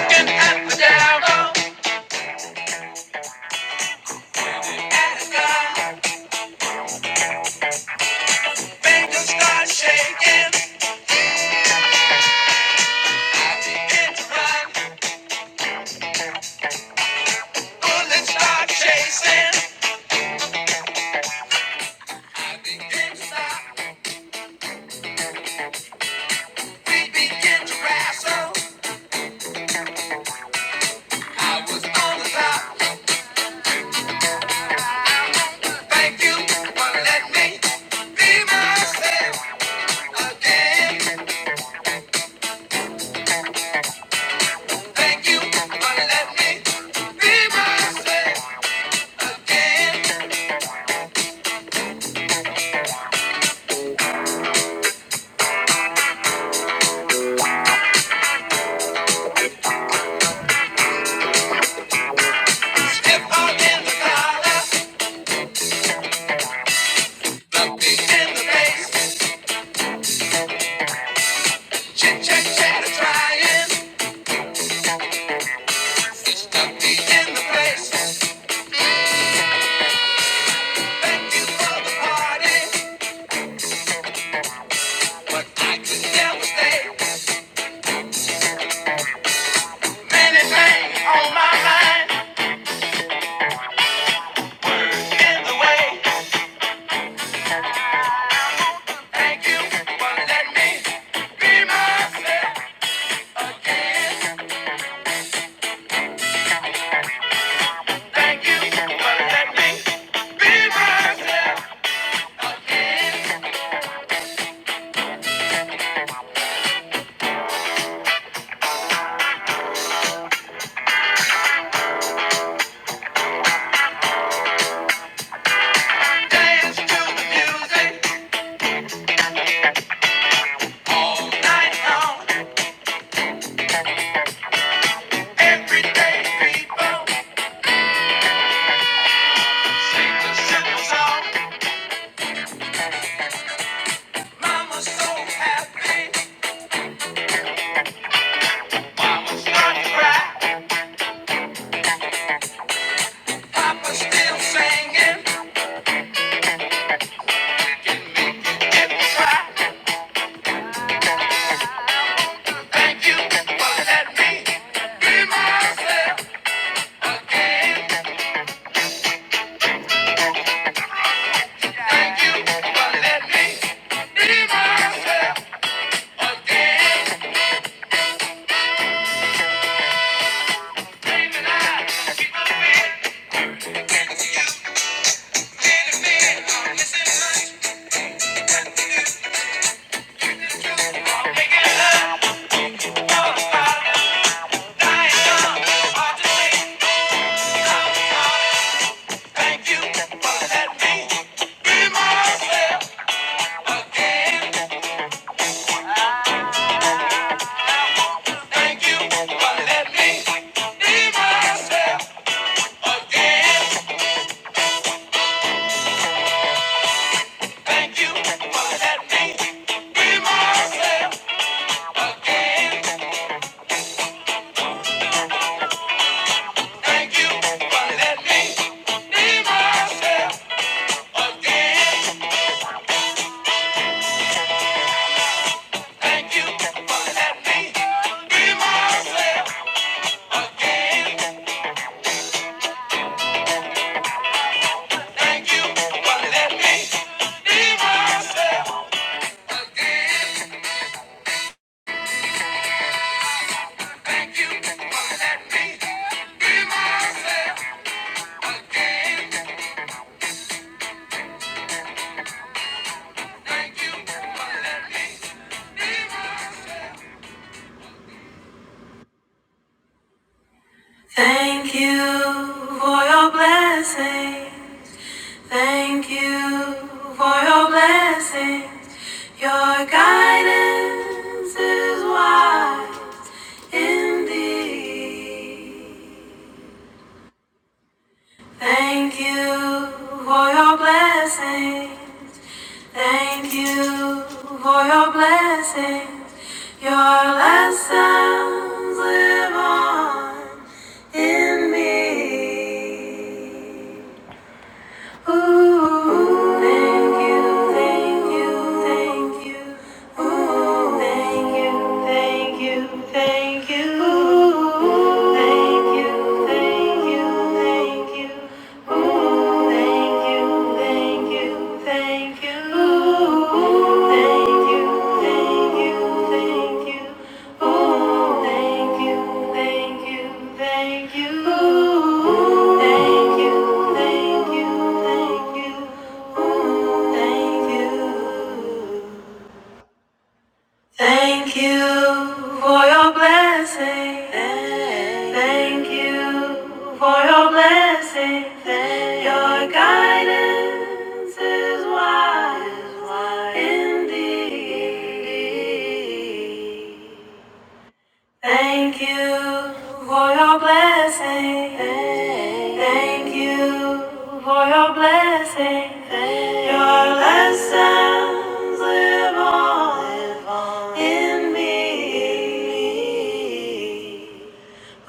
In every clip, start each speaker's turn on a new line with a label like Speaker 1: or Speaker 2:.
Speaker 1: Looking up and down, up and down. Fingers start shaking, hit run. Bullets start chasing. I begin to stop. We begin to wrestle. I was on the top. Thank you for letting me be myself again. Thank you for letting me be myself again. Step out in the collar, in the bass. Shake, shake, trying to be in the place. Thank you for the party, but I could never stay. Many things on my mind in the way. Thank you for letting me be myself again. Thank you for letting me be myself again. Dance to the music, night long, everyday people sing the simple song. Mama's so happy. She gonna cry. Papa's still singing. Can make it if I try. Thank you for letting me be myself again. Thank you for letting me be myself again. Dreaming I keep on being, being a man. I'm missing much to do. I'm making love. I'm starting to die young. Hard to say. I'm sorry. Thank you for letting me be myself again. Thank you for letting me be myself again. Thank you for letting me be myself again. Thank you for letting me be myself again. Thank you for letting me be myself again. Thank you for letting me be myself. Thank you for letting me be myself again. Thank you for your blessings. Thank you for your blessings. Your guidance is wise indeed. Thank you for your blessings. Thank you for your blessings. Your lessons live on in me. Thank you thank you, thank you, thank you, thank you. Ooh, thank you, thank you, thank you. Ooh, thank you, thank you, thank you. Ooh, thank you. Thank you for your blessing. Thank you for your blessing. Your guidance is wise wise indeed. Thank you for your blessing. Thank you for your blessing. Your lessons live on in me.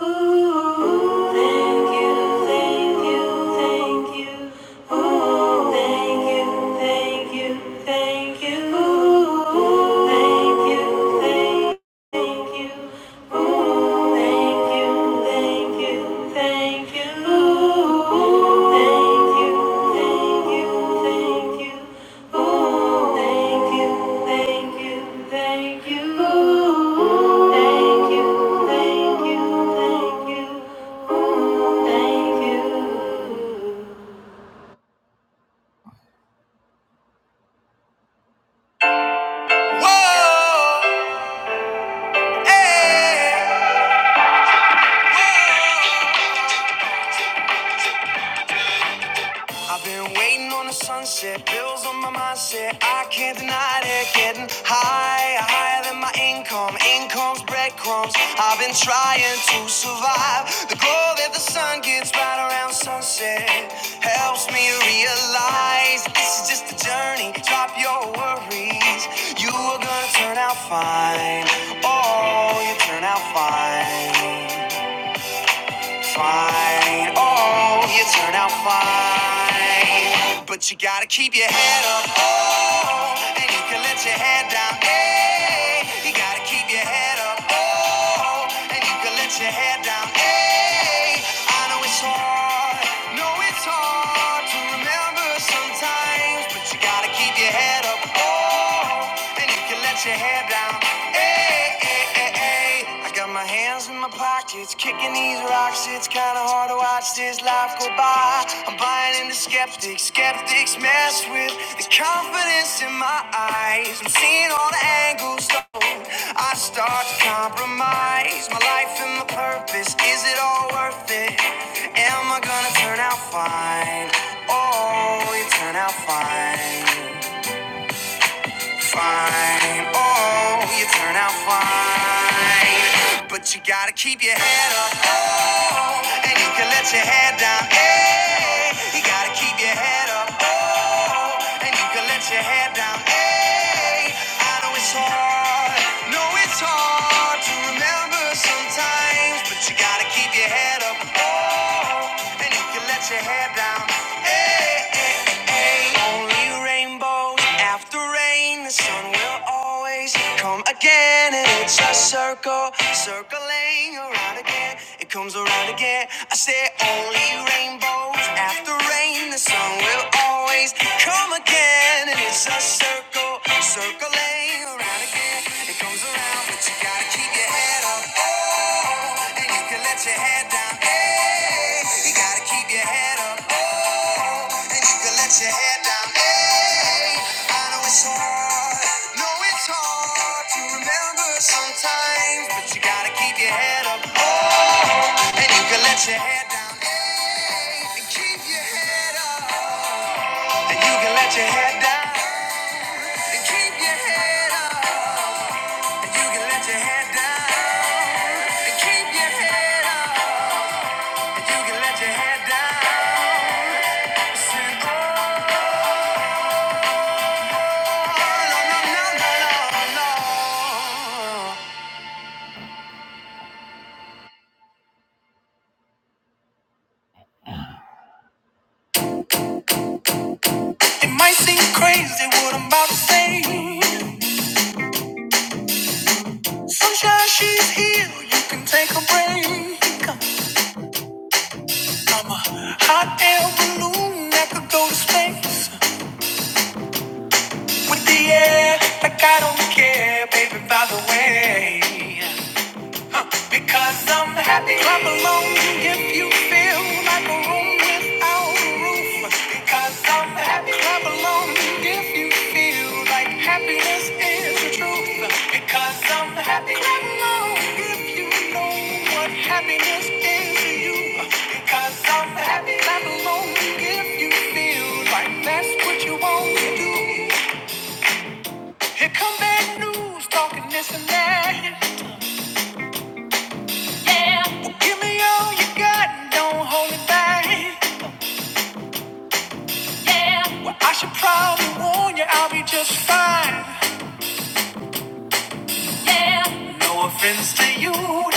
Speaker 1: Ooh, thank you, thank you, thank you. Ooh, thank you, thank you, thank you. Ooh, thank you, thank you. Thank you. Ooh, thank you, thank you, thank you. Ooh, thank you, thank you, thank you. Ooh, thank you, thank you, thank you. Ooh, thank you, thank you, thank you. Ooh, thank you. Whoa, hey, whoa. I've been waiting on the sunset, bills on my mindset. I can't deny it. Getting higher, higher than my income. Income's breadcrumbs. I've been trying to survive. The glow that the sun gets right around sunset helps me realize this is just a journey. Drop your worries. You are gonna turn out fine. Oh, you turn out fine. Fine. Oh, you turn out fine. But you gotta keep your head up. Oh, and you can let your head down. Hey, you gotta keep your head up. Oh, and you can let your head down. Hey, I know it's hard. No, it's hard to remember sometimes. But you gotta keep your head up. Oh, and you can let your head down. Hey. I got my hands in my pockets, kicking these rocks. It's kinda hard to watch this life go by. I'm buying into skeptics, skeptics mess with the confidence in my eyes. I'm seeing all the angles, though. I start to compromise my life and my purpose. Is it all worth it? Am I gonna turn out fine? Oh, you turn out fine. Fine, oh, you turn out fine. But you gotta keep your head up, oh, and you can let your head down, hey. You gotta keep your head up, oh, and you can let your head down, hey. I know it's hard, no, it's hard to remember sometimes, but you gotta keep your head up, oh, and you can let your head down, hey, hey, hey. hey. Only rainbows after rain, the sun will always come again. And it's a circle, circling around again. It comes around again. I say only rainbows after rain, the sun will always come again. And it's a circle, circling around again. It comes around, but you gotta keep your head up. Oh, and you can let your head down. Hey, you gotta keep your head up. And you can let your head down. Hey, I know it's hard. No, it's hard to remember sometimes, but you gotta keep your head up. Oh, and you can let your head down. Hey, and keep your head up. And you can let your head down. And keep your head up. And you can let your head down. And keep your head up. And you can let your head down. Sing, oh. It might seem crazy what I'm about to say. Sunshine, she's here, you can take a break. I'm a hot air balloon that could go to space with the air, like I don't care, baby, by the way. Because I'm happy. Clap along if you feel like a room without a roof. Because I'm happy. Clap along if you feel like happiness is the truth. Because I'm happy. Clap along if you know what happiness is to you. Because I'm happy. Clap along if you feel like that's what you want to do. Here come bad news talking this and that. Yeah. Give me all you got, don't hold it back. Yeah. Well, I should probably warn you, I'll be just fine. Yeah. No offense to you,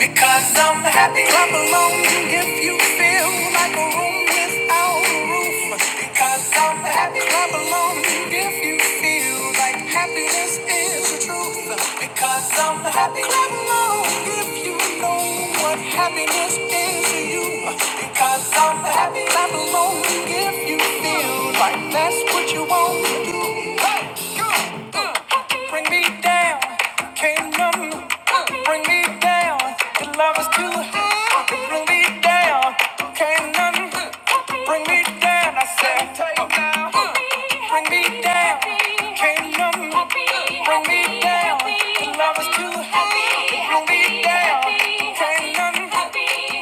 Speaker 1: Because I'm happy. Clap along if you feel like a room without a roof. Because I'm happy. Clap along if you feel like happiness is the truth. Because I'm happy. Clap along if you know what happiness is to you. Because I'm happy. Clap along if you feel like that's what you want to do. Hey, Bring me down. Can't none Bring me down. Your love is too hot. You Bring me down. Can't nothing bring me down. I said, Bring me down. Can't nothing bring me down. Your love is too hot. You Bring me down. Can't nothing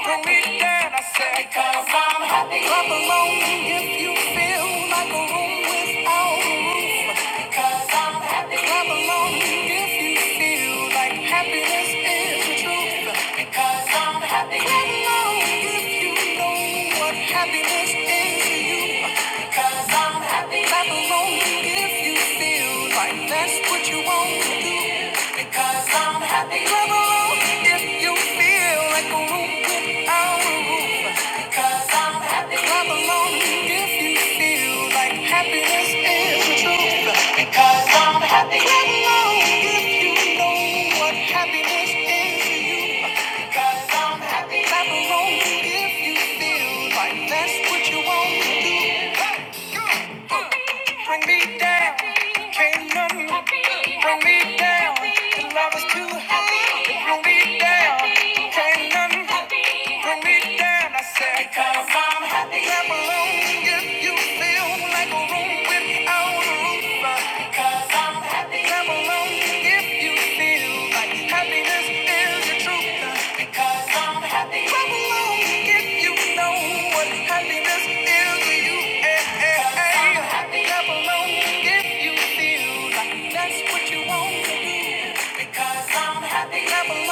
Speaker 1: bring me down. I said, I'm happy. Clap along if you feel like a room without a roof. Because I'm happy. If you feel like happiness is the truth, because I'm happy. Clap along if you know what happiness is to you, because I'm happy. Clap along if you feel like that's what you want to do, because I'm happy. Clap along if you feel like a roof without a roof, because I'm happy. Clap along if you feel like happiness is the truth. Because I'm happy. If you know what happiness is to you. Because I'm happy. Clap along if you feel like that's what you want to do. Bring me down. Can't nothing bring me down. The love is too high. Bring me down. Can't nothing bring me down. I said, because I'm happy. Clap along if you feel like a because I'm happy.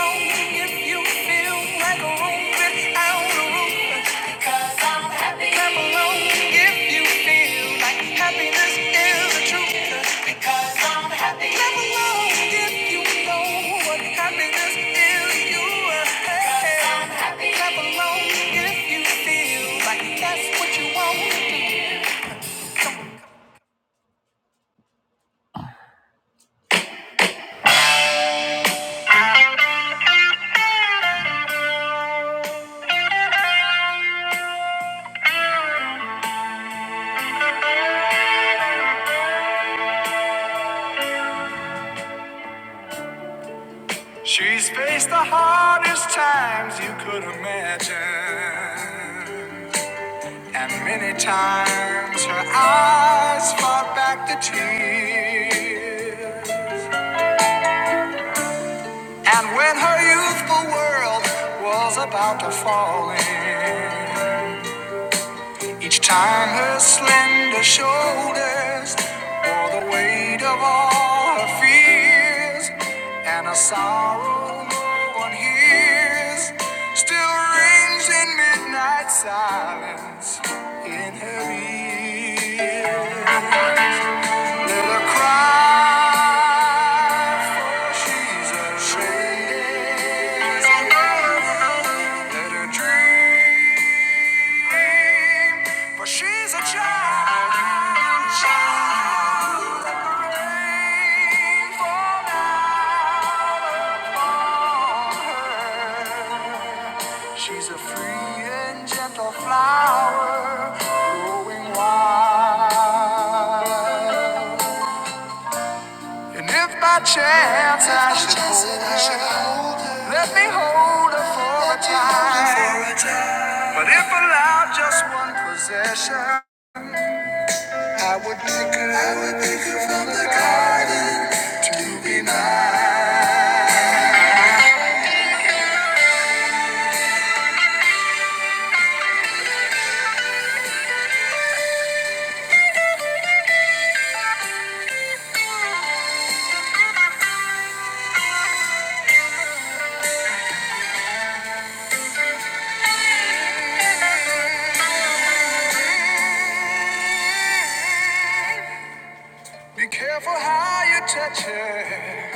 Speaker 1: She's faced the hardest times you could imagine. And many times her eyes fought back the tears. And when her youthful world was about to fall in, each time her slender shoulders bore the weight of all her fears, and a sorrow no one hears still rings in midnight silence in her ear. Look, I She's a free and gentle flower growing wild. And if by chance I should hold, let me hold her for a time. But if allowed just one possession, I would pick her, I would pick her from the garden to be mine. Be careful how you touch her,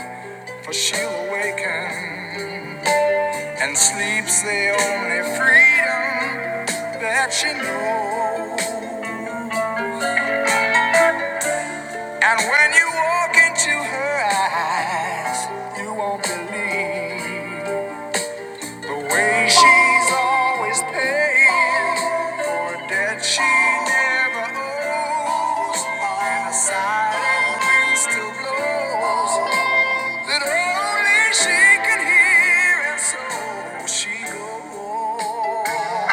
Speaker 1: for she'll awaken and sleeps the only freedom. that you know. And when you walk into her eyes, you won't believe the way she's always paying for a debt she never owes. And a silent wind still blows that only she can hear, and so she goes.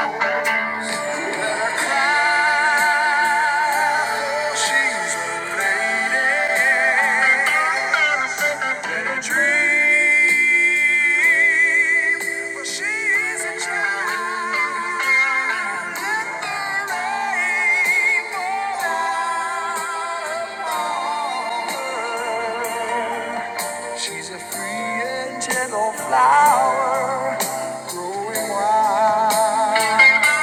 Speaker 1: She's a free and gentle flower growing wild.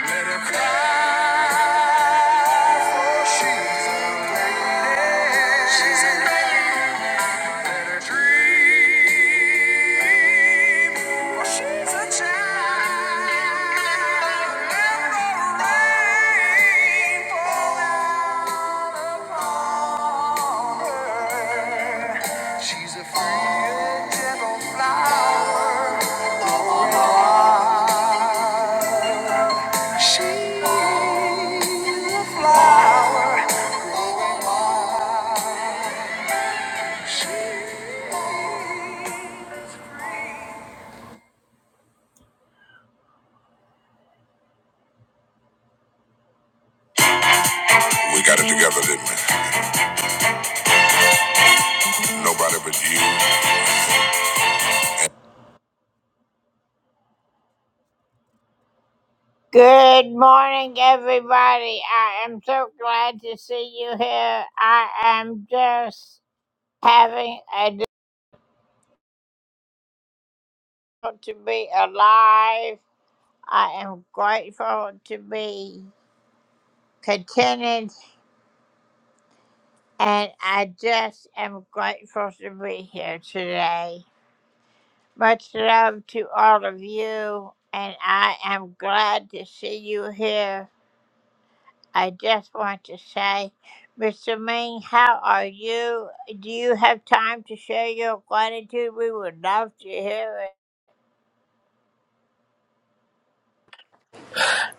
Speaker 1: Let her cry. She's a, she's a She's a free and gentle flower. Oh, she's a flower. Oh, she's free. Gotta do-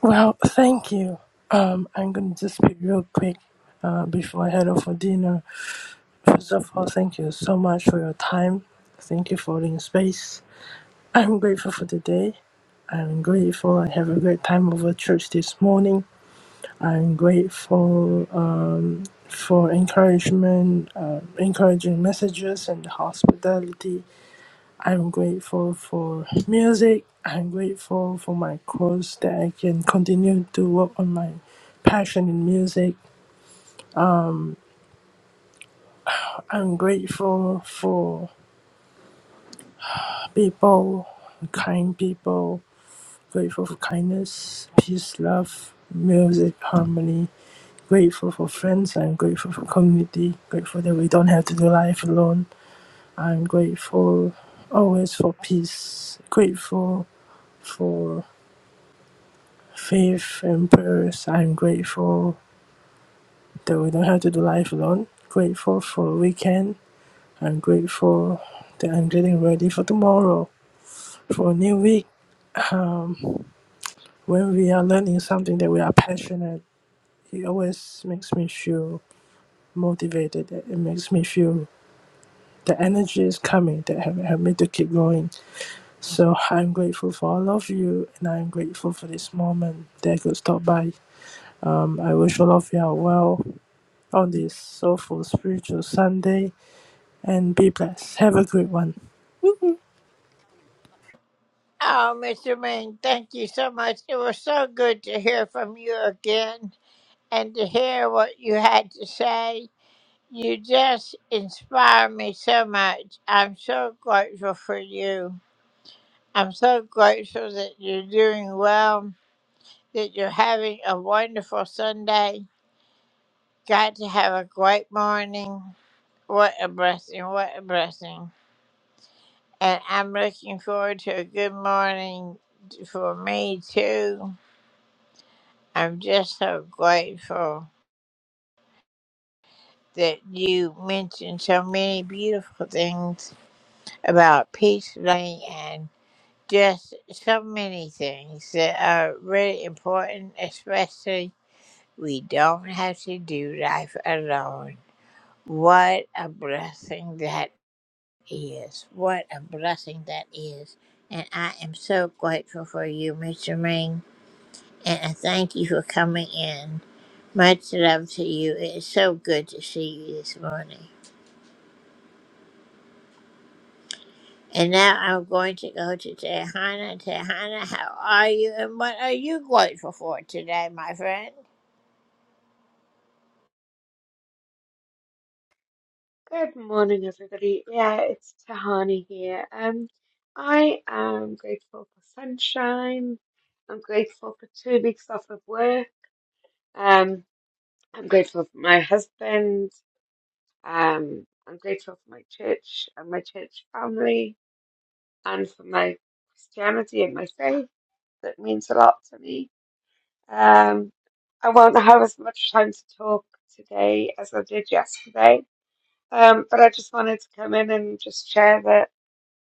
Speaker 2: Well, thank you. Um, I'm going to just be real quick uh, before I head off for dinner. First of all, thank you so much for your time. Thank you for holding space. I'm grateful for today. I'm grateful I have a great time over church this morning. I'm grateful uh, for encouragement, uh, encouraging messages, and hospitality. I'm grateful for music. I'm grateful for my course that I can continue to work on my passion in music. I'm grateful for people, kind people, grateful for kindness, peace, love, music, harmony. Grateful for friends. I'm grateful for community. Grateful that we don't have to do life alone. I'm grateful always for peace. Grateful for. Faith and prayers. I'm grateful that we don't have to do life alone. Grateful for a weekend. I'm grateful that I'm getting ready for tomorrow, for a new week. When we are learning something that we are passionate, it always makes me feel motivated. It makes me feel the energy is coming that have, have me to keep going. So I'm grateful for all of you, and I'm grateful for this moment that I could stop by. Um, I wish all of you are well. on this soulful spiritual Sunday and be blessed. Have a great one.
Speaker 3: Good morning, everybody. Yeah, it's Tahani here. Um, I am grateful for sunshine. I'm grateful for two weeks off of work. Um, I'm grateful for my husband. Um, I'm grateful for my church and my church family, and for my Christianity and my faith. That means a lot to me. Um, I won't have as much time to talk today as I did yesterday. Um, but I just wanted to come in and just share that.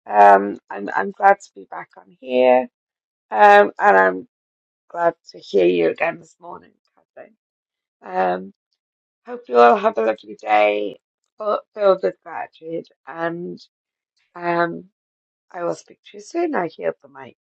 Speaker 3: Um, and I'm glad to be back on here. Um, and I'm glad to hear you again this morning, Catherine. Um, hope you all have a lovely day full- filled with gratitude. And um, I will speak to you soon. I hear the mic.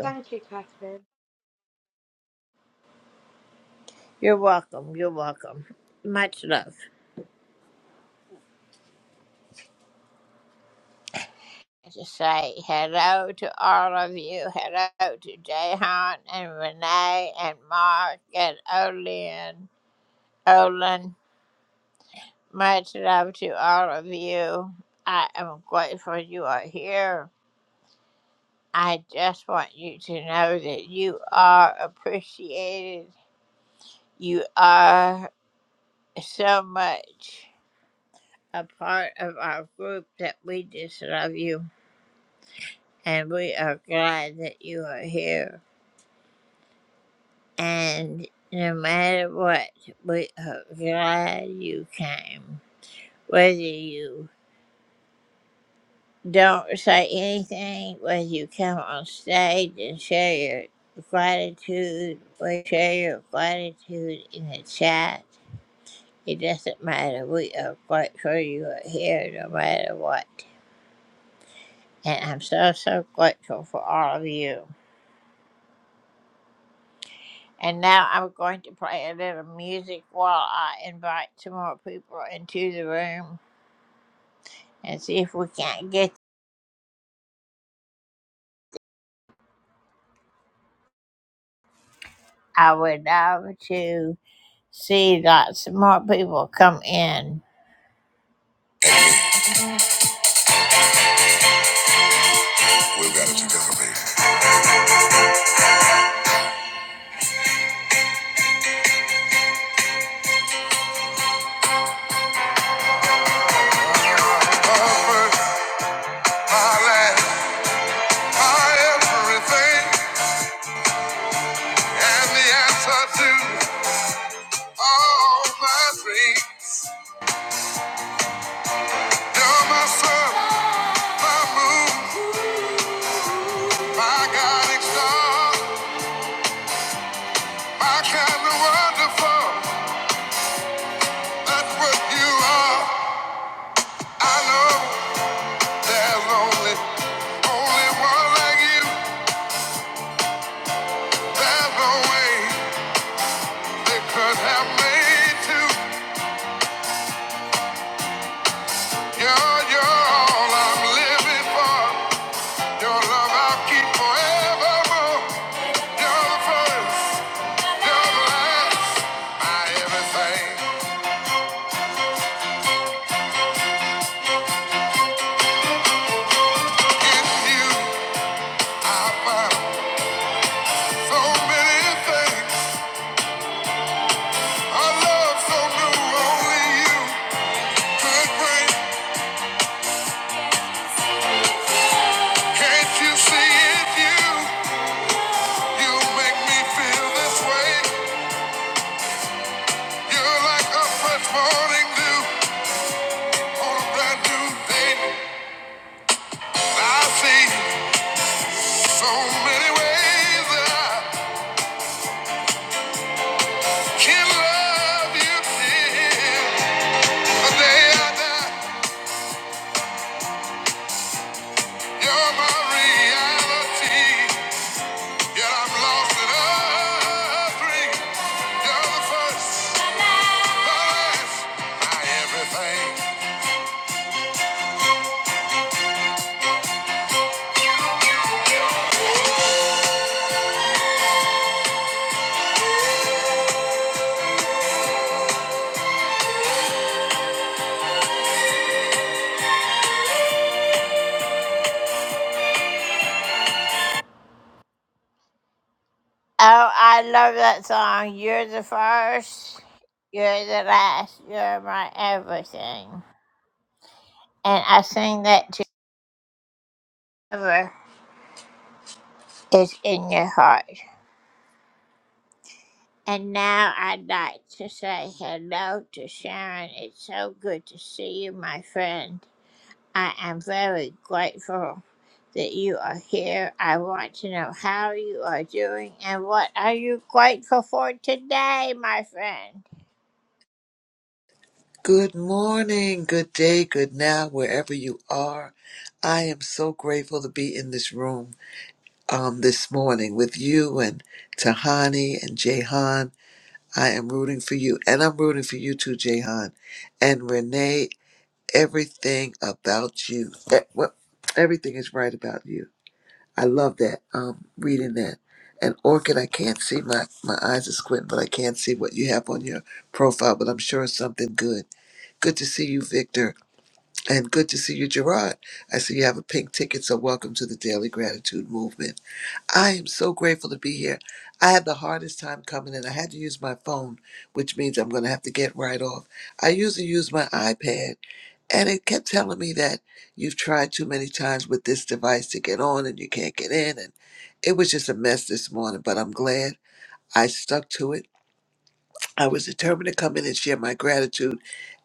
Speaker 3: Thank you, Catherine.
Speaker 1: We've got it together, baby. Have made you, you're, you're all I'm living for. Your love I will keep forevermore. You're the first, you're the last, my everything. In you, I found so many things. A love so new, only you could bring. Can't you see it? You, you make me feel this way. You're like a fresh morning dew on a brand new day. I see so many ways that I Can love you till the day I die. You're my reality. Yet I'm lost in a dream. You're the first, the last, my everything.
Speaker 4: Good morning, good day, good now, wherever you are. I am so grateful to be in this room um, this morning with you and Tahani and Jehan. I am rooting for you, and I'm rooting for you too, Jehan. And Renee, everything about you, eh, well, everything is right about you. I love that, um, reading that. And Orchid, I can't see, my, my eyes are squinting, but I can't see what you have on your profile, but I'm sure it's something good. Good to see you, Victor and good to see you, Gerard. I see you have a pink ticket, so welcome to the Daily Gratitude Movement. I am so grateful to be here. I had the hardest time coming in. I had to use my phone, which means I'm going to have to get right off. I usually use my iPad, and it kept telling me that you've tried too many times with this device to get on and you can't get in. And it was just a mess this morning, but I'm glad I stuck to it I was determined to come in and share my gratitude.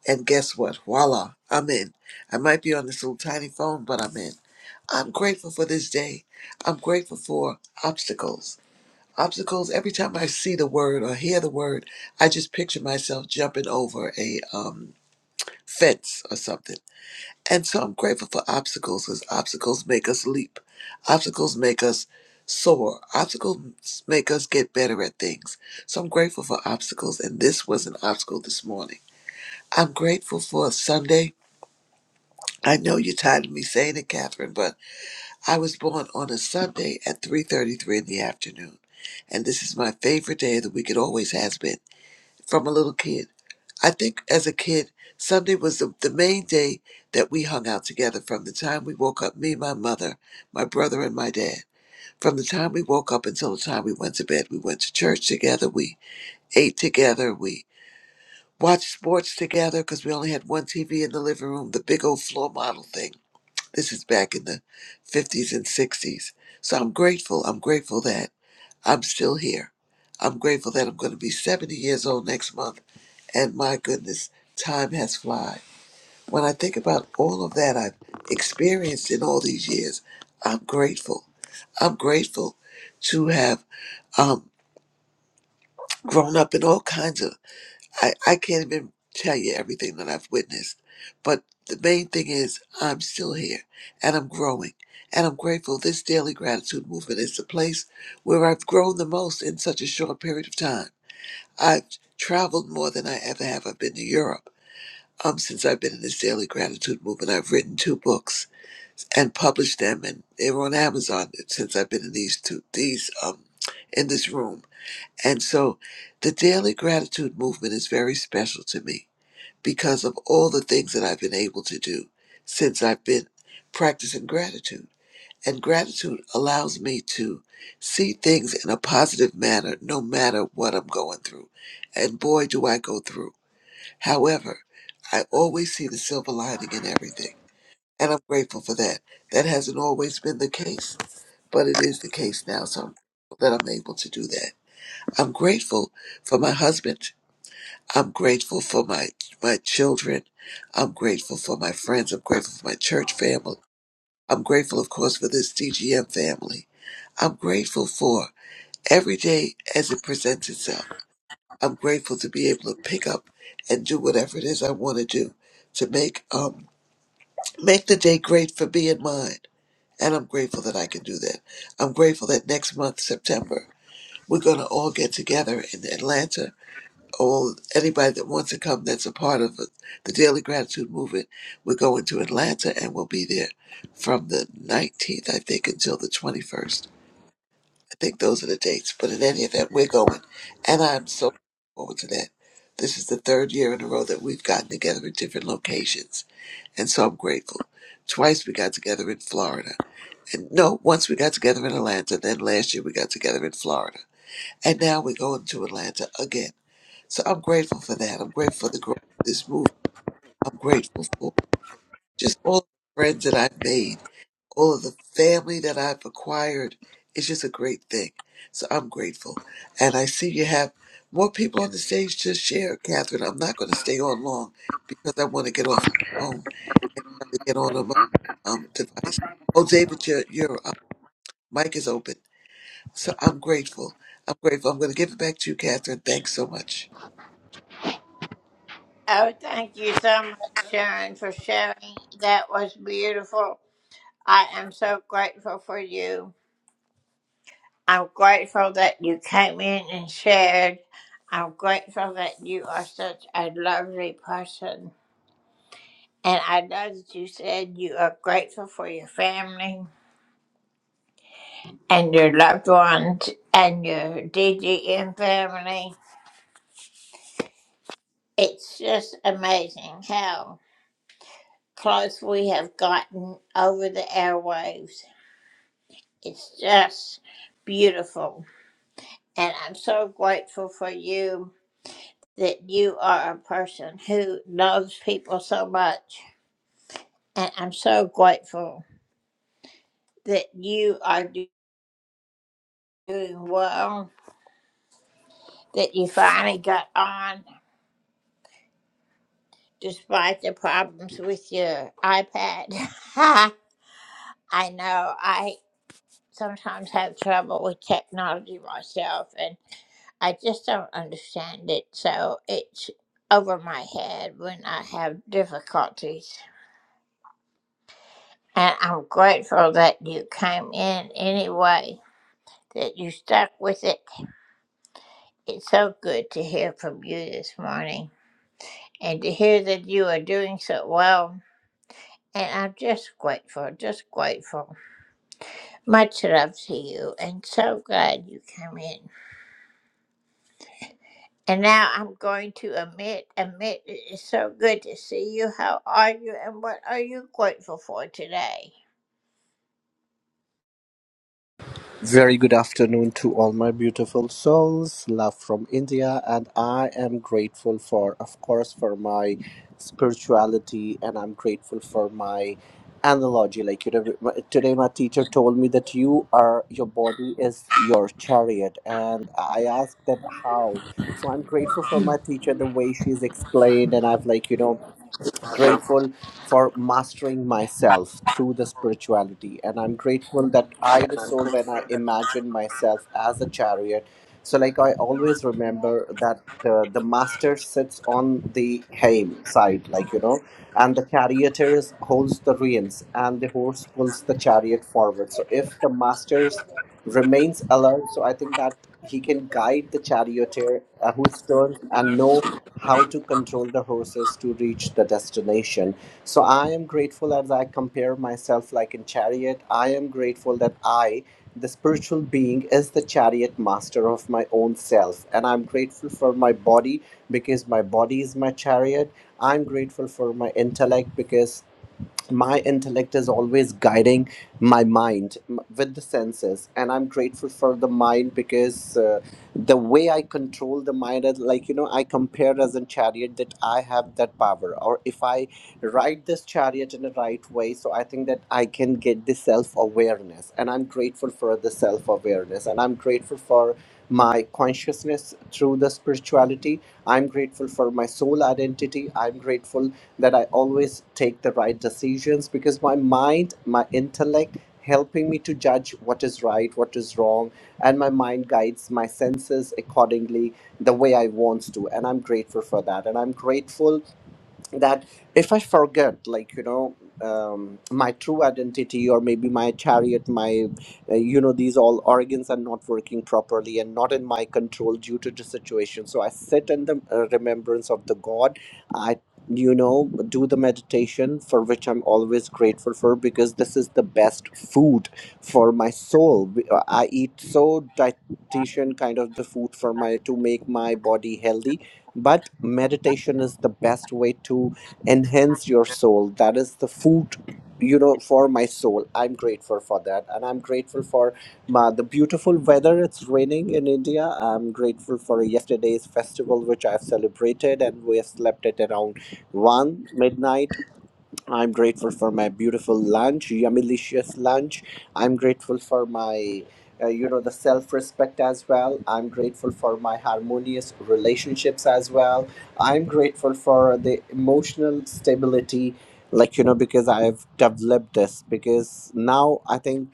Speaker 4: And guess what? Voila, I'm in. I might be on this little tiny phone, but I'm in. I'm grateful for this day. I'm grateful for obstacles. Obstacles, every time I see the word or hear the word, I just picture myself jumping over a um, fence or something and so I'm grateful for obstacles because obstacles make us leap. Obstacles make us soar. Obstacles make us get better at things. So I'm grateful for obstacles. And this was an obstacle this morning. I'm grateful for Sunday. I know you're tired of me saying it, Catherine, but I was born on a Sunday at 3.33 in the afternoon. And this is my favorite day of the week. It always has been from a little kid. I think as a kid, Sunday was the, the main day that we hung out together from the time we woke up, me, my mother, my brother, and my dad. From the time we woke up until the time we went to bed, we went to church together, we ate together, we watched sports together because we only had one TV in the living room, the big old floor model thing. This is back in the 50s and 60s. So I'm grateful. I'm grateful that. I'm still here. I'm grateful that I'm going to be 70 years old next month. And my goodness, time has fly. When I think about all of that I've experienced in all these years, I'm grateful. I'm grateful to have um, grown up in all kinds of I, I can't even tell you everything that I've witnessed, but the main thing is I'm still here and I'm growing. And I'm grateful this daily gratitude movement is the place where I've grown the most in such a short period of time. I've traveled more than I ever have. I've been to Europe. Um, since I've been in this daily gratitude movement, I've written two books and published them, and they were on Amazon since I've been in these two these um in this room. And so, the daily gratitude movement is very special to me because of all the things that I've been able to do since I've been practicing gratitude. And gratitude allows me to see things in a positive manner no matter what I'm going through. And boy, do I go through. However, I always see the silver lining in everything. And I'm grateful for that. That hasn't always been the case, but it is the case now. So I'm grateful that I'm able to do that. I'm grateful for my husband I'm grateful for my my children. I'm grateful for my friends. I'm grateful for my church family. I'm grateful, of course, for this DGM family. I'm grateful for every day as it presents itself. I'm grateful to be able to pick up and do whatever it is I want to do to make um make the day great for me and mine. And I'm grateful that I can do that. I'm grateful that next month, September, we're gonna all get together in Atlanta all anybody that wants to come that's a part of it, the Daily Gratitude Movement. We're going to Atlanta and we'll be there from the 19th, I think, until the 21st. I think those are the dates. But in any event, we're going. And I'm so looking forward to that. This is the third year in a row that we've gotten together in different locations. And so I'm grateful. Twice we got together in Florida. And no, once we got together in Atlanta, then last year we got together in Florida. And now we're going to Atlanta again. So I'm grateful for that. I'm grateful for the growth of this movement. I'm grateful for just all the friends that I've made, all of the family that I've acquired. It's just a great thing. So I'm grateful. And I see you have more people on the stage to share, Catherine. I'm not going to stay on long because I want to get off my phone and try to get on a mo- um, device. Oh, David, your, your uh, mic is open. So I'm grateful. I'm grateful. I'm going to give it back to you, Catherine. Thanks so much.
Speaker 5: Very good afternoon to all my beautiful souls. Love from India, and I am grateful for, of course, for my spirituality, and I'm grateful for my analogy. Like you know, my- today, my teacher told me that you are your body is your chariot, and I asked that how. So I'm grateful for my teacher the way she's explained, and I've like you know grateful for mastering myself through the spirituality and i'm grateful that i the
Speaker 6: and
Speaker 5: soul
Speaker 6: unclean.
Speaker 5: when i imagine myself as a chariot so like i always remember that uh, the master sits on the hame side like you know and the charioteer holds the reins and the horse pulls the chariot forward so if the master remains alert so i think that he can guide the charioteer uh, who turns and know how to control the horses to reach the destination so i am grateful as i compare myself like in chariot i am grateful that i the spiritual being is the chariot master of my own self and i'm grateful for my body because my body is my chariot i'm grateful for my intellect because my intellect is always guiding my mind m- with the senses and i'm grateful for the mind because uh, the way i control the mind is like you know i compare as a chariot that i have that power or if i ride this chariot in the right way so i think that i can get the self-awareness and i'm grateful for the self-awareness and i'm grateful for my consciousness through the spirituality i'm grateful for my soul identity i'm grateful that I always take the right decisions because my mind, my intellect, helping me to judge what is right, what is wrong, and my mind guides my senses accordingly the way I want to. And I'm grateful for that. And I'm grateful that if I forget, like you know, um, my true identity, or maybe my chariot, my uh, you know, these all organs are not working properly and not in my control due to the situation. So I sit in the uh, remembrance of the God. I you know do the meditation for which i'm always grateful for because this is the best food for my soul We- i eat so dietitian kind of the food for my to make my body healthy but meditation is the best way to enhance your soul that is the food you know for my soul i'm grateful for that and i'm grateful for my, the beautiful weather it's raining in india i'm grateful for yesterday's festival which i've celebrated and we have slept at around 1 midnight I'm grateful for my beautiful lunch, yummylicious lunch. I'm grateful for my, uh, you know, the self respect as well. I'm grateful for my harmonious relationships as well. I'm grateful for the emotional stability, like, you know, because I've developed this. Because now I think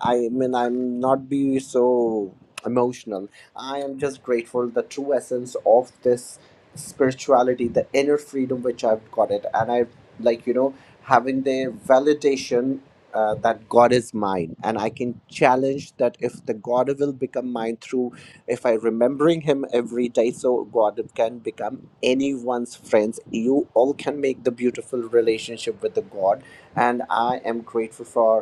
Speaker 5: I mean, I'm not be so emotional. I am just grateful the true essence of this spirituality, the inner freedom which I've got it, and I like you know having the validation. Uh, that God is mine, and I can challenge that if the God will become mine through if I remembering Him every day, so God can become anyone's friends. You all can make the beautiful relationship with the God, and I am grateful for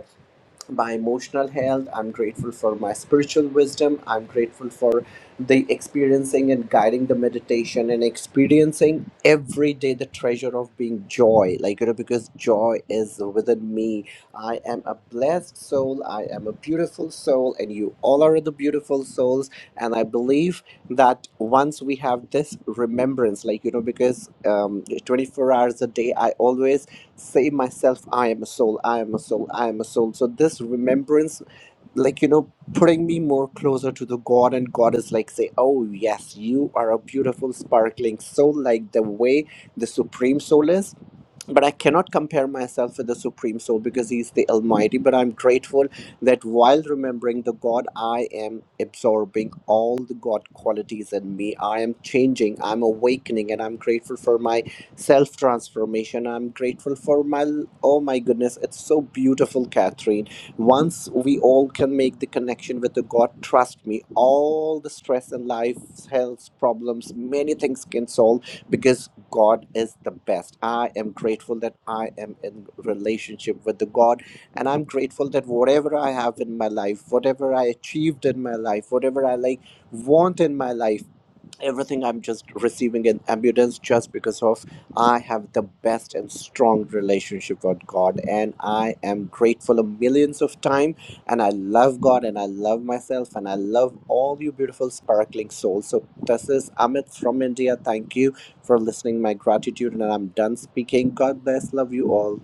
Speaker 5: my emotional health i'm grateful for my spiritual wisdom i'm grateful for the experiencing and guiding the meditation and experiencing every day the treasure of being joy like you know because joy is within me i am a blessed soul i am a beautiful soul and you all are the beautiful souls and i believe that once we have this remembrance like you know because um 24 hours a day i always say myself i am a soul i am a soul i am a soul so this remembrance like you know putting me more closer to the god and god is like say oh yes you are a beautiful sparkling soul like the way the supreme soul is but I cannot compare myself with the Supreme Soul because He is the Almighty. But I'm grateful that while remembering the God, I am absorbing all the God qualities in me. I am changing, I'm awakening, and I'm grateful for my self transformation. I'm grateful for my, oh my goodness, it's so beautiful, Catherine. Once we all can make the connection with the God, trust me, all the stress in life, health problems, many things can solve because God is the best. I am grateful that I am in relationship with the God, and I'm grateful that whatever I have in my life, whatever I achieved in my life, whatever I like want in my life everything i'm just receiving in abundance just because of i have the best and strong relationship with god and i am grateful a millions of time and i love god and i love myself and i love all you beautiful sparkling souls so this is amit from india thank you for listening my gratitude and i'm done speaking god bless love you all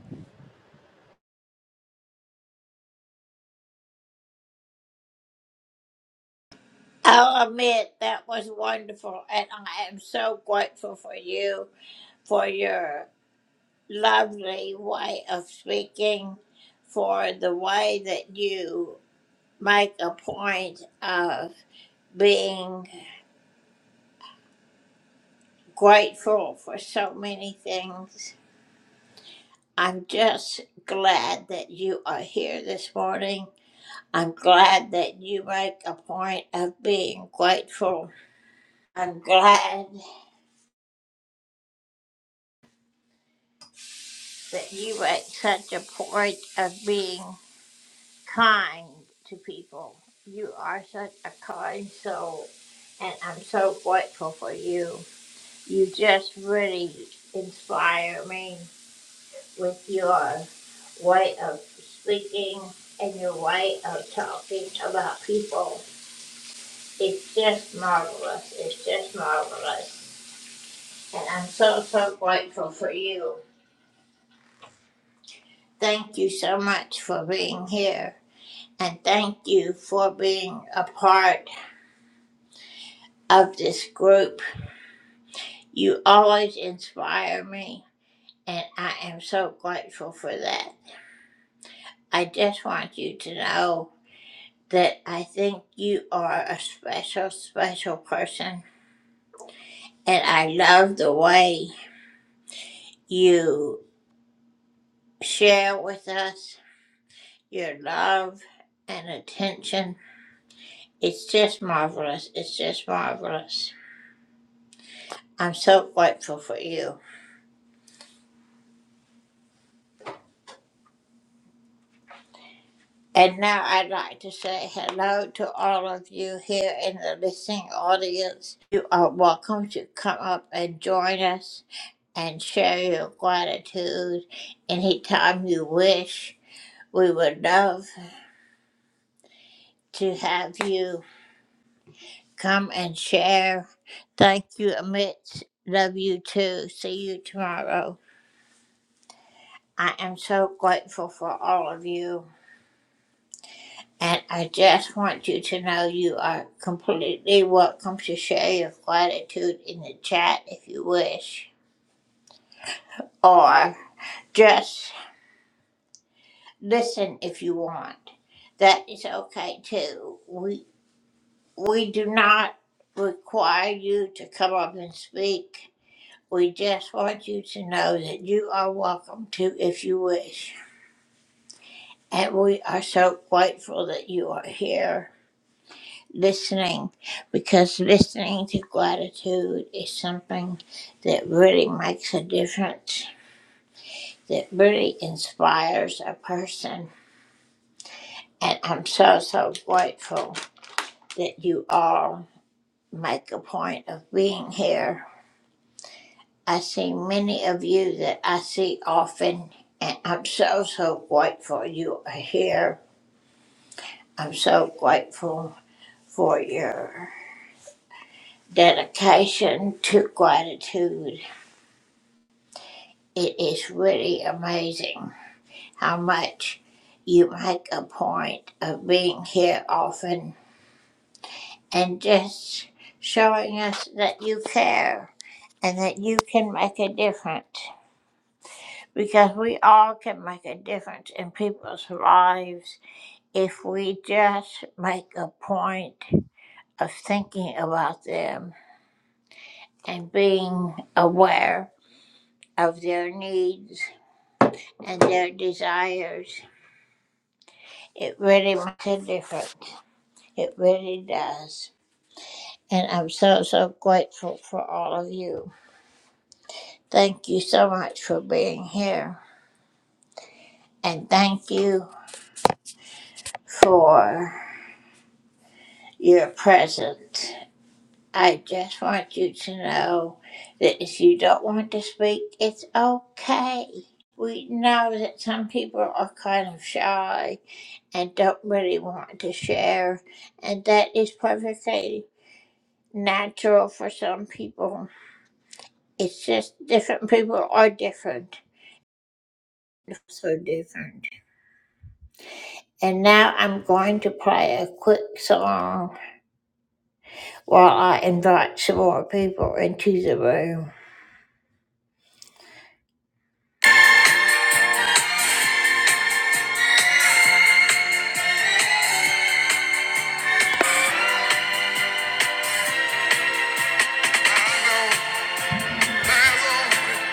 Speaker 1: There's only,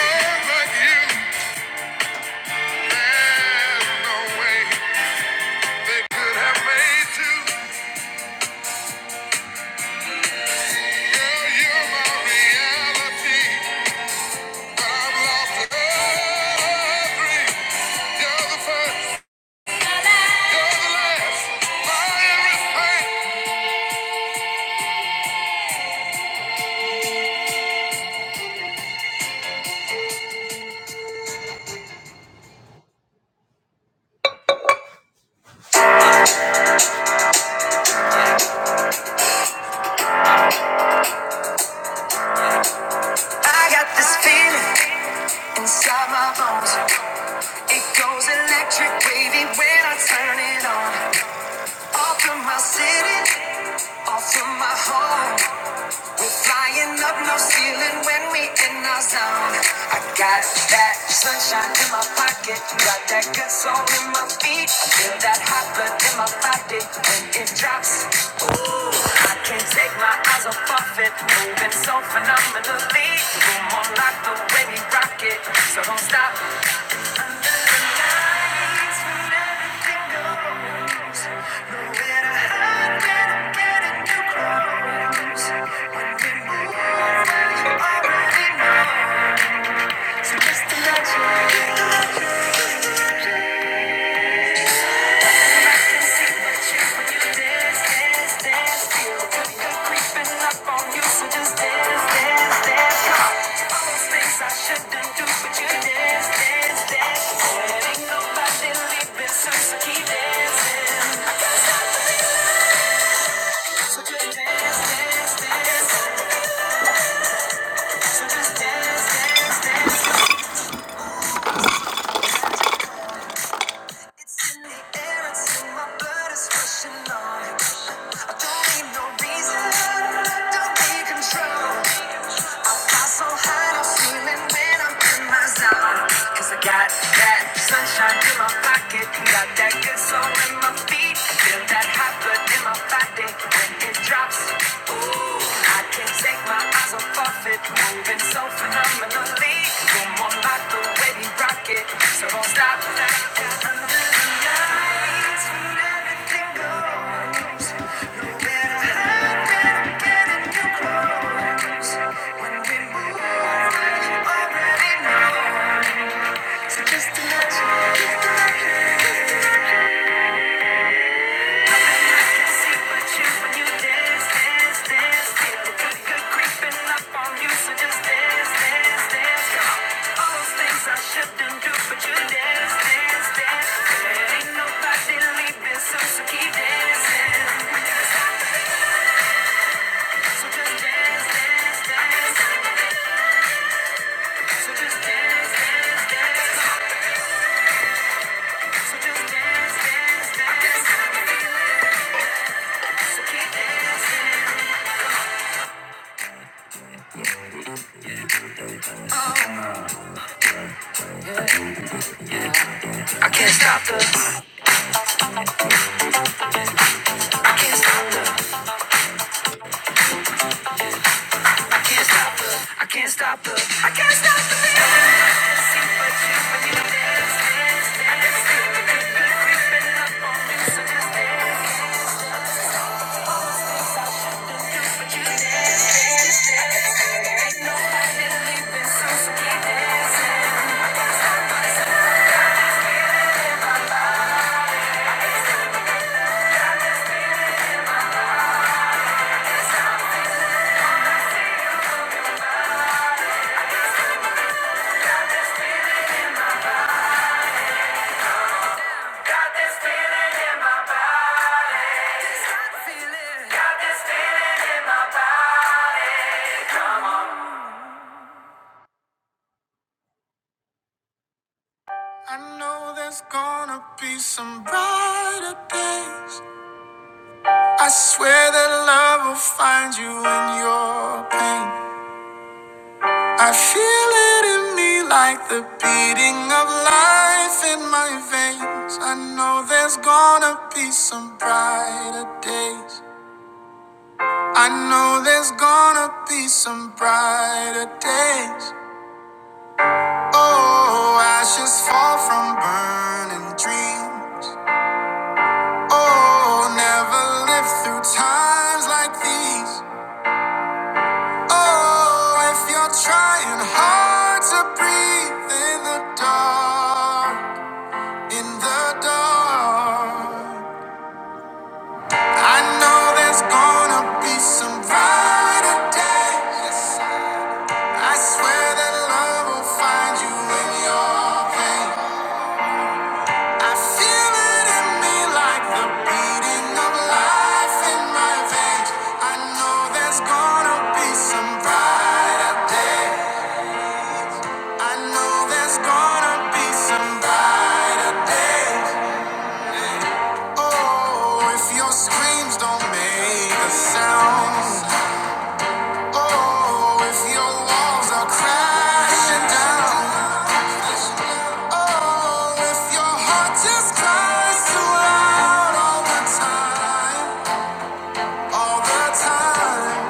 Speaker 1: one like you. There's no way they could have made two. Girl, you're my reality. But I'm lost in a dream. You're the first. I got this feeling inside my bones. It goes electric, wavy when I turn it on. Off from my city, off from my home. We're flying up, no ceiling when we in our zone. I got that sunshine in my pocket, got that good soul in my feet. I feel that hot blood in my body when it drops. I can't take my eyes off of it, moving so phenomenally. You're more like the way we rock it, so don't stop. Under the lights, when everything goes, get a high when I'm getting too close. you Already know, so just imagine. Dance, dance, dance. It's in the air, it's in my blood, it's rushing on. I don't need no reason, don't be control. I fly so high, I'm feeling when I'm in my zone. Cause I got that sunshine in my pocket, got that good soul in my feet. I feel that hot blood in my body when it drops. I can't take my eyes off of it, moving so phenomenally. You're more like the way we rock it, so don't stop. Under the lights, when everything goes, no matter how bad it get, it can close. When we move, you already know. So just imagine, just imagine. just imagine. So So So So So I can't stop the I know there's gonna be some brighter days. I swear that love will find you in your pain. I feel it in me like the beating of life in my veins. I know there's gonna be some brighter days. I know there's gonna be some brighter days. Oh, ashes fall from burning dreams. Oh, never lived through times like these. Oh, if you're trying hard to breathe in the dark, in the dark, I know there's gonna be some brighter days. I swear that love will find you in your pain. I feel it in me like the beating of life in my veins. I know there's gonna be some brighter day. I know there's gonna be some brighter days. Oh, if your screams don't make a sound. Oh, if your walls are crashing down. Oh, if your heart just cries too loud all the time. All the time.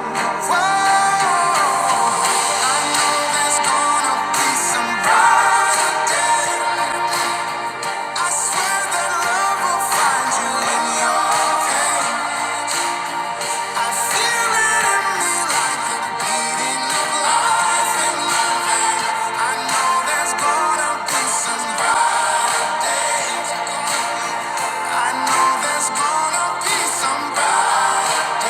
Speaker 1: I know there's gonna be some brighter day. I swear that love will find you in your day. I feel it in me like the beating of life and life. I know there's gonna be some brighter. I know there's gonna be some brighter.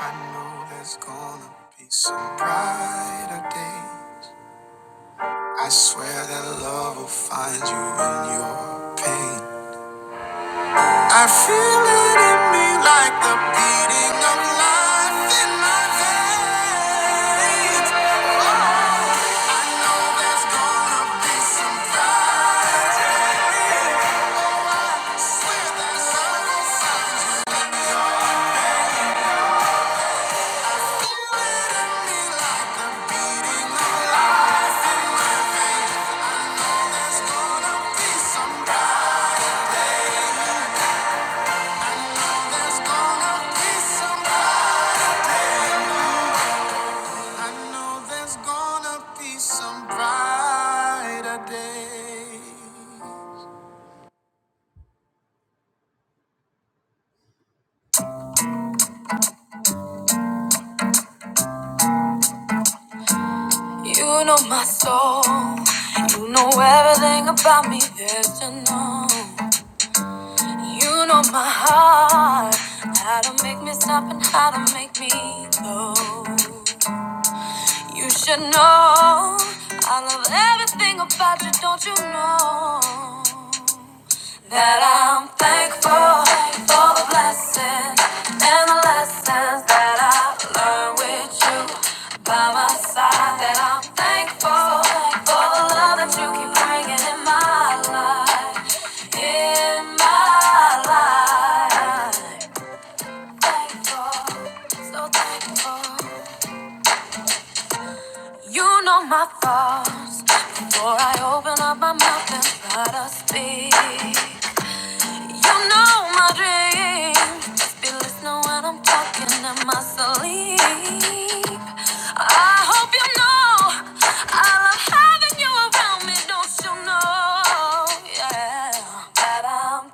Speaker 1: I know there's gonna be some brighter day. I swear that love will find you in your pain. I feel it in me like the beating of life in my veins. I know there's gonna be some fight. I swear that love will feel it I feel it in me like the beating of life. I know There's gonna be some fight. There's gonna be some fight. I know there's gonna be some brighter day. You know my soul. You know everything about me, there's to know. You know my heart. How to make me stop and how to make me go. You should know. I love everything about you, don't you know? That I'm thankful for the blessings and the lessons that I learned with you by my side. That I'm thankful for the love that you keep bringing in my life, in my life. Thankful, so thankful. You know my thoughts before I open up my mouth and try to speak. You know my dreams. Just be listening And I'm hope you know I'm having you around me, don't you know? Yeah. I'm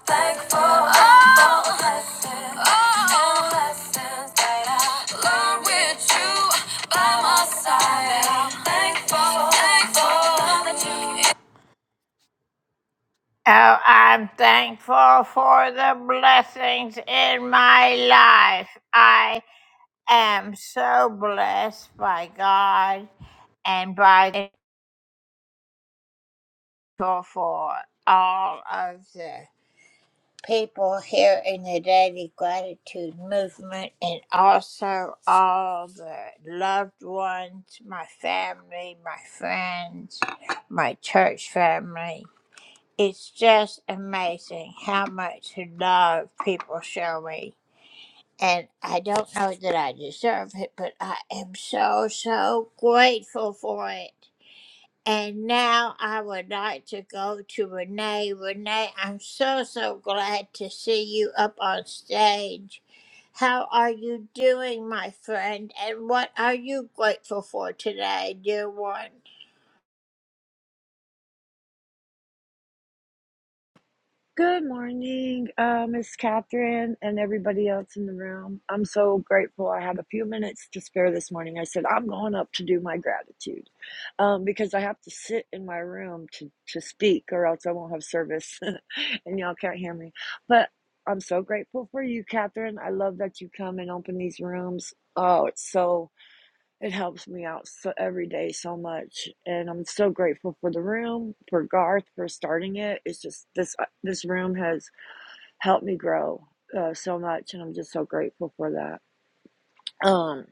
Speaker 7: Good morning, uh, Miss Catherine, and everybody else in the room. I'm so grateful I have a few minutes to spare this morning. I said, I'm going up to do my gratitude um, because I have to sit in my room to, to speak, or else I won't have service and y'all can't hear me. But I'm so grateful for you, Catherine. I love that you come and open these rooms. Oh, it's so it helps me out so, every day so much, and I'm so grateful for the room, for Garth for starting it. It's just this uh, this room has helped me grow uh, so much, and I'm just so grateful for that. Um,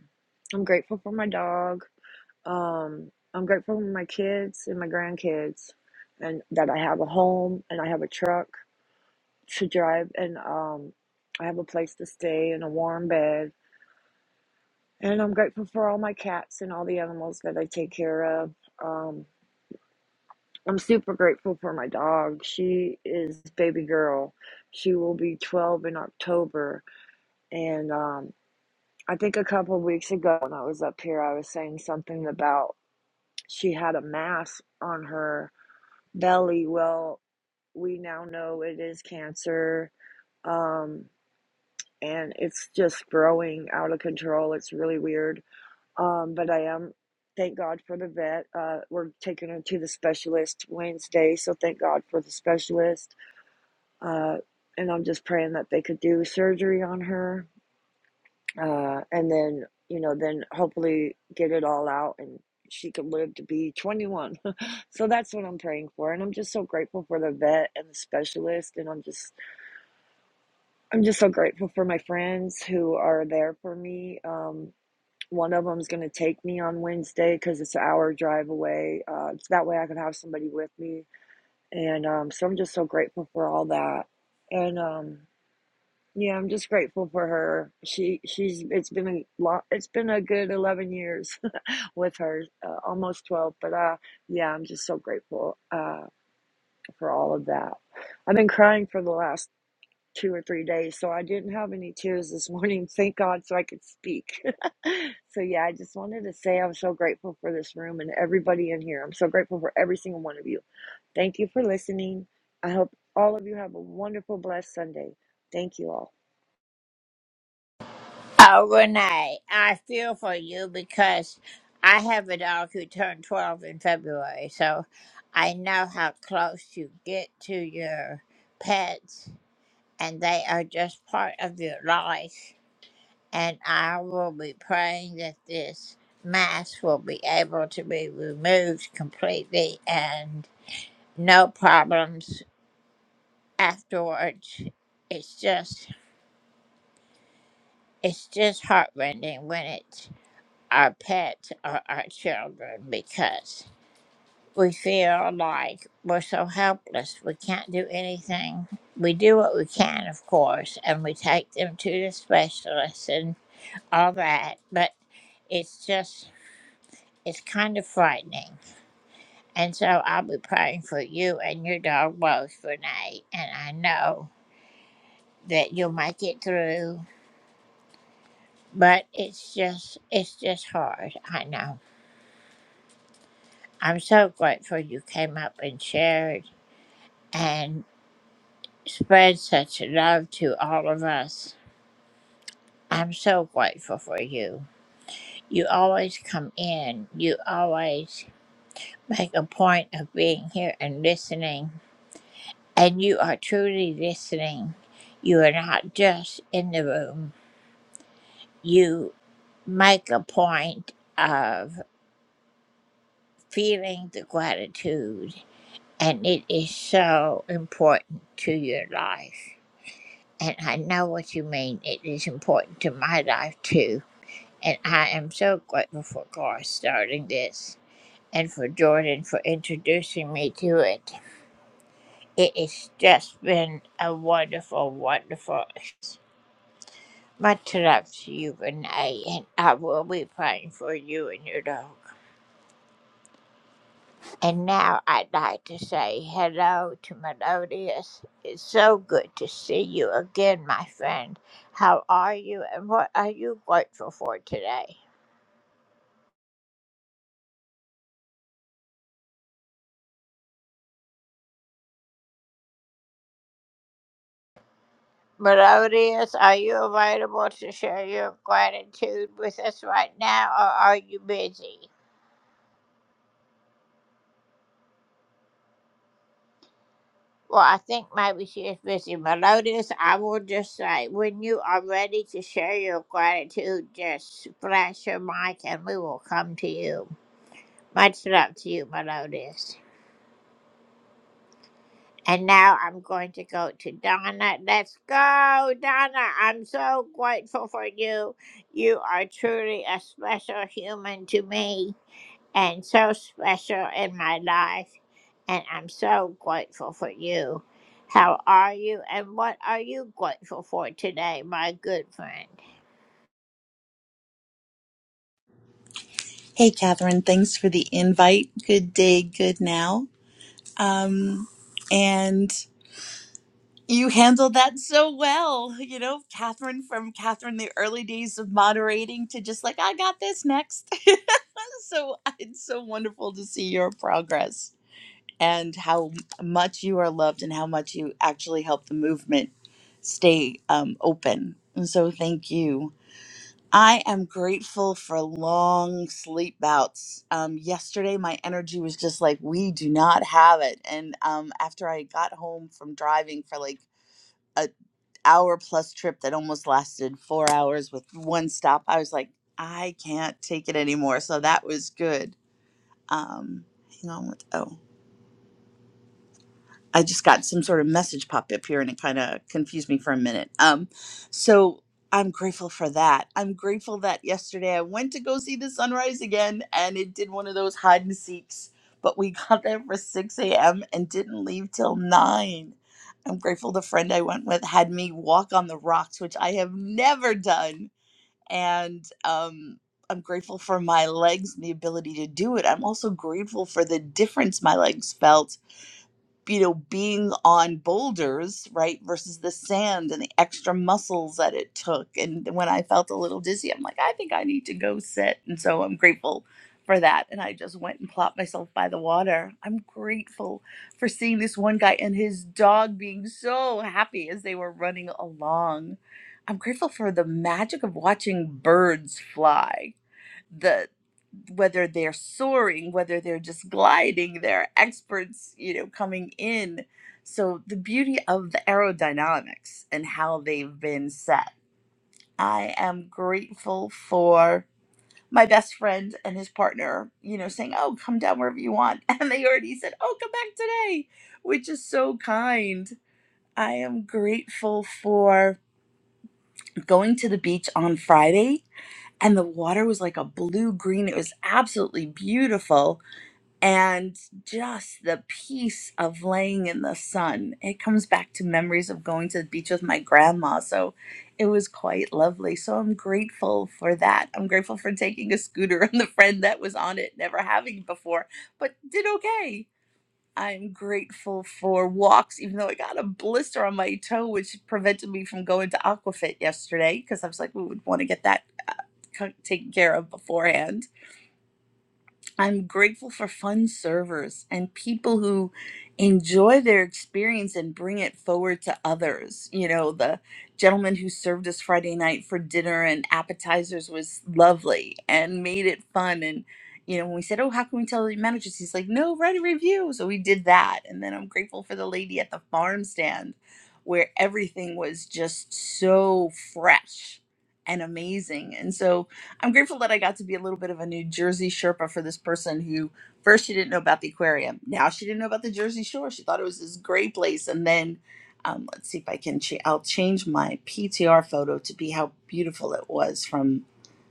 Speaker 7: I'm grateful for my dog. Um, I'm grateful for my kids and my grandkids, and that I have a home and I have a truck to drive, and um, I have a place to stay and a warm bed. And I'm grateful for all my cats and all the animals that I take care of. Um, I'm super grateful for my dog. She is baby girl. She will be 12 in October. And um, I think a couple of weeks ago when I was up here, I was saying something about she had a mass on her belly. Well, we now know it is cancer. Um, and it's just growing out of control. It's really weird. Um, but I am, thank God for the vet. Uh, we're taking her to the specialist Wednesday. So thank God for the specialist Uh, and I'm just praying that they could do surgery on her, uh, and then you know, then hopefully get it all out and she could live to be 21. so that's what I'm praying for, and I'm just so grateful for the vet and the specialist, and I'm just I'm just so grateful for my friends who are there for me. Um, one of them is gonna take me on Wednesday because it's an hour drive away. Uh, so that way I can have somebody with me, and um, so I'm just so grateful for all that, and um. Yeah, I'm just grateful for her. She she's it's been a lot. It's been a good 11 years with her, uh, almost 12. But uh, yeah, I'm just so grateful uh for all of that. I've been crying for the last two or three days, so I didn't have any tears this morning. Thank God, so I could speak. so yeah, I just wanted to say I'm so grateful for this room and everybody in here. I'm so grateful for every single one of you. Thank you for listening. I hope all of you have a wonderful, blessed Sunday. Thank you all.
Speaker 8: Hey, Catherine, thanks for the invite. Good day, good now. Um, and you handled that so well. You know, Catherine from Catherine, the early days of moderating to just like, I got this next. so it's so wonderful to see your progress and how much you are loved and how much you actually help the movement stay um, open. And so thank you. I am grateful for long sleep bouts. Um, yesterday, my energy was just like, we do not have it. And um, after I got home from driving for like a hour plus trip that almost lasted four hours with one stop, I was like, I can't take it anymore. So that was good. Um, hang on. What? Oh. I just got some sort of message pop up here and it kind of confused me for a minute. Um, so I'm grateful for that. I'm grateful that yesterday I went to go see the sunrise again and it did one of those hide and seeks, but we got there for 6 a.m. and didn't leave till 9. I'm grateful the friend I went with had me walk on the rocks, which I have never done. And um, I'm grateful for my legs and the ability to do it. I'm also grateful for the difference my legs felt you know, being on boulders, right, versus the sand and the extra muscles that it took. And when I felt a little dizzy, I'm like, I think I need to go sit. And so I'm grateful for that. And I just went and plopped myself by the water. I'm grateful for seeing this one guy and his dog being so happy as they were running along. I'm grateful for the magic of watching birds fly the whether they're soaring, whether they're just gliding, they're experts, you know, coming in. So the beauty of the aerodynamics and how they've been set. I am grateful for my best friend and his partner, you know, saying, Oh, come down wherever you want. And they already said, Oh, come back today, which is so kind. I am grateful for going to the beach on Friday and the water was like a blue green. It was absolutely beautiful and just the peace of laying in the sun. It comes back to memories of going to the beach with my grandma. So it was quite lovely. So I'm grateful for that. I'm grateful for taking a scooter and the friend that was on it, never having before, but did okay. I'm grateful for walks, even though I got a blister on my toe, which prevented me from going to Aquafit yesterday because I was like, we would want to get that co- taken care of beforehand I'm grateful for fun servers and people who enjoy their experience and bring it forward to others. You know, the gentleman who served us Friday night for dinner and appetizers was lovely and made it fun. And, you know, when we said, Oh, how can we tell the managers? He's like, No, write a review. So we did that. And then I'm grateful for the lady at the farm stand where everything was just so fresh and amazing. And so, I'm grateful that I got to be a little bit of a New Jersey Sherpa for this person who first she didn't know about the aquarium. Now she didn't know about the Jersey Shore. She thought it was this great place. And then um, let's see if I can, ch- I'll change my PTR photo to be how beautiful it was from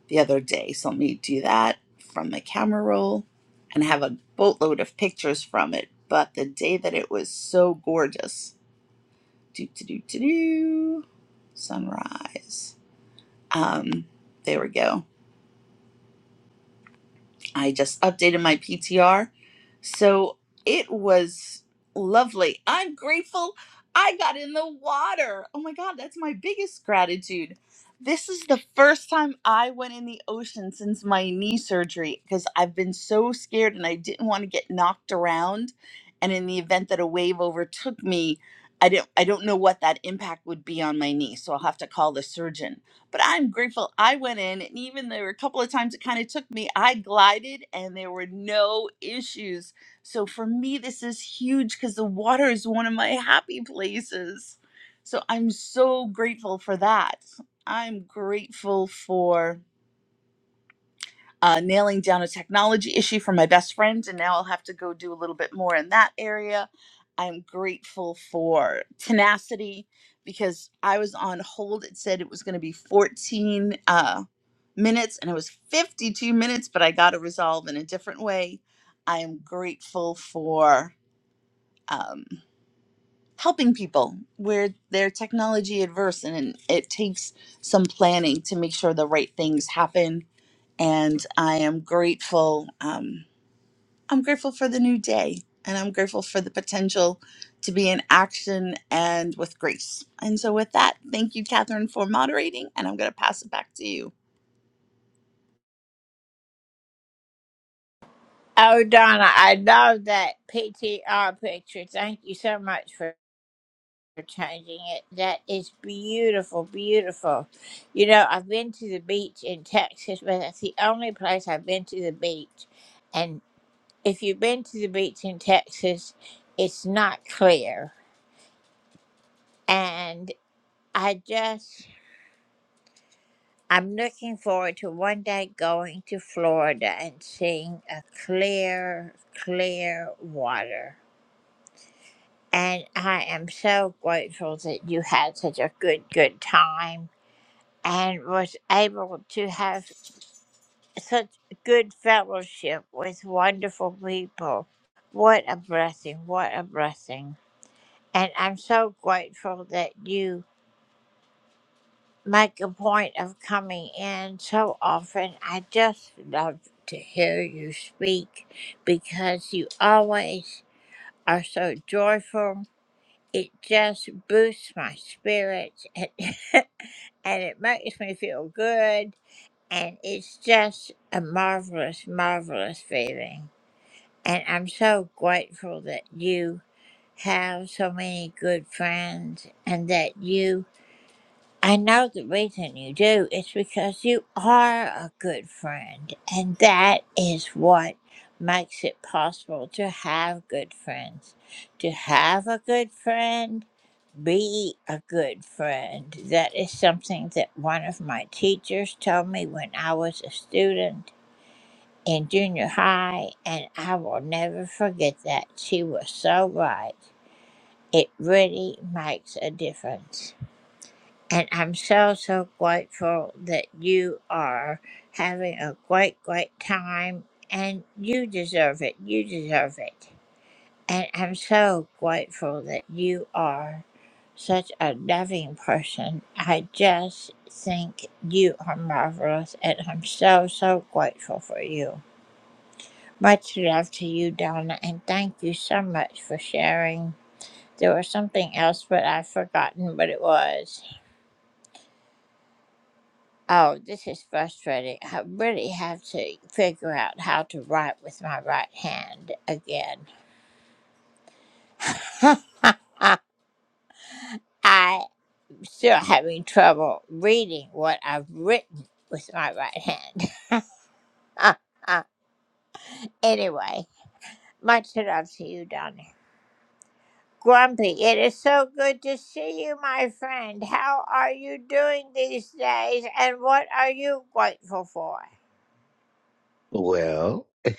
Speaker 8: the other day. So let me do that from the camera roll and have a boatload of pictures from it. But the day that it was so gorgeous. Do, do, do, do, do. Sunrise. Um, there we go I just updated my PTR. So it was lovely. I'm grateful I got in the water. Oh my God, that's my biggest gratitude. This is the first time I went in the ocean since my knee surgery because I've been so scared and I didn't want to get knocked around. And in the event that a wave overtook me, I don't I don't know what that impact would be on my knee. So I'll have to call the surgeon but I'm grateful I went in, and even there were a couple of times it kind of took me, I glided and there were no issues. So for me, this is huge because the water is one of my happy places. So I'm so grateful for that. I'm grateful for uh, nailing down a technology issue for my best friend, and now I'll have to go do a little bit more in that area. I'm grateful for tenacity because I was on hold. It said it was going to be 14 uh, minutes, and it was 52 minutes, but I got to resolve in a different way. I am grateful for. um, helping people where they're technology adverse and it takes some planning to make sure the right things happen and i am grateful um, i'm grateful for the new day and i'm grateful for the potential to be in action and with grace and so with that thank you catherine for moderating and i'm going to pass it back to you
Speaker 9: Well,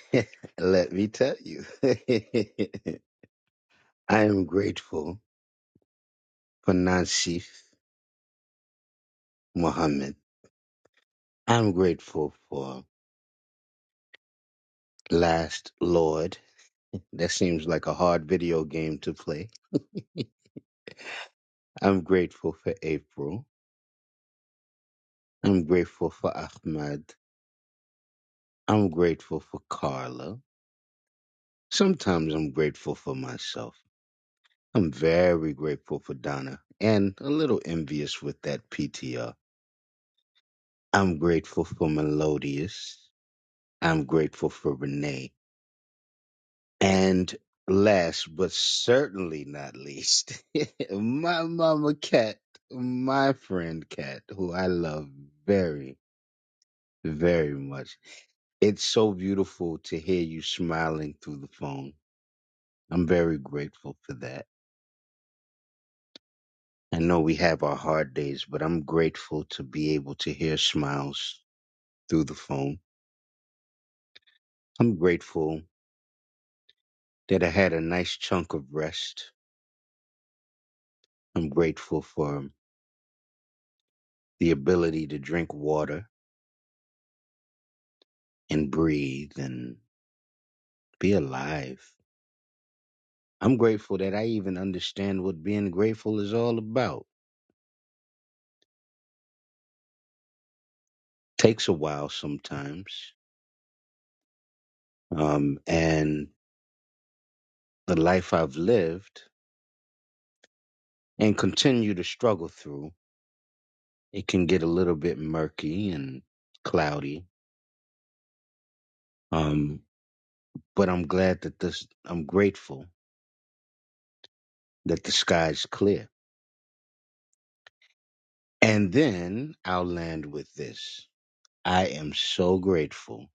Speaker 9: let me tell you, I am grateful for Nansif Muhammad. I'm grateful for Last Lord. That seems like a hard video game to play. I'm grateful for April. I'm grateful for Ahmad. I'm grateful for Carla. Sometimes I'm grateful for myself. I'm very grateful for Donna and a little envious with that PTR. I'm grateful for Melodious. I'm grateful for Renee. And last but certainly not least, my mama cat, my friend cat, who I love very, very much. It's so beautiful to hear you smiling through the phone. I'm very grateful for that. I know we have our hard days, but I'm grateful to be able to hear smiles through the phone. I'm grateful that I had a nice chunk of rest. I'm grateful for the ability to drink water and breathe and be alive. I'm grateful that I even understand what being grateful is all about. Takes a while sometimes. Um, and the life I've lived and continue to struggle through, it can get a little bit murky and cloudy. Um, but I'm glad that this, I'm grateful that the sky's clear. And then I'll land with this. I am so grateful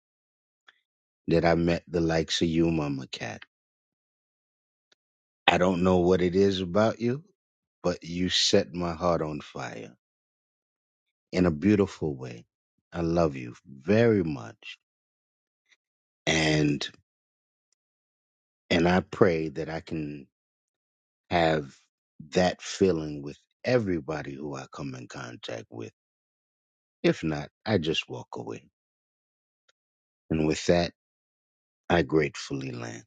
Speaker 9: that I met the likes of you, Mama Cat. I don't know what it is about you, but you set my heart on fire in a beautiful way. I love you very much. And and I pray that I can have that feeling with everybody who I come in contact with. If not, I just walk away. And with that, I gratefully land.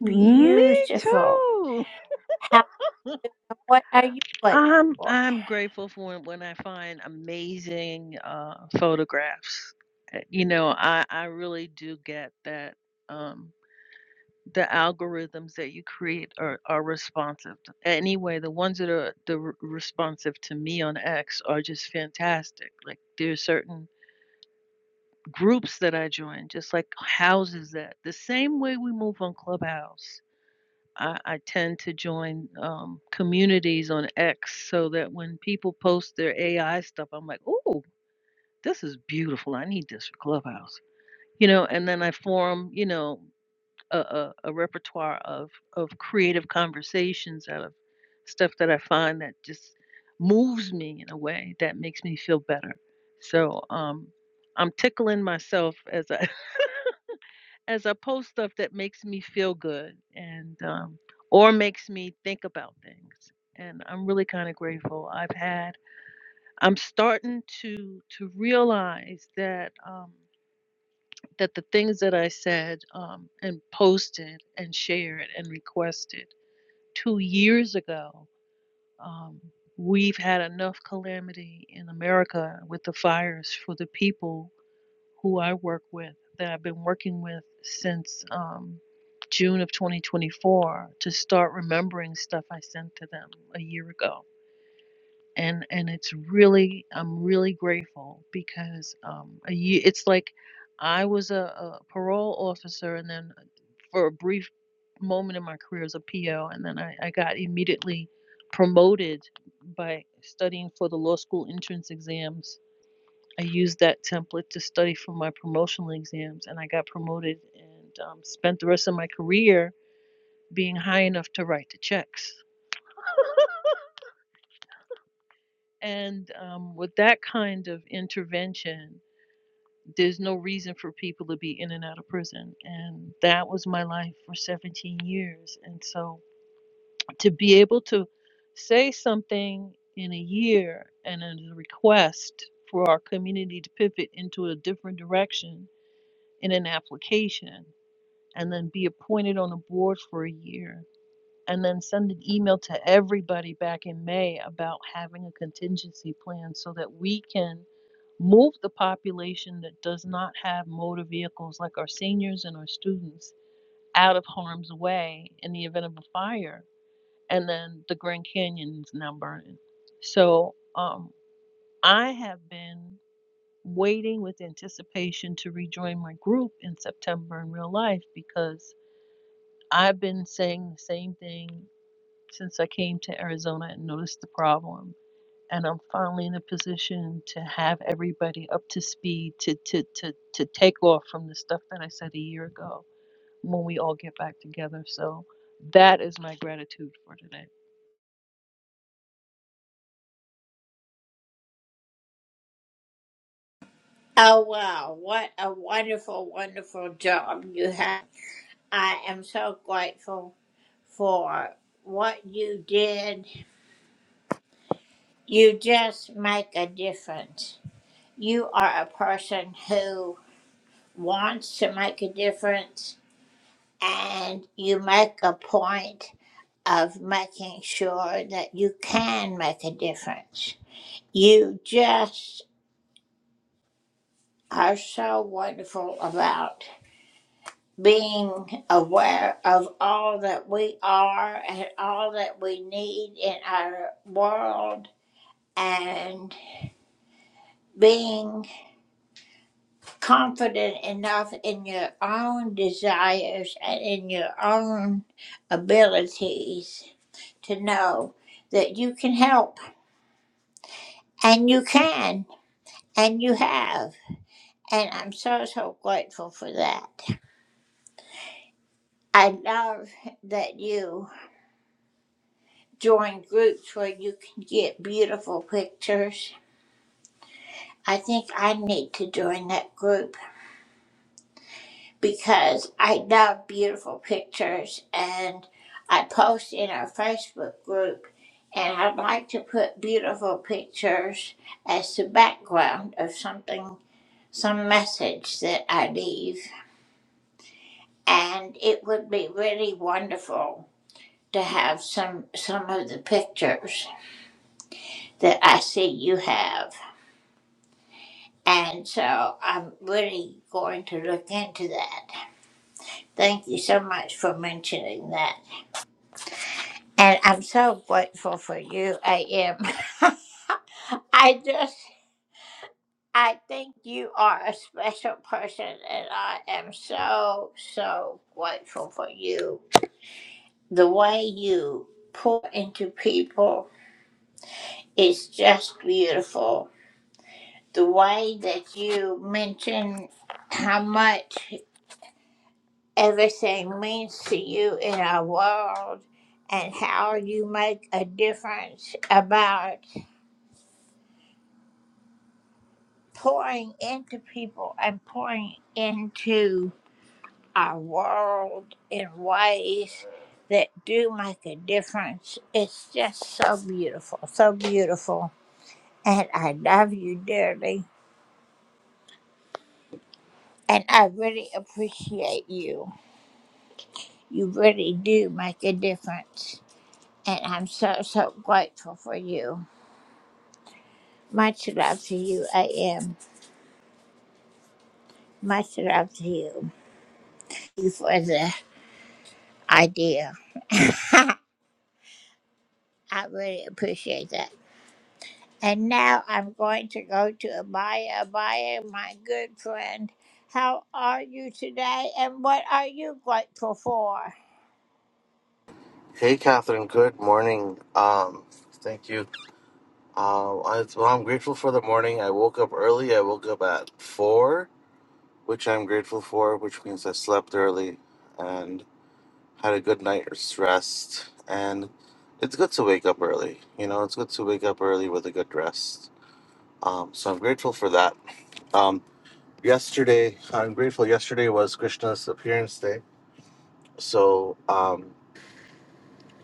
Speaker 10: Me too. I'm I'm grateful for when I find amazing uh, photographs. Uh, You know, I I really do get that um, the algorithms that you create are are responsive. to- Anyway, the ones that are the r- responsive to me on X are just fantastic. Like there's certain groups that I join, just like houses that the same way we move on Clubhouse I, I tend to join um, communities on X so that when people post their AI stuff, I'm like, oh, this is beautiful. I need this for Clubhouse, you know. And then I form, you know, a, a, a repertoire of of creative conversations out of stuff that I find that just moves me in a way that makes me feel better. So um, I'm tickling myself as I as opposed stuff that makes me feel good and um, or makes me think about things. And I'm really kind of grateful. I've had I'm starting to to realize that um, that the things that I said um, and posted and shared and requested two years ago. Um, We've had enough calamity in America with the fires for the people who I work with that I've been working with since um, June of 2024 to start remembering stuff I sent to them a year ago. And and it's really I'm really grateful because um, a year, it's like I was a, a parole officer and then for a brief moment in my career as a PO and then I, I got immediately promoted by studying for the law school entrance exams I used that template to study for my promotional exams, and I got promoted and um, spent the rest of my career being high enough to write the checks. And um, with that kind of intervention, there's no reason for people to be in and out of prison. And that was my life for 17 years. And so to be able to say something in a year and a request for our community to pivot into a different direction in an application and then be appointed on the board for a year and then send an email to everybody back in May about having a contingency plan so that we can move the population that does not have motor vehicles like our seniors and our students out of harm's way in the event of a fire and then the Grand Canyon's now burning. So um, I have been waiting with anticipation to rejoin my group in September in real life because I've been saying the same thing since I came to Arizona and noticed the problem. And I'm finally in a position to have everybody up to speed to, to, to, to take off from the stuff that I said a year ago when we all get back together. So that is my gratitude for today.
Speaker 11: Hey, Catherine. Good morning. Um, thank you. Um, I, well, I'm grateful for the morning. I woke up early. I woke up at four, which I'm grateful for, which means I slept early and had a good night's rest. And it's good to wake up early. You know, it's good to wake up early with a good rest. Um, so I'm grateful for that. Um, yesterday, I'm grateful. Yesterday was Krishna's appearance day. So, um,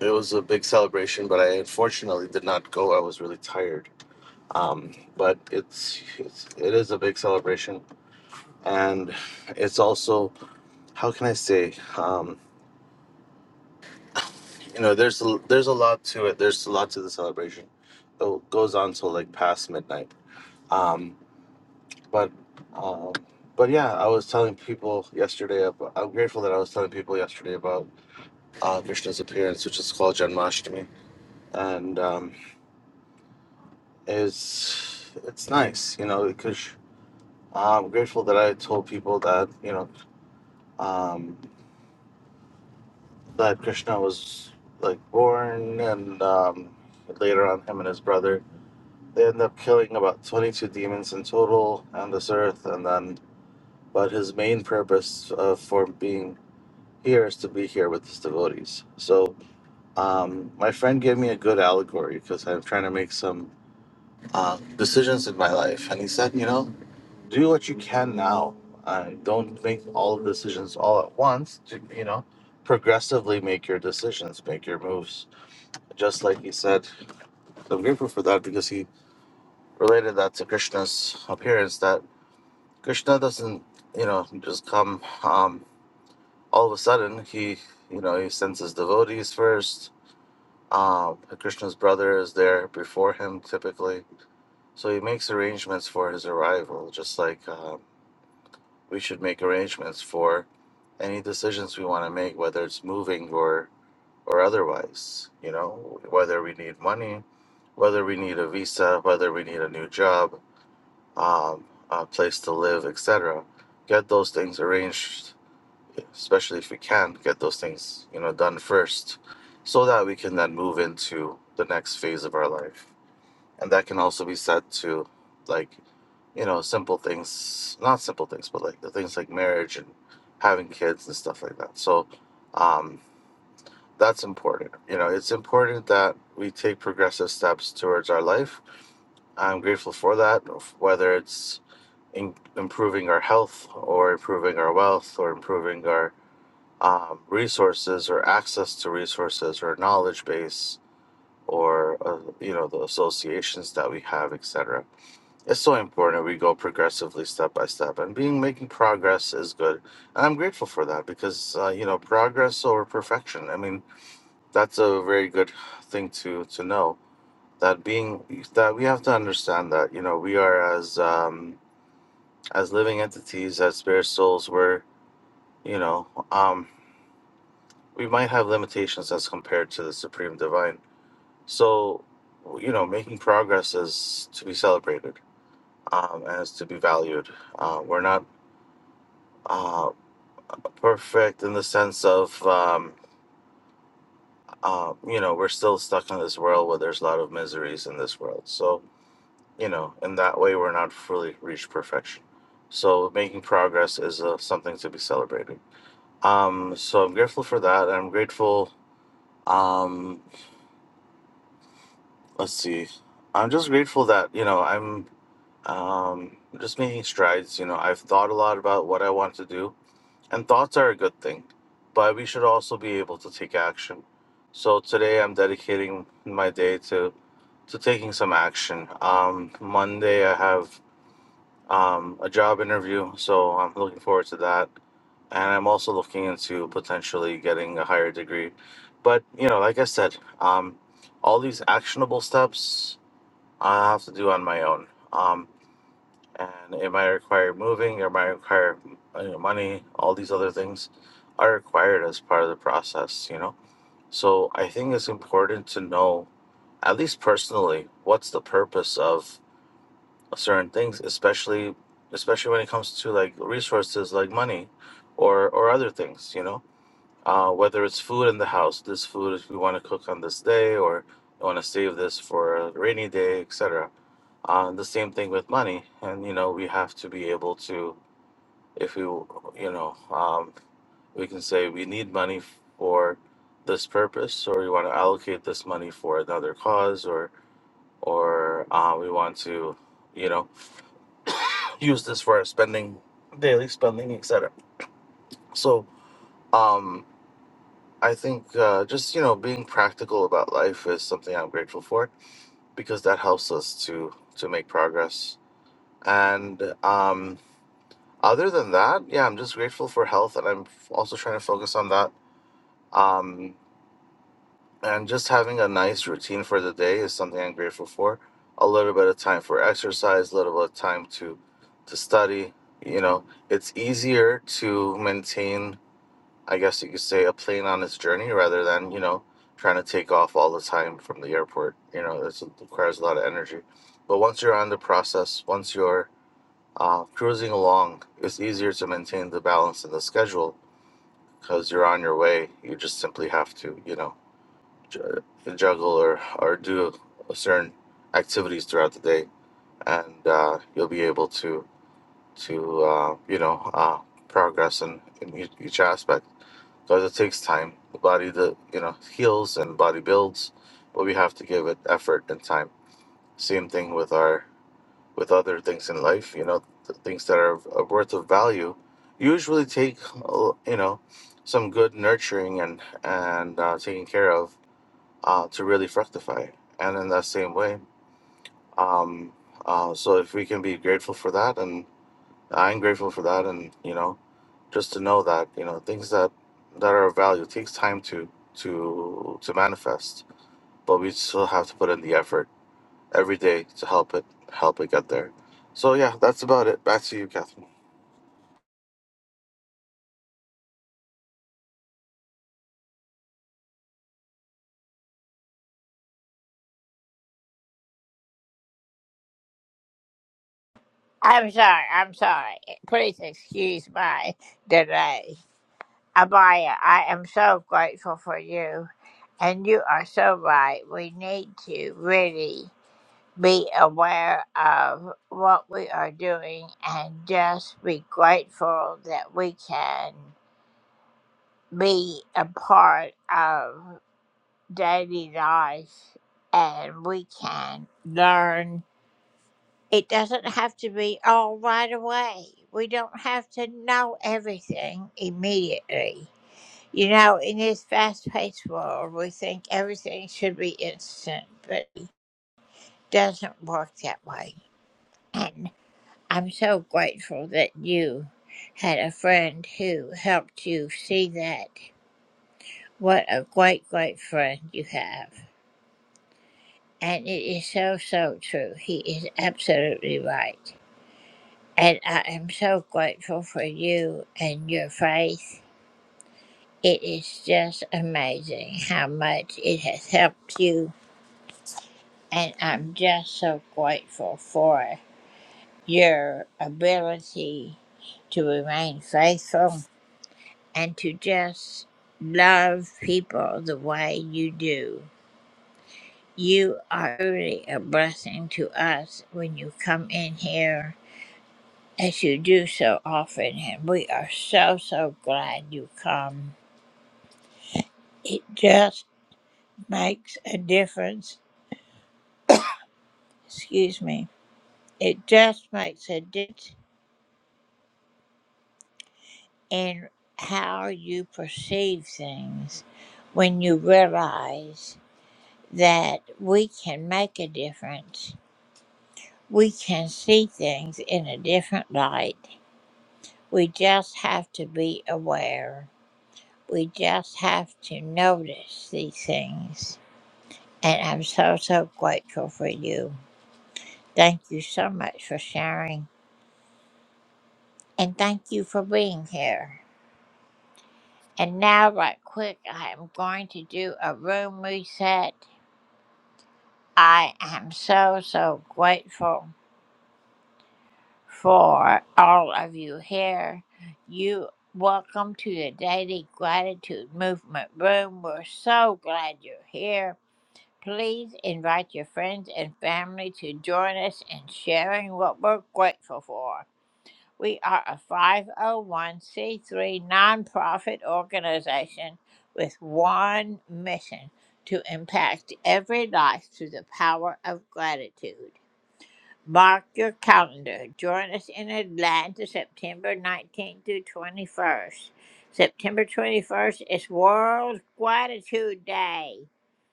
Speaker 11: it was a big celebration, but I unfortunately did not go. I was really tired um, but it's, it's it is a big celebration and it's also how can i say um, you know there's a, there's a lot to it there's a lot to the celebration it goes on till like past midnight um, but um, but yeah i was telling people yesterday ab- i'm grateful that i was telling people yesterday about uh, krishna's appearance which is called janmashtami and um, it's it's nice you know because i'm grateful that i told people that you know um, that Krishna was like born, and um, later on, him and his brother they end up killing about twenty two demons in total on this earth, and then but his main purpose uh, for being here is to be here with his devotees. So um, my friend gave me a good allegory because I'm trying to make some uh, decisions in my life, and he said, you know, do what you can now. Uh, don't make all the decisions all at once. You know, progressively make your decisions, make your moves just like he said. So I'm grateful for that because he related that to Krishna's appearance. That Krishna doesn't, you know, just come um, all of a sudden. He, you know, he sends his devotees first. Um, Krishna's brother is there before him typically, so he makes arrangements for his arrival. Just like uh, we should make arrangements for any decisions we want to make, whether it's moving or or otherwise, you know, whether we need money, whether we need a visa, whether we need a new job, um, a place to live, etc. Get those things arranged, especially if we can get those things, you know, done first, so that we can then move into the next phase of our life. And that can also be said to, like, you know, simple things, not simple things, but like the things like marriage and having kids and stuff like that. So, um, that's important. You know, it's important that we take progressive steps towards our life. I'm grateful for that, f- whether it's in improving our health or improving our wealth or improving our um, resources or access to resources or knowledge base or uh, you know the associations that we have, etc. It's so important we go progressively step by step, and being making progress is good. And I'm grateful for that because uh, you know progress over perfection. I mean, that's a very good thing to to know. That being that we have to understand that you know we are as um, as living entities as spirit souls. We're you know um, we might have limitations as compared to the supreme divine. So you know making progress is to be celebrated um, and is to be valued. Uh, we're not uh, perfect in the sense of um, uh, you know we're still stuck in this world where there's a lot of miseries in this world. So you know, in that way, we're not fully reached perfection. So making progress is uh, something to be celebrated. Um, so I'm grateful for that. I'm grateful. Um, let's see. I'm just grateful that you know I'm um, just making strides. You know, I've thought a lot about what I want to do, and thoughts are a good thing, but we should also be able to take action. So today, I'm dedicating my day to to taking some action. Um, Monday, I have um, a job interview. So I'm looking forward to that. And I'm also looking into potentially getting a higher degree. But, you know, like I said, um, all these actionable steps I have to do on my own. Um, and it might require moving, it might require you know, money, all these other things are required as part of the process, you know? So I think it's important to know, at least personally, what's the purpose of certain things, especially especially when it comes to like resources like money or or other things, you know. Uh, whether it's food in the house, this food if we want to cook on this day or I want to save this for a rainy day, etc. Uh, the same thing with money, and you know we have to be able to, if we, you know, um, we can say we need money for this purpose, or we want to allocate this money for another cause, or or uh, we want to, you know, use this for spending, daily spending, etc. So, um, I think uh, just you know being practical about life is something I'm grateful for because that helps us to to make progress. And um, other than that, yeah, I'm just grateful for health, and I'm f- also trying to focus on that. Um, and just having a nice routine for the day is something I'm grateful for. A little bit of time for exercise, a little bit of time to to study. You know, it's easier to maintain I guess you could say, a plane on its journey rather than, you know, trying to take off all the time from the airport. You know, this requires a lot of energy. But once you're on the process, once you're uh, cruising along, it's easier to maintain the balance in the schedule because you're on your way. You just simply have to, you know, ju- juggle or, or do certain activities throughout the day. And uh, you'll be able to, to uh, you know, uh, progress in, in each each aspect because it takes time. The body, the you know, heals and body builds, but we have to give it effort and time. Same thing with our with other things in life. You know, the things that are, are worth of value usually take uh, you know some good nurturing and and uh, taking care of uh, to really fructify. And in that same way, um, uh, so if we can be grateful for that, and I'm grateful for that, and you know just to know that you know things that that are of value takes time to to to manifest but we still have to put in the effort every day to help it help it get there so yeah that's about it back to you catherine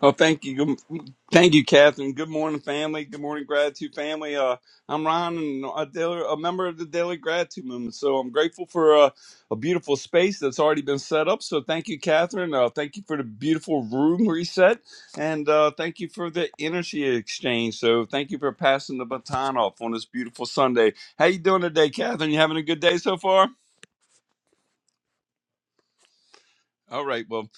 Speaker 12: Oh, thank you. Good- Thank you, Catherine. Good morning, family. Good morning, gratitude family. Uh, I'm Ron, and a, daily, a member of the Daily Gratitude Movement. So I'm grateful for uh, a beautiful space that's already been set up. So thank you, Catherine. Uh, thank you for the beautiful room reset, and uh, thank you for the energy exchange. So thank you for passing the baton off on this beautiful Sunday. How you doing today, Catherine? You having a good day so far? All right. Well,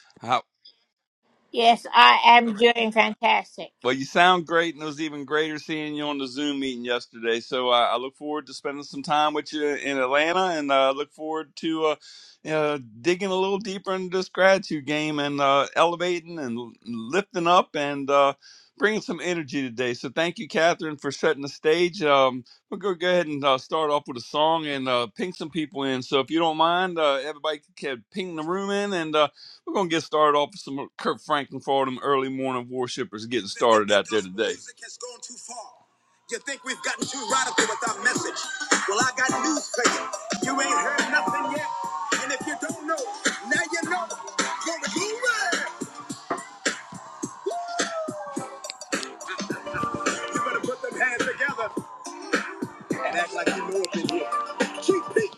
Speaker 12: Well, you sound great, and it was even greater seeing you on the Zoom meeting yesterday. So uh, I look forward to spending some time with you in Atlanta, and uh, look forward to uh, uh, digging a little deeper into this gratitude game and uh, elevating and lifting up and uh, bringing some energy today. So thank you, Catherine, for setting the stage. Um, we'll go, go ahead and uh, start off with a song and uh, ping some people in. So if you don't mind, uh, everybody can ping the room in and. Uh, we're gonna get started off with some Kirk Franklin for all them early morning worshipers getting started out there today. Music has gone too far. You think we've gotten too radical with our message? Well, I got news for you. You ain't heard nothing yet, and if you don't know, now you know. Glory to You better put them hands together and act like you know what they do. Keep beat.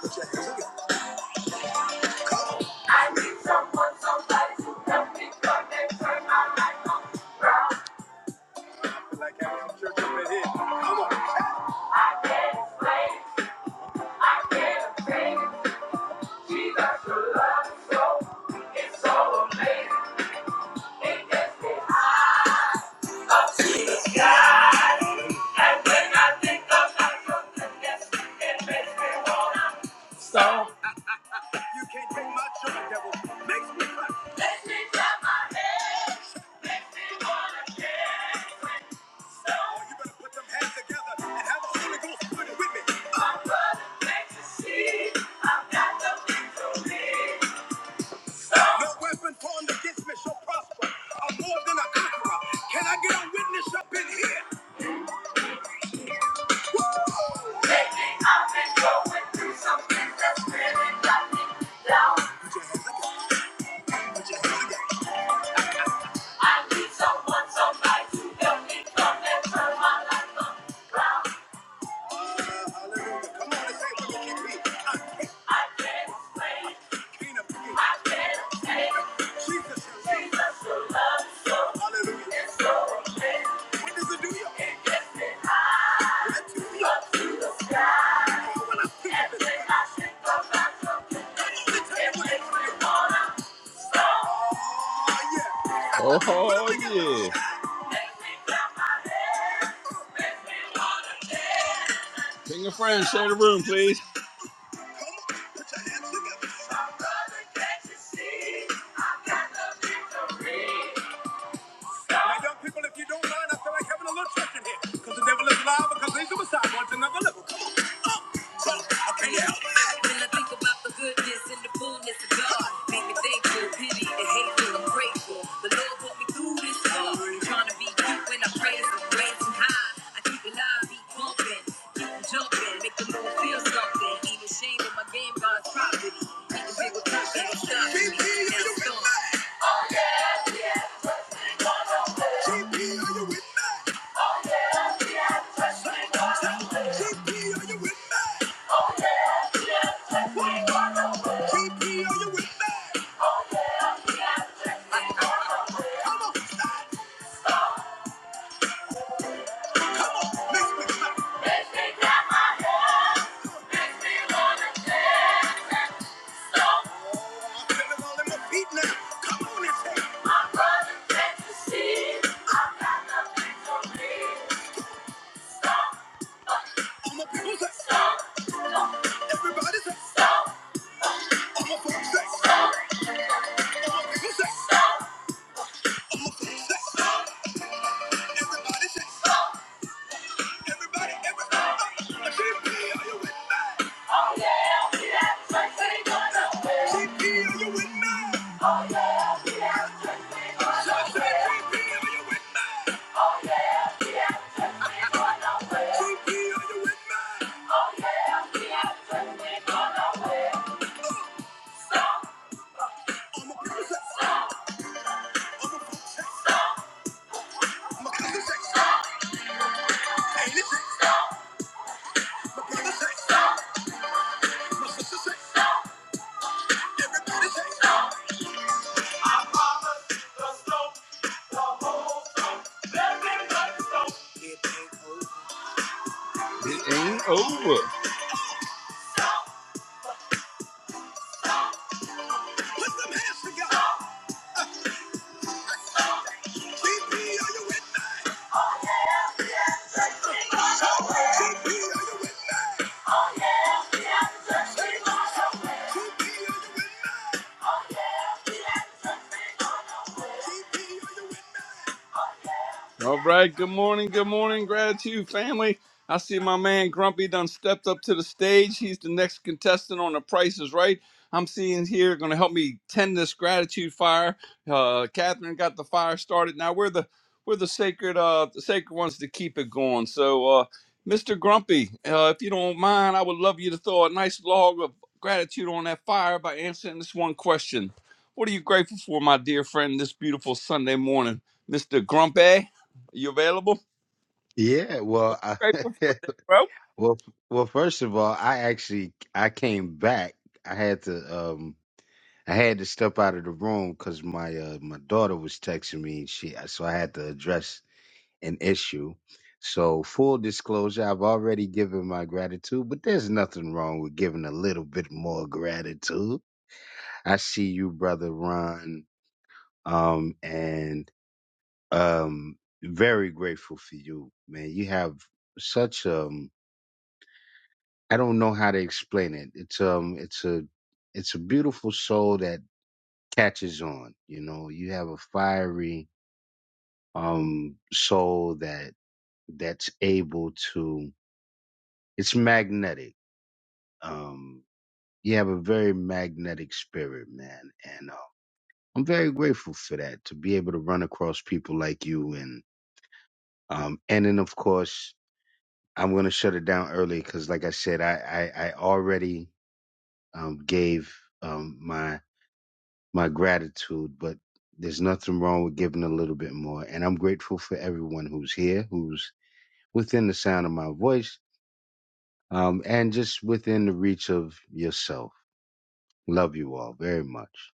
Speaker 12: Put your hands together. Like I am church up in here. Come on. I can't explain. I can't explain. You can't take my joy, devil. Makes me Makes me clap my hands. Makes me wanna dance. Oh, you better put them hands together and have the Holy Ghost with me. My brother, thanks to see. I've got the victory. No weapon formed against me shall prosper. I'm more than a conqueror. Can I get a witness up in here? Lately, I've been going through something that's really got me down. Put your hands up, put your hands up. I need someone, somebody to help me come and turn my life up. Uh, hallelujah. Come on and say it with me, GP. I can't, I can't explain. Can't explain. I can't explain. Jesus, Jesus, who loves you. Hallelujah. It's so Oh, Oh, yeah. Bring your friends, share the room, please. Now, young people, if you don't mind, I feel like having a little church in the devil is alive, he's suicidal. It's another level. I can't help me GP, are you with me? GP, are you with me? GP, are you with me? Everybody say, Everybody, everybody, GP, are you with me? Oh yeah, we have sex, ain't going nowhere. GP, are you with me? Oh, yeah, I said, GP, are you with me? Going nowhere. GP, are you with me? Oh yeah, we have sex, ain't going nowhere. I'm a brother sex, I'm a fox, I'm a cousin sex, ain't it sex? I'm a brother sex, my sister sex, everybody sex. The slope, the hole, let me know. It ain't over. It ain't over. Put some hands together. DP, are you with me? DP, are you with me? DP, are you with me? DP, are you with me? All right, good morning, good morning, gratitude family. I see my man Grumpy done stepped up to the stage. He's the next contestant on The Price is Right. I'm seeing here going to help me tend this gratitude fire. Uh, Catherine got the fire started. Now we're the we're the sacred uh the sacred ones to keep it going. So uh, Mr. Grumpy, uh, if you don't mind, I would love you to throw a nice log of gratitude on that fire by answering this one question. What are you grateful for, my dear friend, this beautiful Sunday morning, Mr. Grumpy? You available?
Speaker 9: Yeah, well,
Speaker 12: What you
Speaker 9: I,
Speaker 12: grateful for today, bro?
Speaker 9: well, well. First of all, I actually I came back. I had to. um I had to step out of the room because my uh, my daughter was texting me, and she so I had to address an issue. So full disclosure, I've already given my gratitude, but there's nothing wrong with giving a little bit more gratitude. I see you, brother Ron, um, and um, very grateful for you, man. You have such um, I don't know how to explain it. It's um, it's a it's a beautiful soul that catches on. You know, you have a fiery um, soul that that's able to. It's magnetic. Um, you have a very magnetic spirit, man, and uh, I'm very grateful for that to be able to run across people like you, and um, and then of course I'm gonna shut it down early because, like I said, I I, I already um, gave um, my my gratitude, but there's nothing wrong with giving a little bit more, and I'm grateful for everyone who's here, who's within the sound of my voice um, and just within the reach of yourself. Love you all very much.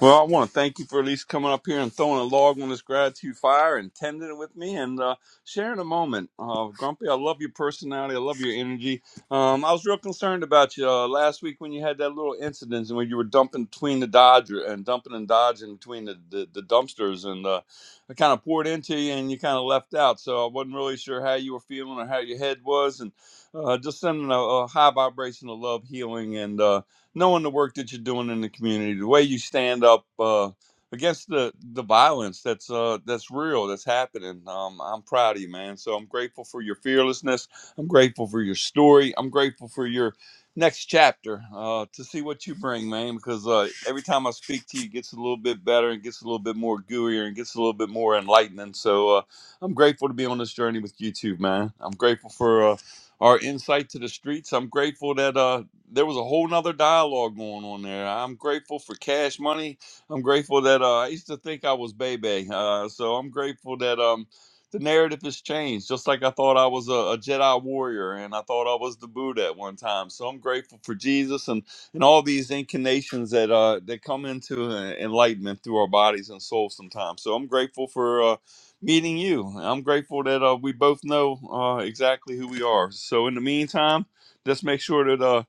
Speaker 12: Well, I want to thank you for at least coming up here and throwing a log on this gratitude fire and tending it with me and uh, sharing a moment. Uh, Grumpy, I love your personality. I love your energy. Um, I was real concerned about you uh, last week when you had that little incident and when you were dumping between the Dodger and dumping and dodging between the, the, the dumpsters and uh, I kind of poured into you and you kind of left out. So I wasn't really sure how you were feeling or how your head was. And uh, just sending a, a high vibration of love, healing, and uh, knowing the work that you're doing in the community, the way you stand up uh, against the the violence that's uh, that's real, that's happening. Um, I'm proud of you, man. So I'm grateful for your fearlessness. I'm grateful for your story. I'm grateful for your next chapter uh, to see what you bring, man. Because uh, every time I speak to you, it gets a little bit better and gets a little bit more gooier and gets a little bit more enlightening. So uh, I'm grateful to be on this journey with you too, man. I'm grateful for. Uh, our insight to the streets. I'm grateful that uh, there was a whole nother dialogue going on there. I'm grateful for Cash Money. I'm grateful that uh, I used to think I was Bebe. Uh, so I'm grateful that um, the narrative has changed. Just like I thought I was a, a Jedi warrior and I thought I was the Buddha at one time. So I'm grateful for Jesus and, and all these incarnations that uh, that come into uh, enlightenment through our bodies and souls sometimes. So I'm grateful for uh, meeting you. I'm grateful that uh, we both know uh, exactly who we are. So in the meantime, let's make sure that. uh,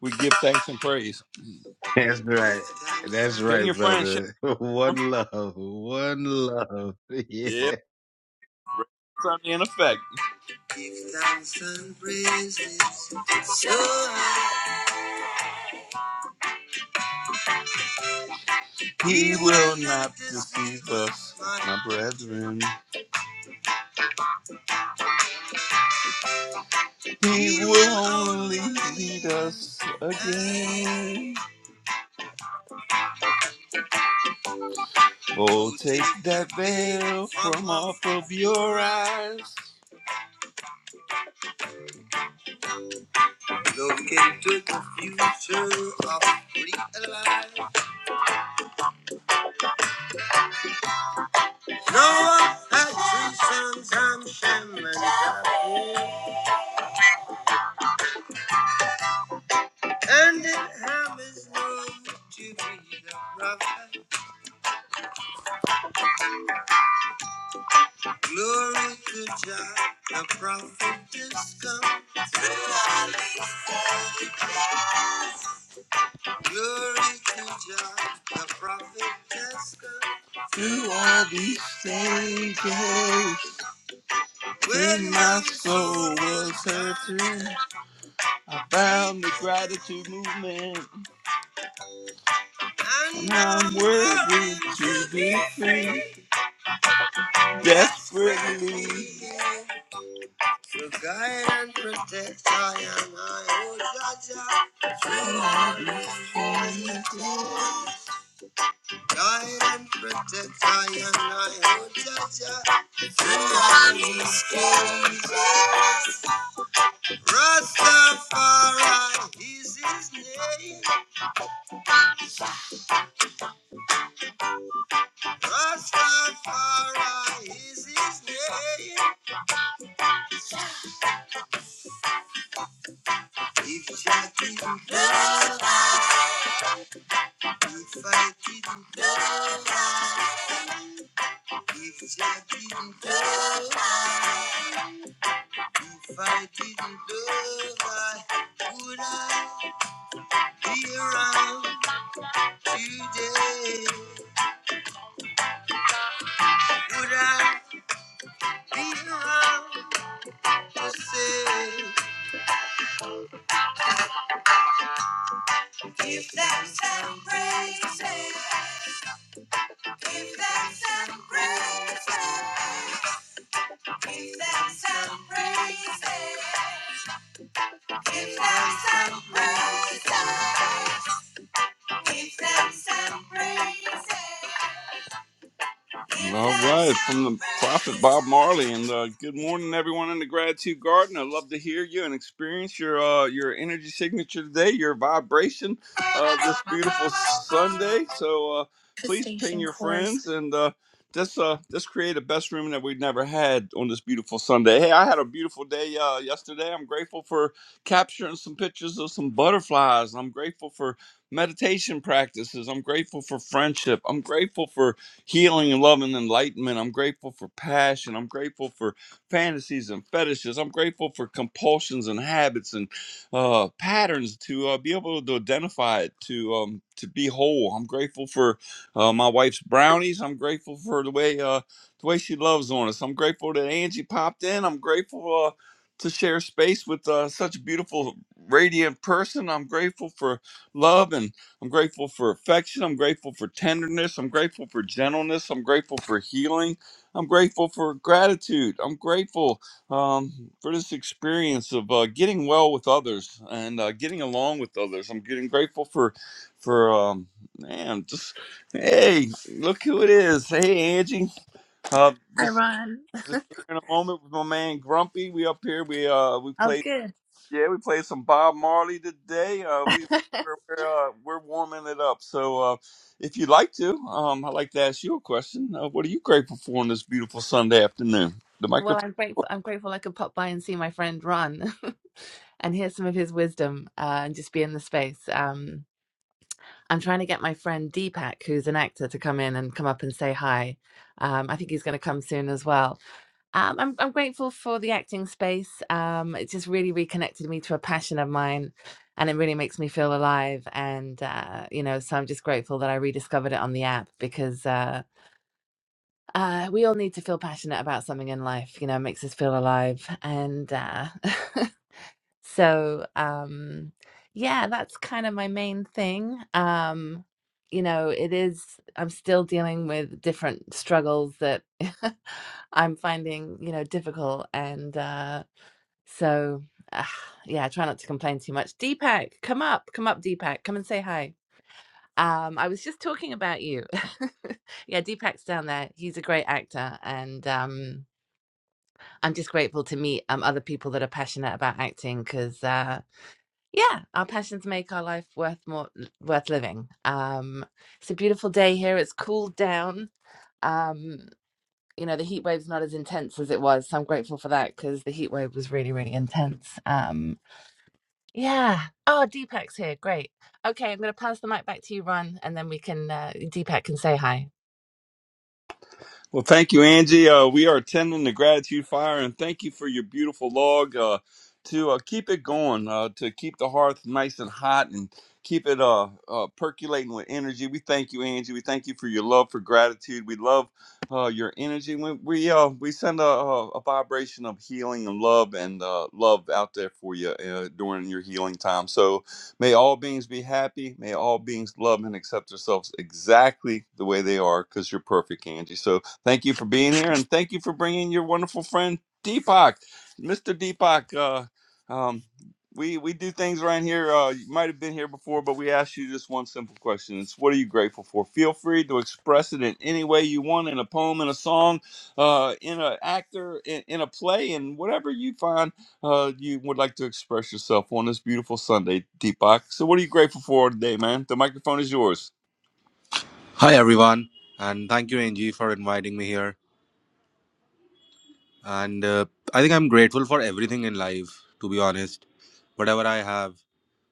Speaker 12: we give thanks and praise.
Speaker 9: That's right. That's
Speaker 12: Ping
Speaker 9: right,
Speaker 12: your friend. share.
Speaker 9: brother. One love. One love.
Speaker 12: Yeah,
Speaker 9: Yeah.
Speaker 12: something in effect. He will not deceive us, my brethren. He will only lead us again. Oh, take that veil from off of your eyes. Look into the future of real life. No, had three sons, Ham, and And in Hammer's known to be the prophet. Glory to Jah, the prophet has come. Glory to Jah, the prophet has come. Through all these stages, when my soul was hurting, I found the gratitude movement. And I'm worthy to be free, desperately. Will guide and protect I am I, oh Jah Jaja. Guide and protect I am I, oh Jah Jaja. Rastafari is his name. Rastafari is his name. If Jah didn't love, if I didn't love, if Jah didn't love. If I didn't love, I would I be around today? Would I be around to say if that celebration, if that celebration, if that celebration, if that celebration, if that celebration? All right, from the prophet Bob Marley, and uh, good morning, everyone in the gratitude garden. I'd love to hear you and experience your uh, your energy signature today, your vibration uh, this beautiful Sunday. So uh, please ping your friends and uh, just uh, just create a best room that we've never had on this beautiful Sunday. Hey, I had a beautiful day uh, yesterday. I'm grateful for capturing some pictures of some butterflies. I'm grateful for meditation practices. I'm grateful for friendship. I'm grateful for healing and love and enlightenment. I'm grateful for passion. I'm grateful for fantasies and fetishes. I'm grateful for compulsions and habits and uh, patterns to uh, be able to identify it, to um, to be whole. I'm grateful for uh, my wife's brownies. I'm grateful for the way uh, the way she loves on us. I'm grateful that Angie popped in. I'm grateful. Uh, to share space with uh, such a beautiful, radiant person. I'm grateful for love and I'm grateful for affection. I'm grateful for tenderness. I'm grateful for gentleness. I'm grateful for healing. I'm grateful for gratitude. I'm grateful um, for this experience of uh, getting well with others and uh, getting along with others. I'm getting grateful for, for um, man, just hey, look who it is. Hey, Angie. Uh,
Speaker 13: Hi,
Speaker 12: just
Speaker 13: Ron.
Speaker 12: just sharing a moment with my man Grumpy. We up here. We uh we
Speaker 13: Oh,
Speaker 12: played.
Speaker 13: good.
Speaker 12: Yeah, we played some Bob Marley today. Uh, we we're we're, uh, we're warming it up. So uh, if you'd like to, um, I'd like to ask you a question. Uh, what are you grateful for on this beautiful Sunday afternoon? The microphone.
Speaker 13: Well, I'm grateful. I'm grateful I could pop by and see my friend Ron and hear some of his wisdom uh, and just be in the space. Um, I'm trying to get my friend Deepak, who's an actor, to come in and come up and say hi. Um, I think he's going to come soon as well. Um, I'm, I'm grateful for the acting space. Um, it just really reconnected me to a passion of mine, and it really makes me feel alive. And uh, you know, so I'm just grateful that I rediscovered it on the app because. Uh, uh, we all need to feel passionate about something in life. You know, it makes us feel alive. And uh, so, um, yeah, that's kind of my main thing. Um, you know, it is, I'm still dealing with different struggles that I'm finding, you know, difficult. And uh, so, uh, yeah, I try not to complain too much. Deepak, come up, come up, Deepak, come and say hi. Um, I was just talking about you. yeah, Deepak's down there. He's a great actor, and um, I'm just grateful to meet um, other people that are passionate about acting because, uh, yeah, our passions make our life worth more worth living. Um, it's a beautiful day here. It's cooled down. Um, you know, the heat wave's not as intense as it was, so I'm grateful for that because the heat wave was really, really intense. Um, yeah. Oh, Deepak's here. Great. Okay, I'm going to pass the mic back to you, Ron, and then we can uh, Deepak can say hi.
Speaker 12: Well, thank you, Angie. Uh, we are attending the gratitude fire, and thank you for your beautiful log uh, to uh, keep it going, uh, to keep the hearth nice and hot, and keep it uh, uh, percolating with energy. We thank you, Angie. We thank you for your love for gratitude. We love uh, your energy. We we, uh, we send a, a a vibration of healing and love and uh, love out there for you uh, during your healing time. So may all beings be happy. May all beings love and accept themselves exactly the way they are, because you're perfect, Angie. So Thank you for being here, and thank you for bringing your wonderful friend Deepak, Mr. Deepak. Uh, um, we we do things around here. Uh, you might have been here before, but we ask you just one simple question: It's what are you grateful for? Feel free to express it in any way you want, in a poem, in a song, uh, in an actor, in, in a play, and whatever you find uh, you would like to express yourself on this beautiful Sunday, Deepak. So, what are you grateful for today, man? The microphone is yours.
Speaker 14: Hi, everyone, and thank you, Angie, for inviting me here. And uh, I think I'm grateful for everything in life, to be honest. Whatever I have,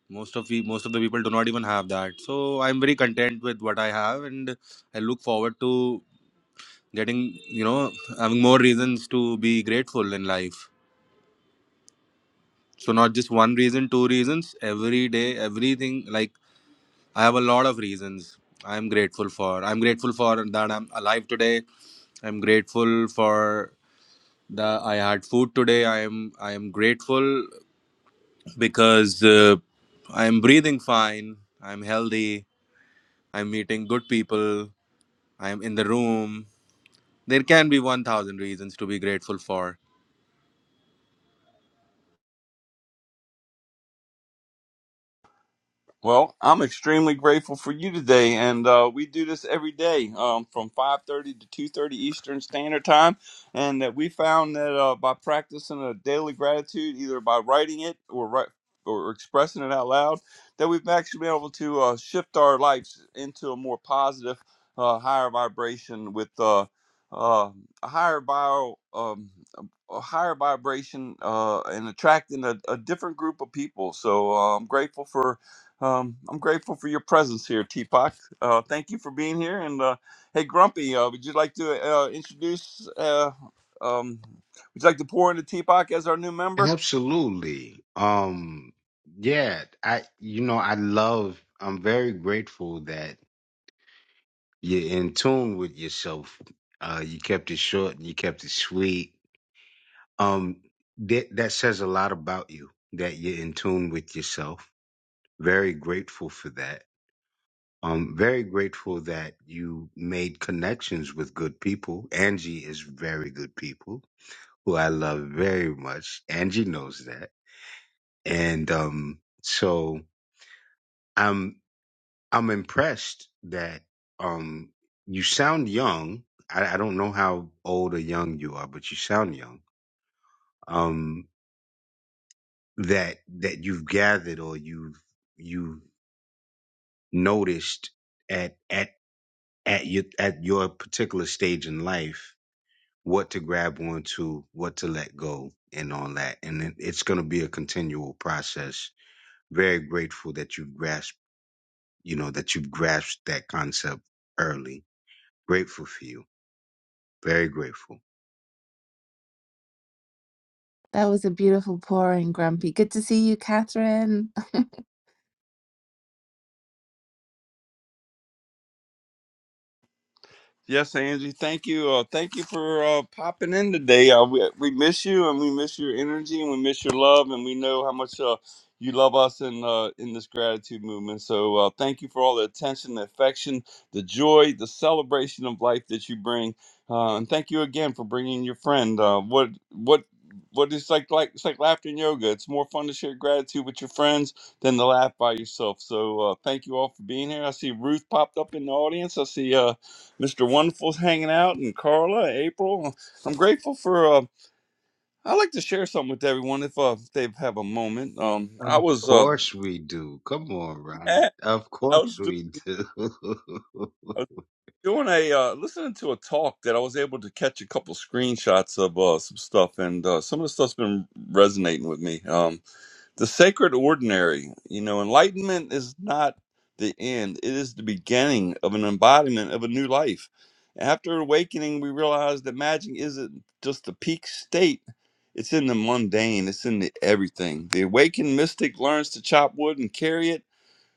Speaker 14: most of we, most of the people do not even have that. So I'm very content with what I have, and I look forward to getting, you know, having more reasons to be grateful in life. So not just one reason, two reasons. Every day, everything. Like I have a lot of reasons I'm grateful for. I'm grateful for that I'm alive today. I'm grateful for that I had food today. I am I am grateful because uh, I am breathing fine. I'm healthy. I'm meeting good people. I'm in the room. There can be one thousand reasons to be grateful for,
Speaker 12: Well, I'm extremely grateful for you today, and uh, we do this every day um, from 5:30 to 2:30 Eastern Standard Time, and that we found that uh, by practicing a daily gratitude, either by writing it or write, or expressing it out loud, that we've actually been able to uh, shift our lives into a more positive, uh, higher vibration with uh, uh, a higher bio. Um, a higher vibration uh, and attracting a, a different group of people. So uh, I'm grateful for um, I'm grateful for your presence here, Teapot. Uh, thank you for being here. And uh, hey, Grumpy, uh, would you like to uh, introduce? Uh, um, would you like to pour into Teapot as our new member?
Speaker 9: Absolutely. Um, yeah, I, you know, I love, I'm very grateful that you're in tune with yourself. Uh, you kept it short and you kept it sweet. Um, that, that says a lot about you, that you're in tune with yourself. Very grateful for that. I'm very grateful that you made connections with good people. Angie is very good people who I love very much. Angie knows that. And um so I'm I'm impressed that um you sound young. I, I don't know how old or young you are, but you sound young. Um that that you've gathered or you've you've noticed at at at your at your particular stage in life what to grab onto, what to let go, and all that. And it, it's going to be a continual process. Very grateful that you've grasped, you know, that you've grasped that concept early. Grateful for you. Very grateful.
Speaker 13: That was a beautiful pouring, Grumpy. Good to see you, Catherine.
Speaker 12: Yes, Angie. Thank you. Uh, thank you for uh, popping in today. Uh, we, we miss you, and we miss your energy, and we miss your love, and we know how much uh, you love us in uh, in this gratitude movement. So, uh, thank you for all the attention, the affection, the joy, the celebration of life that you bring, uh, and thank you again for bringing your friend. Uh, what what what is like like it's like laughter and yoga. It's more fun to share gratitude with your friends than to laugh by yourself. So, uh, thank you all for being here. I see Ruth popped up in the audience. I see. Uh, Mr. Wonderful's hanging out, and Carla, April. I'm grateful for. Uh, I like to share something with everyone if uh, they have a moment. Um,
Speaker 9: Of
Speaker 12: I was uh,
Speaker 9: course we do. Come on, Ron.
Speaker 12: I
Speaker 9: Of course
Speaker 12: was doing.
Speaker 9: we do.
Speaker 12: I was Doing a uh, listening to a talk that I was able to catch a couple screenshots of uh, some stuff, and uh, some of the stuff's been resonating with me. Um, the sacred ordinary you know enlightenment is not the end it is the beginning of an embodiment of a new life after awakening we realize that magic isn't just the peak state it's in the mundane it's in the everything the awakened mystic learns to chop wood and carry it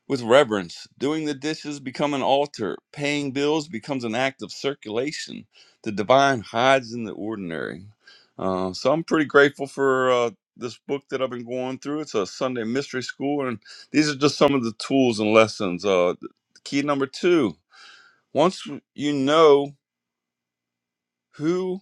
Speaker 12: with reverence. Doing the dishes become an altar. Paying bills becomes an act of circulation. The divine hides in the ordinary. Uh, so I'm pretty grateful for uh, this book that I've been going through. It's a Sunday mystery school, and these are just some of the tools and lessons. Uh, key number two: once you know who.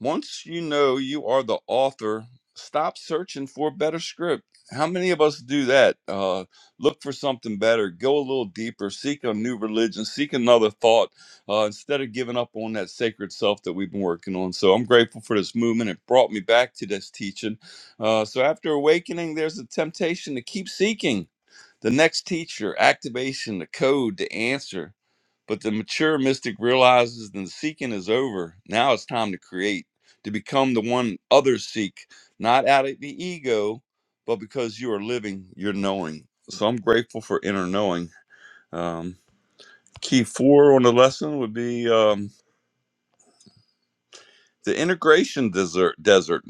Speaker 12: Once you know you are the author, stop searching for a better script. How many of us do that? Uh, look for something better, go a little deeper, seek a new religion, seek another thought uh, instead of giving up on that sacred self that we've been working on. So I'm grateful for this movement. It brought me back to this teaching. Uh, so after awakening, there's a temptation to keep seeking the next teacher, activation, the code, the answer. But the mature mystic realizes that the seeking is over. Now it's time to create, to become the one others seek, not out of the ego, but because you are living, you're knowing. So I'm grateful for inner knowing. Um, key four on the lesson would be um, the integration desert. Desert.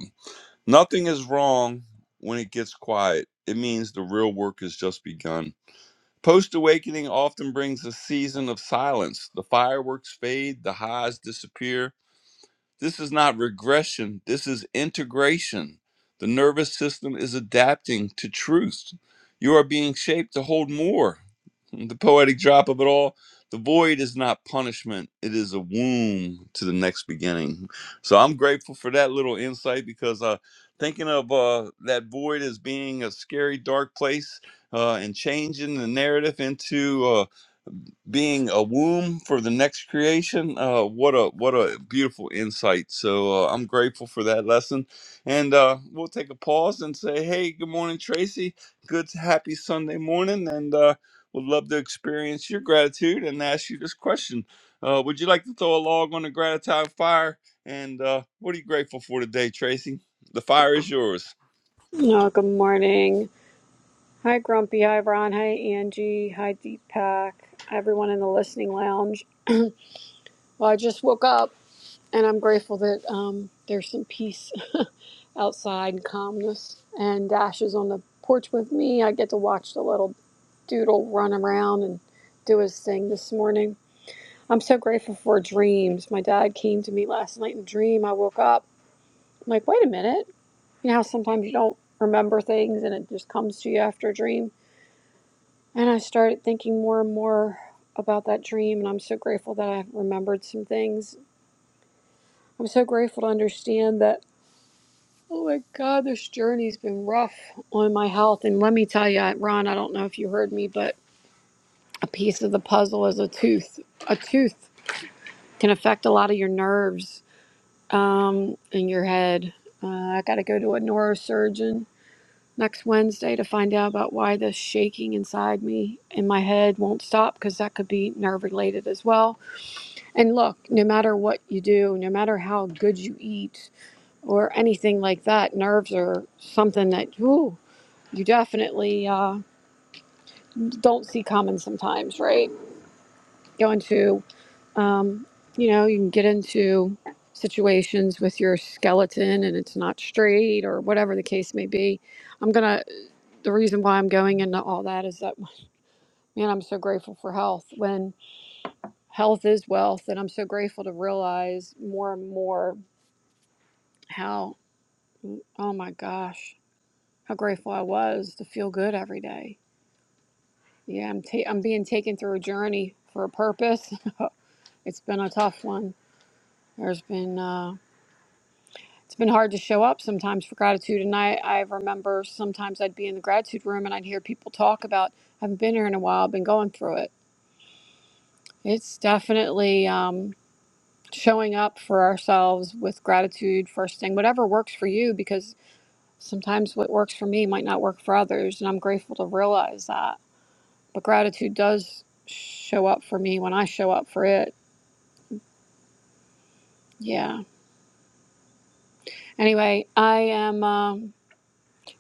Speaker 12: Nothing is wrong when it gets quiet. It means the real work has just begun Post awakening often brings a season of silence. The fireworks fade, the highs disappear. This is not regression, this is integration. The nervous system is adapting to truth. You are being shaped to hold more the poetic drop of it all. The void is not punishment, it is a womb to the next beginning. So I'm grateful for that little insight because uh, thinking of uh, that void as being a scary, dark place uh, and changing the narrative into uh, being a womb for the next creation uh, what a what a beautiful insight so uh, i'm grateful for that lesson and uh, we'll take a pause and say hey good morning tracy good happy sunday morning and uh, would love to experience your gratitude and ask you this question uh, would you like to throw a log on the gratitude fire and uh, what are you grateful for today tracy the fire is yours
Speaker 15: No, good morning. Hi, Grumpy. Hi, Ron. Hi, Angie. Hi, Deepak. Everyone in the listening lounge. Well, I just woke up and I'm grateful that um, there's some peace outside and calmness. And Dash is on the porch with me. I get to watch the little doodle run around and do his thing this morning. I'm so grateful for dreams. My dad came to me last night in a dream. I woke up. I'm like, wait a minute. You know how sometimes you don't remember things and it just comes to you after a dream? And I started thinking more and more about that dream, and I'm so grateful that I remembered some things. I'm so grateful to understand that, oh my God, this journey's been rough on my health. And let me tell you, Ron, I don't know if you heard me, but a piece of the puzzle is a tooth. A tooth can affect a lot of your nerves um, in your head. Uh, I got to go to a neurosurgeon next Wednesday to find out about why the shaking inside me in my head won't stop because that could be nerve related as well And look, no matter what you do, no matter how good you eat or anything like that, nerves are something that ooh, you definitely uh, don't see coming sometimes, right? Go into, um, you know, you can get into situations with your skeleton and it's not straight or whatever the case may be. I'm gonna, the reason why I'm going into all that is that, man, I'm so grateful for health. When health is wealth, and I'm so grateful to realize more and more. How Oh my gosh, how grateful I was to feel good every day. Yeah, I'm ta- I'm being taken through a journey for a purpose. it's been a tough one. There's been uh, it's been hard to show up sometimes for gratitude, and I I remember sometimes I'd be in the gratitude room and I'd hear people talk about I haven't been here in a while. I've been going through it. It's definitely um, showing up for ourselves with gratitude first thing, whatever works for you, because sometimes what works for me might not work for others, and I'm grateful to realize that. but gratitude does show up for me when I show up for it. Yeah. Anyway, I am um,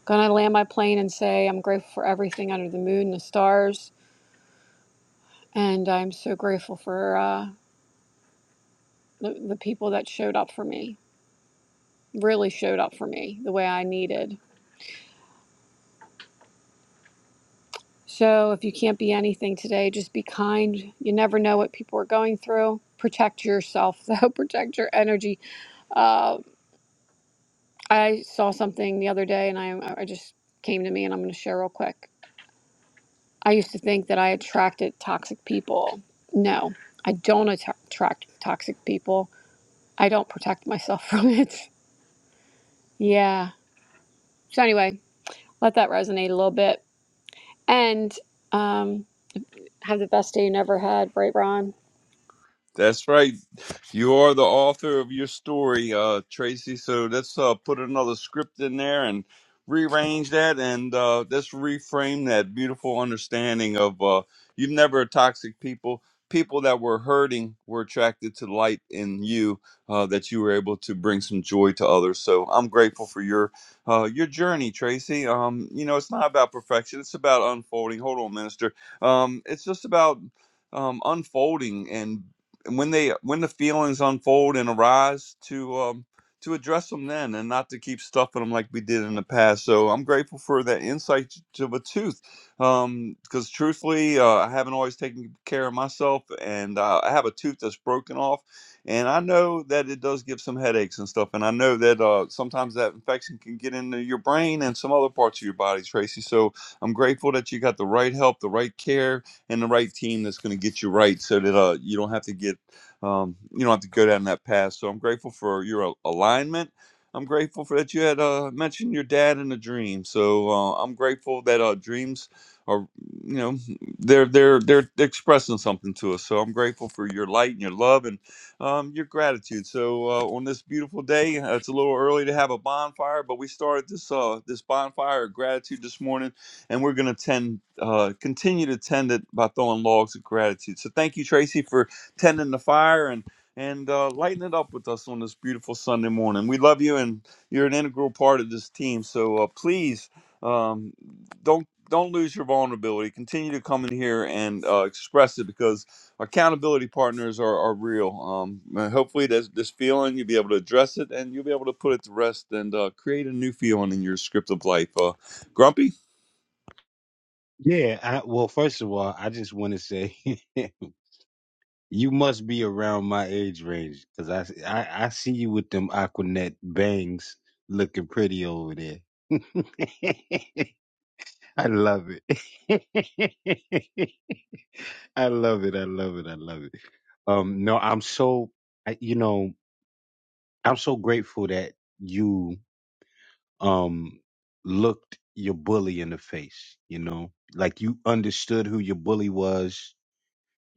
Speaker 15: going to land my plane and say I'm grateful for everything under the moon, the stars, and I'm so grateful for uh, the, the people that showed up for me, really showed up for me the way I needed. So if you can't be anything today, just be kind. You never know what people are going through. Protect yourself, though. Protect your energy. Uh, I saw something the other day and I, I just came to me and I'm going to share real quick. I used to think that I attracted toxic people. No, I don't atta- attract toxic people. I don't protect myself from it. Yeah. So, anyway, let that resonate a little bit and um, have the best day you never had, right, Ron?
Speaker 12: That's right. You are the author of your story, uh, Tracy. So let's uh, put another script in there and rearrange that, and uh, let's reframe that beautiful understanding of uh, you've never toxic people. People that were hurting were attracted to light in you. Uh, that you were able to bring some joy to others. So I'm grateful for your uh, your journey, Tracy. Um, you know, it's not about perfection. It's about unfolding. Hold on, Minister. Um, it's just about um, unfolding and when they when the feelings unfold and arise to um to address them then and not to keep stuffing them like we did in the past so i'm grateful for that insight to the tooth um because truthfully uh, i haven't always taken care of myself and uh, i have a tooth that's broken off and i know that it does give some headaches and stuff and i know that uh sometimes that infection can get into your brain and some other parts of your body tracy so i'm grateful that you got the right help the right care and the right team that's going to get you right so that uh, you don't have to get um, you don't have to go down that path. So I'm grateful for your al- alignment. I'm grateful for that you had uh, mentioned your dad in a dream. So uh, I'm grateful that uh, dreams are, you know, they're they're they're expressing something to us. So I'm grateful for your light and your love and um, your gratitude. So uh, on this beautiful day, uh, it's a little early to have a bonfire, but we started this uh, this bonfire of gratitude this morning, and we're gonna tend uh, continue to tend it by throwing logs of gratitude. So thank you, Tracy, for tending the fire and and uh, lighting it up with us on this beautiful Sunday morning. We love you, and you're an integral part of this team. So uh, please um, don't don't lose your vulnerability. Continue to come in here and uh, express it because accountability partners are, are real. Um, and hopefully, this, this feeling you'll be able to address it and you'll be able to put it to rest and uh, create a new feeling in your script of life. Uh, Grumpy,
Speaker 9: Yeah, I, well, first of all, I just want to say You must be around my age range because I, I I see you with them Aquanet bangs looking pretty over there. I love it. I love it. I love it. I love it. Um, no, I'm so I, you know I'm so grateful that you um looked your bully in the face. You know, like you understood who your bully was.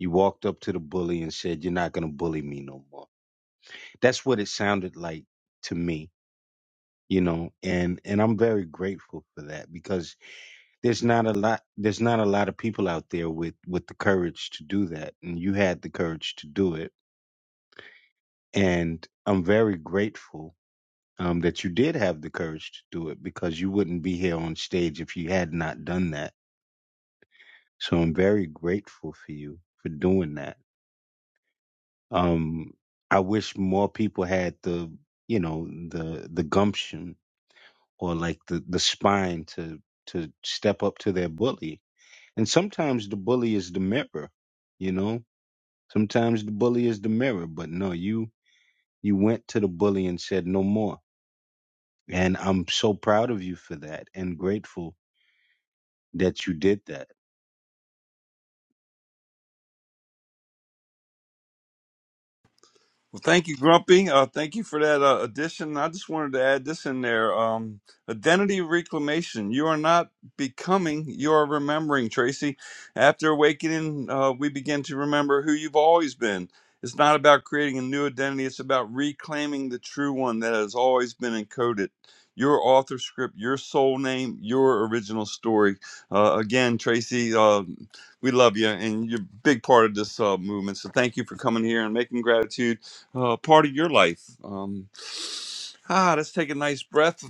Speaker 9: You walked up to the bully and said, "You're not gonna bully me no more." that's what it sounded like to me you know and and i'm very grateful for that because there's not a lot there's not a lot of people out there with with the courage to do that and you had the courage to do it and i'm very grateful um, that you did have the courage to do it because you wouldn't be here on stage if you had not done that so i'm very grateful for you for doing that um i wish more people had the you know the the gumption or like the, the spine to to step up to their bully. And sometimes the bully is the mirror, you know? Sometimes the bully is the mirror, but no, you you went to the bully and said no more. And I'm so proud of you for that and grateful that you did that.
Speaker 12: Well, thank you, Grumpy. Uh, thank you for that uh, addition. I just wanted to add this in there. Um, identity reclamation. You are not becoming, you are remembering, Tracy. After awakening, uh, we begin to remember who you've always been. It's not about creating a new identity, it's about reclaiming the true one that has always been encoded. Your author script, your soul name, your original story. Uh, again, Tracy, uh, we love you, and you're a big part of this uh, movement. So thank you for coming here and making gratitude uh, part of your life. Um, ah, let's take a nice breath.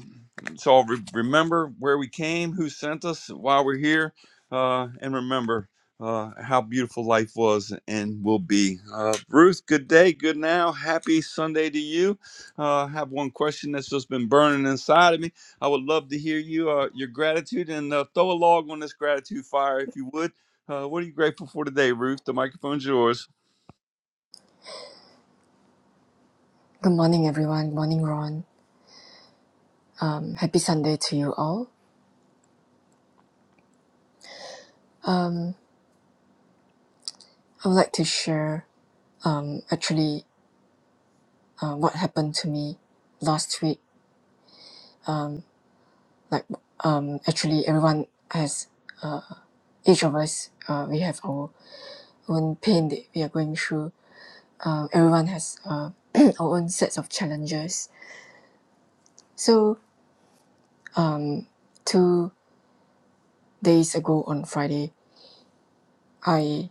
Speaker 12: So I'll re- remember where we came, who sent us, why we're here, uh, and remember uh, how beautiful life was and will be. Uh, Ruth, good day, good now. Happy Sunday to you. Uh, I have one question that's just been burning inside of me. I would love to hear you, uh, your gratitude, and uh, throw a log on this gratitude fire if you would. Uh, what are you grateful for today, Ruth? The microphone's yours.
Speaker 16: Good morning, everyone. Morning, Ron. Um, happy Sunday to you all. I would like to share um, actually uh, what happened to me last week. Like, um, actually, everyone has, uh, each of us, uh, we have our own pain that we are going through. Uh, everyone has uh, our own sets of challenges. So, two days ago on Friday, I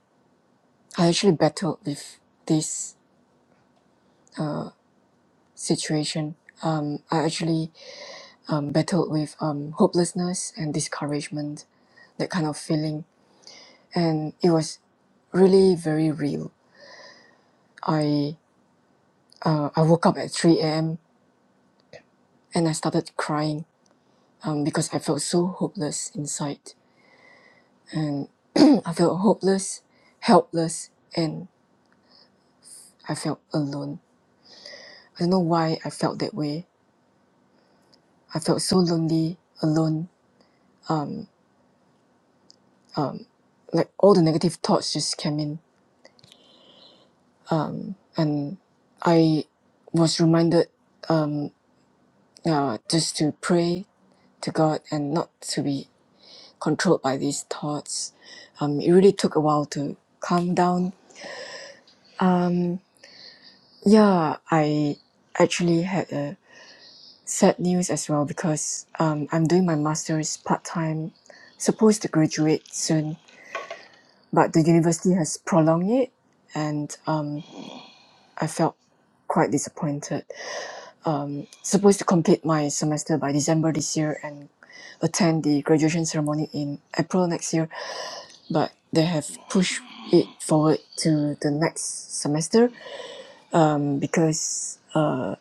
Speaker 16: I actually battled with this situation. Um, I actually um, battled with um, hopelessness and discouragement, that kind of feeling. And it was really very real. I uh, I woke up at 3 a.m. and I started crying um, because I felt so hopeless inside. And I felt hopeless, helpless, and I felt alone. I don't know why I felt that way. I felt so lonely, alone. Like all the negative thoughts just came in. And I was reminded um, uh, just to pray to God and not to be controlled by these thoughts. Um, it really took a while to calm down. Um, yeah, I actually had a sad news as well because um, I'm doing my master's part time, supposed to graduate soon, but the university has prolonged it, and um, I felt quite disappointed. um, supposed to complete my semester by December this year and attend the graduation ceremony in April next year, but they have pushed it forward to the next semester um, because, uh,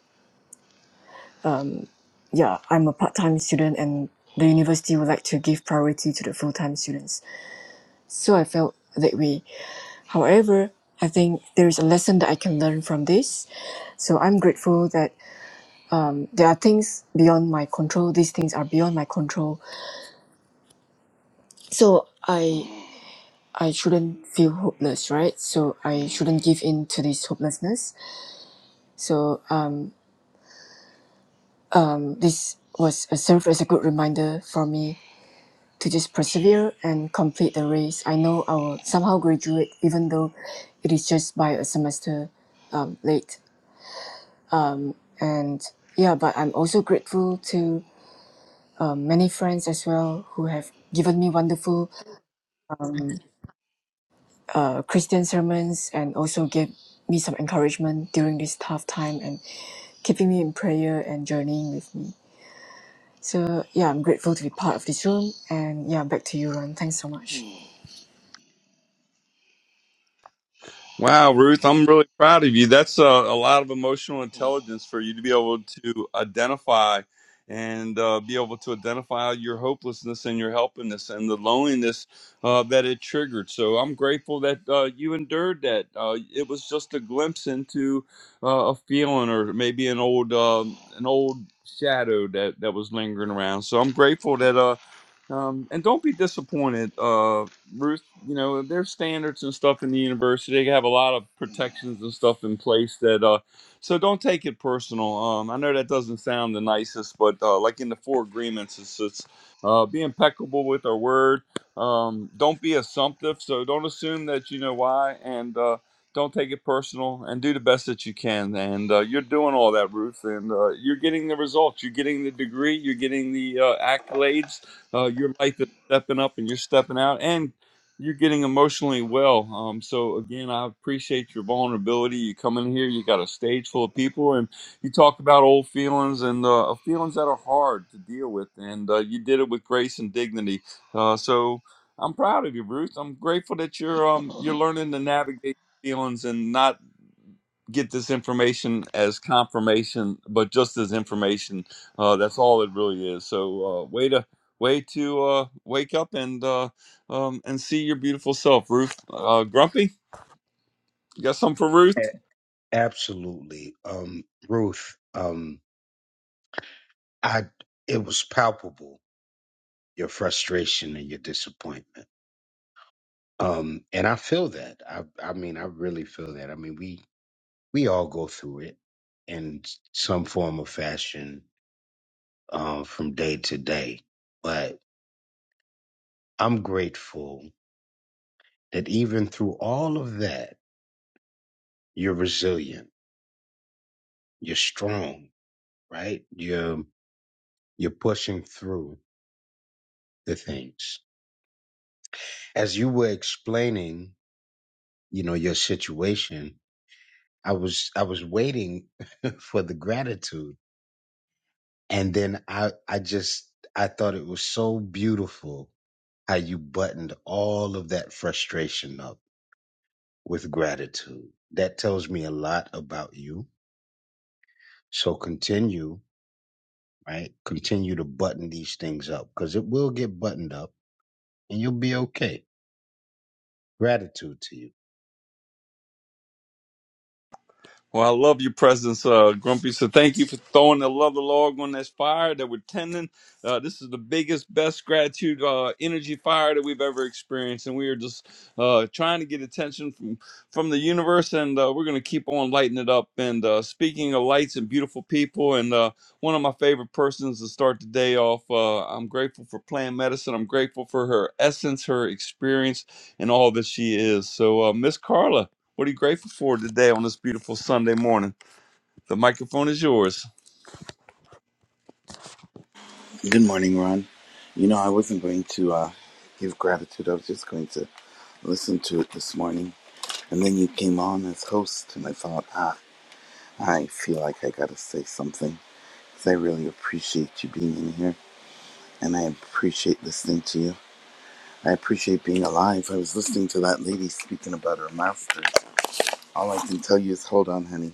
Speaker 16: yeah, I'm a part time student and the university would like to give priority to the full time students. So I felt that way. However, I think there is a lesson that I can learn from this. So I'm grateful that um, there are things beyond my control. These things are beyond my control So I I shouldn't feel hopeless, right? So I shouldn't give in to this hopelessness. So um um this was a served as a good reminder for me to just persevere and complete the race. I know I will somehow graduate, even though it is just by a semester um, late. And yeah, but I'm also grateful to um, many friends as well who have given me wonderful um, uh, Christian sermons and also give me some encouragement during this tough time and keeping me in prayer and journeying with me. So yeah, I'm grateful to be part of this room. And yeah, back to you, Ron. Thanks so much.
Speaker 12: Wow, Ruth, I'm really proud of you. That's a, a lot of emotional intelligence for you to be able to identify and uh, be able to identify your hopelessness and your helplessness and the loneliness uh, that it triggered. So I'm grateful that uh, you endured that. Uh, it was just a glimpse into uh, a feeling or maybe an old um an old shadow that that was lingering around. So I'm grateful that uh, um, and don't be disappointed, uh, Ruth. You know there's standards and stuff in the university. They have a lot of protections and stuff in place that. Uh, so don't take it personal. Um, I know that doesn't sound the nicest, but uh, like in the four agreements, it's, it's uh, be impeccable with our word. Um, don't be assumptive. So don't assume that you know why, and uh, don't take it personal. And do the best that you can. And uh, you're doing all that, Ruth, and uh, you're getting the results. You're getting the degree. You're getting the uh, accolades uh, your life is stepping up and you're stepping out and you're getting emotionally well. Um, so again, I appreciate your vulnerability. You come in here, you got a stage full of people, and you talked about old feelings and uh, feelings that are hard to deal with, and uh, you did it with grace and dignity. Uh, so I'm proud of you, Bruce. I'm grateful that you're um, you're learning to navigate feelings and not get this information as confirmation, but just as information. Uh, that's all it really is. So uh, way to way to uh, wake up and uh, um, and see your beautiful self, Ruth. Uh, Grumpy, you got something for Ruth?
Speaker 9: A- Absolutely. Um, Ruth, um, I it was palpable, your frustration and your disappointment. Um, and I feel that. I I mean, I really feel that. I mean, we we all go through it in some form or fashion um, from day to day. But I'm grateful that even through all of that, you're resilient, you're strong, right? You're you're pushing through the things. As you were explaining, you know, your situation, I was I was waiting for the gratitude, and then I I just I thought it was so beautiful how you buttoned all of that frustration up with gratitude. That tells me a lot about you. So continue, right? Continue to button these things up because it will get buttoned up and you'll be okay. Gratitude to you.
Speaker 12: Well, I love your presence, uh, Grumpy. So thank you for throwing the love of the log on this fire that we're tending. Uh, this is the biggest, best gratitude uh, energy fire that we've ever experienced, and we are just uh, trying to get attention from from the universe, and uh, we're going to keep on lighting it up. And uh, speaking of lights and beautiful people, and uh, one of my favorite persons to start the day off. Uh, I'm grateful for plant medicine. I'm grateful for her essence, her experience, and all that she is. So, uh, Miss Carla. What are you grateful for today on this beautiful Sunday morning? The microphone is yours.
Speaker 17: Good morning, Ron. You know, I wasn't going to uh, give gratitude. I was just going to listen to it this morning. And then you came on as host, and I thought, ah, I feel like I got to say something. 'Cause I really appreciate you being in here, and I appreciate listening to you. I appreciate being alive. I was listening to that lady speaking about her masters. All I can tell you is, hold on, honey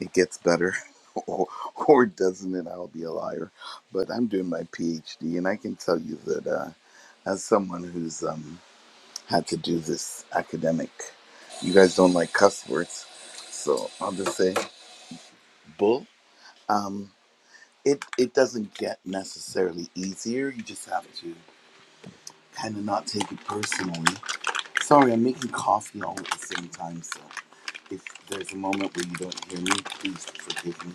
Speaker 17: it gets better or, or it doesn't and i'll be a liar but i'm doing my phd and i can tell you that uh, as someone who's um, had to do this academic you guys don't like cuss words so i'll just say bull um, it, it doesn't get necessarily easier you just have to kind of not take it personally sorry i'm making coffee all at the same time so if there's a moment where you don't hear me please forgive me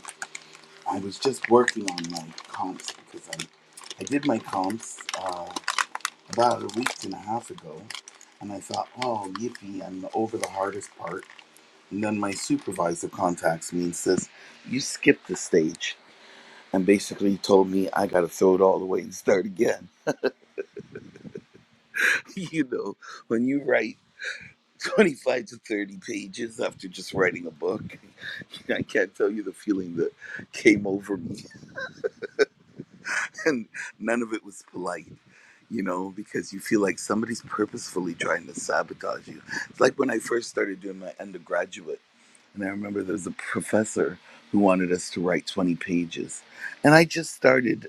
Speaker 17: I was just working on my comps because I, I did my comps uh, about a week and a half ago, and I thought, oh, yippee, I'm over the hardest part. And then my supervisor contacts me and says, you skipped the stage, and basically told me I got to throw it all away and start again. you know, when you write 25 to 30 pages after just writing a book, I can't tell you the feeling that came over me, and none of it was polite you know, because you feel like somebody's purposefully trying to sabotage you. It's like when I first started doing my undergraduate, and I remember there was a professor who wanted us to write 20 pages. And I just started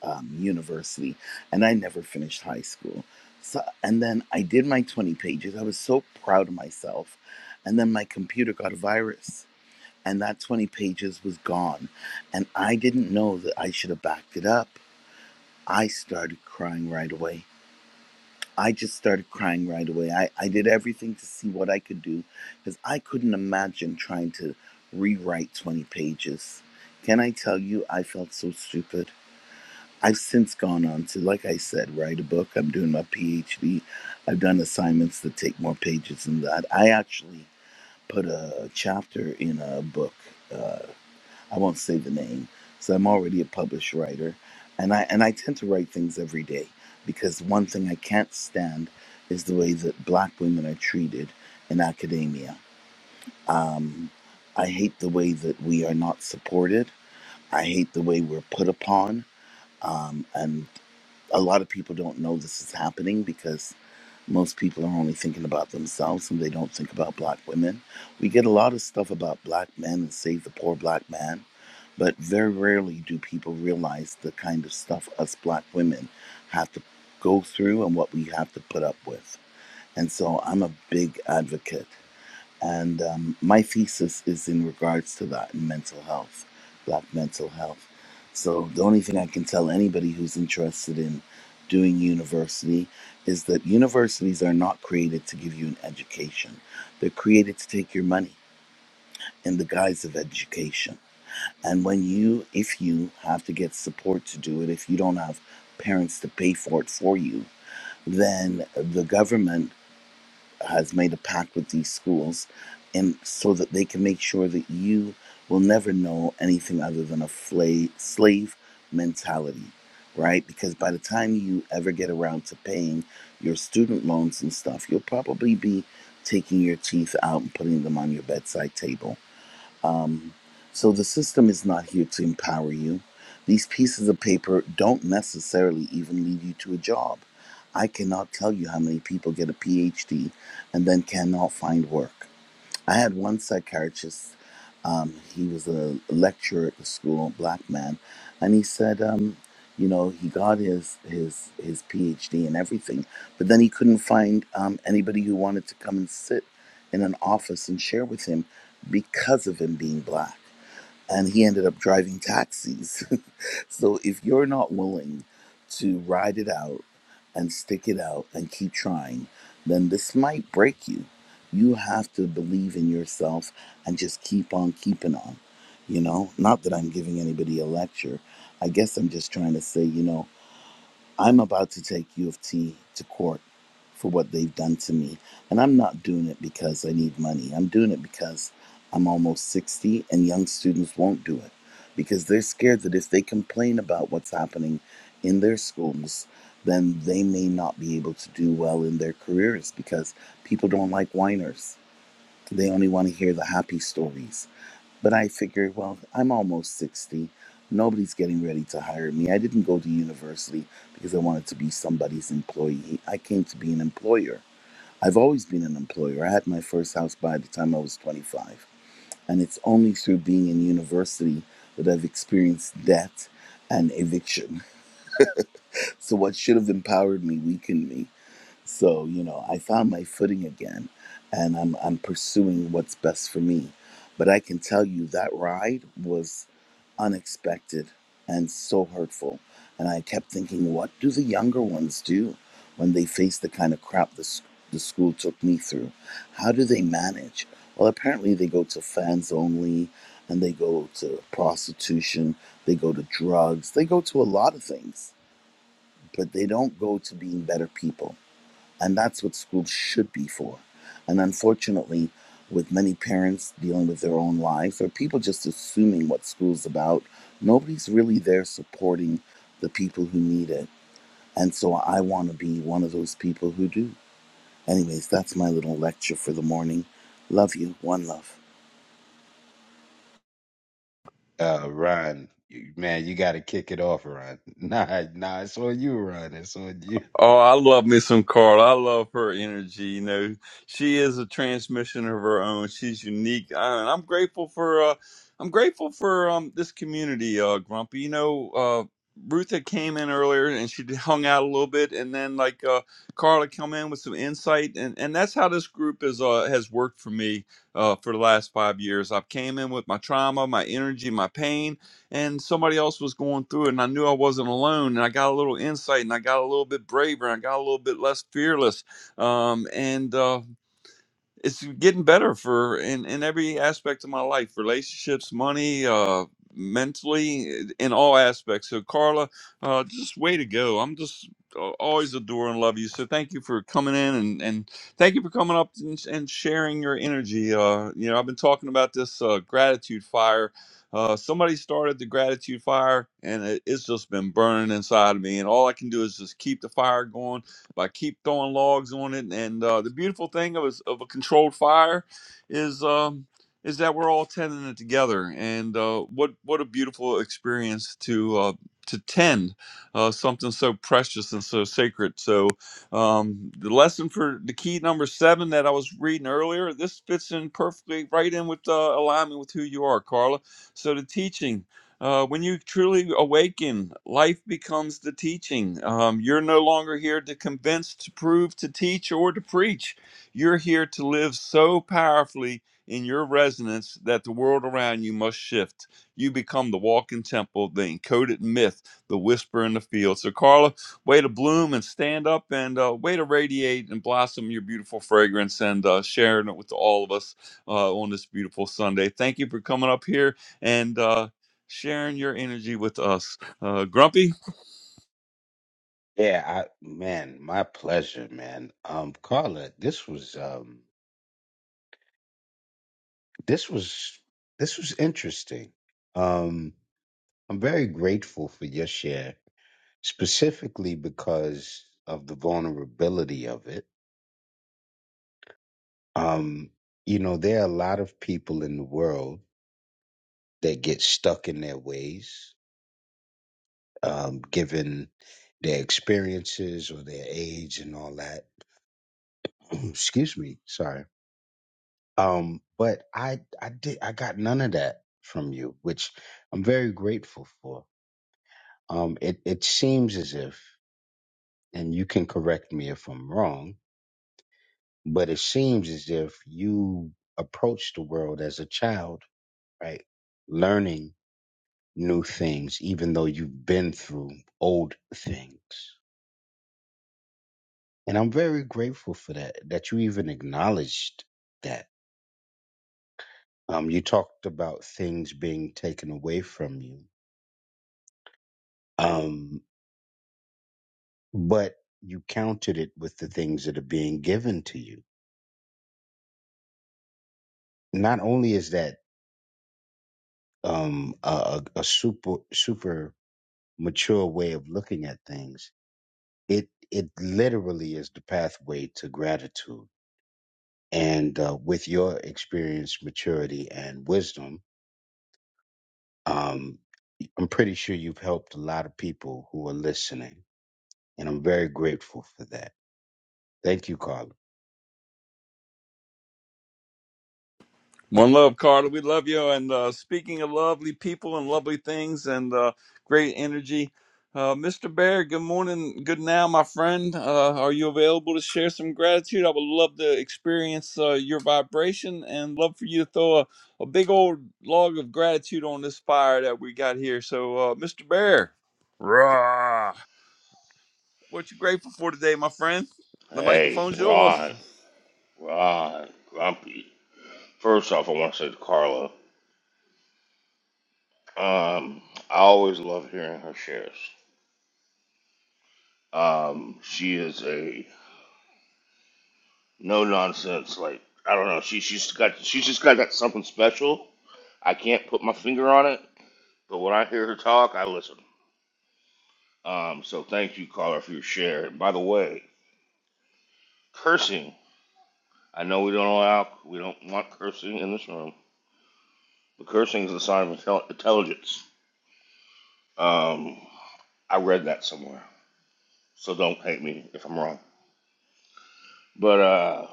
Speaker 17: um, university and I never finished high school. So, and then I did my 20 pages. I was so proud of myself. And then my computer got a virus, and that 20 pages was gone. And I didn't know that I should have backed it up. I started crying right away I just started crying right away. I, I did everything to see what I could do because I couldn't imagine trying to rewrite 20 pages. Can I tell you, I felt so stupid. I've since gone on to, like I said, write a book. I'm doing my PhD. I've done assignments that take more pages than that. I actually put a chapter in a book. uh, I won't say the name. So I'm already a published writer, and I and I tend to write things every day because one thing I can't stand is the way that black women are treated in academia. Um, I hate the way that we are not supported. I hate the way we're put upon, um, and a lot of people don't know this is happening because most people are only thinking about themselves and they don't think about black women. We get a lot of stuff about black men and save the poor black man, but very rarely do people realize the kind of stuff us black women have to go through and what we have to put up with. And so I'm a big advocate. And um, my thesis is in regards to that in mental health, black mental health. So the only thing I can tell anybody who's interested in doing university is that universities are not created to give you an education. They're created to take your money in the guise of education. And when you, if you have to get support to do it, if you don't have parents to pay for it for you, then the government has made a pact with these schools and so that they can make sure that you will never know anything other than a slave mentality right because by the time you ever get around to paying your student loans and stuff you'll probably be taking your teeth out and putting them on your bedside table um, so the system is not here to empower you. These pieces of paper don't necessarily even lead you to a job. I cannot tell you how many people get a PhD and then cannot find work. I had one psychiatrist. Um, he was a lecturer at the school, black man, and he said, um, you know, he got his his his PhD and everything, but then he couldn't find um, anybody who wanted to come and sit in an office and share with him because of him being black and he ended up driving taxis. so if you're not willing to ride it out and stick it out and keep trying, then this might break you. You have to believe in yourself and just keep on keeping on. You know, not that I'm giving anybody a lecture. I guess I'm just trying to say, you know, I'm about to take U of T to court for what they've done to me. And I'm not doing it because I need money. I'm doing it because I'm almost 60 and young students won't do it because they're scared that if they complain about what's happening in their schools, then they may not be able to do well in their careers because people don't like whiners. They only want to hear the happy stories. But I figured, well, I'm almost 60. Nobody's getting ready to hire me. I didn't go to university because I wanted to be somebody's employee. I came to be an employer. I've always been an employer. I had my first house by the time I was 25. And it's only through being in university that I've experienced debt and eviction. So, what should have empowered me weakened me. So, you know, I found my footing again and I'm I'm pursuing what's best for me. But I can tell you that ride was unexpected and so hurtful. And I kept thinking, what do the younger ones do when they face the kind of crap the, s- the school took me through? How do they manage? Well, apparently they go to fans only and they go to prostitution, they go to drugs, they go to a lot of things, but they don't go to being better people and that's what schools should be for. And unfortunately, with many parents dealing with their own lives or people just assuming what school's about, nobody's really there supporting the people who need it. And so I want to be one of those people who do. Anyways, that's my little lecture for the morning. Love you. One love.
Speaker 9: Uh, Ron, you- man, you got to kick it off, Ron. Nah, nah, it's on you, Ron. It's on you.
Speaker 12: Oh, I love me some Carl. I love her energy. You know, she is a transmission of her own. She's unique, Uh, and I'm grateful for. Uh, I'm grateful for um, this community, uh, Grumpy. You know, uh, Ruth had came in earlier and she hung out a little bit, and then like uh, Carla come in with some insight, and, and that's how this group is uh, has worked for me uh, for the last five years. I've came in with my trauma, my energy, my pain, and somebody else was going through it and I knew I wasn't alone and I got a little insight and I got a little bit braver and I got a little bit less fearless um, and uh, it's getting better for in, in every aspect of my life relationships money uh mentally in all aspects so carla uh just way to go i'm just uh, always adore and love you so thank you for coming in and and thank you for coming up and, and sharing your energy uh you know i've been talking about this uh gratitude fire uh somebody started the gratitude fire and it, it's just been burning inside of me and all i can do is just keep the fire going I keep throwing logs on it. And uh, the beautiful thing of a, of a controlled fire is um, is that we're all tending it together. And uh, what what a beautiful experience to uh, to tend uh, something so precious and so sacred. So um, the lesson for the key number seven that I was reading earlier, this fits in perfectly right in with uh, alignment with who you are, Carla. So the teaching. Uh, when you truly awaken, life becomes the teaching. Um, you're no longer here to convince, to prove, to teach, or to preach. You're here to live so powerfully in your resonance that the world around you must shift. You become the walking temple, the encoded myth, the whisper in the field. So, Carla, way to bloom and stand up and uh, way to radiate and blossom your beautiful fragrance and uh, sharing it with all of us uh, on this beautiful Sunday. Thank you for coming up here and. Uh, sharing your energy with us. Uh, Grumpy,
Speaker 9: Yeah, I, man, my pleasure, man. Um, Carla, this was, um, this was, this was interesting. um. I'm very grateful for your share, specifically because of the vulnerability of it. Um, you know, there are a lot of people in the world that get stuck in their ways, um, given their experiences or their age and all that. Excuse me, sorry. Um, but I, I did, I got none of that from you, which I'm very grateful for. Um, it, it seems as if, and you can correct me if I'm wrong But it seems as if you approach the world as a child, right? Learning new things, even though you've been through old things. And I'm very grateful for that, that you even acknowledged that. Um, you talked about things being taken away from you. Um, but you counted it with the things that are being given to you. Not only is that um, a, a a super super mature way of looking at things, it it literally is the pathway to gratitude and uh, with your experience maturity and wisdom um, i'm pretty sure you've helped a lot of people who are listening and i'm very grateful for that thank you carla
Speaker 12: one love, Carter. We love you. And uh, speaking of lovely people and lovely things and uh, great energy, uh, Mr. Bear, good morning, good now, my friend. Uh, are you available to share some gratitude? I would love to experience uh, your vibration and love for you to throw a, a big old log of gratitude on this fire that we got here. So, uh, Mr. Bear, rah, what you grateful for today, my friend? The
Speaker 18: Hey,
Speaker 12: microphone's yours.
Speaker 18: Ron, Ron, Grumpy. First off, I want to say to Carla, um, I always love hearing her shares. Um, she is a no nonsense, like I don't know, she she's got she's just got that something special. I can't put my finger on it, but when I hear her talk, I listen. Um, so thank you, Carla, for your share. And by the way, cursing. I know we don't allow, we don't want cursing in this room, but cursing is a sign of intel- intelligence. Um, I read that somewhere, so don't hate me if I'm wrong. But uh,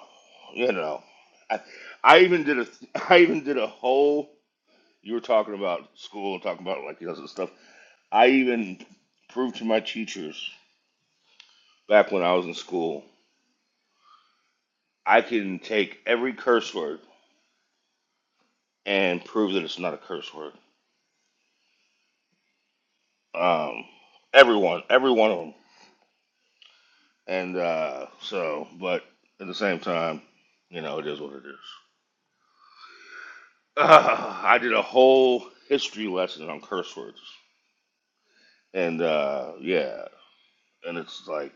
Speaker 18: you know, I, I even did a, I even did a whole. You were talking about school and talking about like the other stuff. I even proved to my teachers back when I was in school, I can take every curse word and prove that it's not a curse word. Um, everyone, every one of them And uh, so, but at the same time, you know, it is what it is. Uh, I did a whole history lesson on curse words. And uh, yeah, and it's like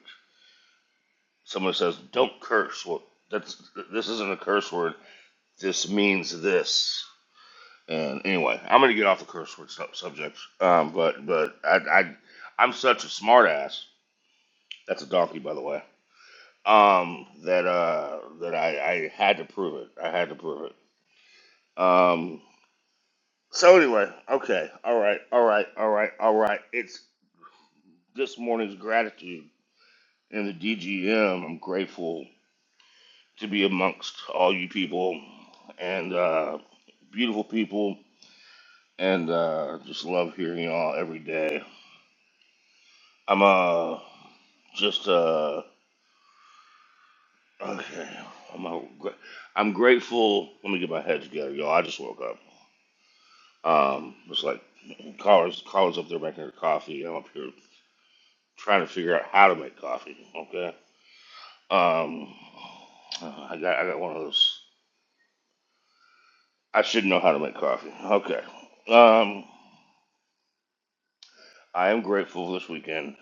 Speaker 18: someone says, don't curse. Well, that's this isn't a curse word. This means this. And anyway, I'm gonna get off the curse word sub- subject. Um, but but I, I I'm such a smartass. That's a donkey, by the way. Um, that uh that I, I had to prove it. I had to prove it. Um, So anyway, okay, all right, all right, all right, all right. It's this morning's gratitude in the DGM. I'm grateful to be amongst all you people and uh, beautiful people, and uh, just love hearing y'all every day. I'm uh just uh okay. I'm uh, gra- I'm grateful. Let me get my head together, y'all. I just woke up. Um, it's like callers callers up there making their coffee. I'm up here trying to figure out how to make coffee. Okay. Um, I got I got one of those. I should know how to make coffee. Okay. Um, I am grateful this weekend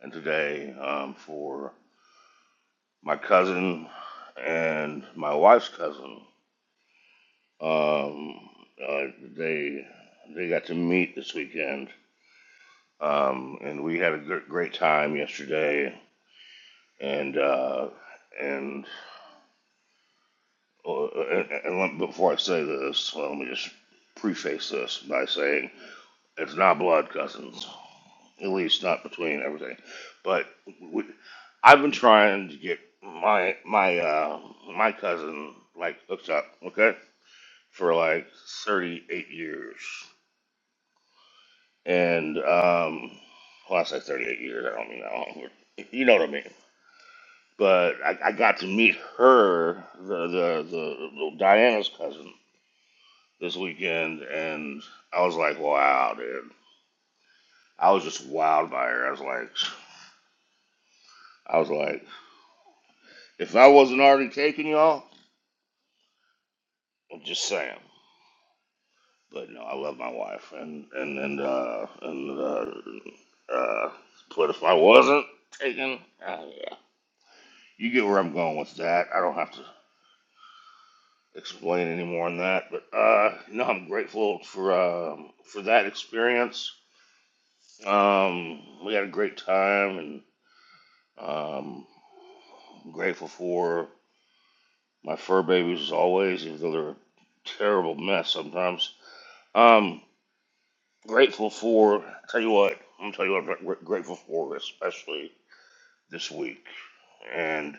Speaker 18: and today um, for my cousin and my wife's cousin. Um, uh, they they got to meet this weekend, um, and we had a gr- great time yesterday. And uh, and, uh, and, and before I say this, well, let me just preface this by saying It's not blood cousins, at least not between everything. But we, I've been trying to get my my uh, my cousin like hooked up, okay, for like 38 years, and um, well, I say 38 years. I don't mean that long. but You know what I mean. But I, I got to meet her, the, the the the Diana's cousin, this weekend, and I was like, wow, dude. I was just wowed by her. I was like, I was like, If I wasn't already taken, y'all, I'm just saying. But no, I love my wife, and and and uh, and uh, uh, but if I wasn't taken, uh, yeah. you get where I'm going with that. I don't have to explain any more on that. But uh, no, I'm grateful for um, for that experience. Um, we had a great time, and um, I'm grateful for my fur babies as always, even though they're a terrible mess sometimes. Um, Grateful for, tell you what, I'm gonna tell you what I'm gr- grateful for, especially this week. And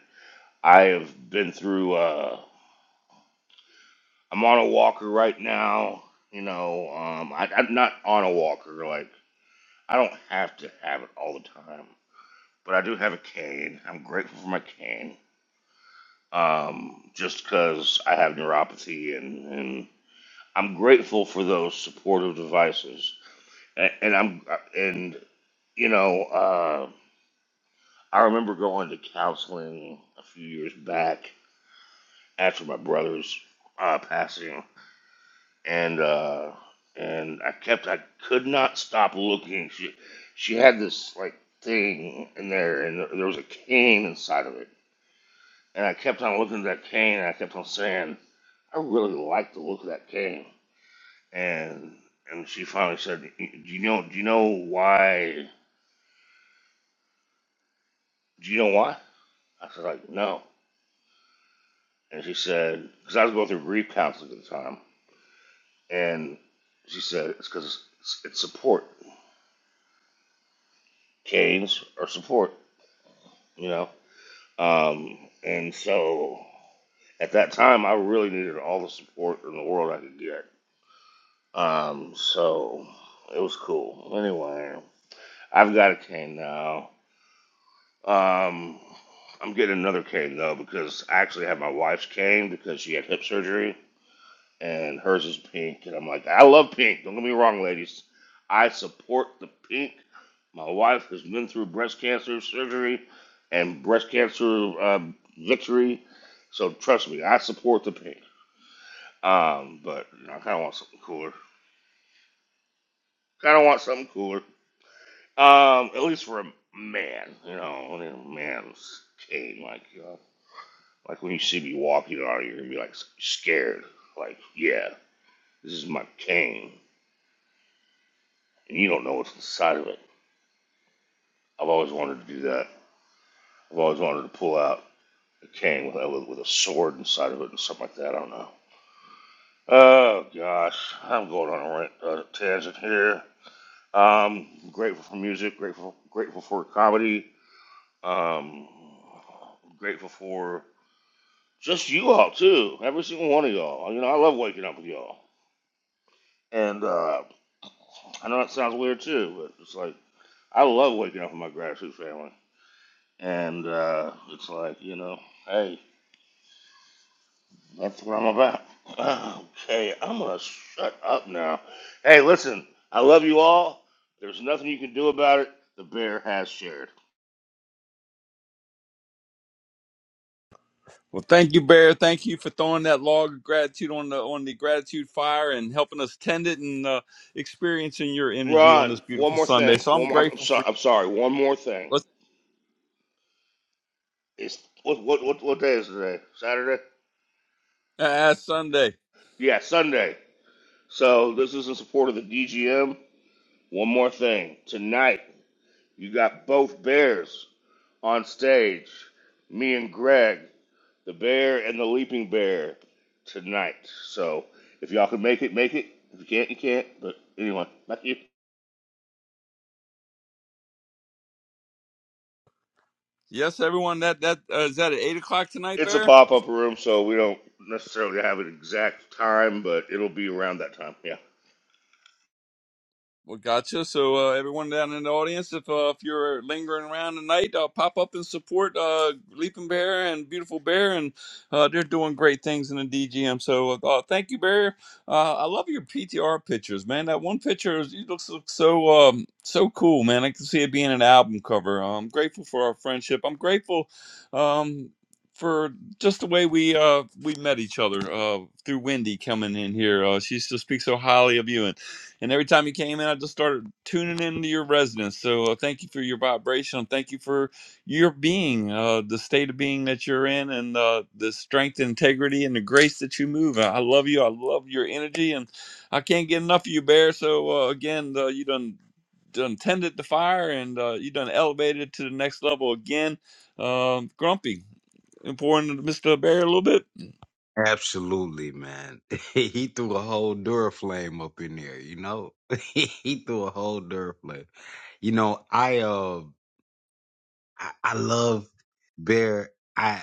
Speaker 18: I have been through, uh, I'm on a walker right now. You know, um, I, I'm not on a walker. Like, I don't have to have it all the time, but I do have a cane. I'm grateful for my cane um, just because I have neuropathy and, and I'm grateful for those supportive devices. And, and I'm, uh, and, you know, uh, I remember going to counseling a few years back after my brother's uh, passing, and uh, and I kept I could not stop looking. She she had this like thing in there, and there was a cane inside of it, and I kept on looking at that cane, and I kept on saying, I really like the look of that cane, and and she finally said, Do you know Do you know why? Do you know why? I said like no, and she said because I was going through grief counseling at the time. And she said it's because it's, it's, support. Canes are support, you know. Um, and so at that time, I really needed all the support in the world I could get. Um, so it was cool. Anyway, I've got a cane now. Um, I'm getting another cane though because I actually had my wife's cane because she had hip surgery and hers is pink. And I'm like, I love pink. Don't get me wrong, ladies. I support the pink. My wife has been through breast cancer surgery and breast cancer um, victory. So trust me, I support the pink. Um, but you know, I kind of want something cooler. Kind of want something cooler. Um, at least for a man, you know, when a man's king, like you know, like when you see me walking out, you're gonna be like scared. Like, yeah, this is my cane, and you don't know what's inside of it. I've always wanted to do that. I've always wanted to pull out a cane with a, with a sword inside of it and something like that. I don't know. Oh gosh, I'm going on a rant, uh, tangent here. Um, grateful for music. Grateful, grateful for comedy. Um, grateful for just you all too. Every single one of y'all. You know, I love waking up with y'all. And uh, I know that sounds weird too, but it's like I love waking up with my gratitude family. And uh, it's like you know, hey, That's what I'm about. Okay, I'm gonna shut up now. Hey, listen, I love you all. There's nothing you can do about it. The bear has shared.
Speaker 12: Well, thank you, Bear. Thank you for throwing that log of gratitude on the on the gratitude fire and helping us tend it and uh, experiencing your energy on this
Speaker 18: Ron, one
Speaker 12: beautiful
Speaker 18: more
Speaker 12: Sunday.
Speaker 18: thing.
Speaker 12: So I'm
Speaker 18: One more. I'm, I'm
Speaker 12: grateful for
Speaker 18: sorry.
Speaker 12: you.
Speaker 18: I'm sorry. One more thing.
Speaker 12: Let's
Speaker 18: It's what what what what day is today? Saturday?
Speaker 12: uh, ask Sunday.
Speaker 18: Yeah, Sunday. So this is in support of the DGM. One more thing. Tonight you got both bears on stage. Me and Greg. The Bear and the Leaping Bear tonight. So if y'all can make it, make it. If you can't, you can't. But anyway, back you.
Speaker 12: Yes, everyone. That that uh, is that at eight o'clock tonight,
Speaker 18: It's a
Speaker 12: Bear.
Speaker 18: pop up room, so we don't necessarily have an exact time, but it'll be around that time. Yeah.
Speaker 12: Well, gotcha. So, uh, everyone down in the audience, if uh, if you're lingering around tonight, uh, pop up and support uh, Leaping Bear and Beautiful Bear, and uh, they're doing great things in the DGM. So, uh, uh, thank you, Bear. Uh, I love your PTR pictures, man. That one picture is, it looks, looks so um, so cool, man. I can see it being an album cover. I'm grateful for our friendship. I'm grateful um, for just the way we uh, we met each other uh, through Wendy coming in here. Uh, she still speaks so highly of you, and and every time you came in, I just started tuning into your resonance. So uh, thank you for your vibration. Thank you for your being, uh, the state of being that you're in, and uh, the strength, integrity, and the grace that you move. I I love you. I love your energy, and I can't get enough of you, Bear. So uh, again, uh, you done done tended the fire, and uh, you done elevated to the next level again. Um Grumpy, important, Mister Bear, a little bit.
Speaker 9: Absolutely, man. he threw a whole Duraflame up in there, you know? he threw a whole Duraflame. You know, I uh I, I love Bear. I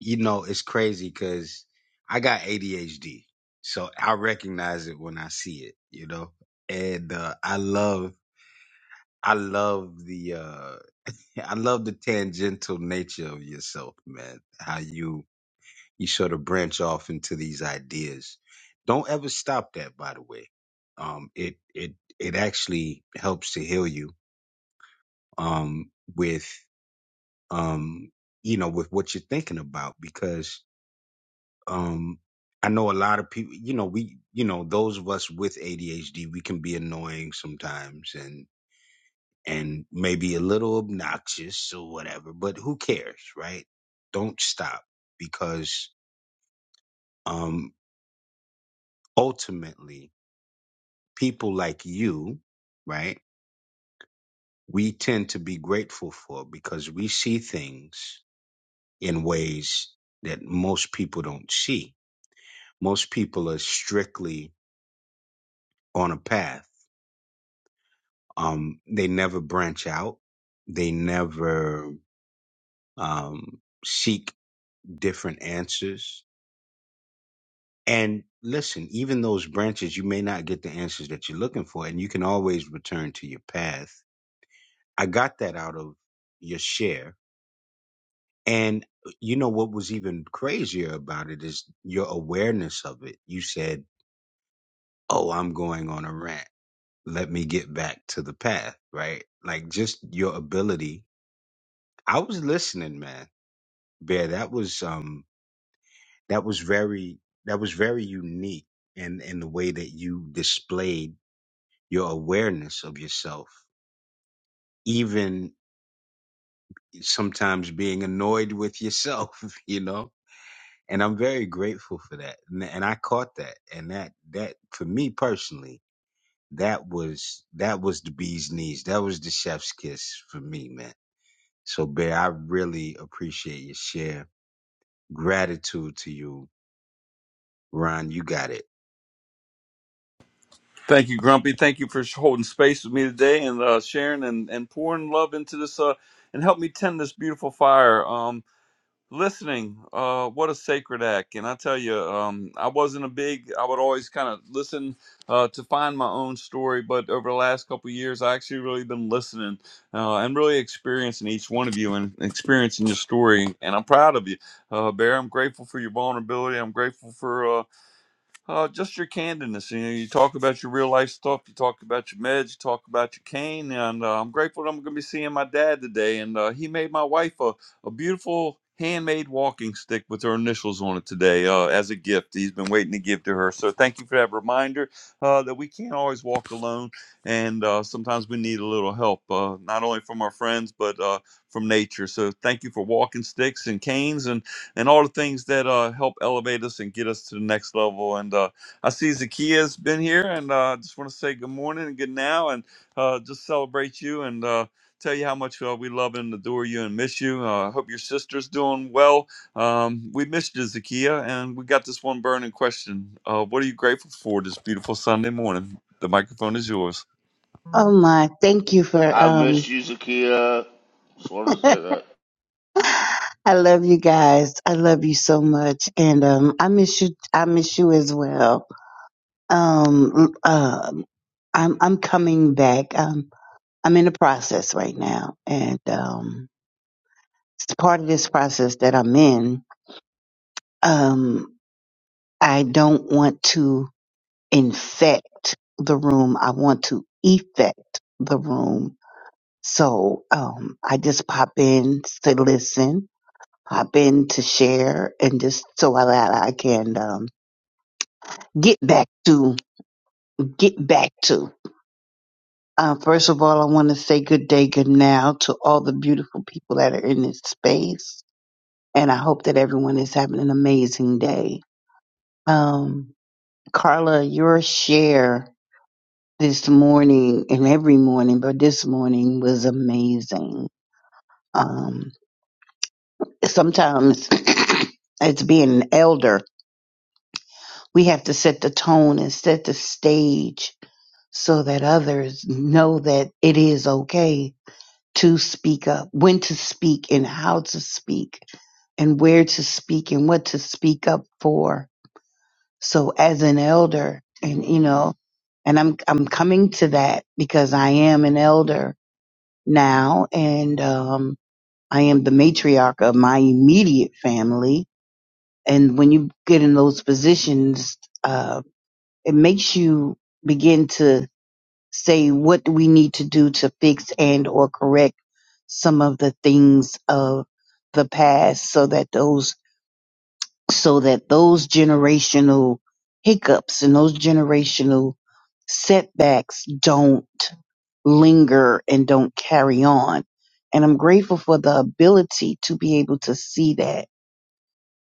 Speaker 9: you know it's crazy because i got adhd so i recognize it when i see it you know and uh, i love i love the uh i love the tangential nature of yourself man how you you sort of branch off into these ideas don't ever stop that by the way um it it it actually helps to heal you um with um you know with what you're thinking about because um i know a lot of people you know we you know those of us with adhd we can be annoying sometimes and and maybe a little obnoxious or whatever but who cares right don't stop because um ultimately people like you right we tend to be grateful for because we see things in ways that most people don't see most people are strictly on a path Um, they never branch out. They never um, seek different answers. And listen, even those branches, you may not get the answers that you're looking for, and you can always return to your path. I got that out of your share. And uh, you know what was even crazier about it is your awareness of it. You said, Oh, I'm going on a rant. Let me get back to the path, right? Like just your ability. I was listening, man Yeah, that was um that was very that was very unique in in the way that you displayed your awareness of yourself, even sometimes being annoyed with yourself, you know. And I'm very grateful for that. And, and I caught that. And that that for me personally, that was that was the bee's knees. That was the chef's kiss for me, man. So Bear, I really appreciate your share. Gratitude to you. Ron, you got it.
Speaker 12: Thank you, Grumpy. Thank you for holding space with me today and uh, sharing and, and pouring love into this uh, and help me tend this beautiful fire. Um, listening, uh, what a sacred act. And I tell you, um, I wasn't a big, I would always kind of listen uh, to find my own story. But over the last couple of years, I actually really been listening uh, and really experiencing each one of you and experiencing your story. And I'm proud of you, uh, Bear. I'm grateful for your vulnerability. I'm grateful for. uh, uh, just your candidness. You know, you talk about your real life stuff. You talk about your meds. You talk about your cane. And uh, I'm grateful that I'm going to be seeing my dad today. And uh, he made my wife a, a beautiful handmade walking stick with her initials on it today uh, as a gift. He's been waiting to give to her. So thank you for that reminder uh, that we can't always walk alone. And uh, sometimes we need a little help, uh, not only from our friends, but uh, from nature. So thank you for walking sticks and canes. And and all the things that uh, help elevate us and get us to the next level. And uh, I see Zakia's been here, and uh, I just want to say good morning and good now, and uh, just celebrate you and uh, tell you how much uh, we love and adore you and miss you. Uh, I uh, hope your sister's doing well. Um, we missed you, Zakia, and we got this one burning question. Uh, what are you grateful for this beautiful Sunday morning? The microphone is yours.
Speaker 19: Oh my, thank you for
Speaker 18: I've missed
Speaker 19: um
Speaker 18: you, Zakia. Just wanted to say that.
Speaker 19: I love you guys. I love you so much and um I miss you I miss you as well. Um um I'm I'm coming back. Um I'm in the process right now and um it's part of this process that I'm in. Um I don't want to infect the room. I want to effect the room. So um I just pop in to listen hop in to share and just so I, I I can um, get back to get back to. Uh, first of all, I want to say good day, good now to all the beautiful people that are in this space, and I hope that everyone is having an amazing day. Um, Carla, your share this morning and every morning, but this morning was amazing. Um, sometimes, as being an elder, we have to set the tone and set the stage so that others know that it is okay to speak up, when to speak and how to speak and where to speak and what to speak up for. So as an elder and you know, and I'm I'm coming to that because I am an elder now and um I am the matriarch of my immediate family and when you get in those positions uh it makes you begin to say what do we need to do to fix and or correct some of the things of the past so that those so that those generational hiccups and those generational setbacks don't linger and don't carry on and i'm grateful for the ability to be able to see that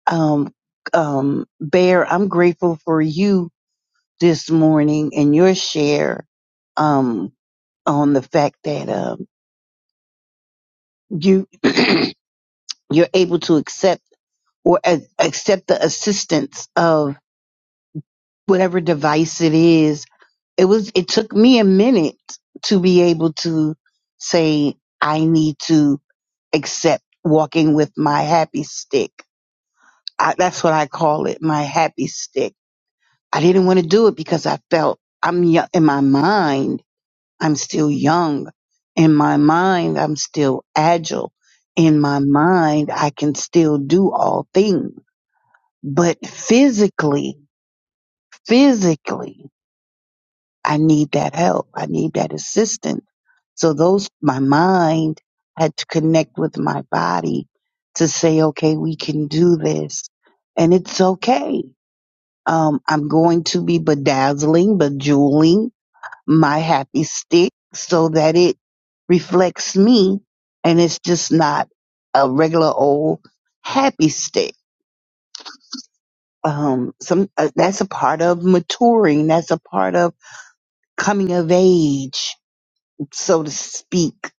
Speaker 19: um um bear i'm grateful for you this morning and your share um, on the fact that um, you you're able to accept or a- accept the assistance of whatever device it is. It was it took me a minute to be able to say I need to accept walking with my happy stick. I, that's what I call it, my happy stick. I didn't want to do it because I felt I'm young in my mind. I'm still young in my mind. I'm still agile in my mind. I can still do all things, but physically, physically, I need that help. I need that assistance. So those, my mind had to connect with my body to say, okay, we can do this and it's okay. Um, I'm going to be bedazzling, bejeweling my happy stick so that it reflects me and it's just not a regular old happy stick. Um, some uh, that's a part of maturing. That's a part of coming of age, so to speak.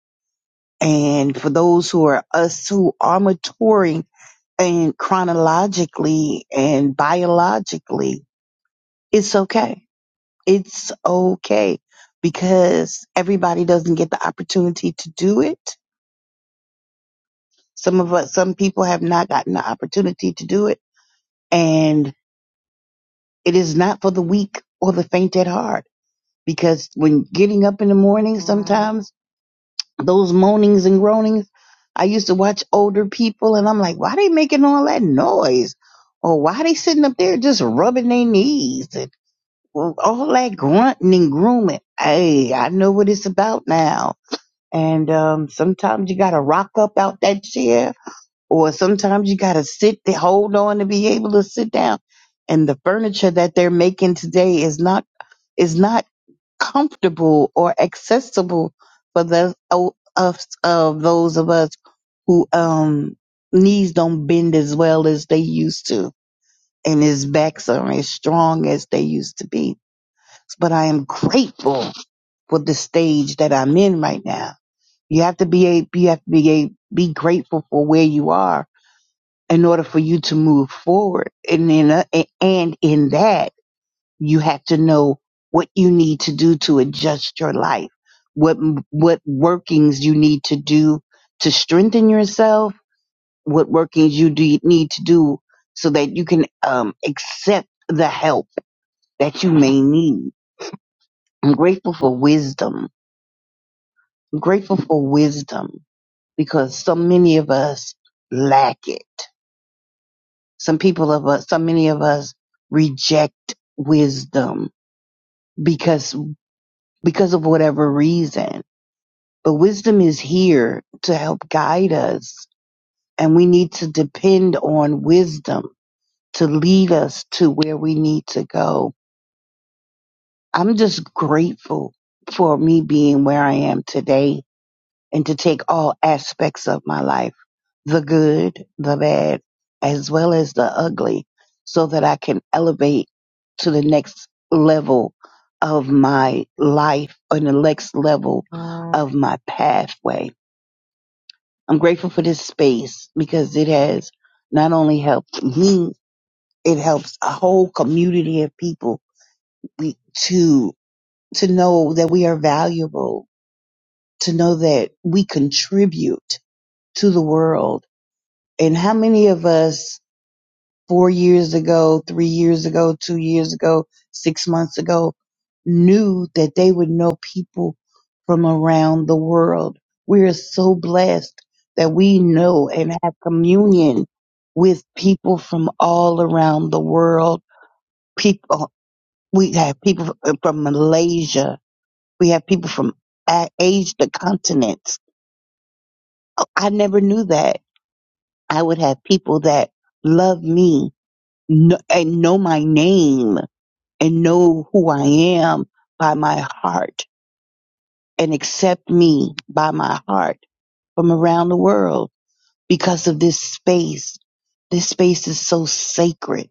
Speaker 19: And for those who are us who are maturing and chronologically and biologically, it's okay. It's okay because everybody doesn't get the opportunity to do it Some of us, some people have not gotten the opportunity to do it. And it is not for the weak or the faint at heart because when getting up in the morning, sometimes those moanings and groanings, I used to watch older people and I'm like, why they making all that noise? Or why they sitting up there just rubbing their knees and all that grunting and grooming? Hey, I know what it's about now. And um, sometimes you got to rock up out that chair or sometimes you gotta sit there, hold on to be able to sit down. And the furniture that they're making today is not is not comfortable or accessible for the o- us of those of us who um knees don't bend as well as they used to and his backs aren't as strong as they used to be. But I am grateful for the stage that I'm in right now. You have to be a, you have to be a, be grateful for where you are in order for you to move forward. And in a, and in that, you have to know what you need to do to adjust your life, what what workings you need to do to strengthen yourself, what workings you do, need to do so that you can um, accept the help that you may need. I'm grateful for wisdom. I'm grateful for wisdom because so many of us lack it Some people of us, so many of us reject wisdom because, because of whatever reason. But wisdom is here to help guide us and we need to depend on wisdom to lead us to where we need to go. I'm just grateful for me being where I am today and to take all aspects of my life, the good, the bad, as well as the ugly, so that I can elevate to the next level of my life or the next level of my pathway. I'm grateful for this space because it has not only helped me, it helps a whole community of people we, to to know that we are valuable, to know that we contribute to the world and how many of us four years ago, three years ago, two years ago, six months ago knew that they would know people from around the world? We are so blessed that we know and have communion with people from all around the world. People, we have people from Malaysia. We have people from a- Asia, the continents. I never knew that. I would have people that love me kn- and know my name and know who I am by my heart and accept me by my heart from around the world because of this space. This space is so sacred.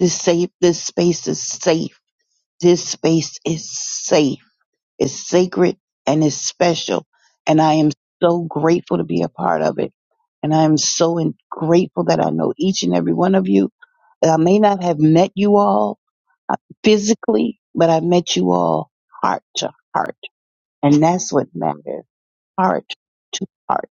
Speaker 19: This safe, this space is safe. This space is safe it's sacred and it's special. And I am so grateful to be a part of it. And I am so in- grateful that I know each and every one of you. I may not have met you all uh, physically, but I met you all heart to heart. And that's what matters. Heart to heart.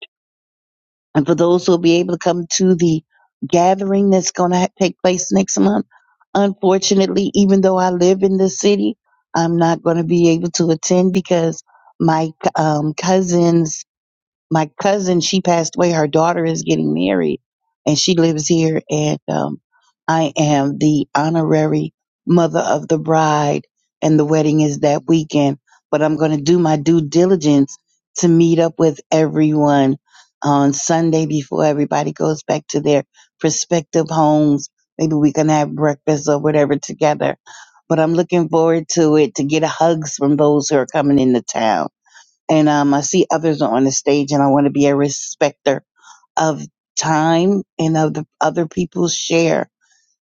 Speaker 19: And for those who will be able to come to the gathering that's going to take place next month, unfortunately, even though I live in this city, I'm not going to be able to attend because my um, cousin's my cousin she passed away her daughter is getting married and she lives here and um, i am the honorary mother of the bride and the wedding is that weekend but i'm going to do my due diligence to meet up with everyone on sunday before everybody goes back to their prospective homes maybe we can have breakfast or whatever together but i'm looking forward to it to get hugs from those who are coming into town and um, I see others are on the stage, and I want to be a respecter of time and of the other people's share.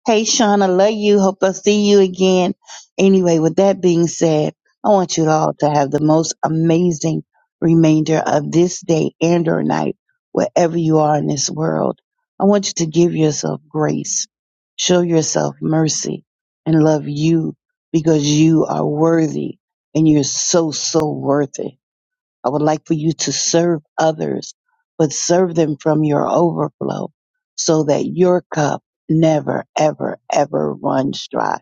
Speaker 19: Hey, Sean, I love you. Hope I see you again. Anyway, with that being said, I want you all to have the most amazing remainder of this day and or night, wherever you are in this world. I want you to give yourself grace, show yourself mercy, and love you because you are worthy and you're so, so worth it. I would like for you to serve others, but serve them from your overflow so that your cup never, ever, ever runs dry.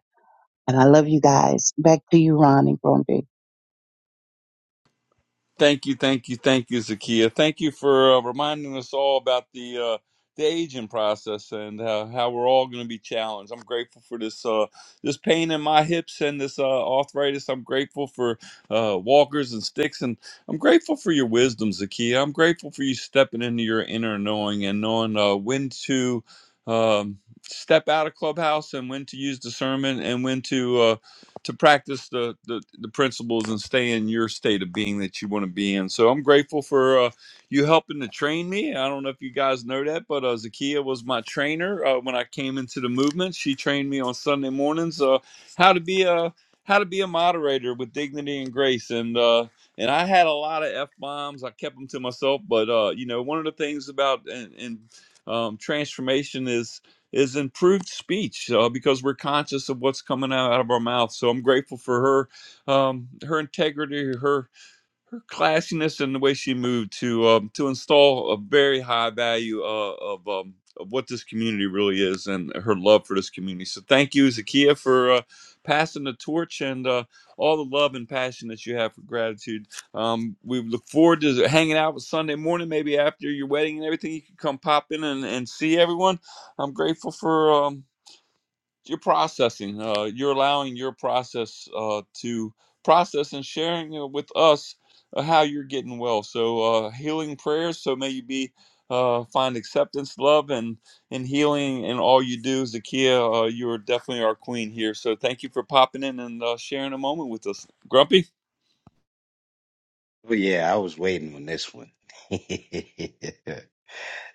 Speaker 19: And I love you guys. Back to you, Ron and Grumpy.
Speaker 12: Thank you, thank you, thank you, Zakia. Thank you for uh, reminding us all about the uh, the aging process and uh, how we're all going to be challenged. I'm grateful for this uh, this pain in my hips and this uh, arthritis. I'm grateful for uh, walkers and sticks, and I'm grateful for your wisdom, Zakia. I'm grateful for you stepping into your inner knowing and knowing uh, when to. Um, step out of clubhouse and when to use discernment and when to Uh, to practice the, the the principles and stay in your state of being that you want to be in. So I'm grateful for uh, you helping to train me. I don't know if you guys know that, but uh, Zakia was my trainer uh, when I came into the movement. She trained me on Sunday mornings uh, how to be a how to be a moderator with dignity and grace and. Uh, and I had a lot of f bombs. I kept them to myself, but uh, you know, one of the things about and, and um, transformation is is improved speech uh, because we're conscious of what's coming out, out of our mouth. So I'm grateful for her, um, her integrity, her her classiness and the way she moved to um, to install a very high value uh, of um, of what this community really is and her love for this community. So thank you, Zakiya, for uh, passing the torch and uh, all the love and passion that you have for gratitude. Um, we look forward to hanging out with Sunday morning, maybe after your wedding and everything. You can come pop in and, and see everyone. I'm grateful for. um, you're processing uh, you're allowing your process uh, to process and sharing uh, with us uh, how you're getting well so uh, healing prayers so may you be uh, find acceptance love and and healing and all you do zakia uh, you're definitely our queen here so thank you for popping in and uh, sharing a moment with us grumpy
Speaker 9: Well, yeah, I was waiting on this one.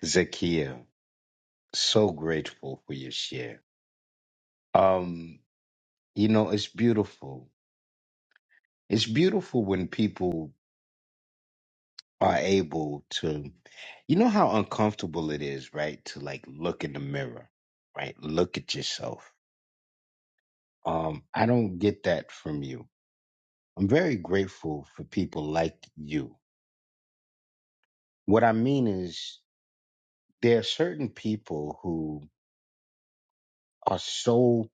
Speaker 9: Zakia, so grateful for your share. Um, you know, it's beautiful. It's beautiful when people are able to, you know, how uncomfortable it is, right? To like look in the mirror, right? Look at yourself. Um, I don't get that from you. I'm very grateful for people like you. What I mean is, there are certain people who are so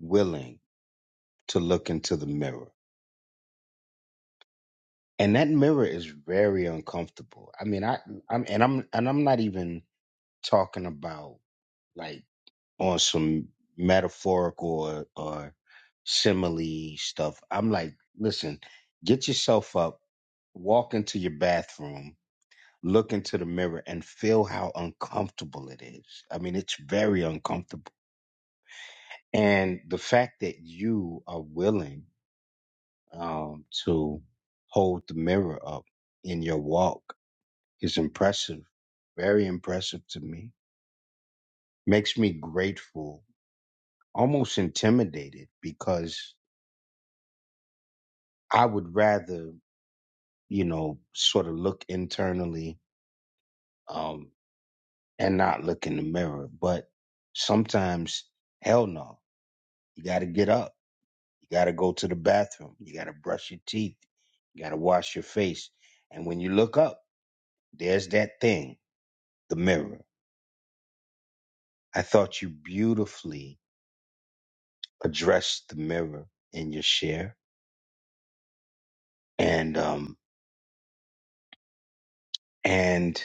Speaker 9: willing to look into the mirror. And that mirror is very uncomfortable. I mean, I I'm and I'm and I'm not even talking about like on some metaphorical or, or simile stuff. I'm like, listen, get yourself up, walk into your bathroom, look into the mirror and feel how uncomfortable it is. I mean, it's very uncomfortable. And the fact that you are willing um, to hold the mirror up in your walk is impressive, very impressive to me. Makes me grateful, almost intimidated, because I would rather, you know, sort of look internally um, and not look in the mirror. But sometimes, hell no, you got to get up. You got to go to the bathroom. You got to brush your teeth. You got to wash your face. And when you look up, there's that thing, the mirror I thought you beautifully addressed the mirror in your share and um and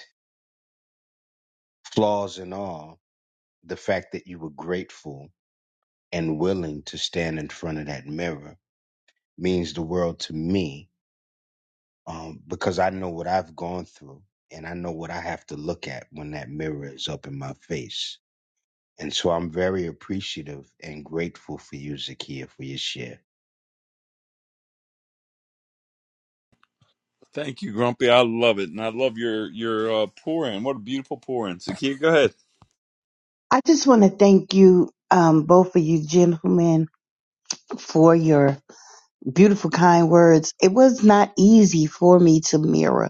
Speaker 9: flaws and all, the fact that you were grateful and willing to stand in front of that mirror means the world to me um because I know what I've gone through and I know what I have to look at when that mirror is up in my face. And so I'm very appreciative and grateful for you, Zakia, for your share.
Speaker 12: thank you grumpy i love it and i love your your uh, pour in what a beautiful pour in zakia go ahead
Speaker 19: I just want to thank you, um, both of you gentlemen, for your beautiful, kind words. It was not easy for me to mirror.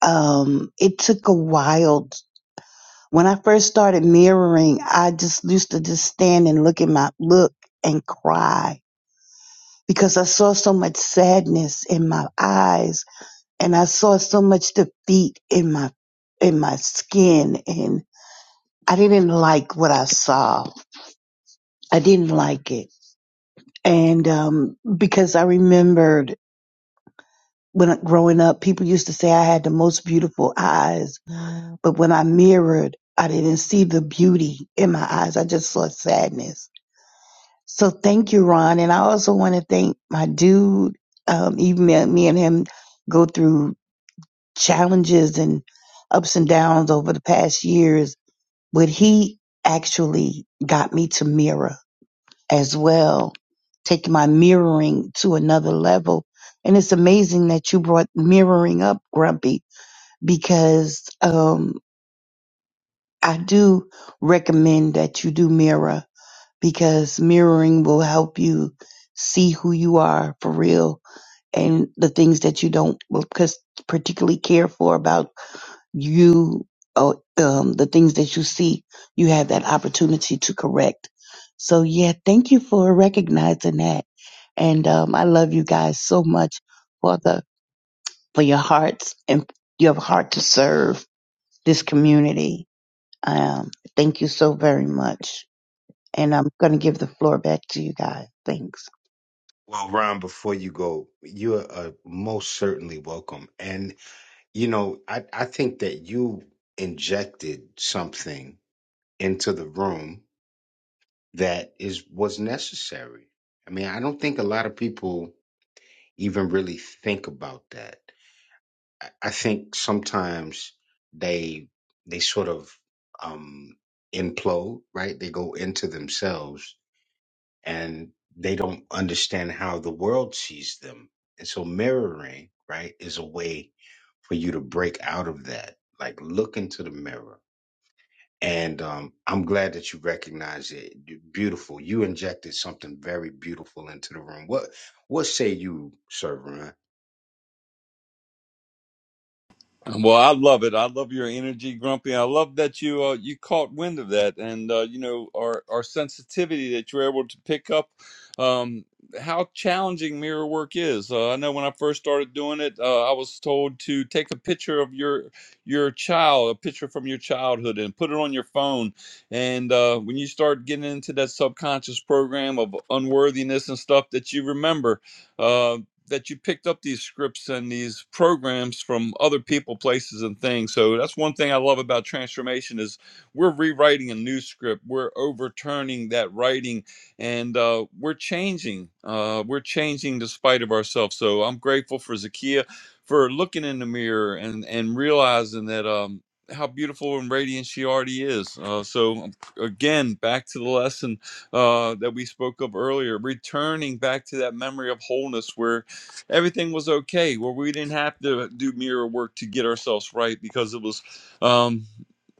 Speaker 19: Um, it took a while. When I first started mirroring, I just used to just stand and look at my look and cry because I saw so much sadness in my eyes and I saw so much defeat in my in my skin and I didn't like what I saw. I didn't like it. And um because I remembered when I- growing up people used to say I had the most beautiful eyes, but when I mirrored, I didn't see the beauty in my eyes. I just saw sadness. So thank you, Ron. And I also want to thank my dude. Um, even me me and him go through challenges and ups and downs over the past years, but he actually got me to mirror as well, take my mirroring to another level. And it's amazing that you brought mirroring up, Grumpy, because um, I do recommend that you do mirror because mirroring will help you see who you are for real and the things that you don't well, cus- particularly care for about you uh, um, the things that you see you have that opportunity to correct so yeah thank you for recognizing that and um, i love you guys so much for the for your hearts and your heart to serve this community um, thank you so very much and i'm going to give the floor back to you guys thanks
Speaker 9: Well, Ron, before you go, you are uh, most certainly welcome. And You know, I, I think that you injected something into the room that is was necessary. I mean, I don't think a lot of people even really think about that. I, I think sometimes they they sort of um implode, right? They go into themselves and they don't understand how the world sees them. And so mirroring, right, is a way for you to break out of that. Like look into the mirror. And um, I'm glad that you recognize it. You- Beautiful. You injected something very beautiful into the room. What what say you, Sir Ryan?
Speaker 12: Well, I love it. I love your energy, Grumpy. I love that you uh, you caught wind of that, and uh, you know our our sensitivity that you're able to pick up um, how challenging mirror work is. Uh, I know when I first started doing it, uh, I was told to take a picture of your your child, a picture from your childhood, and put it on your phone. And uh, when you start getting into that subconscious program of unworthiness and stuff that you remember, uh, that you picked up these scripts and these programs from other people, places, and things. So that's one thing I love about transformation is we're rewriting a new script. We're overturning that writing, and uh, we're changing. Uh, we're changing despite of ourselves. So I'm grateful for Zakia for looking in the mirror and and realizing that um, how beautiful and radiant she already is. Uh, so again, back to the lesson uh, that we spoke of earlier, returning back to that memory of wholeness where everything was okay where we didn't have to do mirror work to get ourselves right because it was um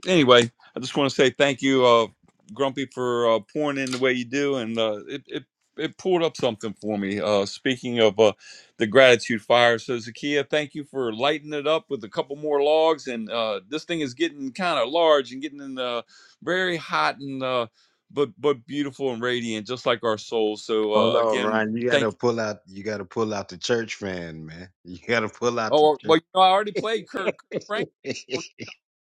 Speaker 12: anyway i just want to say thank you uh grumpy for uh, pouring in the way you do and uh it, it it pulled up something for me. Uh, speaking of uh, the gratitude fire, so Zakia, thank you for lighting it up with a couple more logs. And uh, this thing is getting kind of large and getting in the very hot and uh, but but beautiful and radiant, just like our souls. So
Speaker 9: Oh
Speaker 12: uh,
Speaker 9: no,
Speaker 12: again,
Speaker 9: Ryan, you
Speaker 12: thank you
Speaker 9: gotta pull out you gotta pull out the church fan, man. You gotta pull out
Speaker 12: Oh
Speaker 9: the
Speaker 12: well,
Speaker 9: church.
Speaker 12: well, you know, I already played Kurt Frank.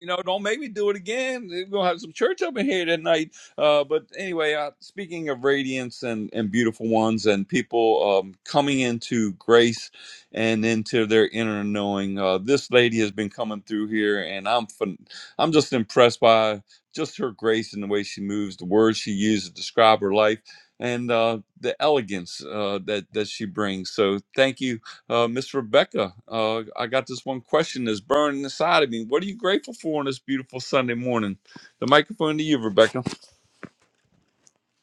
Speaker 12: You know, don't make me do it again. We're gonna have some church up in here tonight. Uh, but anyway, uh, speaking of radiance and and beautiful ones and people um, coming into grace and into their inner knowing, uh, this lady has been coming through here, and I'm fin- I'm just impressed by just her grace and the way she moves, the words she uses to describe her life, and uh, the elegance uh, that that she brings. So thank you uh, Miss Rebecca, uh, I got this one question that's burning inside of me. What are you grateful for on this beautiful Sunday morning? The microphone to you, Rebecca.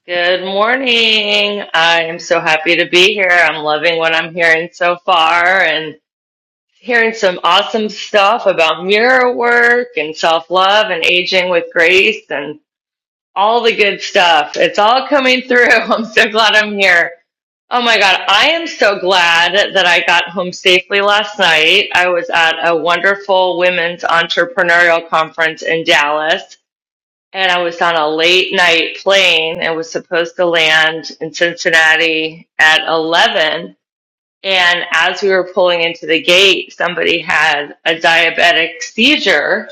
Speaker 20: Good morning. I am so happy to be here. I'm loving what I'm hearing so far and hearing some awesome stuff about mirror work and self love and aging with grace and all the good stuff. It's all coming through. I'm so glad I'm here. Oh my God. I am so glad that I got home safely last night. I was at a wonderful women's entrepreneurial conference in Dallas and I was on a late night plane and was supposed to land in Cincinnati at 11. And as we were pulling into the gate, somebody had a diabetic seizure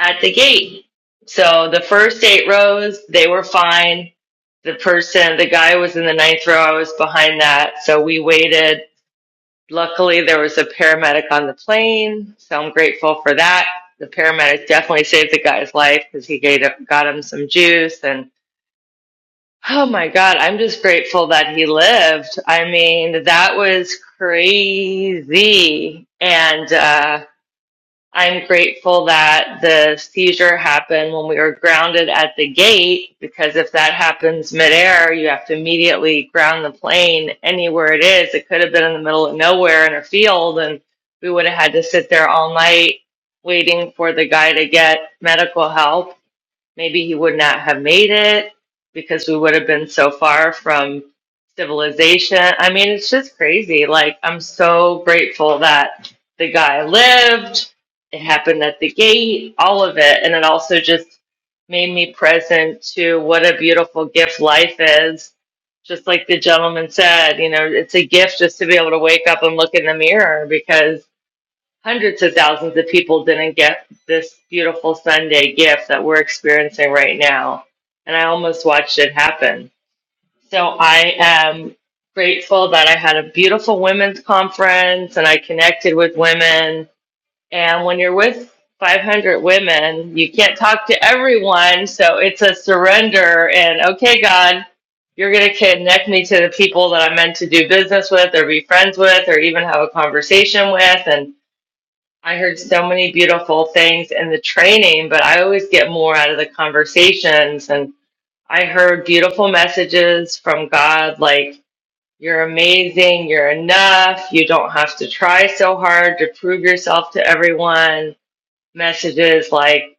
Speaker 20: at the gate. So the first eight rows, they were fine. The person, the guy was in the ninth row. I was behind that. So we waited Luckily, there was a paramedic on the plane, so I'm grateful for that. The paramedic definitely saved the guy's life because he gave, got him some juice. And oh my God, I'm just grateful that he lived. I mean, that was crazy. And, uh, I'm grateful that the seizure happened when we were grounded at the gate, because if that happens midair, you have to immediately ground the plane anywhere it is. It could have been in the middle of nowhere in a field, and we would have had to sit there all night waiting for the guy to get medical help. Maybe he would not have made it because we would have been so far from civilization. I mean, it's just crazy. Like, I'm so grateful that the guy lived, it happened at the gate, all of it. And it also just made me present to what a beautiful gift life is. Just like the gentleman said, you know, it's a gift just to be able to wake up and look in the mirror because hundreds of thousands of people didn't get this beautiful Sunday gift that we're experiencing right now. And I almost watched it happen. So I am grateful that I had a beautiful women's conference and I connected with women. And when you're with 500 women, you can't talk to everyone. So it's a surrender and, okay, God, you're going to connect me to the people that I'm meant to do business with or be friends with or even have a conversation with. And I heard so many beautiful things in the training, but I always get more out of the conversations. And I heard beautiful messages from God like, you're amazing, you're enough, you don't have to try so hard to prove yourself to everyone. Messages like,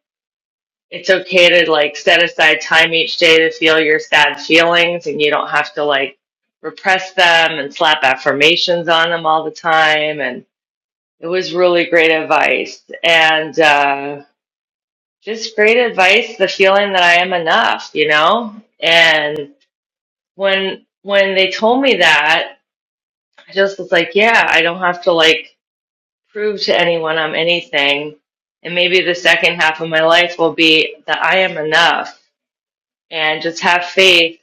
Speaker 20: it's okay to like set aside time each day to feel your sad feelings and you don't have to like repress them and slap affirmations on them all the time. And it was really great advice and uh, just great advice. The feeling that I am enough, you know. And when when they told me that, I just was like, yeah, I don't have to like prove to anyone I'm anything. And maybe the second half of my life will be that I am enough, and just have faith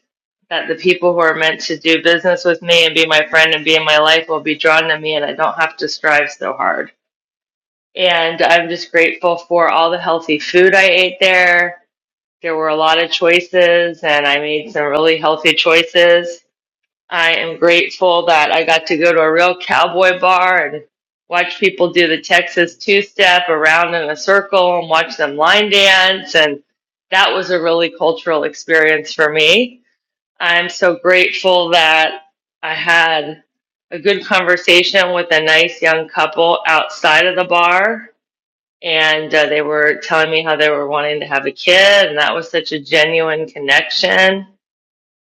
Speaker 20: that the people who are meant to do business with me and be my friend and be in my life will be drawn to me, and I don't have to strive so hard. And I'm just grateful for all the healthy food I ate there. There were a lot of choices, and I made some really healthy choices. I am grateful that I got to go to a real cowboy bar and watch people do the Texas two step around in a circle and watch them line dance. And that was a really cultural experience for me. I'm so grateful that I had a good conversation with a nice young couple outside of the bar and uh, they were telling me how they were wanting to have a kid, and that was such a genuine connection.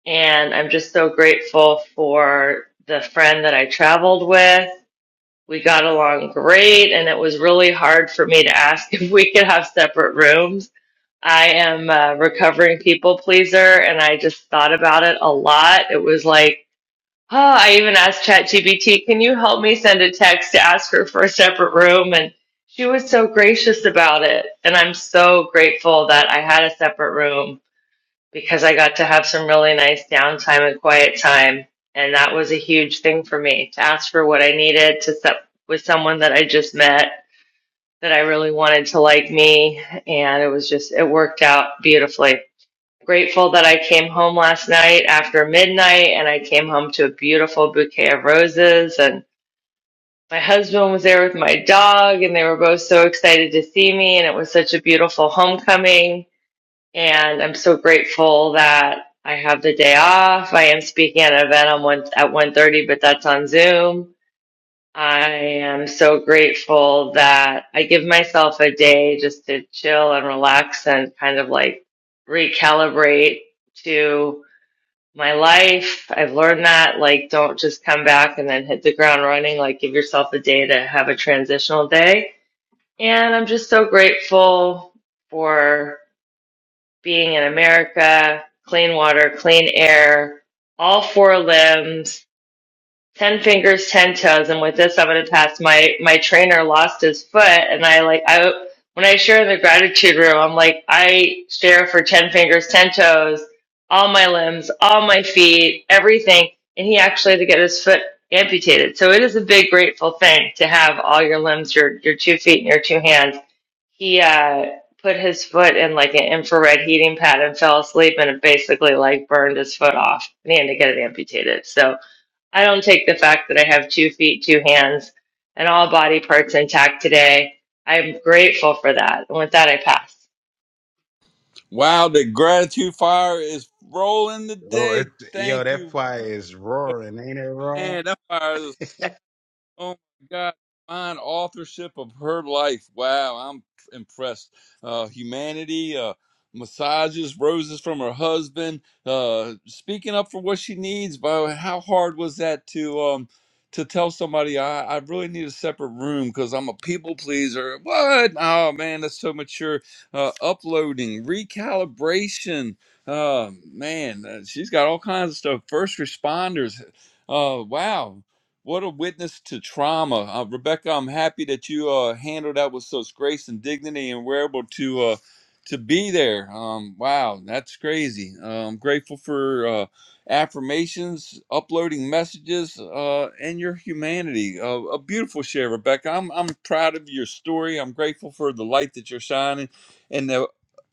Speaker 20: And I'm just so grateful for the friend that I traveled with. We got along great, and it was really hard for me to ask if we could have separate rooms. I am a recovering people pleaser, and I just thought about it a lot. It was like, Oh, I even asked ChatGPT, can you help me send a text to ask her for a separate room? And she was so gracious about it. And I'm so grateful that I had a separate room because I got to have some really nice downtime and quiet time. And that was a huge thing for me to ask for what I needed to set with someone that I just met that I really wanted to like me. And it was just, it worked out beautifully grateful that I came home last night after midnight and I came home to a beautiful bouquet of roses and my husband was there with my dog and they were both so excited to see me and it was such a beautiful homecoming and I'm so grateful that I have the day off. I am speaking at an event on one, at one thirty, but that's on Zoom. I am so grateful that I give myself a day just to chill and relax and kind of like recalibrate to my life. I've learned that, like, don't just come back and then hit the ground running. Like, give yourself a day to have a transitional day. And I'm just so grateful for being in America, clean water, clean air, all four limbs ten fingers, ten toes. And with this, I'm gonna pass. My my trainer lost his foot, and I like I when I share in the gratitude room, I'm like I share for ten fingers, ten toes, all my limbs, all my feet, everything. And he actually had to get his foot amputated. So it is a big grateful thing to have all your limbs, your your two feet, and your two hands. He uh, put his foot in like an infrared heating pad and fell asleep, and it basically like burned his foot off, and he had to get it amputated. So I don't take the fact that I have two feet, two hands, and all body parts intact today. I'm grateful for that. And with that, I pass.
Speaker 12: Wow, the gratitude fire is rolling
Speaker 9: oh, it,
Speaker 12: today.
Speaker 9: yo,
Speaker 12: Thank
Speaker 9: that
Speaker 12: you,
Speaker 9: fire is roaring, ain't it, Ron?
Speaker 12: man. That fire is Oh my God, fine authorship of her life. Wow, I'm impressed. Uh, humanity, uh, massages, roses from her husband, uh, speaking up for what she needs. But how hard was that to um, to tell somebody I, I really need a separate room because I'm a people pleaser? What? Oh man, that's so mature. Uh, uploading, recalibration. Uh, man, uh, she's got all kinds of stuff. First responders. Uh, wow what a witness to trauma. Uh, Rebecca, I'm happy that you uh, handled that with such grace and dignity and were able to uh, to be there. Um, wow, that's crazy. Uh, I'm grateful for uh, affirmations, uploading messages, uh, and your humanity. Uh, a beautiful share, Rebecca. I'm, I'm proud of your story. I'm grateful for the light that you're shining. and the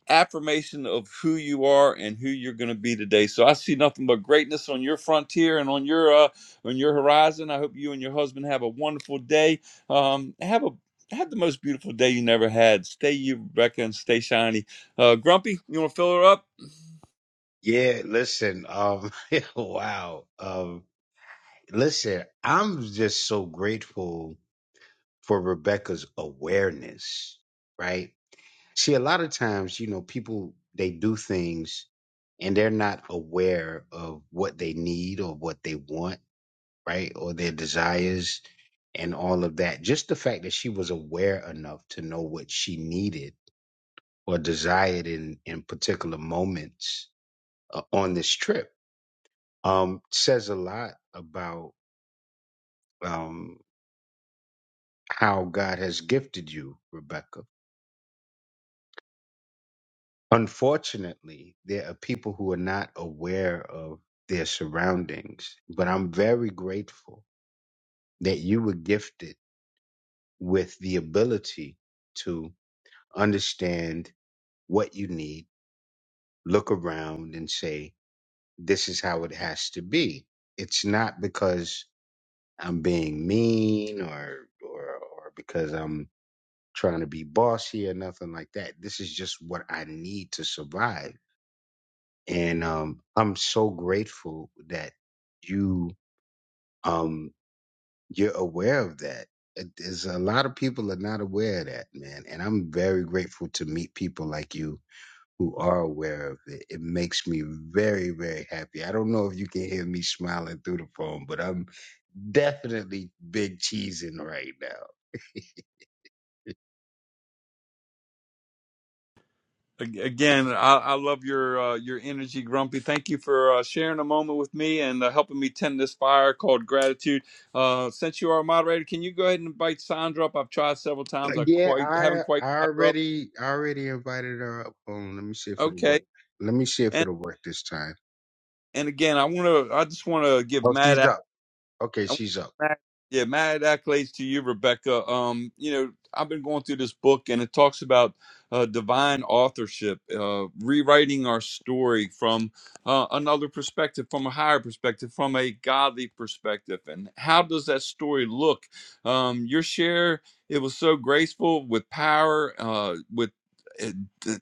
Speaker 12: affirmation of who you are and who you're going to be today. So I see nothing but greatness on your frontier and on your uh, on your horizon. I hope you and your husband have a wonderful day. Um, have a have the most beautiful day you never had. Stay you, Rebecca, and stay shiny. Uh, Grumpy, you want to fill her up?
Speaker 9: Yeah, listen, um, wow. Um, listen, I'm just so grateful for Rebecca's awareness, right? See, a lot of times, you know, people, they do things and they're not aware of what they need or what they want, right? Or their desires and all of that. Just the fact that she was aware enough to know what she needed or desired in, in particular moments uh, on this trip um, says a lot about um, how God has gifted you, Rebecca. Unfortunately, there are people who are not aware of their surroundings, but I'm very grateful that you were gifted with the ability to understand what you need, look around and say, this is how it has to be. It's not because I'm being mean or, or, or because I'm trying to be bossy or nothing like that. This is just what I need to survive. And um, I'm so grateful that you um, you're aware of that. It- There's a lot of people are not aware of that, man. And I'm very grateful to meet people like you who are aware of it. It makes me very, very happy. I don't know if you can hear me smiling through the phone, but I'm definitely big cheesing right now.
Speaker 12: Ag- Again, I, I love your uh, your energy, Grumpy. Thank you for uh, sharing a moment with me and uh, helping me tend this fire called gratitude. Uh, since you are a moderator, can you go ahead and invite Sandra up? I've tried several
Speaker 9: Uh,
Speaker 12: times. I
Speaker 9: Yeah,
Speaker 12: quite
Speaker 9: I
Speaker 12: haven't quite
Speaker 9: I
Speaker 12: got her up.
Speaker 9: already I already invited her up. Um, let me see if it'll
Speaker 12: Okay.
Speaker 9: work. Let me see if
Speaker 12: And
Speaker 9: it'll work this time.
Speaker 12: and again, I want to I just want to give
Speaker 9: Oh, she's
Speaker 12: Matt
Speaker 9: up. Okay,
Speaker 12: I want
Speaker 9: she's up.
Speaker 12: mad, yeah, mad accolades to you, Rebecca. Um, you know, I've been going through this book, and it talks about uh, divine authorship, uh, rewriting our story from uh, another perspective, from a higher perspective, from a godly perspective. And how does that story look? Um, your share, it was so graceful with power, uh, with it,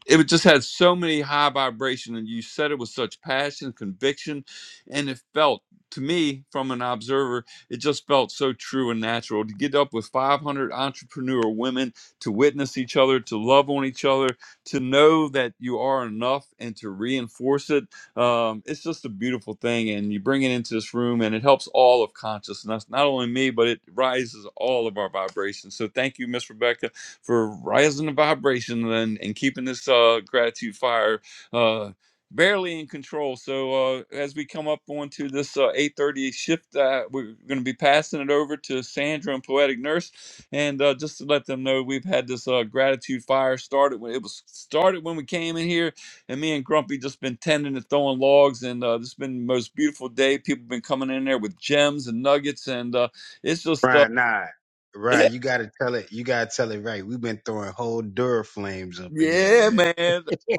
Speaker 12: it just had so many high vibration, and you said it with such passion, conviction, and it felt to me from an observer it just felt so true and natural to get up with 500 entrepreneur women to witness each other, to love on each other, to know that you are enough and to reinforce it. Um, it's just a beautiful thing. And you bring it into this room and it helps all of consciousness, not only me, but it rises all of our vibrations. So thank you, Miss Rebecca, for rising the vibration and, and keeping this uh, gratitude fire uh, barely in control. So uh, as we come up onto this uh, 8:30 shift, uh, we're going to be passing it over to Sandra and Poetic Nurse, and uh, just to let them know we've had this uh, gratitude fire started when it was started when we came in here, and me and Grumpy just been tending to throwing logs, and uh, this has been the most beautiful day. People been coming in there with gems and nuggets, and uh, it's just uh,
Speaker 9: Right, nah. Right, you gotta tell it. You gotta tell it right. We've been throwing whole Duraflames up in there,
Speaker 12: yeah,
Speaker 9: man.
Speaker 12: man.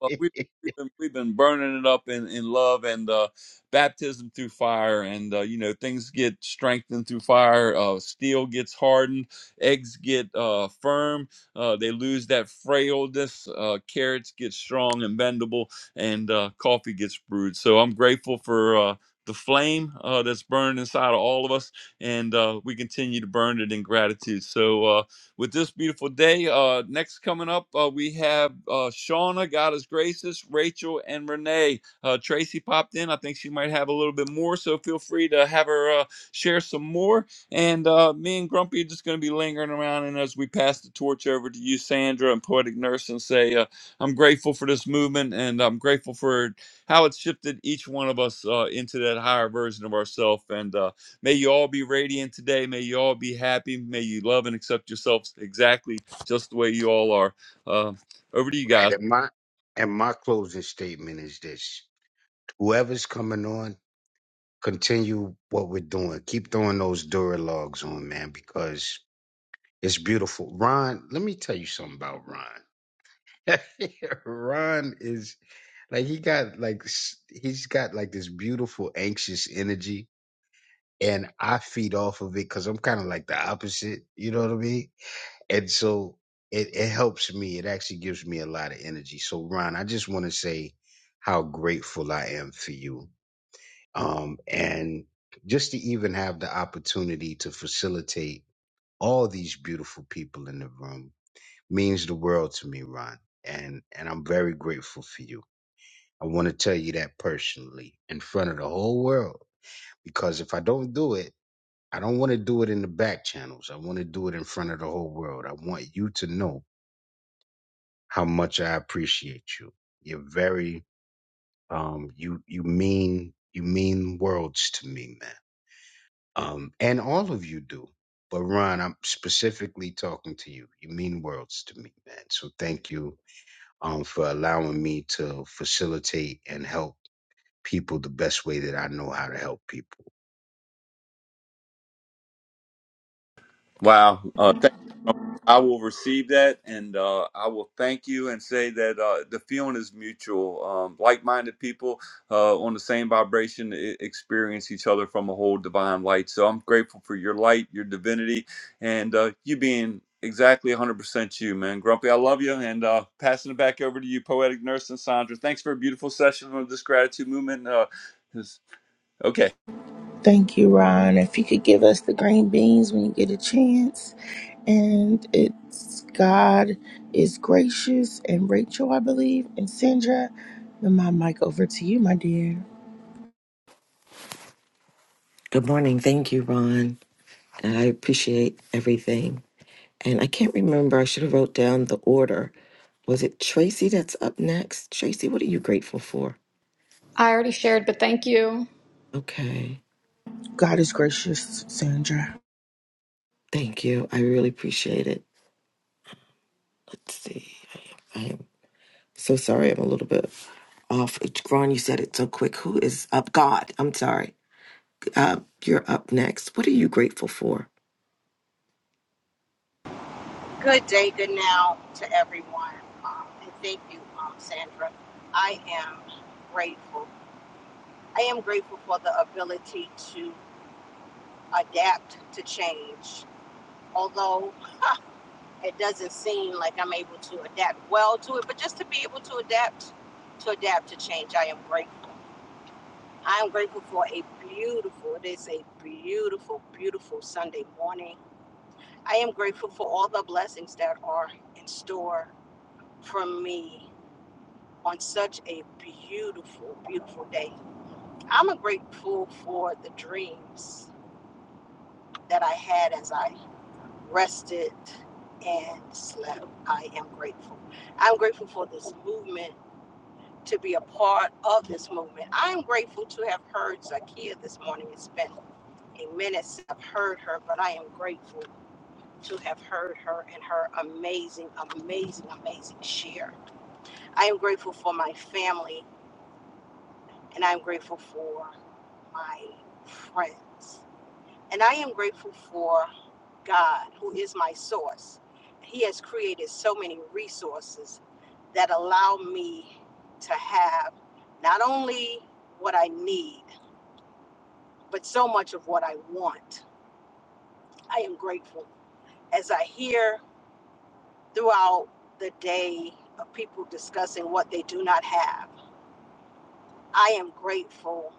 Speaker 12: Well, we've, we've been we've been burning it up in in love and uh, baptism through fire, and uh, you know things get strengthened through fire. Uh, steel gets hardened, eggs get uh, firm. Uh, they lose that frailness. Uh, carrots get strong and bendable, and uh, coffee gets brewed. So I'm grateful for. Uh, the flame uh, that's burned inside of all of us, and uh, we continue to burn it in gratitude. So, uh, with this beautiful day. Uh, next coming up, uh, we have uh, Shauna, God is gracious, Rachel, and Renee. Uh, Tracy popped in. I think she might have a little bit more, so feel free to have her uh, share some more. And uh, me and Grumpy are just going to be lingering around. And as we pass the torch over to you, Sandra, and Poetic Nurse, and say, uh, I'm grateful for this movement and I'm grateful for how it's shifted each one of us uh, into that higher version of ourselves. And uh, May you all be radiant today. May you all be happy. May you love and accept yourselves exactly just the way you all are. Uh, over to you
Speaker 9: right,
Speaker 12: guys.
Speaker 9: and my and my closing statement is this: Whoever's coming on, continue what we're doing. Keep throwing those Duralogs on, man, because it's beautiful. Ron, let me tell you something about Ron. Ron is like he got like s- he's got like this beautiful anxious energy, and I feed off of it because I'm kind of like the opposite. You know what I mean? And so it it helps me. It actually gives me a lot of energy. So Ron, I just want to say how grateful I am for you, um, and just to even have the opportunity to facilitate all these beautiful people in the room means the world to me, Ron. And and I'm very grateful for you. I want to tell you that personally in front of the whole world because if I don't do it, I don't want to do it in the back channels. I want to do it in front of the whole world. I want you to know how much I appreciate you. You're very um you you mean you mean worlds to me, man. Um and all of you do. But Ron, I'm specifically talking to you. You mean worlds to me, man. So thank you um for allowing me to facilitate and help people the best way that I know how to help people.
Speaker 12: Wow. Uh, I will receive that, and uh, I will thank you and say that uh, the feeling is mutual. Um, like-minded people uh, on the same vibration e- experience each other from a whole divine light. So I'm grateful for your light, your divinity, and uh, you being exactly 100% you, man. Grumpy, I love you, and uh, passing it back over to you, poetic nurse and Sandra. Thanks for a beautiful session on this gratitude movement. Uh, this- okay.
Speaker 21: Thank you, Ron. If you could give us the green beans when you get a chance. And it's God is gracious and Rachel, I believe, and Sandra. Then my mic over to you, my dear.
Speaker 22: Good morning. Thank you, Ron. And I appreciate everything. And I can't remember. I should have wrote down the order. Was it Tracy that's up next? Tracy, what are you grateful for?
Speaker 15: I already shared, but thank you.
Speaker 22: Okay.
Speaker 21: God is gracious, Sandra.
Speaker 22: Thank you. I really appreciate it. Let's see. I am, I am so sorry. I'm a little bit off. Ron, you said it so quick. Who is up? God. I'm sorry. Uh, you're up next. What are you grateful for?
Speaker 23: Good day, good now to everyone. Um, and thank you, um, Sandra. I am grateful. I am grateful for the ability to adapt to change. Although it doesn't seem like I'm able to adapt well to it, but just to be able to adapt, to adapt to change, I am grateful. I am grateful for a beautiful, it is a beautiful, beautiful Sunday morning. I am grateful for all the blessings that are in store for me on such a beautiful, beautiful day. I'm grateful for the dreams that I had as I rested and slept. I am grateful. I'm grateful for this movement, to be a part of this movement. I'm grateful to have heard Zakiya this morning. It's been a minute since I've heard her, but I am grateful to have heard her and her amazing, amazing, amazing share. I am grateful for my family and I'm grateful for my friends. And I am grateful for God, who is my source. He has created so many resources that allow me to have not only what I need, but so much of what I want. I am grateful. As I hear throughout the day of people discussing what they do not have, I am grateful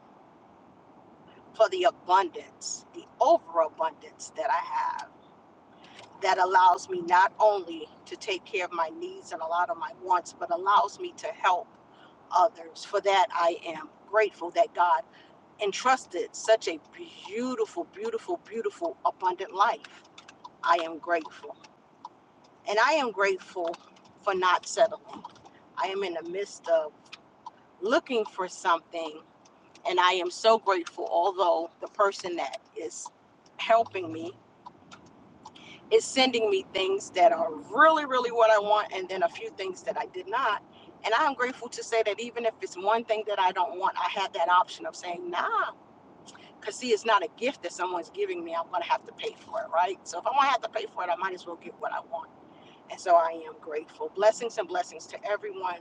Speaker 23: for the abundance, the overabundance that I have that allows me not only to take care of my needs and a lot of my wants, but allows me to help others. For that, I am grateful that God entrusted such a beautiful, beautiful, beautiful, abundant life. I am grateful. And I am grateful for not settling. I am in the midst of looking for something, and I am so grateful, although the person that is helping me is sending me things that are really, really what I want, and then a few things that I did not. And I'm grateful to say that even if it's one thing that I don't want, I have that option of saying, nah, because see, it's not a gift that someone's giving me. I'm going to have to pay for it, right? So if I'm going to have to pay for it, I might as well get what I want. And so I am grateful. Blessings and blessings to everyone.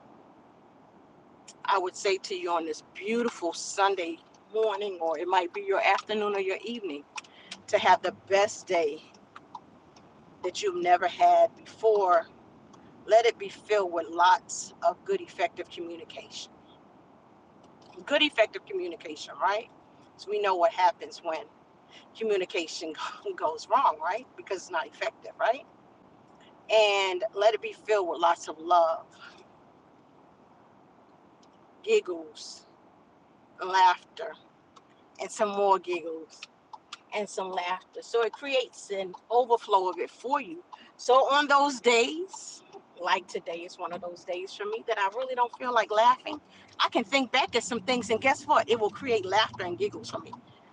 Speaker 23: I would say to you on this beautiful Sunday morning, or it might be your afternoon or your evening, to have the best day that you've never had before let it be filled with lots of good effective communication good effective communication right so we know what happens when communication goes wrong right because it's not effective right and let it be filled with lots of love giggles laughter and some more giggles and some laughter. So it creates an overflow of it for you. So on those days, like today is one of those days for me that I really don't feel like laughing, I can think back at some things and guess what? It will create laughter and giggles for me.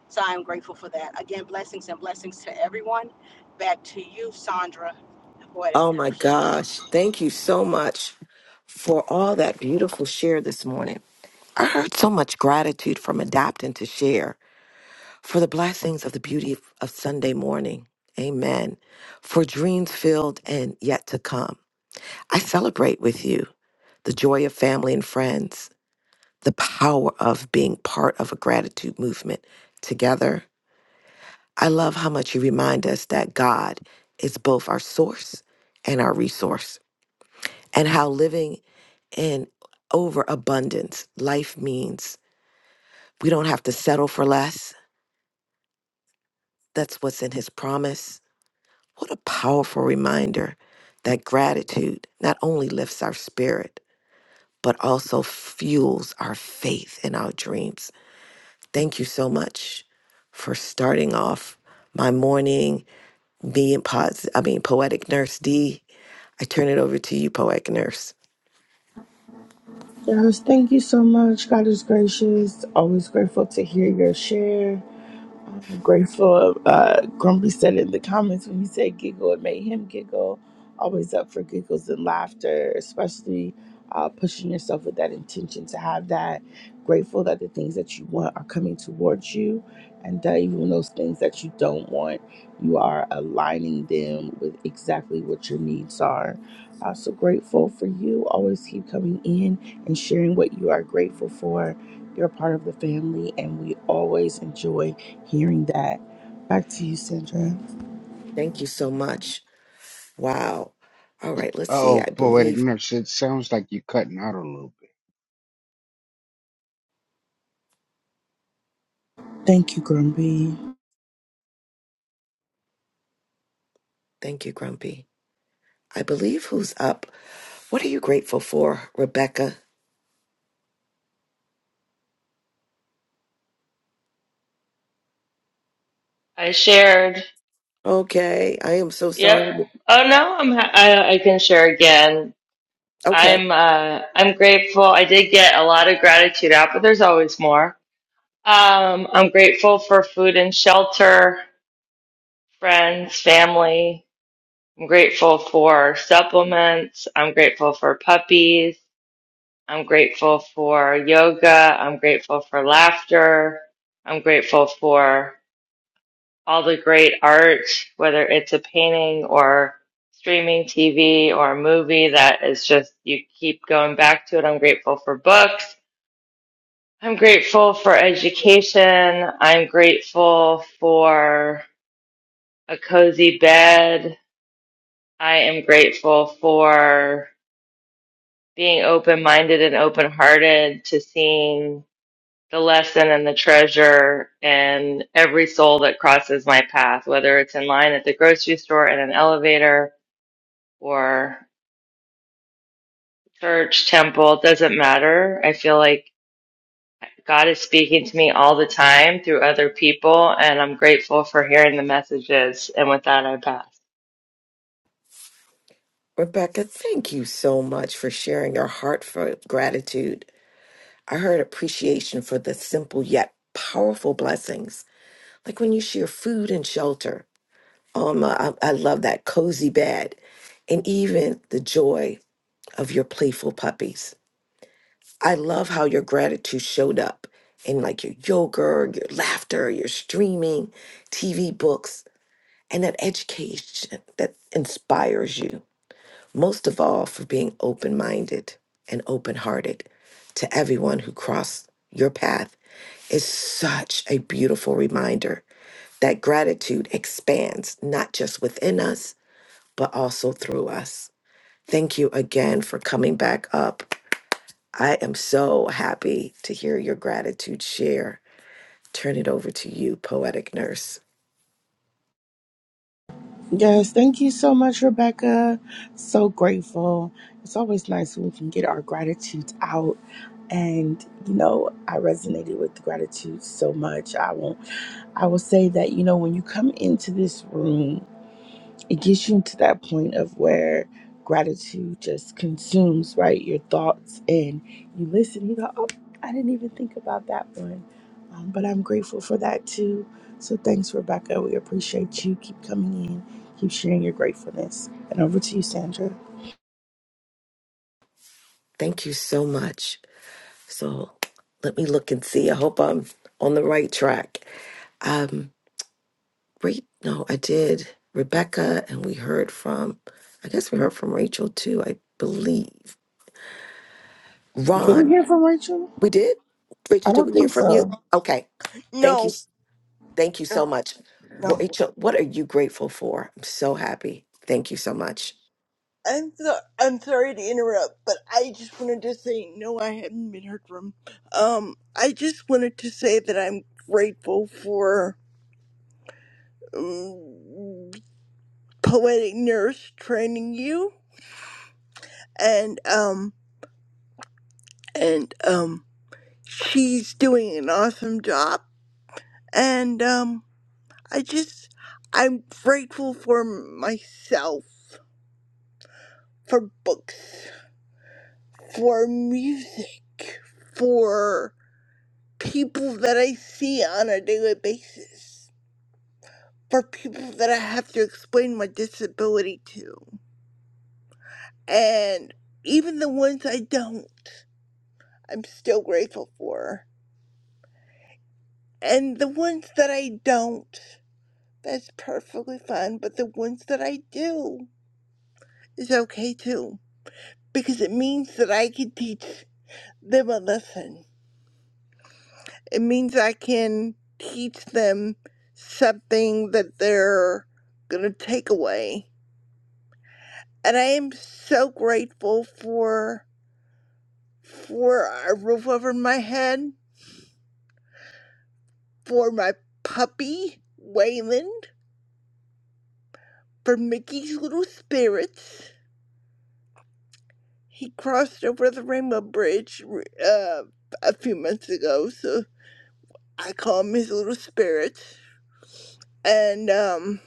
Speaker 23: So I am grateful for that. Again, blessings and blessings to everyone. Back to you, Sandra, the poetic
Speaker 22: Oh my
Speaker 23: nurse.
Speaker 22: gosh. Thank you so much for all that beautiful share this morning. I heard so much gratitude from adapting to share for the blessings of the beauty of, of Sunday morning. Amen. For dreams filled and yet to come. I celebrate with you the joy of family and friends, the power of being part of a gratitude movement together. I love how much you remind us that God is both our source and our resource, and how living in overabundance life means we don't have to settle for less That's what's in his promise. What a powerful reminder that gratitude not only lifts our spirit, but also fuels our faith and our dreams. Thank you so much for starting off my morning being positive. I mean poetic nurse D. I turn it over to you, poetic nurse.
Speaker 21: Yes, thank you so much. God is gracious. Always grateful to hear your share. grateful. Uh, Grumpy said in the comments when you said giggle, it made him giggle. Always up for giggles and laughter, especially uh, pushing yourself with that intention to have that. Grateful that the things that you want are coming towards you, and that even those things that you don't want, you are aligning them with exactly what your needs are. Uh, so grateful for you. Always keep coming in and sharing what you are grateful for. You're a part of the family, and we always enjoy hearing that. Back to you, Sandra.
Speaker 22: Thank you so much. Wow. All right, let's see.
Speaker 9: Oh,
Speaker 22: I
Speaker 9: poetic
Speaker 22: believe
Speaker 9: nurse, it sounds like you're cutting out a little
Speaker 21: Thank you, Grumpy.
Speaker 22: thank you, Grumpy. I believe who's up. What are you grateful for, Rebecca?
Speaker 20: I shared.
Speaker 22: Okay, I am so
Speaker 20: Yep.
Speaker 22: sorry.
Speaker 20: Oh no, I'm. ha- I, I can share again.
Speaker 22: Okay,
Speaker 20: I'm. Uh, I'm grateful. I did get a lot of gratitude out, but there's always more. Um, I'm grateful for food and shelter, friends, family. I'm grateful for supplements. I'm grateful for puppies. I'm grateful for yoga. I'm grateful for laughter. I'm grateful for all the great art, whether it's a painting or streaming TV or a movie that is just, you keep going back to it. I'm grateful for books. I'm grateful for education. I'm grateful for a cozy bed. I am grateful for being open minded and open hearted to seeing the lesson and the treasure and every soul that crosses my path, whether it's in line at the grocery store, in an elevator, or church, temple, it doesn't matter. I feel like God is speaking to me all the time through other people, and I'm grateful for hearing the messages. And with that, I pass.
Speaker 22: Rebecca, thank you so much for sharing your heartfelt gratitude. I heard appreciation for the simple yet powerful blessings, like when you share food and shelter. Um, I, I love that cozy bed, and even the joy of your playful puppies. I love how your gratitude showed up in like your yoga, your laughter, your streaming, TV books, and that education that inspires you. most of all for being open minded and open hearted to everyone who crossed your path is such a beautiful reminder that gratitude expands not just within us, but also through us. Thank you again for coming back up. I am so happy to hear your gratitude share. Turn it over to you, poetic nurse.
Speaker 21: Yes, thank you so much, Rebecca. So grateful. It's always nice when we can get our gratitudes out. And you know, I resonated with the gratitude so much. I will I will say that, you know, when you come into this room it gets you into that point of where gratitude just consumes right your thoughts and you listen you go oh i didn't even think about that one um, but i'm grateful for that too so thanks rebecca we appreciate you keep coming in keep sharing your gratefulness and over to you sandra
Speaker 22: Thank you so much. So let me look and see. I hope I'm on the right track. Um, Re- no, I did Rebecca, and we heard from, I guess we heard from Rachel too, I believe.
Speaker 21: did we
Speaker 22: Ron,
Speaker 21: hear from rachel
Speaker 22: we did? Rachel,
Speaker 21: i
Speaker 22: did
Speaker 21: don't
Speaker 22: we hear
Speaker 21: think
Speaker 22: from
Speaker 21: so
Speaker 22: you? Okay. Thank you.
Speaker 24: No,
Speaker 22: s- Thank you so
Speaker 24: no,
Speaker 22: much.
Speaker 24: no.
Speaker 22: Rachel, what are you grateful for? I'm so happy. Thank you so much.
Speaker 24: I'm so I'm sorry to interrupt, but I just wanted to say no. I haven't been heard from. Um, I just wanted to say that I'm grateful for um, poetic nurse training you, and um, and um, she's doing an awesome job, and um, I just I'm grateful for myself, for books, for music, for people that I see on a daily basis, for people that I have to explain my disability to. And even the ones I don't, I'm still grateful for. And the ones that I don't, that's perfectly fine. But the ones that I do is okay too. Because it means that I can teach them a lesson. It means I can teach them something that they're going to take away and I am so grateful for for a roof over my head, for my puppy Wayland, for Mickey's little spirits. He crossed over the Rainbow Bridge uh, a few months ago, so I call him his little spirits. And um,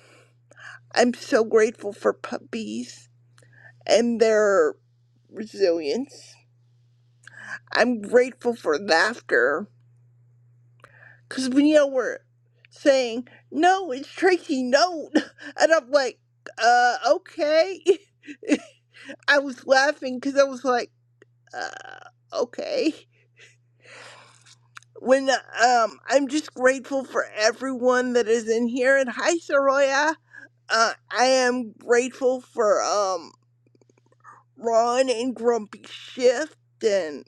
Speaker 24: I'm so grateful for puppies and their resilience. I'm grateful for laughter Because we know we're saying, no, it's Tracy, no. And I'm like, uh, okay. I was laughing because I was like, uh, okay. When, um, I'm just grateful for everyone that is in here. And hi, Soraya. Uh, I am grateful for, um, Ron and Grumpy Shift. And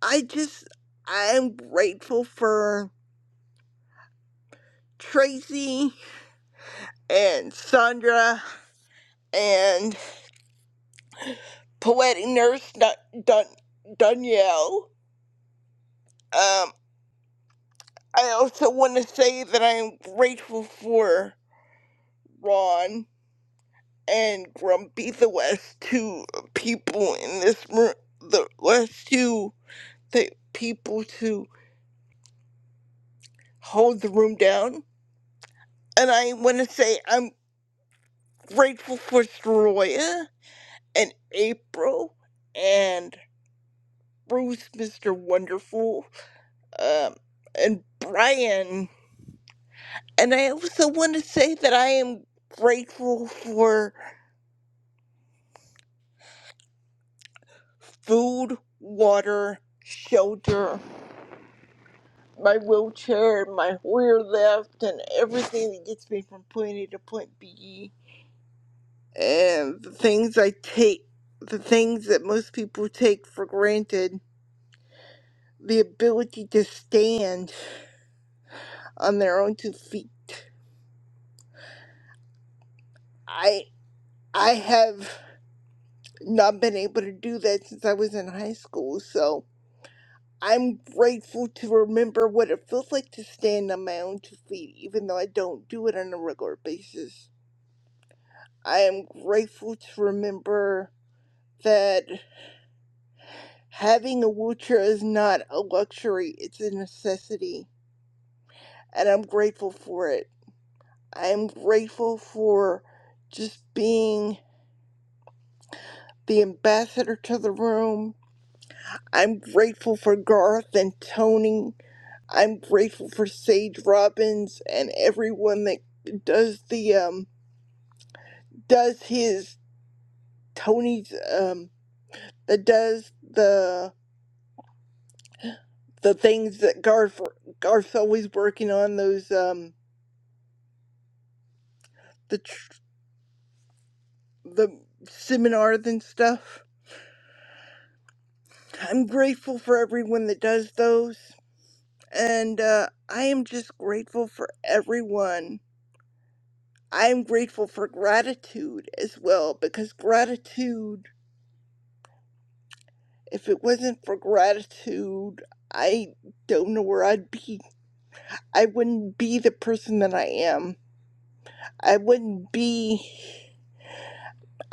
Speaker 24: I just, I am grateful for Tracy and Sandra. and. poetic nurse Dun- Dun- Danielle. Um, I also want to say that I am grateful for Ron and Grumpy, the last two people in this room, the last two the people to hold the room down. And I want to say I'm grateful for Soroya and April and Bruce, Mr. Wonderful, um, and Brian And I also want to say that I am grateful for food, water, shelter, my wheelchair, and my Hoyer lift, and everything that gets me from point A to point B, and the things I take, the things that most people take for granted, the ability to stand on their own two feet. I I have not been able to do that since I was in high school, so I'm grateful to remember what it feels like to stand on my own two feet, even though I don't do it on a regular basis. I am grateful to remember that having a wheelchair is not a luxury, it's a necessity. And I'm grateful for it. I am grateful for just being the ambassador to the room. I'm grateful for Garth and Tony I'm grateful for Sage Robbins and everyone that does the um does his Tony's um that does the the things that Garth Garth's always working on those um the tr- the seminars and stuff. I'm grateful for everyone that does those and uh I am just grateful for everyone. I am grateful for gratitude as well because gratitude If it wasn't for gratitude, I don't know where I'd be. I wouldn't be the person that I am. I wouldn't be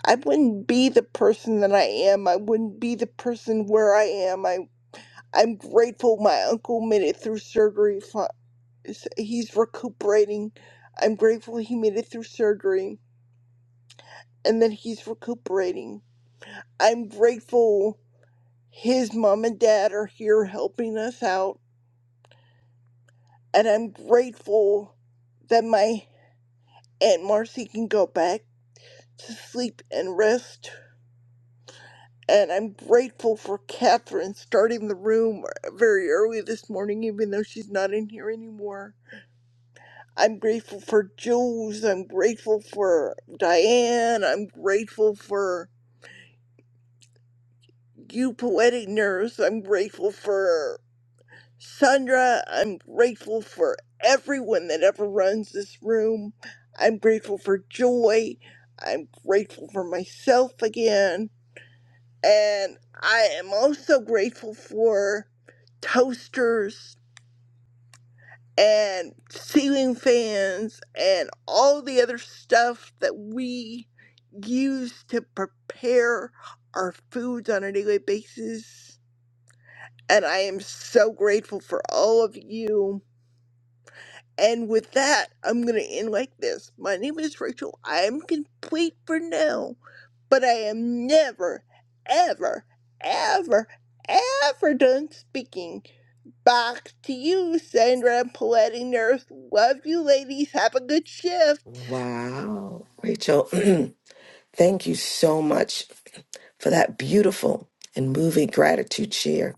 Speaker 24: I wouldn't be the person that I am. I wouldn't be the person where I am. I I'm grateful my uncle made it through surgery. fi- He's recuperating. I'm grateful he made it through surgery and that he's recuperating. I'm grateful his mom and dad are here helping us out. and I'm grateful that my Aunt Marcy can go back to sleep and rest. And I'm grateful for Catherine starting the room very early this morning, even though she's not in here anymore. I'm grateful for Jules. I'm grateful for Diane. I'm grateful for you, Poetic Nurse. I'm grateful for Sandra, I'm grateful for everyone that ever runs this room. I'm grateful for joy. I'm grateful for myself again. And I am also grateful for toasters and ceiling fans and all the other stuff that we use to prepare our foods on a daily basis. And I am so grateful for all of you And with that, I'm going to end like this. My name is Rachel. I am complete for now, but I am never, ever, ever, ever done speaking. Back to you, Sandra and Paletti Nurse. Love you, ladies. Have a good shift.
Speaker 22: Wow. Rachel, thank you so much for that beautiful and moving gratitude share.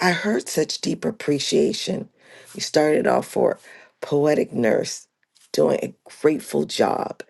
Speaker 22: I heard such deep appreciation. We started off for Poetic Nurse doing a grateful job,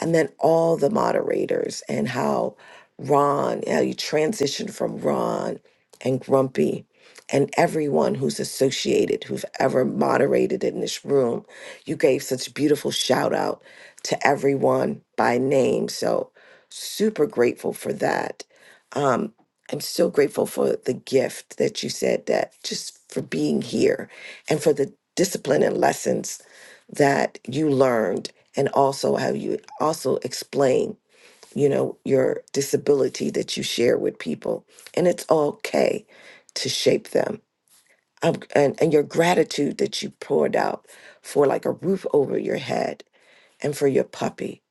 Speaker 22: and then all the moderators, and how Ron, how you transitioned from Ron and Grumpy, and everyone who's associated, who've ever moderated in this room. You gave such beautiful shout out to everyone by name. So, super grateful for that. Um, I'm so grateful for the gift that you said that just for being here and for the discipline and lessons that you learned and also how you also explain, you know, your disability that you share with people. And it's okay to shape them. Um, and, and your gratitude that you poured out for like a roof over your head and for your puppy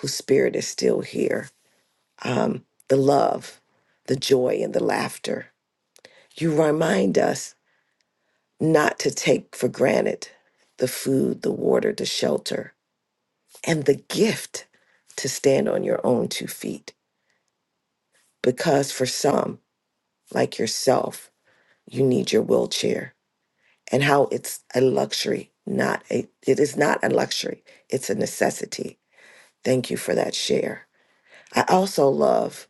Speaker 22: whose spirit is still here. Um, the love, the joy and the laughter you remind us not to take for granted the food, the water, the shelter, and the gift to stand on your own two feet. Because for some, like yourself, you need your wheelchair and how it's a luxury, not a, it is not a luxury, it's a necessity. Thank you for that share. I also love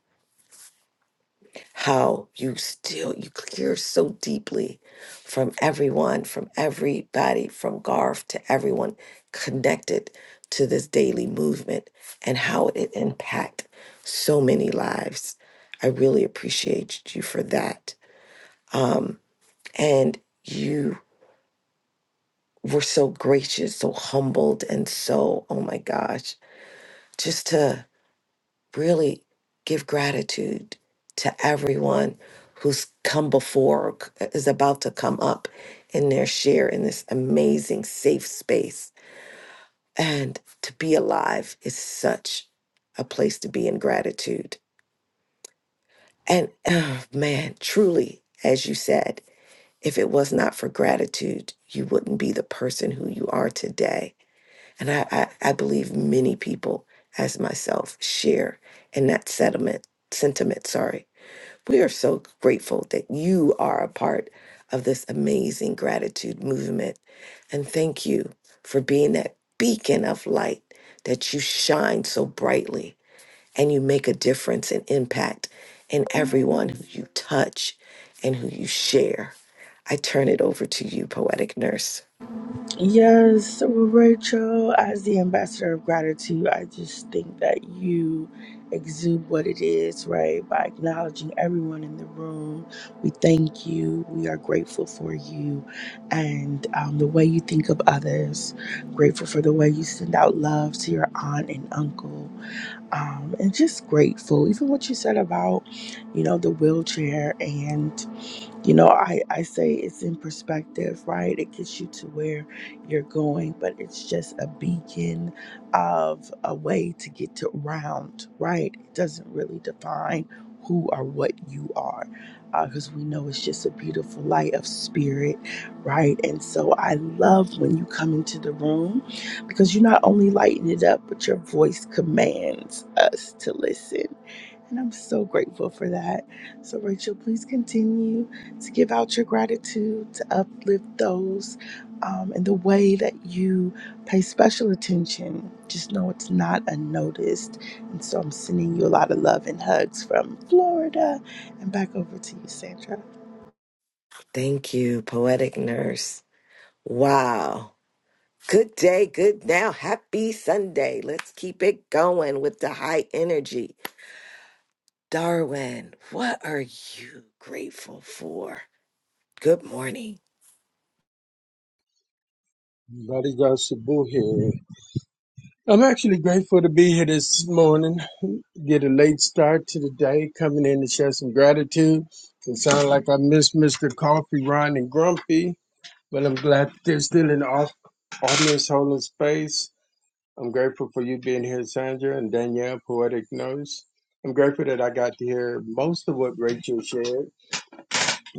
Speaker 22: how you still you care so deeply from everyone from everybody from garth to everyone connected to this daily movement and how it impact so many lives i really appreciate you for that um, and you were so gracious so humbled and so oh my gosh just to really give gratitude to everyone who's come before or is about to come up in their share in this amazing safe space and to be alive is such a place to be in gratitude and oh man truly as you said if it was not for gratitude you wouldn't be the person who you are today and i i, I believe many people as myself share in that sentiment sentiment sorry We are so grateful that you are a part of this amazing gratitude movement. And thank you for being that beacon of light that you shine so brightly and you make a difference and impact in everyone who you touch and who you share. I turn it over to you, Poetic Nurse.
Speaker 21: Yes, well, Rachel, as the ambassador of gratitude, I just think that you exude what it is, right? By acknowledging everyone in the room, we thank you, we are grateful for you, and um, the way you think of others, grateful for the way you send out love to your aunt and uncle, um, and just grateful. Even what you said about, you know, the wheelchair and you know i i say it's in perspective right it gets you to where you're going but it's just a beacon of a way to get to around right it doesn't really define who or what you are because we know it's just a beautiful light of spirit right and so i love when you come into the room because you not only lighten it up but your voice commands us to listen and I'm so grateful for that. So, Rachel, please continue to give out your gratitude, to uplift those um, in the way that you pay special attention. Just know it's not unnoticed. And so, I'm sending you a lot of love and hugs from Florida and back over to you, Sandra.
Speaker 22: Thank you, Poetic Nurse. Wow. Good day, good now. Happy Sunday. Let's keep it going with the high energy. Darwin, what are you grateful for? Good morning.
Speaker 25: Buddy got Shabu here. I'm actually grateful to be here this morning. Get a late start to the day, coming in to share some gratitude. It sounds like I miss Mr. Coffee, Ron, and Grumpy, but I'm glad they're still in the off- audience holding space. I'm grateful for you being here, Sandra and Danielle, Poetic Nurse. I'm grateful that I got to hear most of what Rachel shared,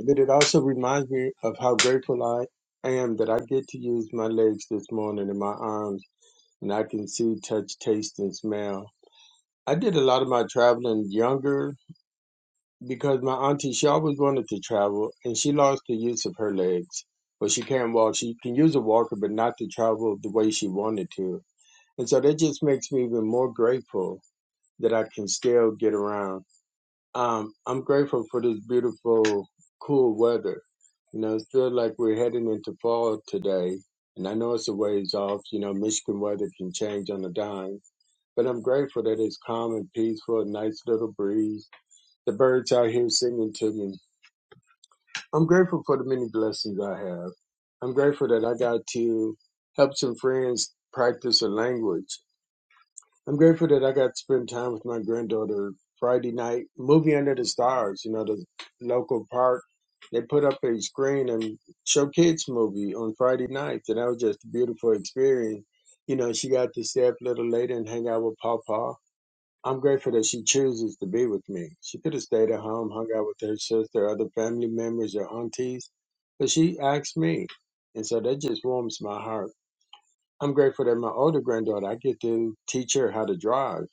Speaker 25: but it also reminds me of how grateful I am that I get to use my legs this morning and my arms and I can see, touch, taste, and smell. I did a lot of my traveling younger because my auntie, she always wanted to travel and she lost the use of her legs, but she can't walk. She can use a walker, but not to travel the way she wanted to. And so that just makes me even more grateful that I can still get around. Um, I'm grateful for this beautiful, cool weather. You know, it feels like we're heading into fall today. And I know it's a ways off. You know, Michigan weather can change on a dime but I'm grateful that it's calm and peaceful, a nice little breeze. The birds out here singing to me. I'm grateful for the many blessings I have. I'm grateful that I got to help some friends practice a language. I'm grateful that I got to spend time with my granddaughter Friday night, movie under the stars, you know, the local park. They put up a screen and show kids movie on Friday nights, and that was just a beautiful experience. You know, she got to stay up a little later and hang out with Papa I'm grateful that she chooses to be with me. She could have stayed at home, hung out with her sister, other family members, or aunties, but she asked me. And so that just warms my heart. I'm grateful that my older granddaughter, I get to teach her how to drive.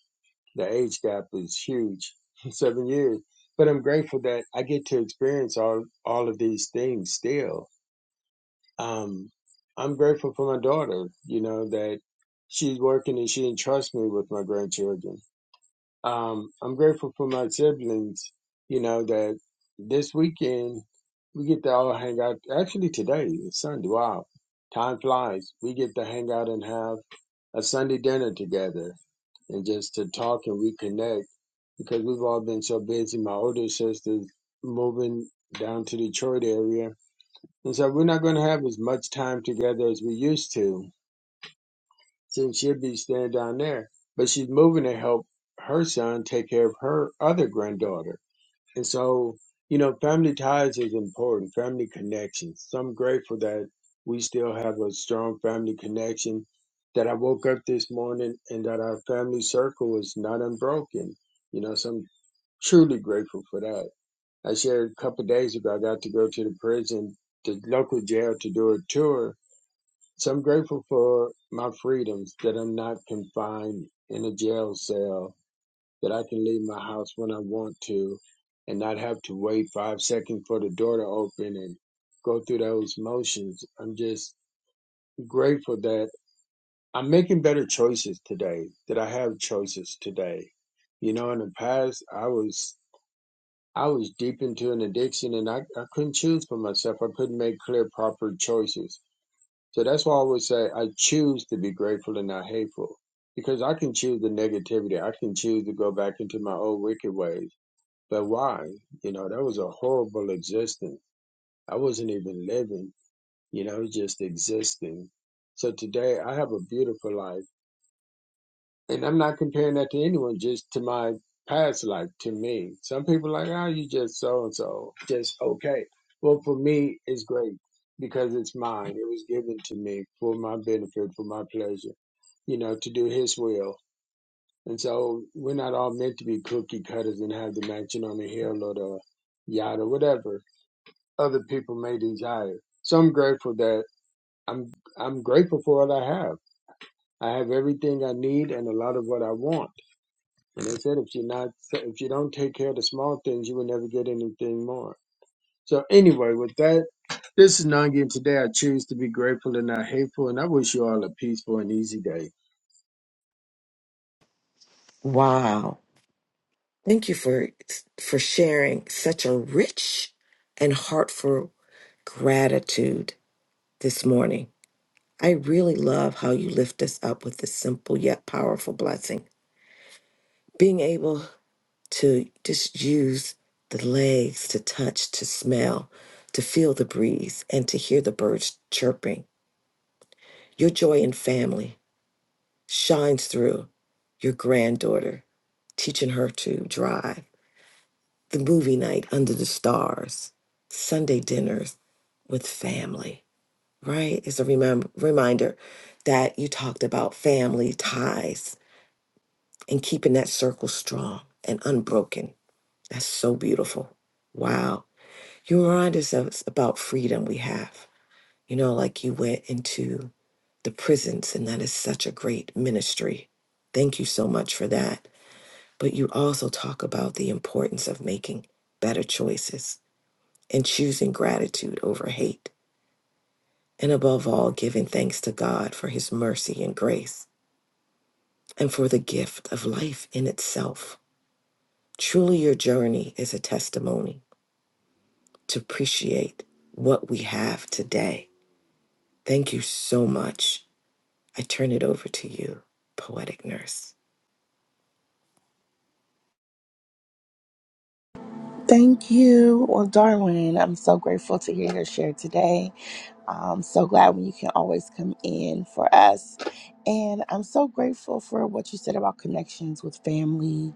Speaker 25: The age gap is huge, seven years. But I'm grateful that I get to experience all, all of these things still. Um, I'm grateful for my daughter, you know, that she's working and she entrusts me with my grandchildren um, I'm grateful for my siblings, you know, that this weekend we get to all hang out. Actually, today is Sunday. Wow. Time flies. We get to hang out and have a Sunday dinner together and just to talk and reconnect because we've all been so busy. My older sister's moving down to Detroit area. And so we're not going to have as much time together as we used to since she'll be staying down there. But she's moving to help her son take care of her other granddaughter. And so, you know, family ties is important, family connections. So I'm grateful that we still have a strong family connection, that I woke up this morning and that our family circle is not unbroken. You know, so I'm truly grateful for that. I shared a couple of days ago, I got to go to the prison, the local jail to do a tour. So I'm grateful for my freedoms, that I'm not confined in a jail cell that I can leave my house when I want to and not have to wait five seconds for the door to open and go through those motions. I'm just grateful that I'm making better choices today, that I have choices today. You know, in the past, I was. I was deep into an addiction and I, I couldn't choose for myself. I couldn't make clear, proper choices. So that's why I always say I choose to be grateful and not hateful because I can choose the negativity. I can choose to go back into my old wicked ways. But why? You know, that was a horrible existence. I wasn't even living, you know, just existing. So today I have a beautiful life. And I'm not comparing that to anyone, just to my past life, to me. Some people are like, oh, you just so and so, just okay. Well, for me, it's great because it's mine. It was given to me for my benefit, for my pleasure, you know, to do His will. And so we're not all meant to be cookie cutters and have the mansion on the hill or the yacht or whatever. other people may desire. So I'm grateful that I'm I'm grateful for what I have. I have everything I need and a lot of what I want. And they said if you're not if you don't take care of the small things, you will never get anything more. So anyway, with that, this is Nangi, and today I choose to be grateful and not hateful, and I wish you all a peaceful and easy day.
Speaker 22: Wow. Thank you for for sharing such a rich and heartful gratitude this morning. I really love how you lift us up with this simple yet powerful blessing. Being able to just use the legs to touch, to smell, to feel the breeze, and to hear the birds chirping. Your joy in family, shines through your granddaughter, teaching her to drive, the movie night under the stars, Sunday dinners with family, right? It's a remem- reminder that you talked about family ties and keeping that circle strong and unbroken. That's so beautiful. Wow. You remind us of- about freedom we have. You know, like you went into the prisons, and that is such a great ministry. Thank you so much for that but you also talk about the importance of making better choices and choosing gratitude over hate, and above all, giving thanks to God for his mercy and grace and for the gift of life in itself. Truly, your journey is a testimony to appreciate what we have today. Thank you so much. I turn it over to you, poetic nurse.
Speaker 21: Thank you. Well, Darwin, I'm so grateful to hear your share today. Um, so glad when you can always come in for us. And I'm so grateful for what you said about connections with family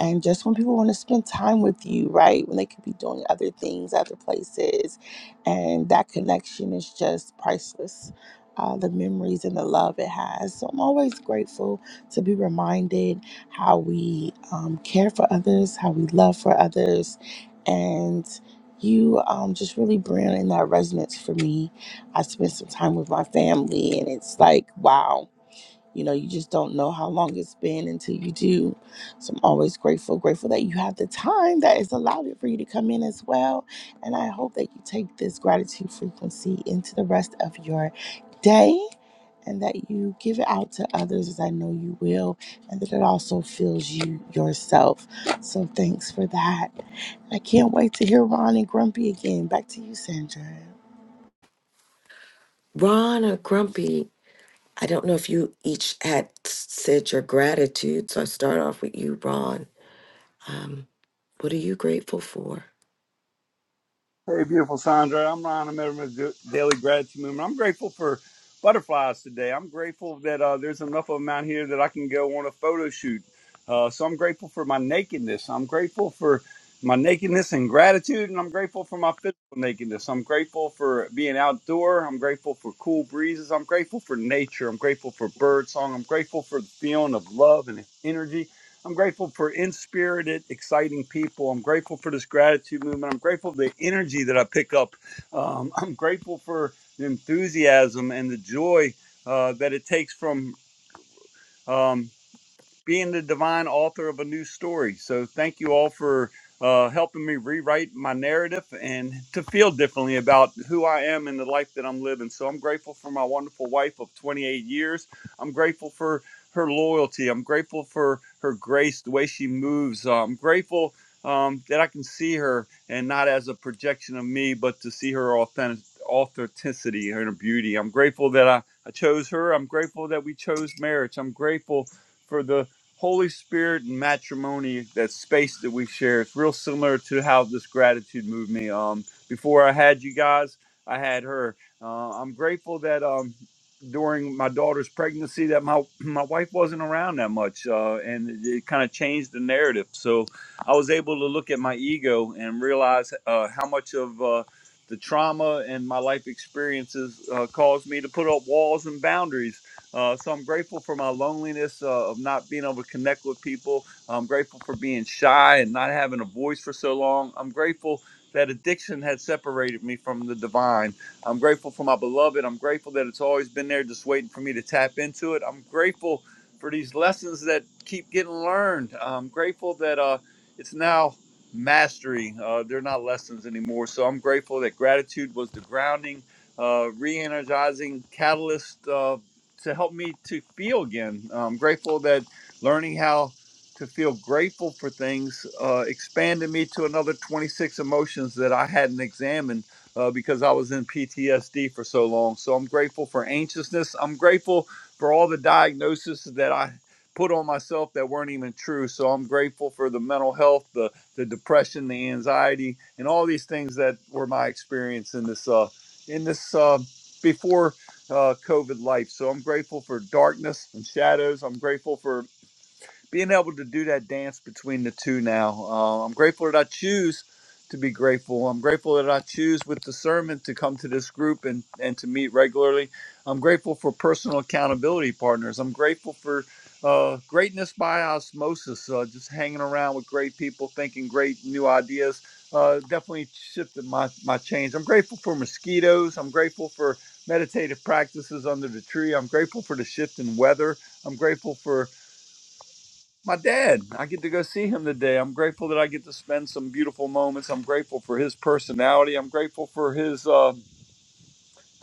Speaker 21: and just when people want to spend time with you, right? When they could be doing other things, other places. And that connection is just priceless. Uh, the memories and the love it has. So I'm always grateful to be reminded how we um, care for others, how we love for others. And you um, just really bring in that resonance for me I spent some time with my family, and it's like, wow, you know, you just don't know how long it's been until you do. So I'm always grateful, grateful that you have the time that is allowed for you to come in as well. And I hope that you take this gratitude frequency into the rest of your day and that you give it out to others as I know you will, and that it also fills you yourself. So thanks for that. I can't wait to hear Ron and Grumpy again. Back to you, Sandra.
Speaker 22: Ron or Grumpy, I don't know if you each had said your gratitude, so I start off with you, Ron. Um, what are you grateful for?
Speaker 12: Well, Sandra, I'm Ron. I'm a the Daily Gratitude Movement. I'm grateful for butterflies today. I'm grateful that uh, there's enough of them out here that I can go on a photo shoot. Uh, so I'm grateful for my naked. I'm grateful for this and gratitude, and I'm grateful for taking this being out. I'm grateful for cool breezes. I'm grateful for nature. Grateful for song. I'm grateful for the feeling, love, and energy. I'm grateful for inspirited, exciting people. I'm grateful for this gratitude movement. I'm grateful for the energy that I pick up, enthusiasm, joy, uh, that it takes first. community. I'm grateful that I, I chose her. I'm grateful that we chose marriage. I'm grateful for the Holy Spirit and matrimony, that space that we share. It's real similar to how this gratitude moved me. Um, before I had you guys, I had her. Uh, I'm grateful that um, during my daughter's pregnancy, that my my wife wasn't around that much, uh, and it, it kind of changed the narrative. So I was able to look at my ego and realize uh, how much of uh, the trauma and my life experiences uh, caused me to put up walls and boundaries. Uh, so I'm grateful for my loneliness uh, of not being able to connect with people. I'm grateful for being shy and not having a voice for so long. I'm grateful that addiction had separated me from the divine. I'm grateful for my beloved. I'm grateful that it's always been there just waiting for me to tap into it. I'm grateful for these lessons that keep getting learned. I'm grateful that uh, it's now mastery. Uh, they're not lessons anymore. So I'm grateful that gratitude was the grounding, uh, re energizing catalyst uh, to help me to feel again. I'm grateful that learning how to feel grateful for things uh, expanded me to another 26 emotions that I hadn't examined. Uh, because I was in PTSD for so long. So I'm grateful for anxiousness. I'm grateful for all the diagnoses that I put on myself that weren't even true. So I'm grateful for the mental health, the depression, the anxiety, and all these things that were my experience in this uh, in this uh, before uh, COVID life. So I'm grateful for darkness and shadows. I'm grateful for being able to do that dance between the two now. Uh, I'm grateful that I choose to be grateful. I'm grateful that I choose with discernment to come to this group and, and to meet regularly. I'm grateful for personal accountability partners. I'm grateful for uh, greatness by osmosis, uh, just hanging around with great people, thinking great new ideas. Uh, definitely shifted my, my change. I'm grateful for mosquitoes. I'm grateful for meditative practices under the tree. I'm grateful for the shift in weather. I'm grateful for my dad. I get to go see him today. I'm grateful that I get to spend some beautiful moments. I'm grateful for his personality. I'm grateful for his uh,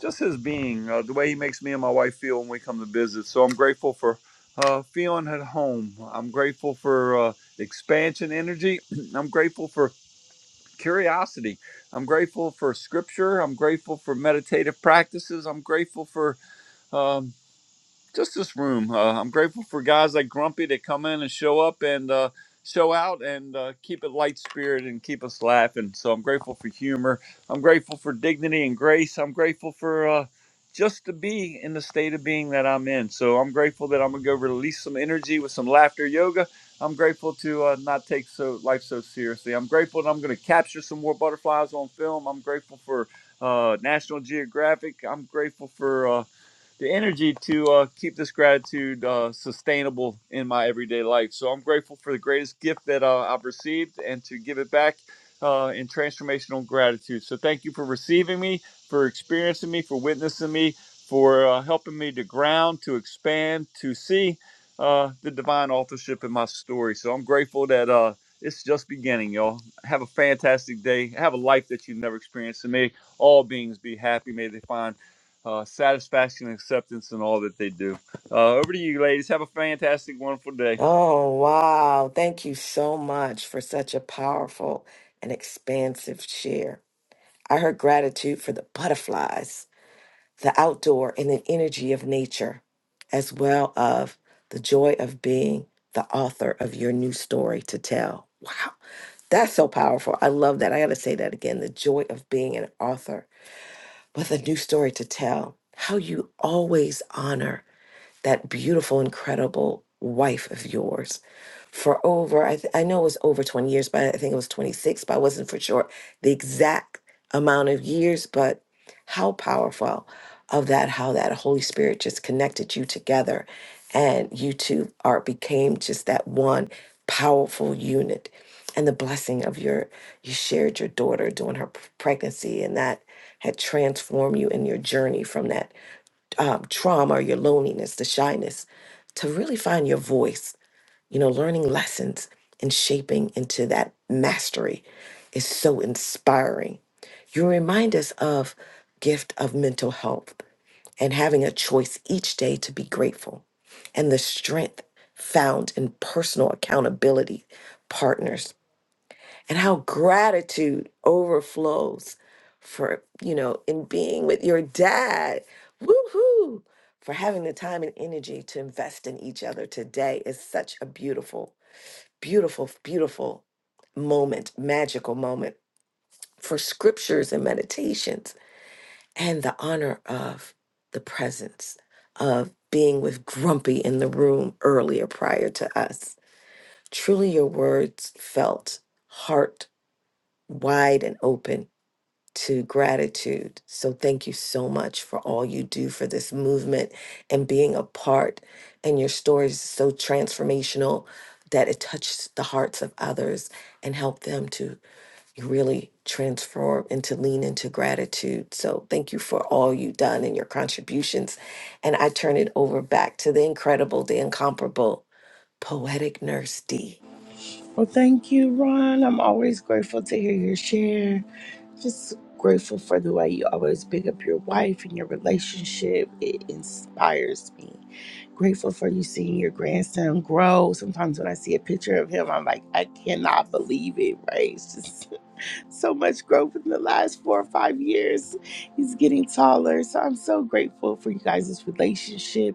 Speaker 12: just his being, uh, the way he makes me and my wife feel when we come to visit. So I'm grateful for uh, feeling at home. I'm grateful for uh, expansion energy. I'm grateful for curiosity. I'm grateful for scripture. I'm grateful for meditative practices. I'm grateful for um, just this room. Uh, I'm grateful for guys like Grumpy that come in and show up and uh, show out and uh, keep it light spirit and keep us laughing. So I'm grateful for humor. I'm grateful for dignity and grace. I'm grateful for uh, just to be in the state of being that I'm in. So I'm grateful that I'm gonna go release some energy with some laughter yoga. I'm grateful to uh, not take so life so seriously. I'm grateful that I'm gonna capture some more butterflies on film. I'm grateful for uh, National Geographic. I'm grateful for. uh, the energy to uh, keep this gratitude uh, sustainable in my everyday life. So I'm grateful for the greatest gift that uh, I've received and to give it back uh, in transformational gratitude. So thank you for receiving me, for experiencing me, for witnessing me, for uh, helping me to ground, to expand, to see uh, the divine authorship in my story. So I'm grateful that uh, it's just beginning, y'all. Have a fantastic day. Have a life that you've never experienced. And may all beings be happy. May they find uh, satisfaction, acceptance, and all that they do. Uh, over to you, ladies. Have a fantastic, wonderful day.
Speaker 22: Oh, wow. Thank you so much for such a powerful and expansive share. I heard gratitude for the butterflies, the outdoor and the energy of nature, as well of the joy of being the author of your new story to tell. Wow. That's so powerful. I love that. I got to say that again. The joy of being an author with a new story to tell. How you always honor that beautiful, incredible wife of yours for over, I, th- I know it was over 20 years, but I think it was 26, but I wasn't for sure the exact amount of years. But how powerful of that, how that Holy Spirit just connected you together and you two are became just that one powerful unit. And the blessing of your, you shared your daughter during her p- pregnancy, and that had transformed you in your journey from that um, trauma or your loneliness, the shyness, to really find your voice, you know, learning lessons and shaping into that mastery is so inspiring. You remind us of gift of mental health and having a choice each day to be grateful and the strength found in personal accountability partners and how gratitude overflows for you know in being with your dad woohoo for having the time and energy to invest in each other today is such a beautiful beautiful beautiful moment magical moment for scriptures and meditations and the honor of the presence of being with grumpy in the room earlier prior to us truly your words felt heart wide and open to gratitude. So thank you so much for all you do for this movement and being a part. And your story is so transformational that it touches the hearts of others and help them to really transform and to lean into gratitude. So thank you for all you've done and your contributions. And I turn it over back to the incredible, the incomparable poetic nurse D.
Speaker 21: Well, thank you, Ron. I'm always grateful to hear your share. Just grateful for the way you always pick up your wife and your relationship. It inspires me. Grateful for you seeing your grandson grow. Sometimes when I see a picture of him, I'm like, I cannot believe it, right? so much growth in the last four or five years. He's getting taller. So I'm so grateful for you guys' relationship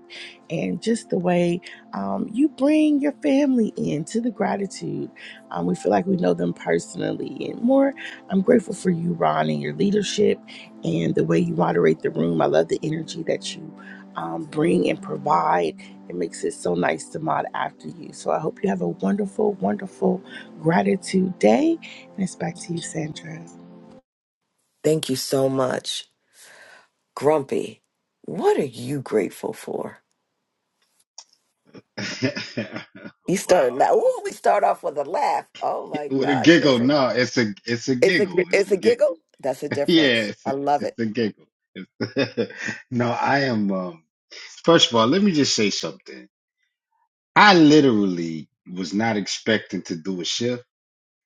Speaker 21: and just the way um, you bring your family into the gratitude. Um, we feel like we know them personally and more. I'm grateful for you, Ron, and your leadership and the way you moderate the room. I love the energy that you um, bring and provide. It makes it so nice to mod after you. So I hope you have a wonderful, wonderful gratitude day it's back to you, Sandra.
Speaker 22: Thank you so much. Grumpy, what are you grateful for?
Speaker 9: bit.
Speaker 22: You start
Speaker 9: wow.
Speaker 22: now.
Speaker 9: Um,
Speaker 22: Ooh, we start off with a laugh. Oh my
Speaker 9: With a
Speaker 22: gosh,
Speaker 9: giggle.
Speaker 22: that's it.
Speaker 9: No, it's a it's a
Speaker 22: it's a
Speaker 9: giggle. It's a
Speaker 22: it's a
Speaker 9: giggle.
Speaker 22: giggle. That's a
Speaker 9: Yeah,
Speaker 22: difference.
Speaker 9: it's a,
Speaker 22: I love
Speaker 9: it's
Speaker 22: it.
Speaker 9: a giggle. It's- no, I am um first of all, let me just say something. I literally was not expecting to do a shift.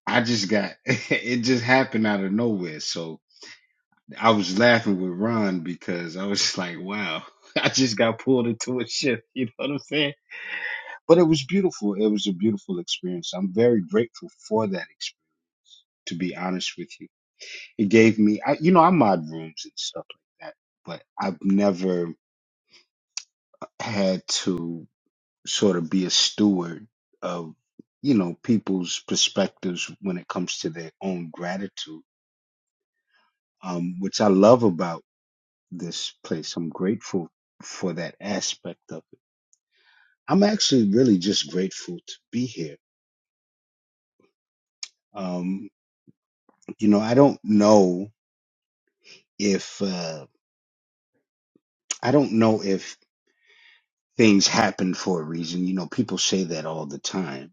Speaker 9: I just got it just happened out of nowhere. So I was laughing with Ron because I was just like, wow, I just got pulled into a shift. You know what I'm saying? But it was beautiful. It was a beautiful experience. I'm very grateful for that experience, to be honest with you. It gave me, I, you know, I mod rooms and stuff like that, but I've never had to sort of be a steward of, you know, people's perspectives when it comes to their own gratitude, um, which I love about this place. I'm grateful for that aspect of it I'm actually really just grateful to be here. Um, you know, I don't know if uh, I don't know if things happen for a reason. You know, people say that all the time.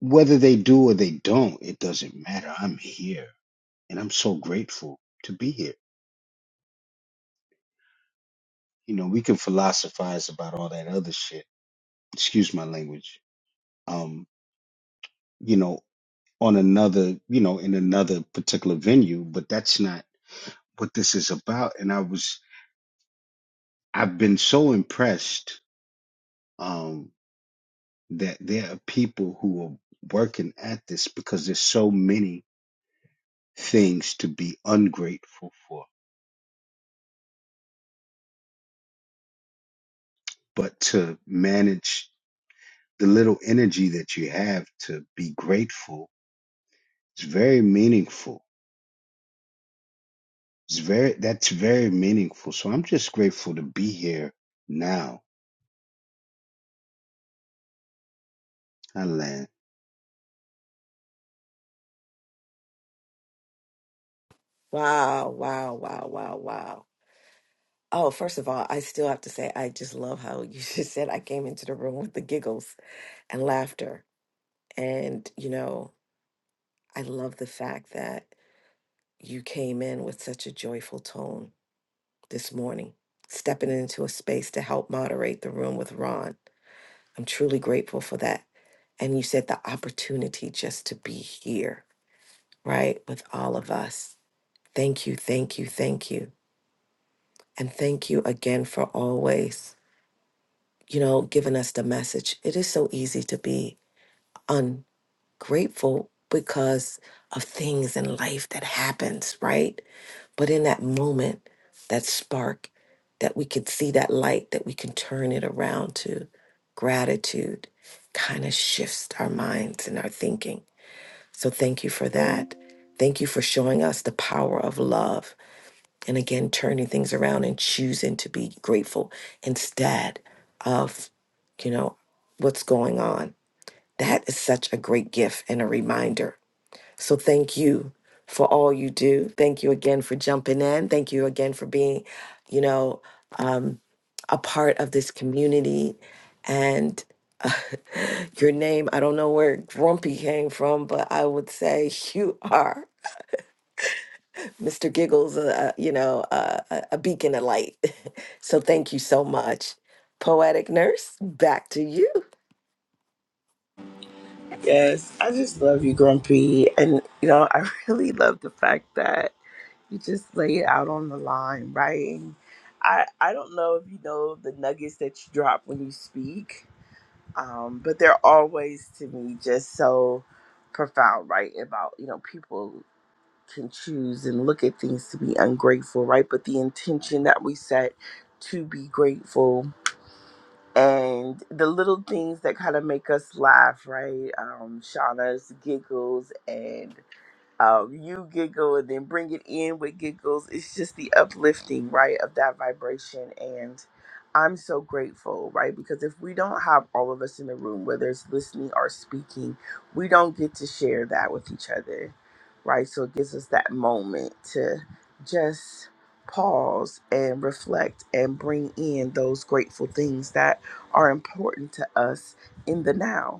Speaker 9: Whether they do or they don't, it doesn't matter. I'm here, and I'm so grateful to be here. You know, we can philosophize about all that other shit. Excuse my language. Um, you know, on another, you know, in another particular venue, but that's not what this is about. And I was I've been so impressed um, that there are people who are working at this because there's so many things to be ungrateful for. But to manage the little energy that you have to be grateful is very meaningful. It's very that's very meaningful. So I'm just grateful to be here now. I land.
Speaker 22: Wow, wow, wow, wow, wow. Oh, first of all, I still have to say I just love how you just said I came into the room with the giggles and laughter. And you know, I love the fact that you came in with such a joyful tone this morning, stepping into a space to help moderate the room with Ron. I'm truly grateful for that. and you said the opportunity just to be here, right, with all of us. Thank you, thank you, thank you. And thank you again for always, you know, giving us the message. It is so easy to be ungrateful because of things in life that happens, right? But in that moment, that spark that we can see that light that we can turn it around to gratitude kind of shifts our minds and our thinking So thank you for that. Thank you for showing us the power of love. And again, turning things around and choosing to be grateful instead of, you know, what's going on. That is such a great gift and a reminder so thank you for all you do. Thank you again for jumping in. Thank you again for being, you know, um, a part of this community. And your name, I don't know where Grumpy came from, but I would say you are Mr. Giggles, uh, uh, you know, uh, a a beacon of light. so thank you so much. Poetic Nurse, back to you.
Speaker 21: Yes, I just love you, Grumpy. And, you know, I really love the fact that you just lay it out on the line, right? And I, I don't know if you know the nuggets that you drop when you speak, um, but they're always, to me, just so profound, right? About, you know, people can choose and look at things to be ungrateful, right? But the intention that we set to be grateful and the little things that kind of make us laugh, right? Um, Shauna's giggles and um, you giggle and then bring it in with giggles. It's just the uplifting, right, of that vibration. And I'm so grateful, right? Because if we don't have all of us in the room, whether it's listening or speaking, we don't get to share that with each other, right? So it gives us that moment to just pause and reflect and bring in those grateful things that are important to us in the now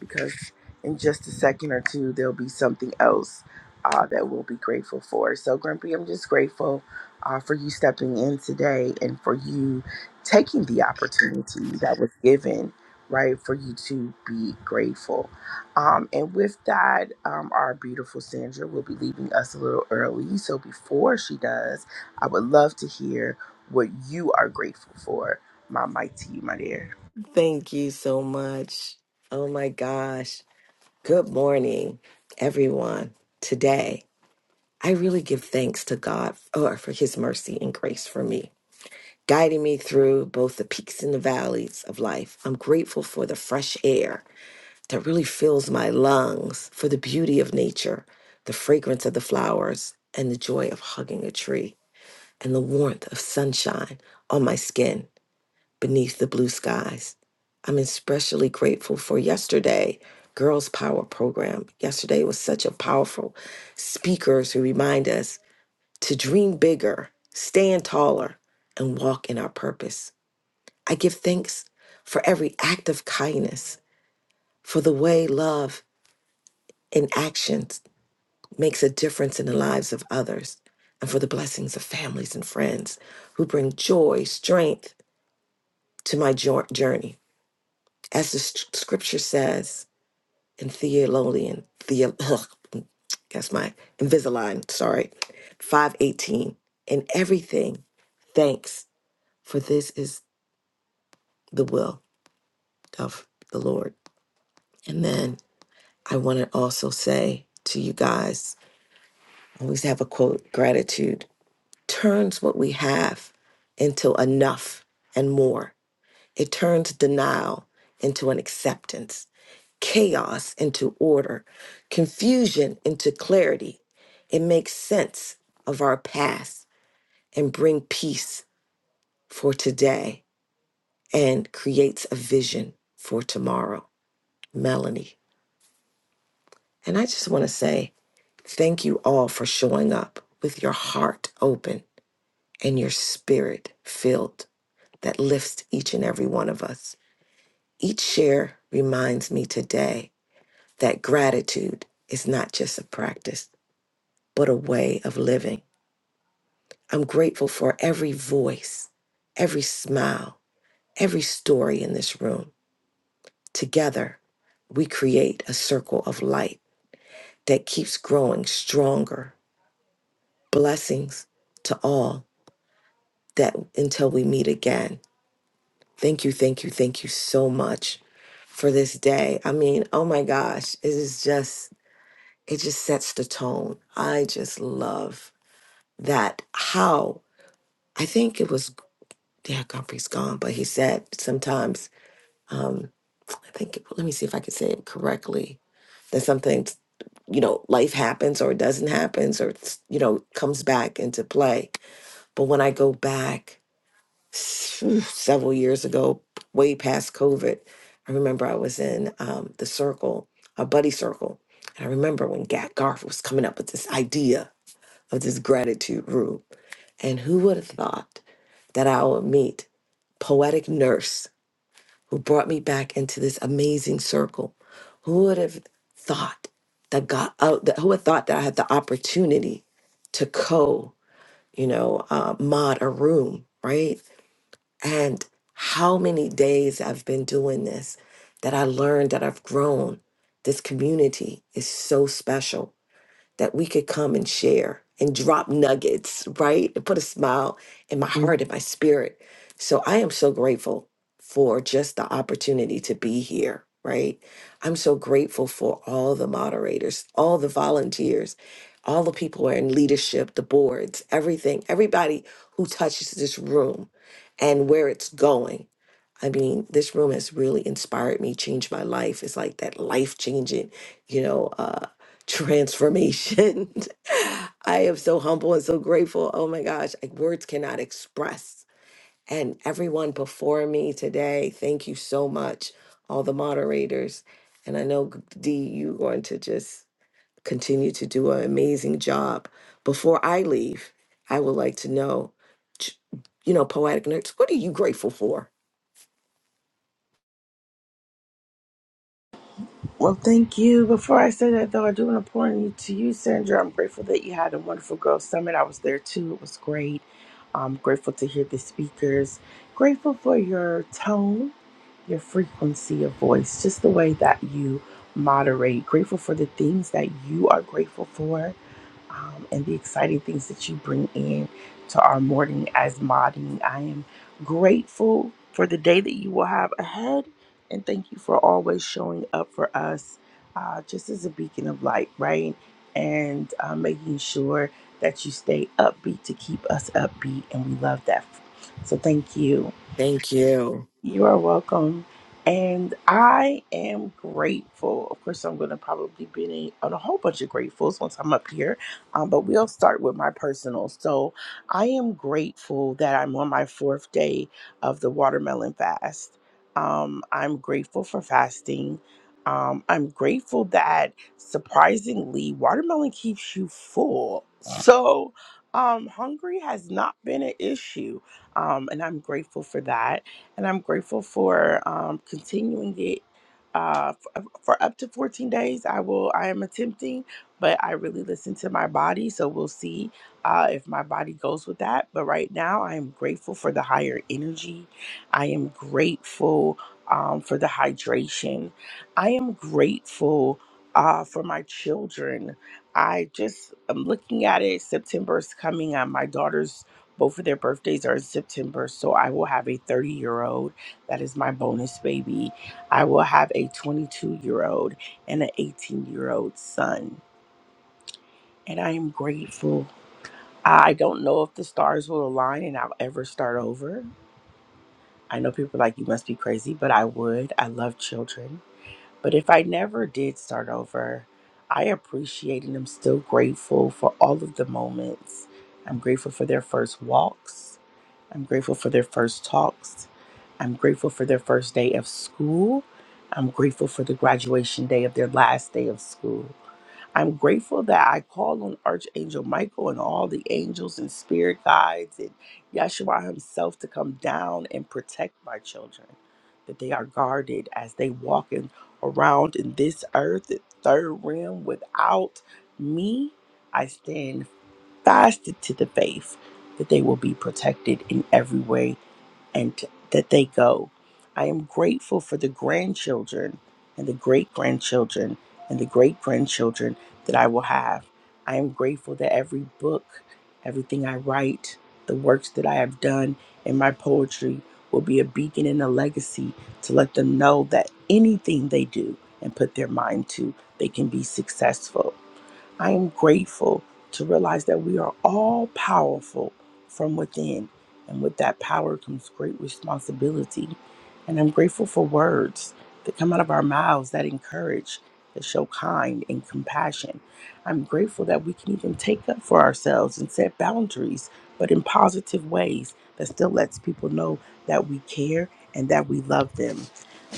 Speaker 21: because in just a second or two, there'll be something else uh, that we'll be grateful for. So, Grumpy, I'm just grateful uh, for you stepping in today and for you taking the opportunity that was given, right, for you to be grateful. Um, and with that, um, our beautiful Sandra will be leaving us a little early. So, before she does, I would love to hear what you are grateful for, my mighty, my dear.
Speaker 22: Thank you so much. Oh my gosh. Good morning, everyone. Today, I really give thanks to God for, for his mercy and grace for me, guiding me through both the peaks and the valleys of life. I'm grateful for the fresh air that really fills my lungs, for the beauty of nature, the fragrance of the flowers, and the joy of hugging a tree, and the warmth of sunshine on my skin beneath the blue skies. I'm especially grateful for yesterday, Girls Power program. Yesterday was such a powerful speakers who remind us to dream bigger, stand taller, and walk in our purpose. I give thanks for every act of kindness, for the way love in actions makes a difference in the lives of others, and for the blessings of families and friends who bring joy, strength to my jour- journey. As the s- scripture says, and Theolonian. Theo, ugh, that's my Invisalign, sorry. 518. In everything, thanks, for this is the will of the Lord. And then I want to also say to you guys, I always have a quote gratitude turns what we have into enough and more. It turns denial into an acceptance, chaos into order, confusion into clarity. It makes sense of our past and bring peace for today and creates a vision for tomorrow. Melanie. And I just want to say thank you all for showing up with your heart open and your spirit filled that lifts each and every one of us. Each share reminds me today that gratitude is not just a practice, but a way of living. I'm grateful for every voice, every smile, every story in this room. Together, we create a circle of light that keeps growing stronger. Blessings to all that until we meet again. Thank you, thank you, thank you so much for this day. I mean, oh my gosh, it is just, it just sets the tone. I just love that how I think it was yeah Godfrey's gone, but he said sometimes um, I think let me see if I can say it correctly that something you know life happens or it doesn't happen or it's, you know comes back into play. But when I go back phew, several years ago, way past COVID, I remember I was in um, the circle, a buddy circle, and I remember when Gat Garf was coming up with this idea of this gratitude room, and who would have thought? that I would meet poetic nurse who brought me back into this amazing circle. Who would have thought that God? Oh, that, who would have thought that I had the opportunity to co, you know, uh, mod a room, right? And how many days I've been doing this, that I learned, that I've grown. This community is so special that we could come and share and drop nuggets, right? And put a smile in my heart and my spirit. So I am so grateful for just the opportunity to be here, right? I'm so grateful for all the moderators, all the volunteers, all the people who are in leadership, the boards, everything, everybody who touches this room and where it's going. I mean, this room has really inspired me, changed my life. It's like that life changing, you know, uh, transformation. I am so humble and so grateful. Oh my gosh, like words cannot express. And everyone before me today, thank you so much, all the moderators. And I know, D, you're going to just continue to do an amazing job. Before I leave, I would like to know, ch- you know, Poetic Nerds, what are you grateful for?
Speaker 21: Well, thank you. Before I say that, though, I do want to pour in to you, Sandra. I'm grateful that you had a wonderful Girl Summit. I was there too. It was great. I'm grateful to hear the speakers. Grateful for your tone, your frequency of voice, just the way that you moderate. Grateful for the things that you are grateful for um, and the exciting things that you bring in to our morning as modding. I am grateful for the day that you will have ahead, and thank you for always showing up for us uh, just as a beacon of light, right? And uh, making sure that you stay upbeat to keep us upbeat, and we love that. So, thank you.
Speaker 22: Thank you.
Speaker 21: You are welcome. And I am grateful. Of course, I'm going to probably be in- on a whole bunch of gratefuls once I'm up here, um, but we'll start with my personal. So, I am grateful that I'm on my fourth day of the watermelon fast. Um, I'm grateful for fasting. Um, I'm grateful that surprisingly, watermelon keeps you full. So, um, hungry has not been an issue, um, and I'm grateful for that and I'm grateful for um, continuing it uh, f- uh, for up to 14 days. I will. I am attempting, but I really listen to my body, so we'll see uh, if my body goes with that. But right now, I am grateful for the higher energy. I am grateful um, for the hydration. I am grateful uh, for my children. I just am looking at it. September is coming. Uh, my daughter's both of their birthdays are in September, so I will have a 30 year old. That is my bonus baby. I will have a 22 year old and an 18 year old son. And I am grateful. I don't know if the stars will align and I'll ever start over. I know people are like, you must be crazy, but I would. I love children. But if I never did start over, I appreciate and I'm still grateful for all of the moments. I'm grateful for their first walks. I'm grateful for their first talks. I'm grateful for their first day of school. I'm grateful for the graduation day of their last day of school. I'm grateful that I called on Archangel Michael and all the angels and spirit guides and Yeshua himself to come down and protect my children, that they are guarded as they walk in, around in this earth, the third realm. Without me, I stand fasted to the faith that they will be protected in every way and t- that they go. I am grateful for the grandchildren and the great grandchildren and the great grandchildren that I will have. I am grateful that every book, everything I write, the works that I have done in my poetry will be a beacon and a legacy to let them know that anything they do and put their mind to, they can be successful. I am grateful to realize that we are all powerful from within. And with that power comes great responsibility. And I'm grateful for words that come out of our mouths that encourage, that show kind and compassion. I'm grateful that we can even take up for ourselves and set boundaries, but in positive ways that still lets people know that we care and that we love them.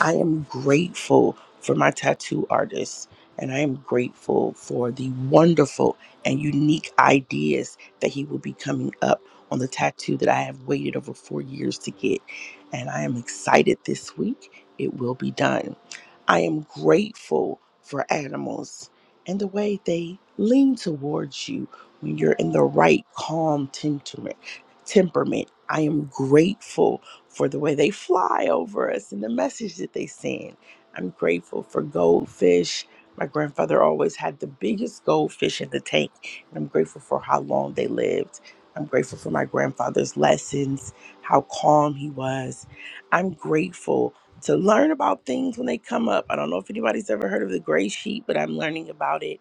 Speaker 21: I am grateful for my tattoo artist. And I am grateful for the wonderful and unique ideas that he will be coming up on the tattoo that I have waited over four years to get. And I am excited this week. It will be done. I am grateful for animals and the way they lean towards you when you're in the right calm temperament. Temperament. I am grateful for the way they fly over us and the message that they send. I'm grateful for goldfish. My grandfather always had the biggest goldfish in the tank, and I'm grateful for how long they lived. I'm grateful for my grandfather's lessons, how calm he was. I'm grateful to learn about things when they come up. I don't know if anybody's ever heard of the gray sheet, but I'm learning about it.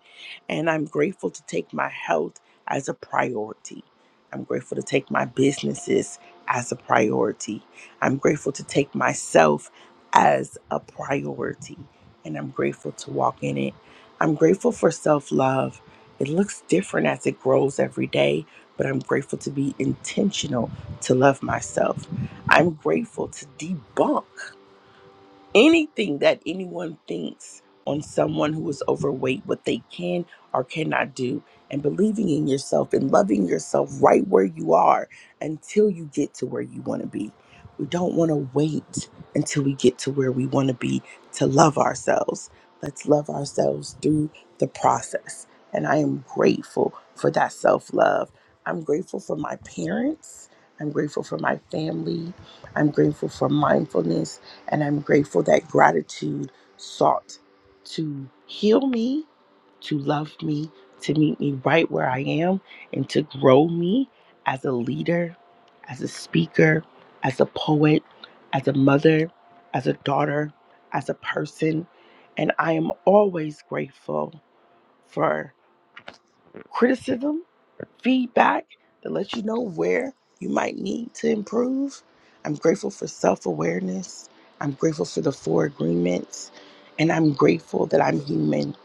Speaker 21: And I'm grateful to take my health as a priority. I'm grateful to take my businesses as a priority. I'm grateful to take myself as a priority. And I'm grateful to walk in it. I'm grateful for self love. It looks different as it grows every day, but I'm grateful to be intentional to love myself. I'm grateful to debunk anything that anyone thinks on someone who is overweight, what they can or cannot do, and believing in yourself and loving yourself right where you are until you get to where you want to be. We don't want to wait until we get to where we want to be to love ourselves. Let's love ourselves through the process. And I am grateful for that self love. I'm grateful for my parents. I'm grateful for my family. I'm grateful for mindfulness. And I'm grateful that gratitude sought to heal me, to love me, to meet me right where I am, and to grow me as a leader, as a speaker, as a poet, as a mother, as a daughter, as a person. And I am always grateful for criticism feedback that lets you know where you might need to improve. I'm grateful for self awareness. I'm grateful for the four agreements. And I'm grateful that I'm human.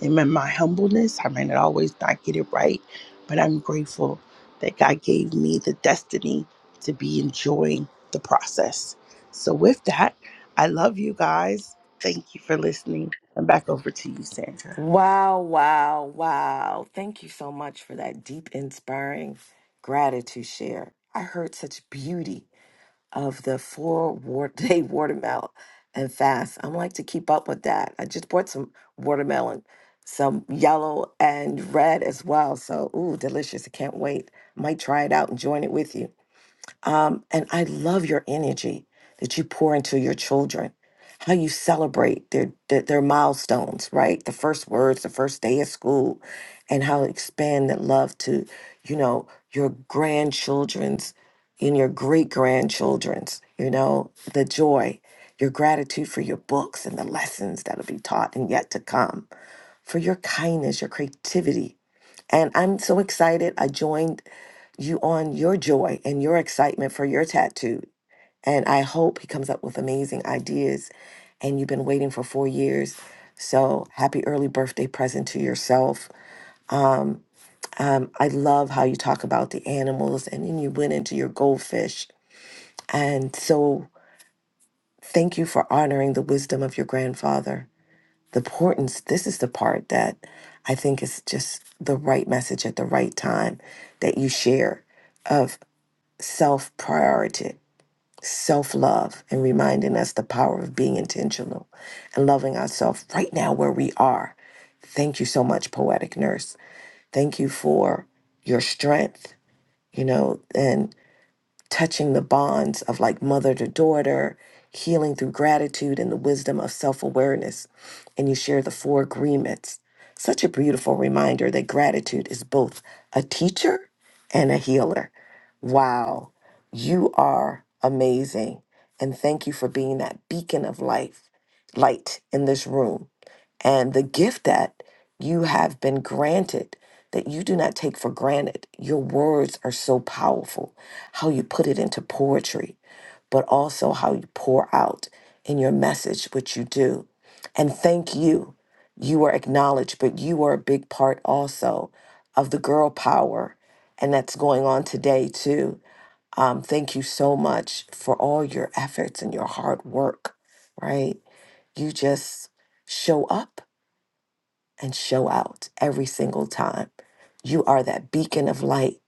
Speaker 21: And in my humbleness, I might not always not get it right, but I'm grateful that God gave me the destiny to be enjoying the process. So, with that, I love you guys. Thank you for listening. And back over to you, Sandra.
Speaker 22: Wow, wow, wow. Thank you so much for that deep, inspiring gratitude share. I heard such beauty of the four war- day watermelon and fast. I'm like to keep up with that. I just bought some watermelon, some yellow and red as well. So, ooh, delicious. I can't wait. Might try it out and join it with you. Um, and I love your energy that you pour into your children, how you celebrate their, their their milestones, right? The first words, the first day of school, and how to expand that love to, you know, your grandchildren's and your great grandchildren's, you know, the joy, your gratitude for your books and the lessons that'll be taught and yet to come, for your kindness, your creativity. And I'm so excited. I joined you on your joy and your excitement for your tattoo. And I hope he comes up with amazing ideas. And you've been waiting for four years. So happy early birthday present to yourself. Um, I love how you talk about the animals and then you went into your goldfish. And so thank you for honoring the wisdom of your grandfather. The importance, this is the part that I think is just the right message at the right time that you share of self priority self love and reminding us the power of being intentional and loving ourselves right now where we are. Thank you so much, Poetic Nurse. Thank you for your strength, you know, and touching the bonds of like mother to daughter, healing through gratitude and the wisdom of self awareness. And you share the four agreements. Such a beautiful reminder that gratitude is both a teacher and a healer. Wow, you are amazing. And thank you for being that beacon of life, light in this room. And the gift that you have been granted that you do not take for granted. Your words are so powerful how you put it into poetry, but also how you pour out in your message, which you do. And thank you. You are acknowledged, but you are a big part also of the girl power. And that's going on today, too. Um, thank you so much for all your efforts and your hard work, right? You just show up and show out every single time. You are that beacon of light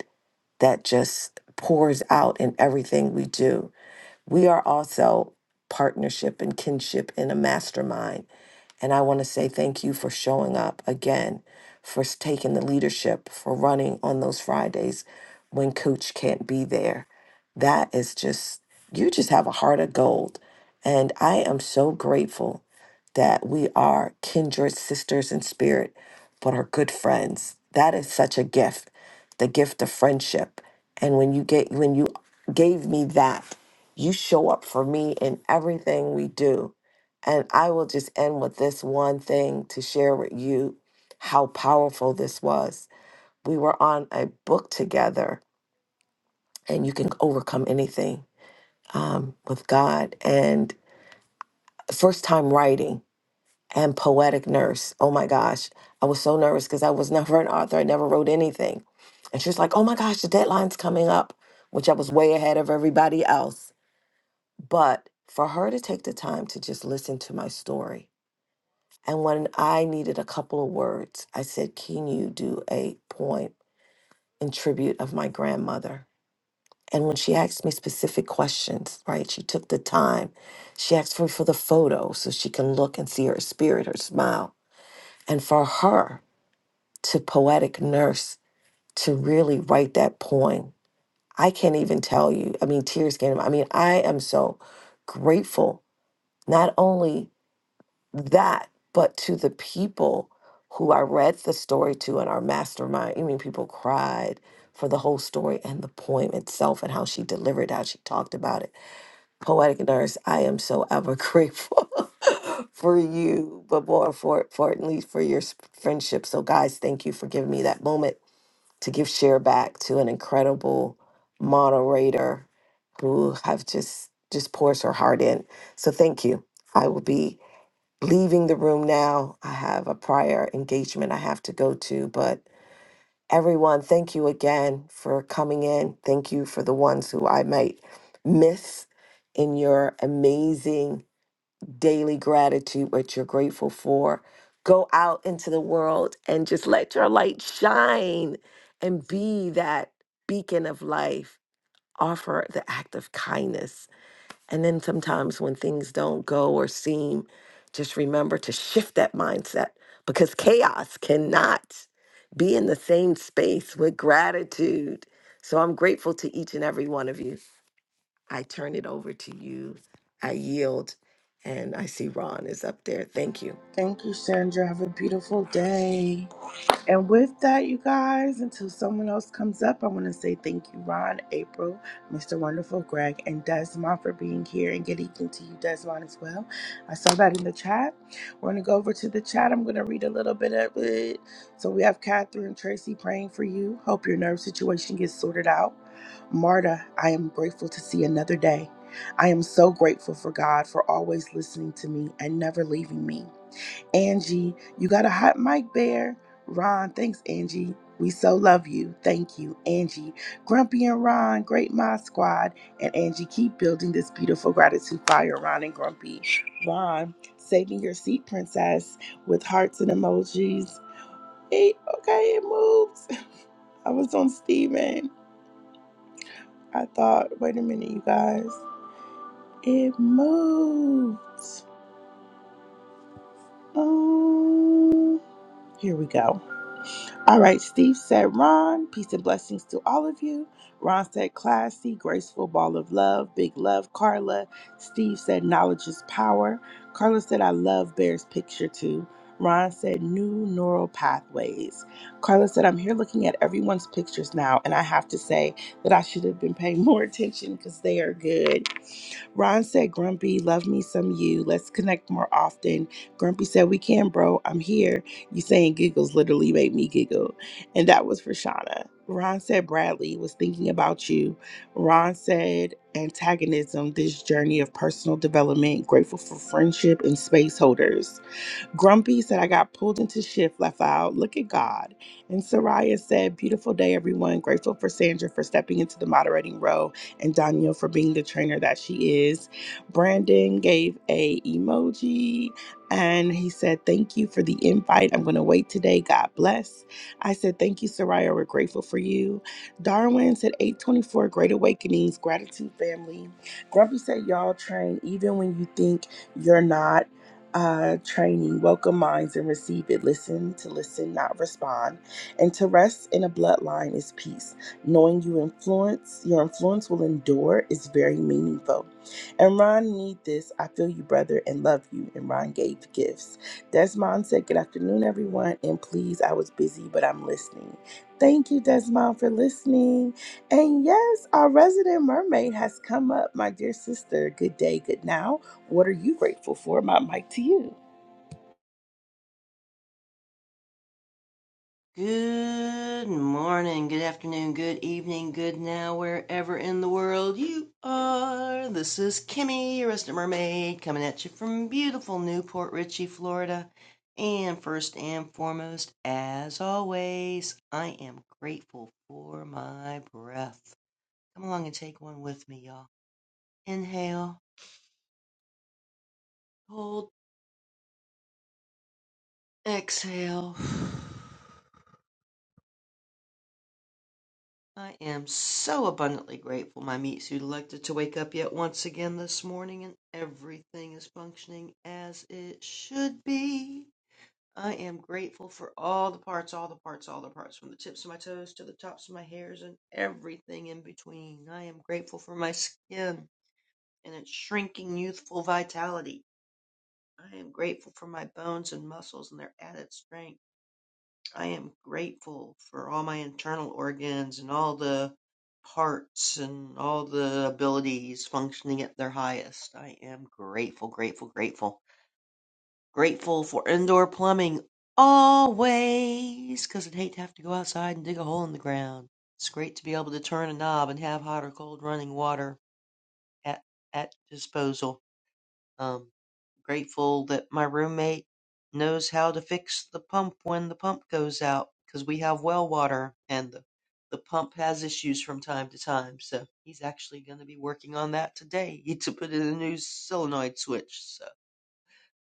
Speaker 22: that just pours out in everything we do. We are also partnership and kinship in a mastermind. And I want to say thank you for showing up again, for s- taking the leadership, for running on those Fridays when coach can't be there. That is just, you just have a heart of gold. And I am so grateful that we are kindred sisters in spirit, but are good friends. That is such a gift, the gift of friendship. And when you get, when you gave me that you show up for me in everything we do. And I will just end with this one thing to share with you how powerful this was. We were on a book together, and you can overcome anything um, with God. And first time writing and poetic nurse. Oh my gosh. I was so nervous because I was never an author. I never wrote anything. And she's like, oh my gosh, the deadline's coming up, which I was way ahead of everybody else But for her to take the time to just listen to my story, and when I needed a couple of words, I said, Can you do a poem in tribute of my grandmother? And when she asked me specific questions, right, she took the time. She asked me for the photo so she can look and see her spirit, her smile. And for her to poetic nurse to really write that poem, I can't even tell you. I mean, tears came. I mean, I am so grateful not only that, but to the people who I read the story to in our mastermind, I mean, people cried for the whole story and the poem itself and how she delivered, how she talked about it. Poetic Nurse, I am so ever grateful for you, but more for, for at least for your s- friendship. So, guys, thank you for giving me that moment to give share back to an incredible moderator who have just just pours her heart in. So thank you. I will be leaving the room now. I have a prior engagement I have to go to, but everyone, thank you again for coming in. Thank you for the ones who I might miss in your amazing daily gratitude, what you're grateful for. Go out into the world and just let your light shine and be that beacon of life. Offer the act of kindness and then sometimes when things don't go or seem, just remember to shift that mindset because chaos cannot be in the same space with gratitude. So I'm grateful to each and every one of you. I turn it over to you. I yield. And I see Ron is up there. Thank you.
Speaker 21: Thank you, Sandra. Have a beautiful day. And with that, you guys, until someone else comes up, I want to say thank you, Ron, April, Mr. Wonderful, Greg, and Desmond for being here. And good evening to you, Desmond, as well. I saw that in the chat. We're going to go over to the chat. I'm going to read a little bit of it. So we have Catherine Tracy praying for you. Hope your nerve situation gets sorted out. Marta, I am grateful to see another day. I am so grateful for God for always listening to me and never leaving me. Angie, you got a hot mic bear. Ron, thanks, Angie. We so love you. Thank you, Angie. Grumpy and Ron, Great my Squad, and Angie, keep building this beautiful gratitude fire, Ron and Grumpy. Ron, saving your seat, princess, with hearts and emojis. Hey, okay, it moves. I was on Steven. I thought, wait a minute, you guys. It moves. Um, here we go. All right, Steve said, Ron, peace and blessings to all of you. Ron said, classy, graceful ball of love, big love, Carla. Steve said, knowledge is power. Carla said, I love Bear's picture too. Ron said, new neural pathways. Carla said, I'm here looking at everyone's pictures now, and I have to say that I should have been paying more attention because they are good. Ron said, Grumpy, love me some you. Let's connect more often. Grumpy said, We can, bro. I'm here. You saying giggles literally made me giggle. And that was for Shauna. Ron said, Bradley was thinking about you. Ron said, Antagonism, this journey of personal development, grateful for friendship and space holders. Grumpy said, I got pulled into shift, left out. Look at God. And Soraya said, Beautiful day, everyone. Grateful for Sandra for stepping into the moderating role and Danielle for being the trainer that she is. Brandon gave a emoji and he said, Thank you for the invite. I'm going to wait today. God bless. I said, Thank you, Soraya. We're grateful for you. Darwin said, 824 Great Awakenings, Gratitude Family. Grumpy said, Y'all train even when you think you're not uh, training, welcome minds and receive it. Listen to listen, not respond. And to rest in a bloodline is peace. Knowing you influence, your influence will endure is very meaningful. And Ron need this. I feel you, brother, and love you. And Ron gave gifts. Desmond said, Good afternoon, everyone. And please, I was busy, but I'm listening. Thank you, Desmond, for listening. And yes, our resident mermaid has come up, my dear sister. Good day, good now. What are you grateful for? My mic to you.
Speaker 26: Good morning, good afternoon, good evening, good now, wherever in the world you are. This is Kimmy, your resident mermaid, coming at you from beautiful Newport Richey, Florida. And first and foremost, as always, I am grateful for my breath. Come along and take one with me, y'all. Inhale, hold, exhale. I am so abundantly grateful my meat suit elected to wake up yet once again this morning and everything is functioning as it should be. I am grateful for all the parts, all the parts, all the parts, from the tips of my toes to the tops of my hairs and everything in between. I am grateful for my skin and its shrinking youthful vitality. I am grateful for my bones and muscles and their added strength. I am grateful for all my internal organs and all the parts and all the abilities functioning at their highest. I am grateful, grateful, grateful. Grateful for indoor plumbing always, 'cause I'd hate to have to go outside and dig a hole in the ground. It's great to be able to turn a knob and have hot or cold running water at, at disposal. Um. Grateful that my roommate knows how to fix the pump when the pump goes out because we have well water and the, the pump has issues from time to time. So he's actually going to be working on that today to put in a new solenoid switch. So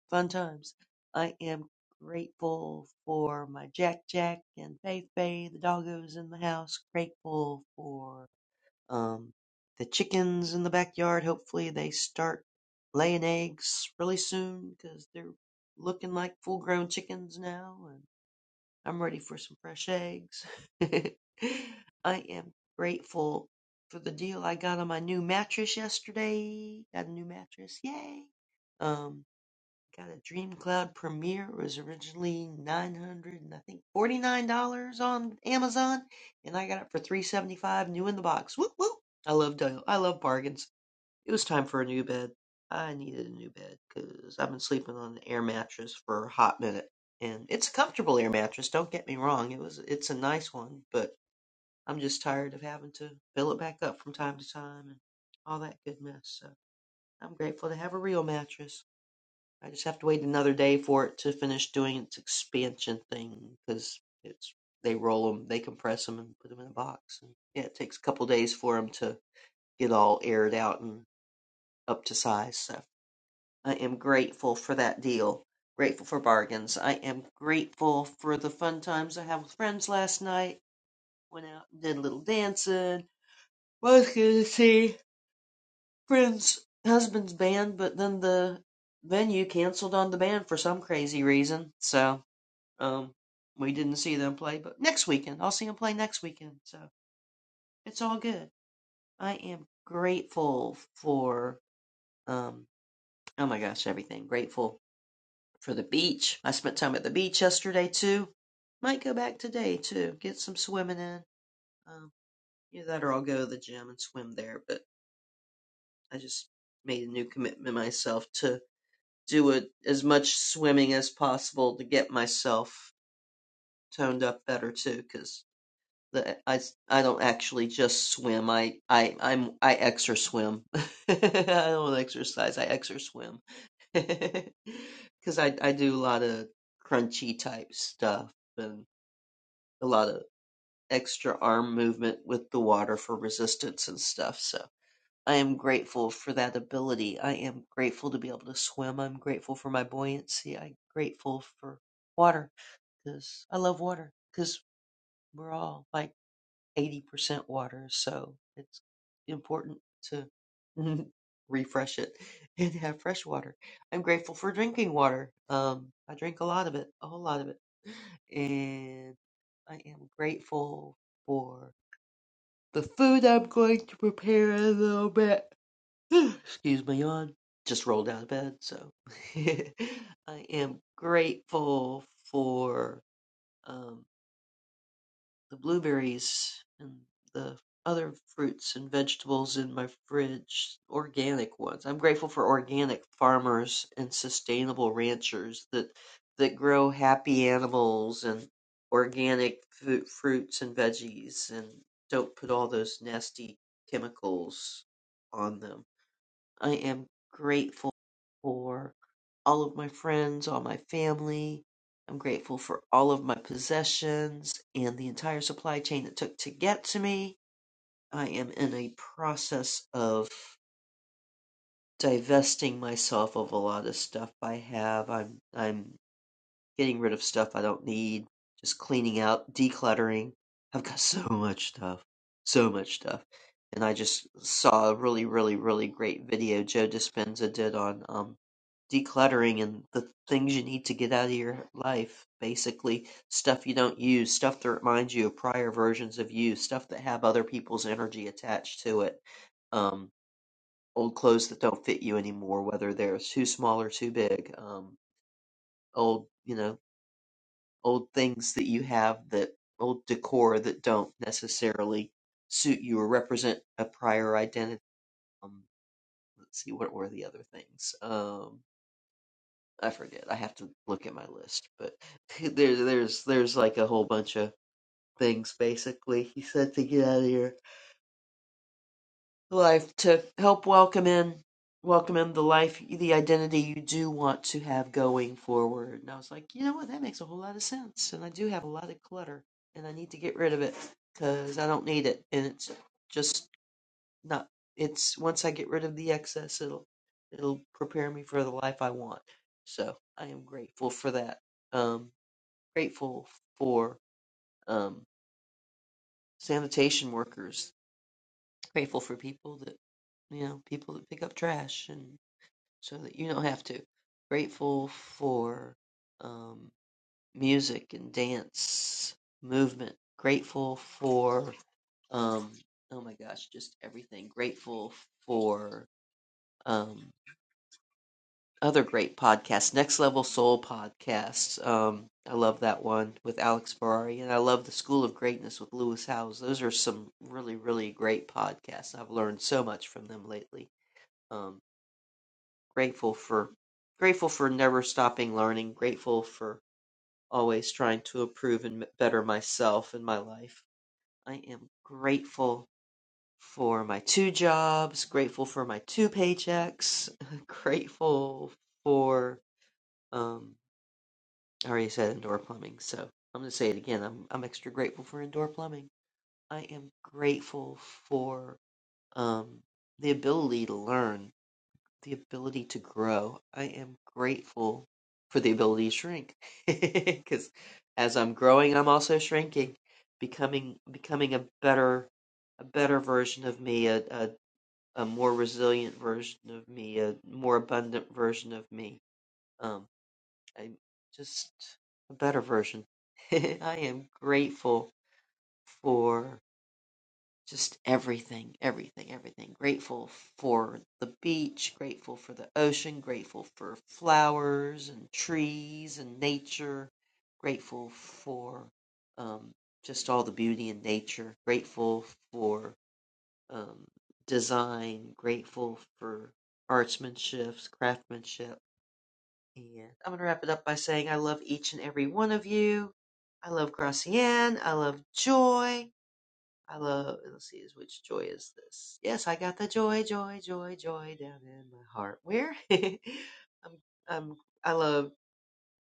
Speaker 26: fun times. I am grateful for my Jack Jack and Fei Fei, the doggos in the house. Grateful for um, the chickens in the backyard, hopefully they start laying eggs really soon because they're looking like full grown chickens now. And I'm ready for some fresh eggs. I am grateful for the deal I got on my new mattress yesterday. Got a new mattress. Yay! Um, Got a DreamCloud Premiere. It was originally nine hundred and I think forty nine dollars on Amazon, and I got it for three seventy five new in the box. Whoop whoop! I love deal. I love bargains. It was time for a new bed. I needed a new bed because I've been sleeping on an air mattress for a hot minute, and it's a comfortable air mattress. Don't get me wrong. It was it's a nice one, but I'm just tired of having to fill it back up from time to time and all that good mess. So I'm grateful to have a real mattress. I just have to wait another day for it to finish doing its expansion thing because it's they roll them, they compress them, and put them in a box. And yeah, it takes a couple days for them to get all aired out and up to size. So I am grateful for that deal. Grateful for bargains. I am grateful for the fun times I had with friends last night. Went out and did a little dancing. Was going to see friends' husband's band, but then the venue canceled on the band for some crazy reason. So Um, we didn't see them play, but next weekend I'll see them play next weekend. So it's all good. I am grateful for um. Oh my gosh, everything. Grateful for the beach. I spent time at the beach yesterday too. Might go back today too. Get some swimming in. Um, either that or I'll go to the gym and swim there. But I just made a new commitment myself to do a, as much swimming as possible to get myself toned up better too, because. I I s- I don't actually just swim. I I I'm I exer swim. I don't exercise. I exer swim because I I do a lot of crunchy type stuff and a lot of extra arm movement with the water for resistance and stuff. So I am grateful for that ability. I am grateful to be able to swim. I'm grateful for my buoyancy. I'm grateful for water because I love water because we're all like 80% water, so it's important to refresh it and have fresh water. I'm grateful for drinking water. Um, I drink a lot of it, a whole lot of it. And I am grateful for the food I'm going to prepare in a little bit. Excuse my yawn. Just rolled out of bed, so I am grateful for. Um, the blueberries and the other fruits and vegetables in my fridge, organic ones. I'm grateful for organic farmers and sustainable ranchers that that grow happy animals and organic fu- fruits and veggies and don't put all those nasty chemicals on them. I am grateful for all of my friends, all my family. I'm grateful for all of my possessions and the entire supply chain it took to get to me. I am in a process of divesting myself of a lot of stuff I have. I'm I'm getting rid of stuff I don't need, just cleaning out, decluttering. I've got so much stuff, so much stuff. And I just saw a really, really, really great video Joe Dispenza did on um, decluttering and the things you need to get out of your life. Basically, stuff you don't use, stuff that reminds you of prior versions of you, stuff that have other people's energy attached to it. Um, old clothes that don't fit you anymore, whether they're too small or too big. Um, old, you know, old things that you have that old decor that don't necessarily suit you or represent a prior identity. Um, let's see, what were the other things? Um, I forget. I have to look at my list, but there, there's there's like a whole bunch of things basically. He said to get out of here. life to help welcome in welcome in the life the identity you do want to have going forward and i was like you know what that makes a whole lot of sense and i do have a lot of clutter and i need to get rid of it because i don't need it and it's just not it's once i get rid of the excess it'll it'll prepare me for the life i want so i am grateful for that um grateful for um sanitation workers grateful for people that you know people that pick up trash and. so that you don't have to. Grateful for um, music and dance movement. Grateful for um, oh my gosh, just everything. Grateful for um, other great podcasts. Next Level Soul podcasts. Um, I love that one with Alex Ferrari, and I love the School of Greatness with Lewis Howes. Those are some really really great podcasts. I've learned so much from them lately. Um, grateful for grateful for never stopping learning, grateful for always trying to improve and better myself in my life. I am grateful for my two jobs, grateful for my two paychecks, grateful for um I already said indoor plumbing, so I'm going to say it again. I'm I'm extra grateful for indoor plumbing. I am grateful for um the ability to learn the ability to grow. I am grateful for the ability to shrink because as I'm growing, I'm also shrinking, becoming becoming a better a better version of me, a a, a more resilient version of me, a more abundant version of me. Um, I'm just a better version. I am grateful for. Just everything, everything, everything. Grateful for the beach, grateful for the ocean, grateful for flowers and trees and nature, grateful for um, just all the beauty in nature, grateful for um, design, grateful for artsmanship, craftsmanship. And I'm going to wrap it up by saying I love each and every one of you. I love Gracian. I love Joy. I love let's see is which joy is this? Yes, I got the joy, joy, joy, joy down in my heart. Where? I'm I'm I love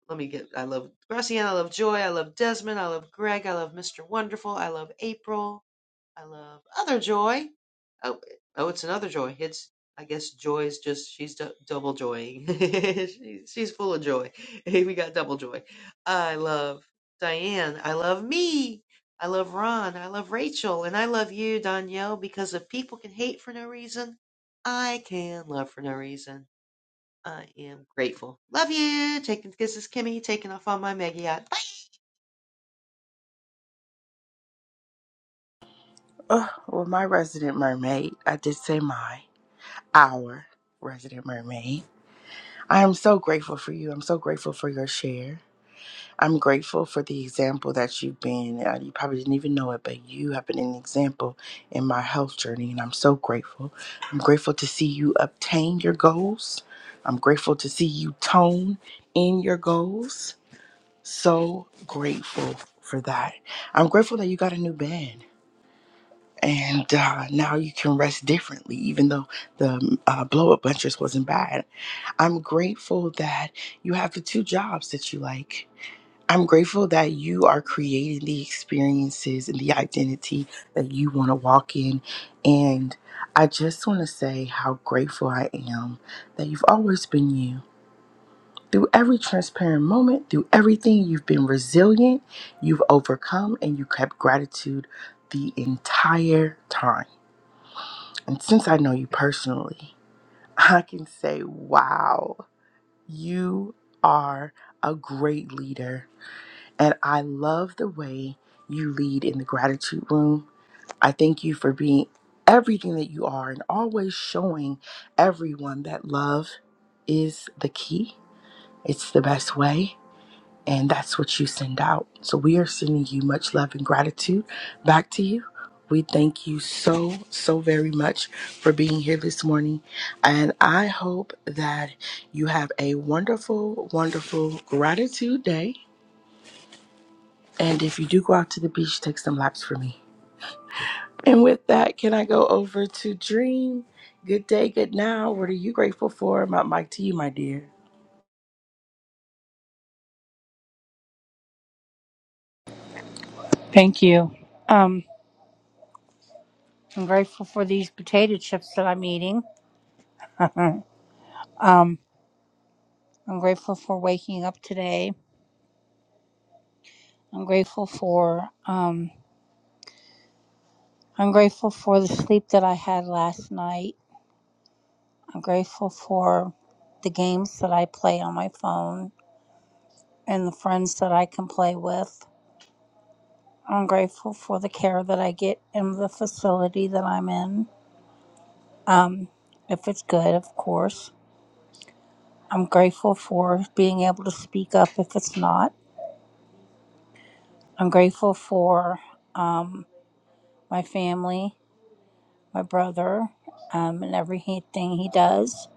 Speaker 26: let me get I love Graciana, I love Joy, I love Desmond, I love Greg, I love Mr. Wonderful, I love April. I love Other Joy. Oh, oh, it's another Joy. It's I guess Joy is just she's d- double joying. she's she's full of joy. we got double joy. I love Diane. I love me. I love Ron. I love Rachel, and I love you, Danielle, because if people can hate for no reason, I can love for no reason. I am grateful. Love you. Taking kisses, Kimmy taking off on my Meggie.
Speaker 21: Oh, well, my resident mermaid, I did say my, our resident mermaid. I am so grateful for you. I'm so grateful for your share. I'm grateful for the example that you've been. Uh, you probably didn't even know it, but you have been an example in my health journey, and I'm so grateful. I'm grateful to see you obtain your goals. I'm grateful to see you tone in your goals. So grateful for that. I'm grateful that you got a new band. and uh, now you can rest differently even though the mm, uh, blow up bunches wasn't bad i'm grateful that you have the two jobs that you like i'm grateful that you are creating the experiences and the identity that you want to walk in and i just want to say how grateful i am that you've always been you through every transparent moment through everything you've been resilient you've overcome and you kept gratitude the entire time and since I know you personally, I can say, wow, you are a great leader. And I love the way you lead in the gratitude room. I thank you for being everything that you are and always showing everyone that love is the key, it's the best way and that's what you send out. So we are sending you much love and gratitude back to you. We thank you so, so very much for being here this morning. And I hope that you have a wonderful, wonderful gratitude day. And if you do go out to the beach, take some laps for me. And with that, can I go over to Dream? Good day, good now. What are you grateful for? My mic to you, my dear.
Speaker 27: Thank you. Um, I'm grateful for these potato chips that I'm eating. um, I'm grateful for waking up today. I'm grateful for um, I'm grateful for the sleep that I had last night. I'm grateful for the games that I play on my phone and the friends that I can play with. I'm grateful for the care that I get in the facility that I'm in, um, if it's good, of course. I'm grateful for being able to speak up if it's not. I'm grateful for um, my family, my brother, um, and everything he does.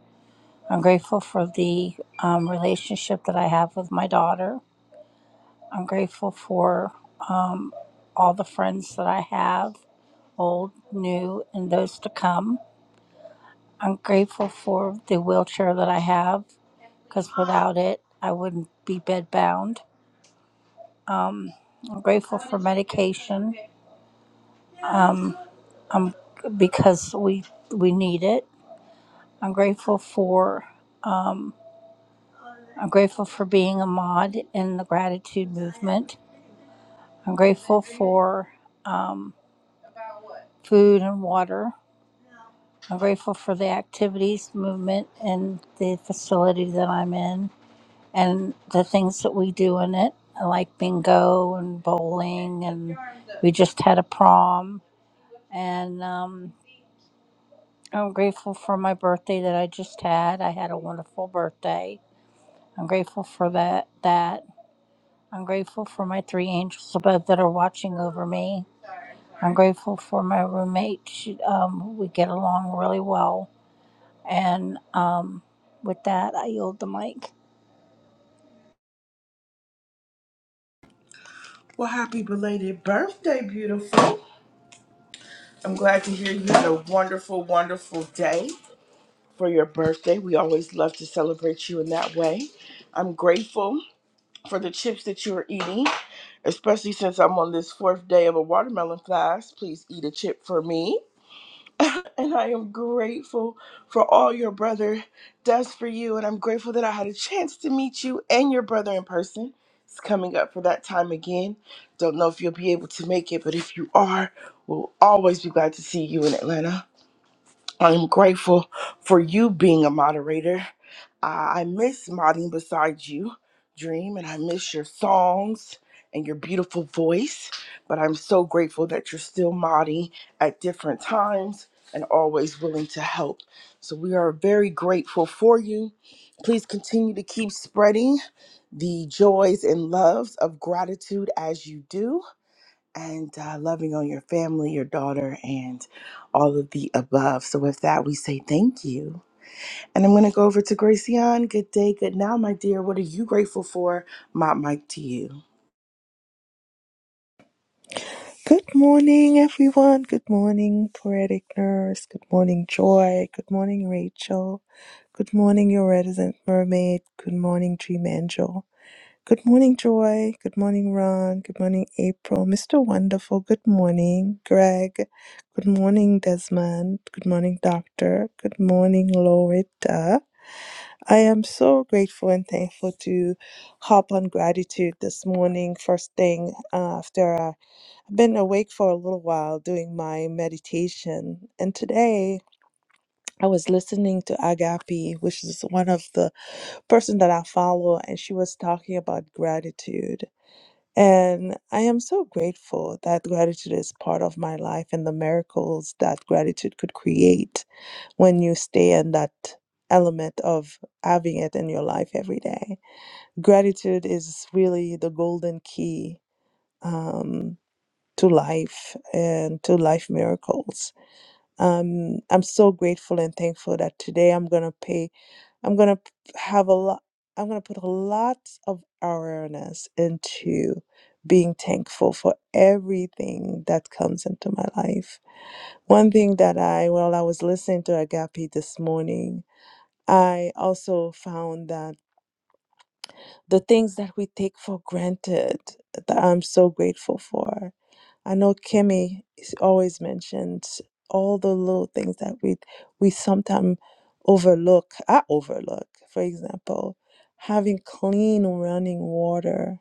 Speaker 27: I'm grateful for the um, relationship that I have with my daughter. I'm grateful for um, all the friends that I have, old, new, and those to come. I'm grateful for the wheelchair that I have because without it, I wouldn't be bedbound. Um, I'm grateful for medication. Um, um, because we we need it. I'm grateful for um, I'm grateful for being a mod in the gratitude movement. I'm grateful for um, food and water. I'm grateful for the activities movement and the facility that I'm in and the things that we do in it, I like bingo and bowling, and we just had a prom. And um, I'm grateful for my birthday that I just had. I had a wonderful birthday I'm grateful for that that. I'm grateful for my three angels above that are watching over me. I'm grateful for my roommate. She, um, we get along really well. And um, with that, I yield the mic.
Speaker 21: Well, happy belated birthday, beautiful. I'm glad to hear you had a wonderful, wonderful day for your birthday. We always love to celebrate you in that way. I'm grateful for the chips that you are eating, especially since I'm on this fourth day of a watermelon fast. Please eat a chip for me. And I am grateful for all your brother does for you. And I'm grateful that I had a chance to meet you and your brother in person. It's coming up for that time again. Don't know if you'll be able to make it, but if you are, we'll always be glad to see you in Atlanta. I'm grateful for you being a moderator. Uh, I miss modding beside you, Dream, and I miss your songs and your beautiful voice. But I'm so grateful that you're still modding at different times and always willing to help. So we are very grateful for you. Please continue to keep spreading the joys and loves of gratitude as you do and uh, loving on your family, your daughter, and all of the above. So, with that, we say thank you. And I'm going to go over to Gracian. Good day, good now, my dear. What are you grateful for? My mic to you.
Speaker 28: Good morning, everyone. Good morning, Poetic Nurse. Good morning, Joy. Good morning, Rachel. Good morning, Your Reticent Mermaid. Good morning, Dream Angel. Good morning, Joy. Good morning, Ron. Good morning, April. Mr. Wonderful. Good morning, Greg. Good morning, Desmond. Good morning, Doctor. Good morning, Loretta. I am so grateful and thankful to hop on gratitude this morning, first thing uh, after a I've been awake for a little while doing my meditation, and today I was listening to Agapi, which is one of the person that I follow, and she was talking about gratitude. And I am so grateful that gratitude is part of my life and the miracles that gratitude could create when you stay in that element of having it in your life every day. Gratitude is really the golden key. Um, to life and to life miracles. Um, I'm so grateful and thankful that today I'm gonna pay. I'm gonna p- have a lot. I'm gonna put a lot of awareness into being thankful for everything that comes into my life. One thing that I, while I was listening to Agape this morning, I also found that the things that we take for granted that I'm so grateful for. I know Kimmy is always mentions all the little things that we we sometimes overlook. I overlook, for example, having clean running water,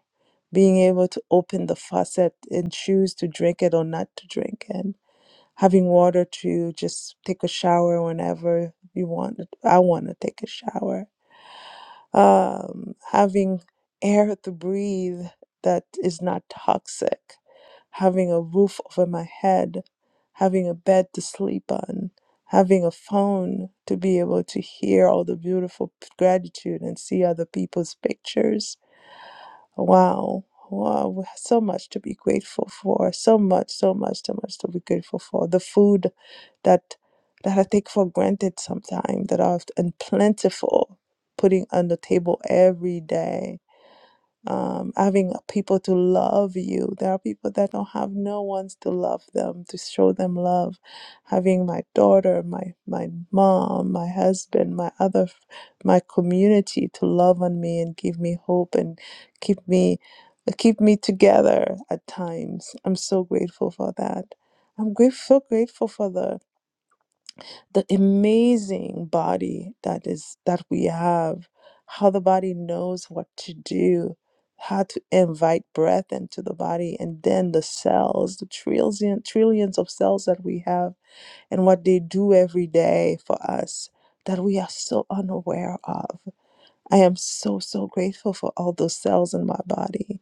Speaker 28: being able to open the faucet and choose to drink it or not to drink it, having water to just take a shower whenever you want. I want to take a shower um, having air to breathe that is not toxic, having a roof over my head, having a bed to sleep on, having a phone to be able to hear all the beautiful p- gratitude and see other people's pictures Wow. Wow. We have So much to be grateful for. So much, so much, so much to be grateful for. The food that that I take for granted sometimes that are and plentiful putting on the table every day um, having people to love you. There are people that don't have no ones to love them, to show them love. Having my daughter, my my mom, my husband, my other, f- my community to love on me and give me hope and keep me keep me together at times. I'm so grateful for that. I'm grateful, grateful for the the amazing body that is that we have how the body knows what to do how to invite breath into the body and then the cells the trillion trillions of cells that we have and what they do every day for us that we are so unaware of I am so so grateful for all those cells in my body,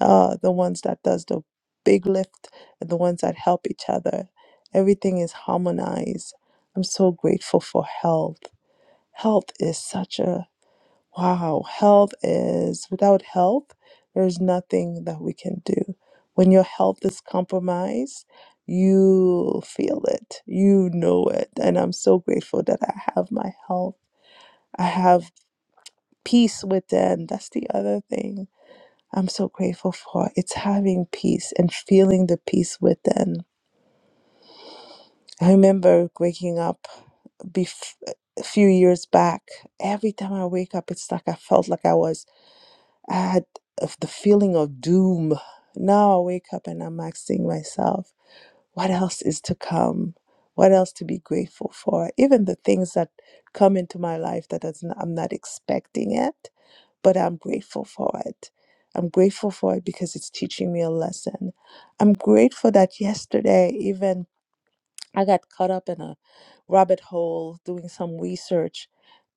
Speaker 28: uh, the ones that does the big lift and the ones that help each other. Everything is harmonized. I'm so grateful for health. Health is such a wow. Health is without health, there's nothing that we can do. When your health is compromised, you feel it. You know it. And I'm so grateful that I have my health. I have peace within. That's the other thing I'm so grateful for. It's having peace and feeling the peace within. I remember waking up bef- a few years back. Every time I wake up, it's like I felt like I was, I had of the feeling of doom. Now I wake up and I'm asking myself, what else is to come? What else to be grateful for? Even the things that come into my life that does not, I'm not expecting it but I'm grateful for it. I'm grateful for it because it's teaching me a lesson. I'm grateful that yesterday, even I got caught up in a rabbit hole doing some research,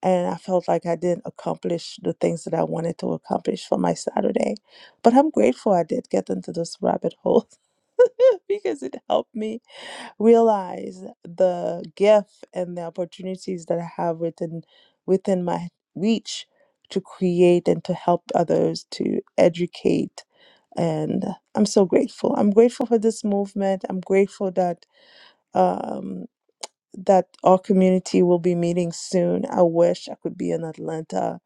Speaker 28: and I felt like I didn't accomplish the things that I wanted to accomplish for my Saturday. But I'm grateful I did get into this rabbit hole because it helped me realize the gift and the opportunities that I have within within my reach to create and to help others to educate and I'm so grateful. I'm grateful for this movement. I'm grateful that um, that our community will be meeting soon. I wish I could be in Atlanta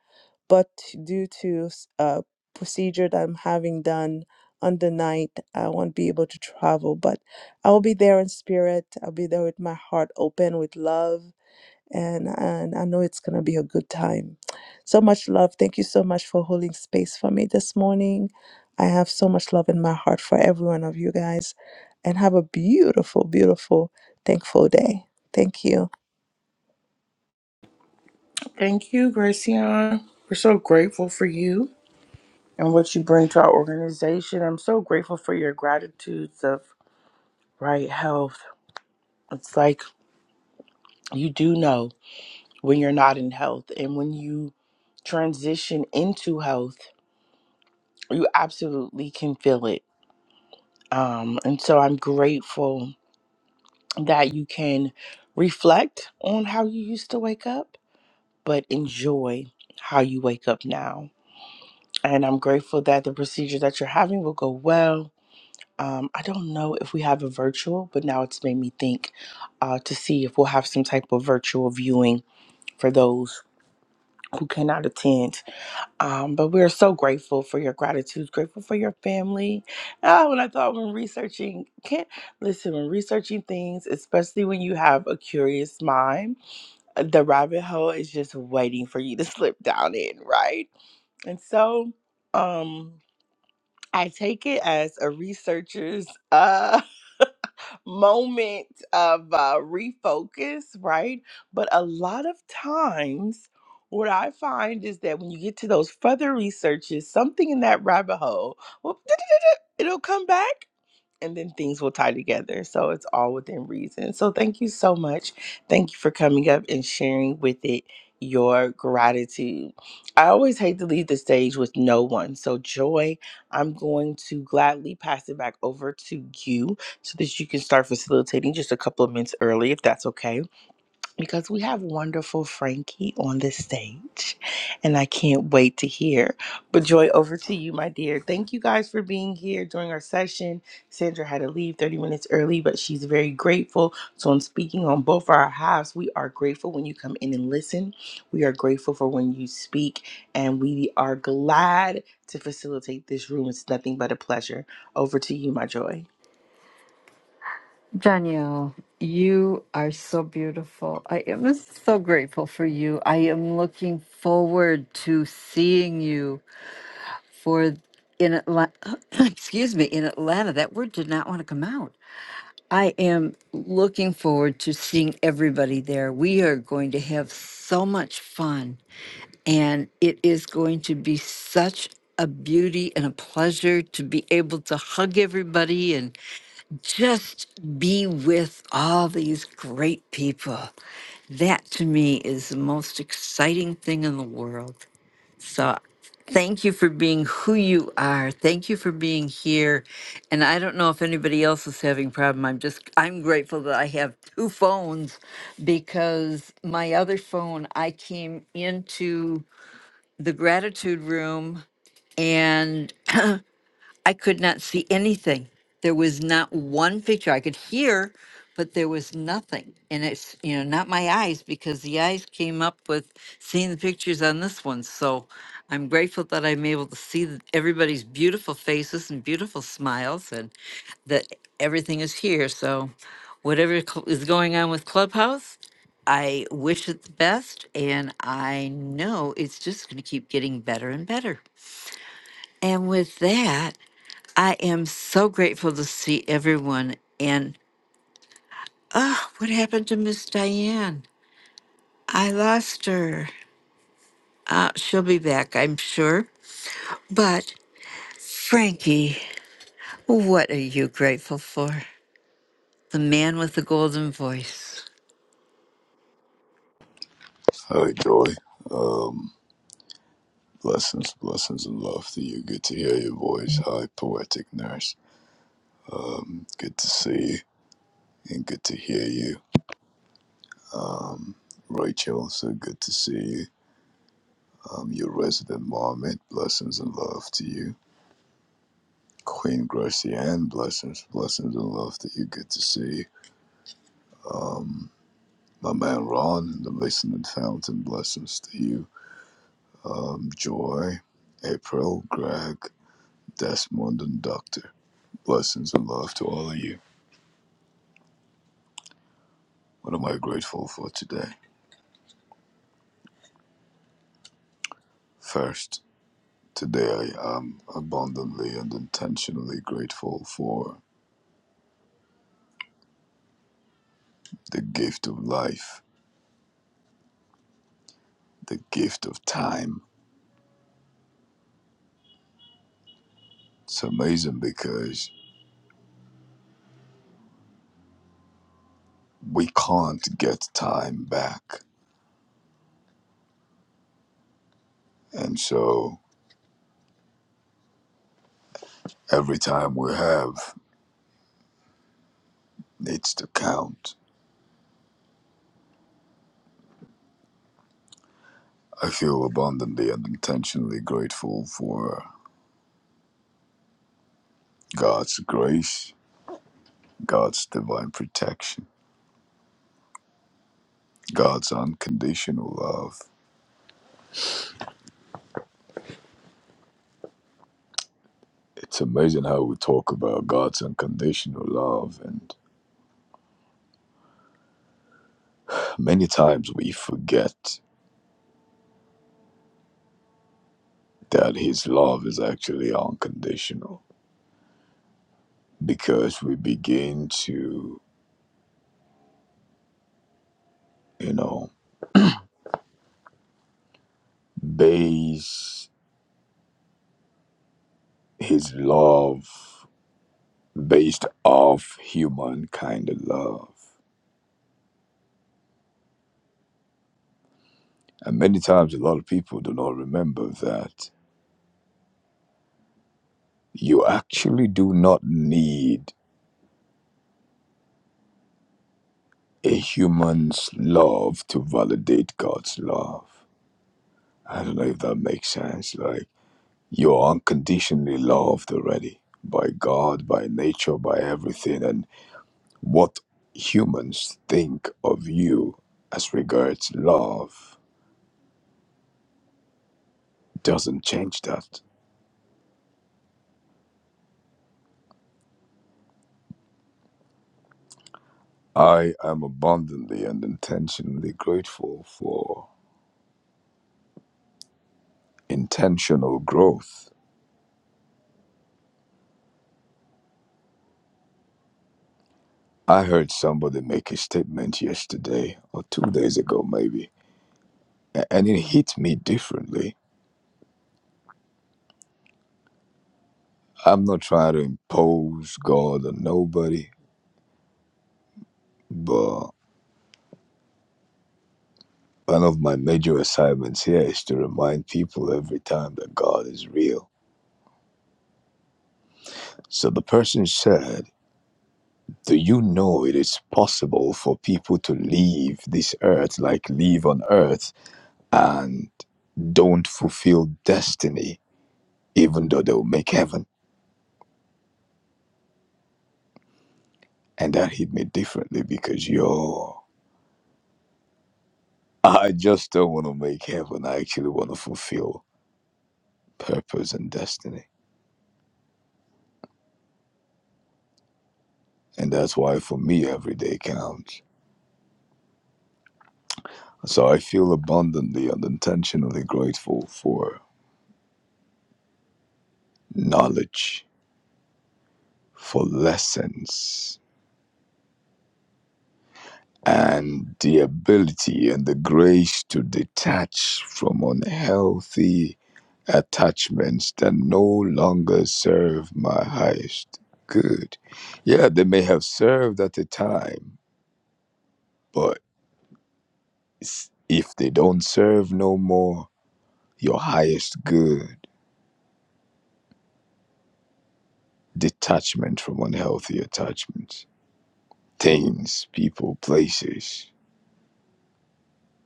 Speaker 28: but due to s- a procedure that I'm having done on the night, I won't be able to travel. But I will be there in spirit. I'll be there with my heart open, with love, and and I know it's gonna be a good time. So much love. Thank you so much for holding space for me this morning. I have so much love in my heart for every one of you guys, and have a beautiful, beautiful, thankful day. Thank you.
Speaker 21: Thank you, Gracian. We're so grateful for you and what you bring to our organization. I'm so grateful for your gratitudes of right health. It's like you do know when you're not in health, and when you transition into health, you absolutely can feel it Um, and so I'm grateful that you can reflect on how you used to wake up, but enjoy how you wake up now. And I'm grateful that the procedure that you're having will go well. Um, I don't know if we have a virtual, but now it's made me think uh, to see if we'll have some type of virtual viewing for those who cannot attend Um, but we're so grateful for your gratitude, grateful for your family. Oh, and I thought when researching, can't listen, when researching things, especially when you have a curious mind, uh, the rabbit hole is just waiting for you to slip down in, right? And so, um, I take it as a researcher's uh moment of uh, refocus, right? But a lot of times, what I find is that when you get to those further researches, something in that rabbit hole, whoop, it'll come back and then things will tie together. So it's all within reason. So thank you so much. Thank you for coming up and sharing with it your gratitude. I always hate to leave the stage with no one. So, Joy, I'm going to gladly pass it back over to you so that you can start facilitating just a couple of minutes early, if that's okay because we have wonderful Frankie on the stage, and I can't wait to hear. But Joy, over to you, my dear. Thank you guys for being here during our session. Sandra had to leave 30 minutes early, but she's very grateful. So I'm speaking on both our halves. We are grateful when you come in and listen. We are grateful for when you speak, and we are glad to facilitate this room. It's nothing but a pleasure. Over to you, my Joy.
Speaker 29: Danielle, you are so beautiful. I am so grateful for you. I am looking forward to seeing you for in Atlanta. Excuse me, in Atlanta. That word did not want to come out. I am looking forward to seeing everybody there. We are going to have so much fun, and it is going to be such a beauty and a pleasure to be able to hug everybody just be with all these great people. That to me is the most exciting thing in the world. So thank you for being who you are. Thank you for being here. And I don't know if anybody else is having problem. I'm just I'm grateful that I have two phones because my other phone I came into the gratitude room I could not see anything. There was not one picture I could hear, but there was nothing. And it's, you know, not my eyes because the eyes came up with seeing the pictures on this one. So I'm grateful that I'm able to see th- everybody's beautiful faces and beautiful smiles and that everything is here. So whatever cl- is going on with Clubhouse, I wish it the best. And I know it's just going to keep getting better and better. And with that, I am so grateful to see everyone. And oh, what happened to Miss Diane? I lost her. Uh, she'll be back, I'm sure. But Frankie, what are you grateful for? The man with the golden voice.
Speaker 30: Hi, Joy. Blessings, blessings, and love to you. Good to hear your voice. Hi, Poetic Nurse. Good to see you and good to hear you. Rachel, so good to see you. Um, your resident marmot, blessings and love to you. Queen Gracianne, blessings, blessings and love to you. Good to see you. Um, my man Ron, the listening fountain, blessings to you. Um, Joy, April, Greg, Desmond, and Doctor, blessings and love to all of you. What am I grateful for today? First, today I am abundantly and intentionally grateful for the gift of life, the gift of time. It's amazing because we can't get time back. And so every time we have needs to count. I feel abundantly and intentionally grateful for God's grace, God's divine protection, God's unconditional love. It's amazing how we talk about God's unconditional love, and many times we forget that His love is actually unconditional because we begin to, you know, base His love based off human kind of love. And many times a lot of people do not remember that you actually do not need a human's love to validate God's love I don't know if that makes sense. Like you're unconditionally loved already by God, by nature, by everything. And what humans think of you as regards love doesn't change that. I am abundantly and intentionally grateful for intentional growth. I heard somebody make a statement yesterday or two days ago, maybe, a- and it hit me differently. I'm not trying to impose God on nobody. But one of my major assignments here is to remind people every time that God is real. So the person said, Do you know it is possible for people to leave this earth, like leave on earth, and don't fulfill destiny, even though they'll make heaven? And that hit me differently because, yo, I just don't want to make heaven. I actually want to fulfill purpose and destiny. And that's why for me, every day counts. So I feel abundantly and intentionally grateful for knowledge, for lessons, and the ability and the grace to detach from unhealthy attachments that no longer serve my highest good. Yeah, they may have served at a time, but s- if they don't serve no more your highest good, detachment from unhealthy attachments things, people, places,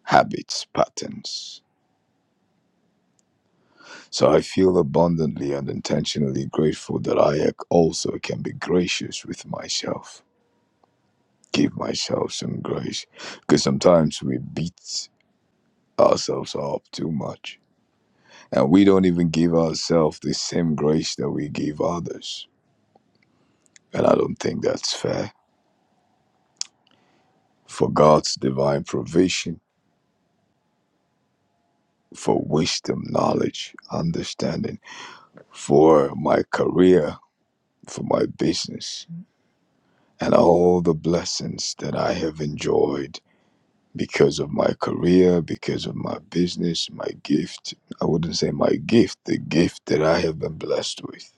Speaker 30: habits, patterns. So I feel abundantly and intentionally grateful that I ac- also can be gracious with myself. Give myself some grace because sometimes we beat ourselves up too much and we don't even give ourselves the same grace that we give others. And I don't think that's fair. For God's divine provision, for wisdom, knowledge, understanding, for my career, for my business and all the blessings that I have enjoyed because of my career, because of my business, my gift. I wouldn't say my gift, the gift that I have been blessed with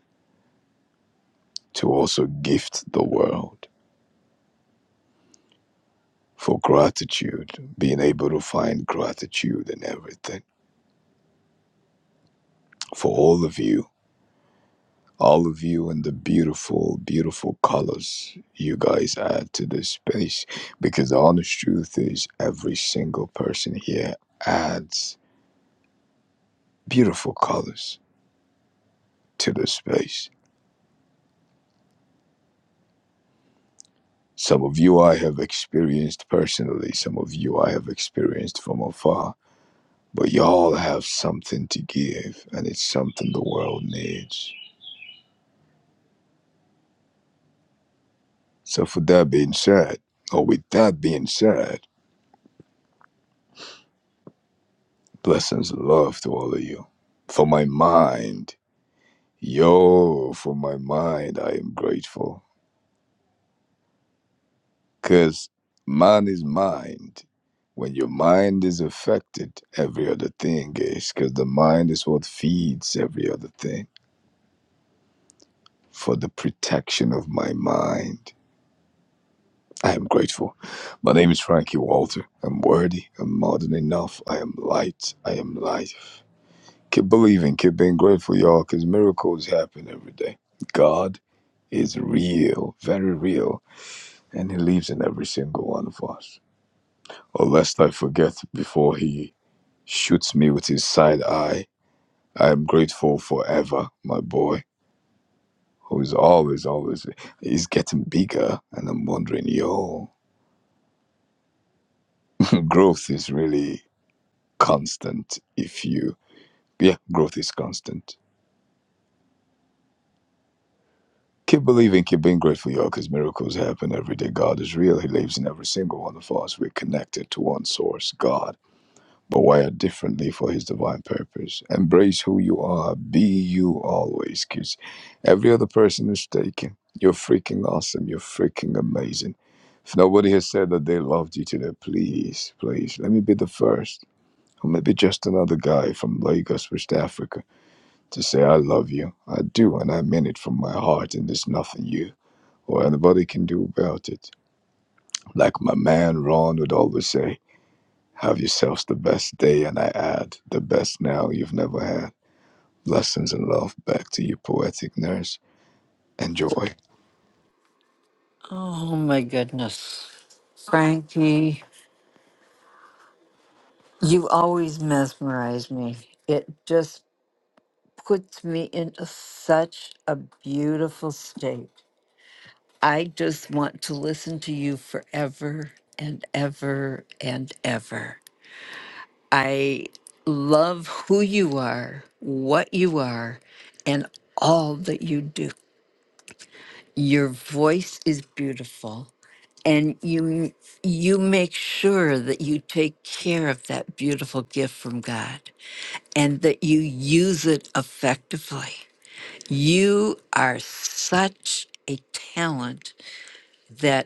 Speaker 30: to also gift the world for gratitude, being able to find gratitude in everything. For all of you all of you and the beautiful, beautiful colors you guys add to this space. Because the honest truth is, every single person here adds beautiful colors to the space. Some of you I have experienced personally, some of you I have experienced from afar, but y'all have something to give, and it's something the world needs. So, for that being said, or with that being said, blessings and love to all of you. For my mind, Yo, for my mind, I am grateful. Because man is mind. When your mind is affected, every other thing is. Because the mind is what feeds every other thing. For the protection of my mind, I am grateful. My name is Frankie Walter. I'm worthy. I'm more than enough. I am light. I am life. Keep believing. Keep being grateful, y'all, because miracles happen every day. God is real, very real. and he lives in every single one of us. Or lest I forget before he shoots me with his side eye, I am grateful forever, my boy, who is always, always, he's getting bigger. And I'm wondering, yo, growth is really constant if you, yeah, growth is constant. Keep believing, keep being grateful, yo, because miracles happen every day. God is real. He lives in every single one of us. We're connected to one source, God. but wired differently for his divine purpose. Embrace who you are, be you always, because every other person is taken. You're freaking awesome, you're freaking amazing. If nobody has said that they loved you today, please, please, let me be the first, or maybe just another guy from Lagos, West Africa, to say, I love you. I do, and I mean it from my heart, and there's nothing you or anybody can do about it. Like my man Ron would always say, have yourselves the best day, and I add, the best now you've never had. Blessings and love back to you, poetic nurse. Enjoy.
Speaker 29: Oh my goodness. Frankie, you always mesmerize me. It just puts me in a- such a beautiful state. I just want to listen to you forever and ever and ever. I love who you are, what you are, and all that you do. Your voice is beautiful, and you you make sure that you take care of that beautiful gift from God and that you use it effectively. You are such a talent that.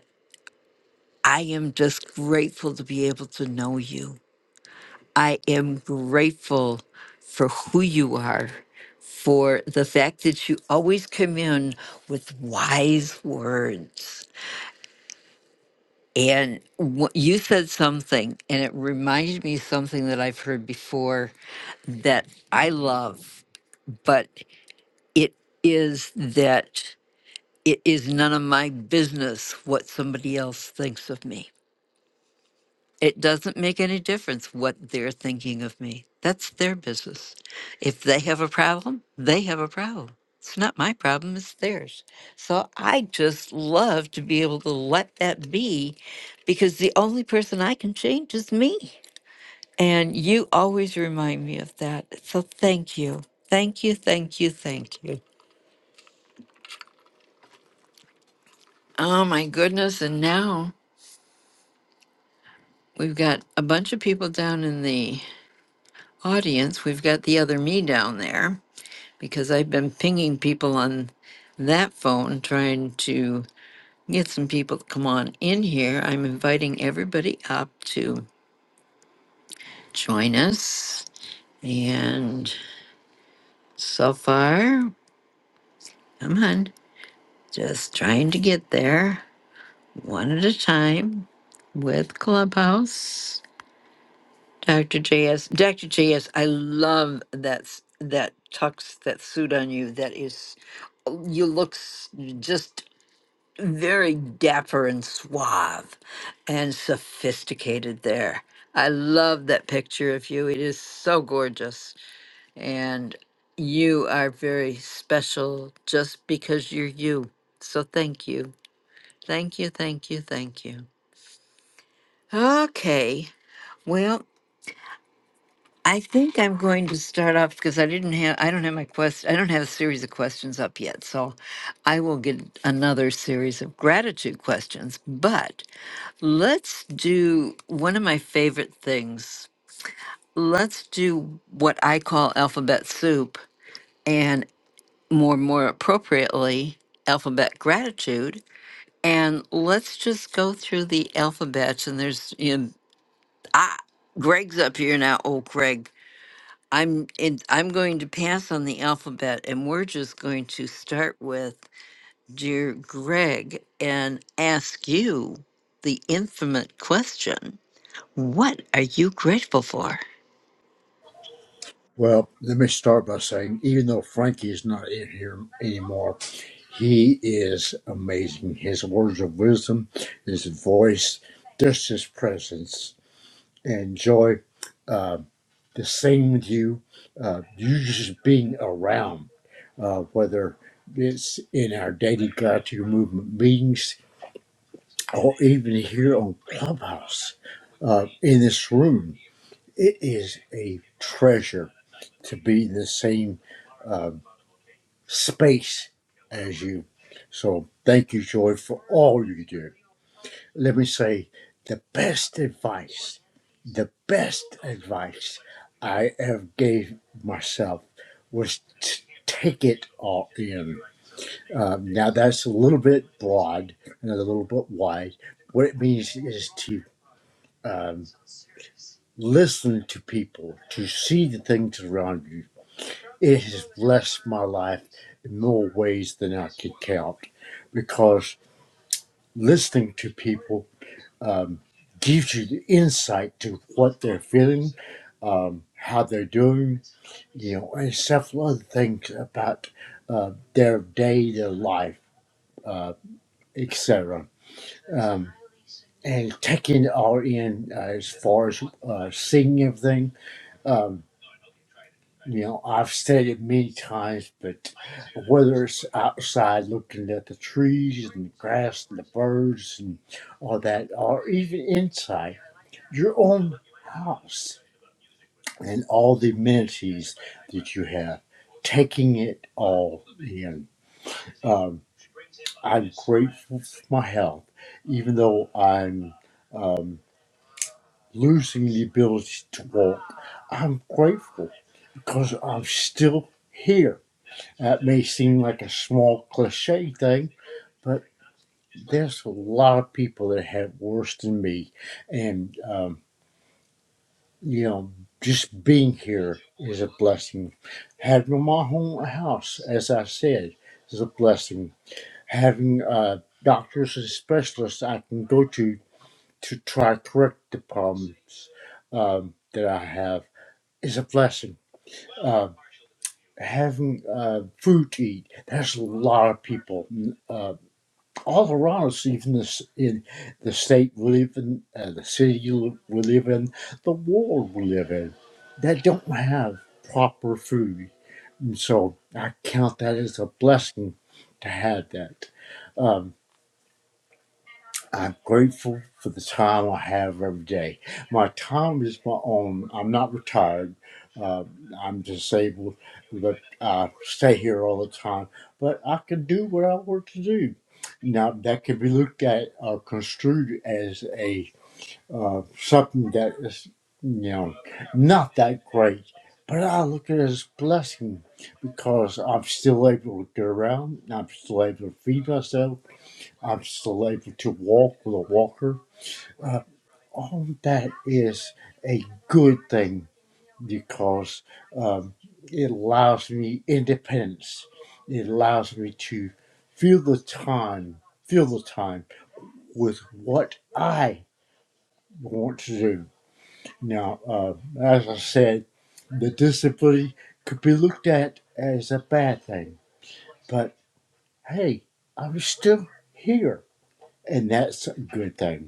Speaker 29: I am just grateful to be able to know you. I am grateful for who you are, for the fact that you always come in with wise words. And wh- you said something, and it reminded me of something that I've heard before that I love, but it is that it is none of my business what somebody else thinks of me It doesn't make any difference what they're thinking of me. That's their business. If they have a problem, they have a problem. It's not my problem, it's theirs. So I just love to be able to let that be because the only person I can change is me. And you always remind me of that. So thank you. Thank you, thank you, thank you. Oh my goodness. And now we've got a bunch of people down in the audience. We've got the other me down there. because I've been pinging people on that phone trying to get some people to come on in here. I'm inviting everybody up to join us. And so far, come on, just trying to get there one at a time with Clubhouse. Dr. JS, Dr. JS, I love that s- that tux, that suit on you. That is, you look s- just very dapper and suave and sophisticated there. I love that picture of you. It is so gorgeous. And you are very special just because you're you. So thank you. Thank you, thank you, thank you. Okay. Well, I think I'm going to start off because I didn't have I don't have my quest I don't have a series of questions up yet. So I will get another series of gratitude questions. But Let's do one of my favorite things. Let's do what I call alphabet soup and more more appropriately alphabet gratitude and let's just go through the alphabets and there's you know, ah Greg's up here now. Oh Greg, I'm in, I'm going to pass on the alphabet and we're just going to start with dear Greg and ask you the infinite question. What are you grateful for?
Speaker 31: Well, let me start by saying, even though Frankie is not in here anymore, he is amazing. His words of wisdom, his voice, just his presence. And joy, uh, to sing with you, uh, you just being around, uh, whether it's in our daily gratitude movement meetings or even here on Clubhouse, uh, in this room. It is a treasure to be in the same uh, space as you. So thank you, Joy, for all you do. Let me say the best advice, the best advice I ever gave myself was to take it all in. Um, now that's a little bit broad and a little bit wide. What it means is to um, listen to people, to see the things around you, It has blessed my life in more ways than I could count because listening to people um, gives you the insight to what they're feeling, um, how they're doing, you know, and several other things about uh, their day, their life, uh, etc. Um, and taking it all in uh, as far as uh, seeing everything. um, You know, I've said it many times, but whether it's outside looking at the trees and the grass and the birds and all that, or even inside your own house and all the amenities that you have, taking it all in. Um, I'm grateful for my health, even though I'm um, losing the ability to walk. I'm grateful because I'm still here. That may seem like a small cliche thing, but there's a lot of people that have worse than me. And, um, you know, just being here is a blessing. Having my own house, as I said, is a blessing. Having uh, doctors and specialists I can go to to try to correct the problems um, that I have is a blessing. Uh, having uh, food to eat, there's a lot of people. Uh, all around us, even this in the state we live in, uh, the city li- we live in, the world we live in, that don't have proper food. And so I count that as a blessing to have that. Um, I'm grateful for the time I have every day. My time is my own. I'm not retired. Uh, I'm disabled, but I stay here all the time. But I can do what I want to do. Now, that can be looked at or construed as a uh, something that is, you know, not that great. But I look at it as a blessing because I'm still able to get around. I'm still able to feed myself. I'm selected to walk with a walker. Uh, all that is a good thing because um, it allows me independence. It allows me to fill the time, fill the time with what I want to do. Now, uh, as I said, the disability could be looked at as a bad thing, but hey, I'm still here, and that's a good thing.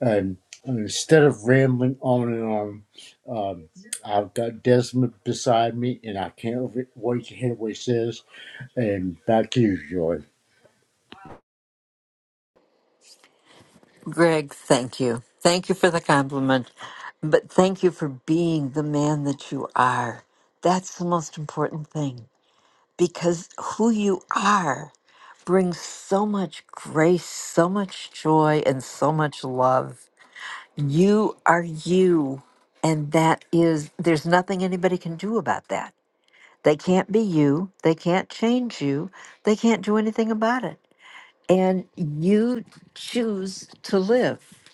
Speaker 31: And instead of rambling on and on, um, I've got Desmond beside me, and I can't re- wait to hear what he says. And back to you, Joy.
Speaker 29: Greg, thank you. Thank you for the compliment, but thank you for being the man that you are. That's the most important thing because who you are brings so much grace, so much joy, and so much love. You are you, and that is, there's nothing anybody can do about that. They can't be you, they can't change you, they can't do anything about it and you choose to live.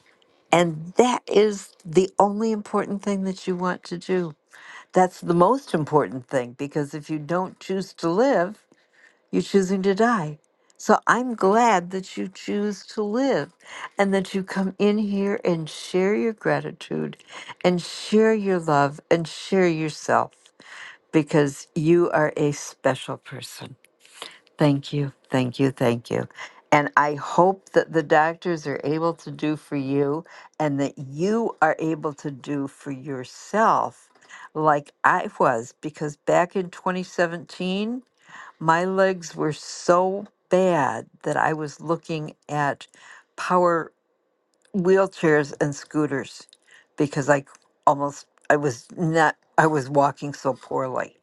Speaker 29: And that is the only important thing that you want to do. That's the most important thing because if you don't choose to live, you're choosing to die. So I'm glad that you choose to live and that you come in here and share your gratitude and share your love and share yourself because you are a special person. Thank you, thank you, thank you. And I hope that the doctors are able to do for you and that you are able to do for yourself like I was, because back in 2017, my legs were so bad that I was looking at power wheelchairs and scooters because I almost, I was not, I was walking so poorly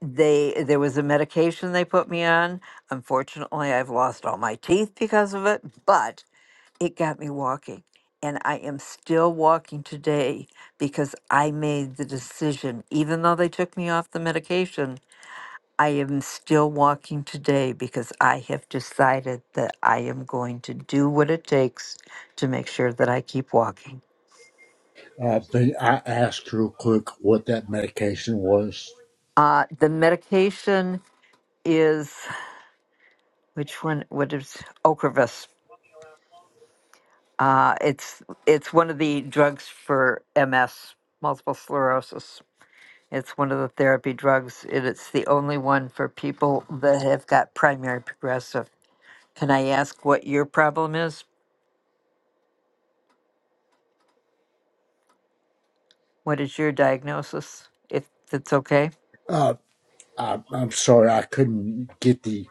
Speaker 29: they there was a medication they put me on. Unfortunately, I've lost all my teeth because of it, but it got me walking. And I am still walking today because I made the decision. Even though they took me off the medication, I am still walking today because I have decided that I am going to do what it takes to make sure that I keep walking.
Speaker 31: Uh, but I asked real quick what that medication was.
Speaker 29: Uh, the medication is, which one? What is Ocrevus? Uh, it's it's one of the drugs for MS, multiple sclerosis. It's one of the therapy drugs, and it's the only one for people that have got primary progressive. Can I ask what your problem is? What is your diagnosis? If that's okay.
Speaker 31: Uh, I, I'm sorry, I couldn't get the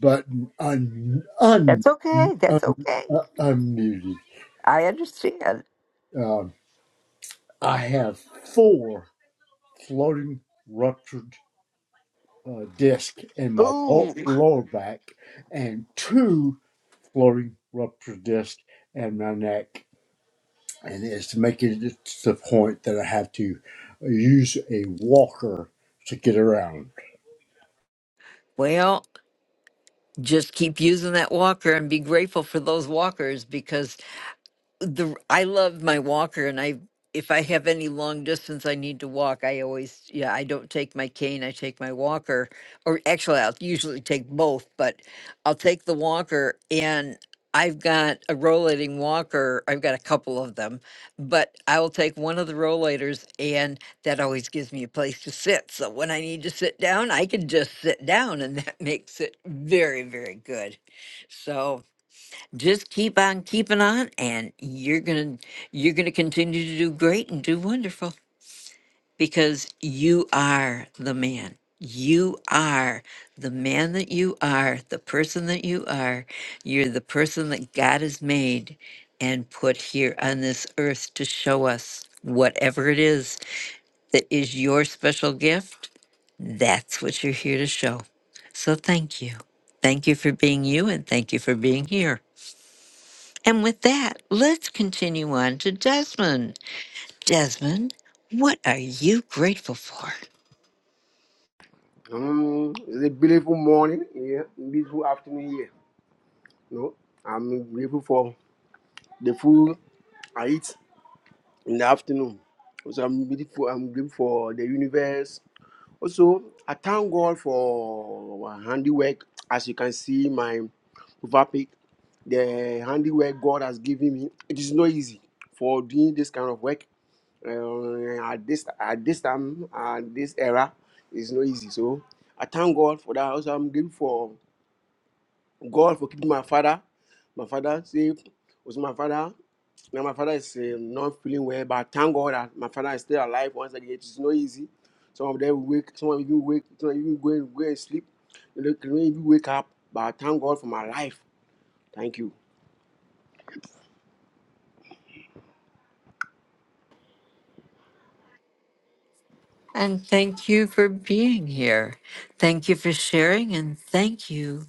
Speaker 31: button un, un,
Speaker 29: That's okay. That's
Speaker 31: un,
Speaker 29: okay.
Speaker 31: uh, unmuted.
Speaker 29: I understand.
Speaker 31: Um, I have four floating ruptured uh, disc in my lo- lower back and two floating rupture discs in my neck. And it's making it to the point that I have to use a walker to get around.
Speaker 29: Well, just keep using that walker and be grateful for those walkers because the I love my walker and I if I have any long distance I need to walk, I always yeah, I don't take my cane, I take my walker or actually I'll usually take both, but I'll take the walker and I've got a rollating walker. I've got a couple of them, but I will take one of the rollators, and that always gives me a place to sit. So when I need to sit down, I can just sit down, and that makes it very, very good. So, just keep on keeping on and you're going to you're going to continue to do great and do wonderful because you are the man you are the man that you are the person that you are you're the person that God has made and put here on this earth to show us whatever it is that is your special gift that's what you're here to show so thank you thank you for being you and thank you for being here and with that, let's continue on to Desmond. Desmond, what are you grateful for?
Speaker 32: Um, it's a beautiful morning here, beautiful afternoon here. No, I'm grateful for the food I eat in the afternoon. Also, I'm grateful. I'm grateful for the universe. Also, I thank God for my handiwork. As you can see, my profile pic, the handiwork God has given me. It is not easy for doing this kind of work. Uh, at this at this time at this era, it's not easy. So I thank God for that. Also, I'm grateful for God forgive my father. My father say was my father. Now my father is eh, not feeling well, but thank God that my father is still alive. Once again, it's not easy. Some of them wake, some of you wake, some of you go and go and sleep. You know, can you wake up, but I thank God for my life. Thank you.
Speaker 29: And thank you for being here. Thank you for sharing, and thank you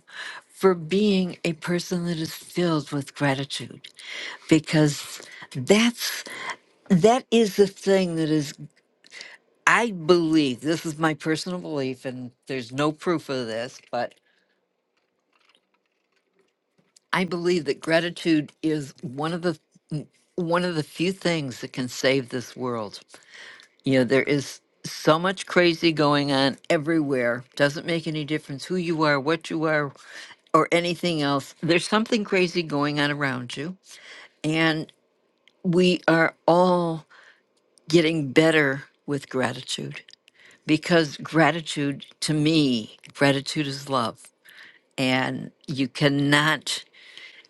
Speaker 29: for being a person that is filled with gratitude because that's that is the thing that is i believe this is my personal belief and there's no proof of this but i believe that gratitude is one of the one of the few things that can save this world. You know, there is so much crazy going on everywhere. Doesn't make any difference who you are, what you are, or anything else. There's something crazy going on around you. And we are all getting better with gratitude because gratitude, to me, gratitude is love. And you cannot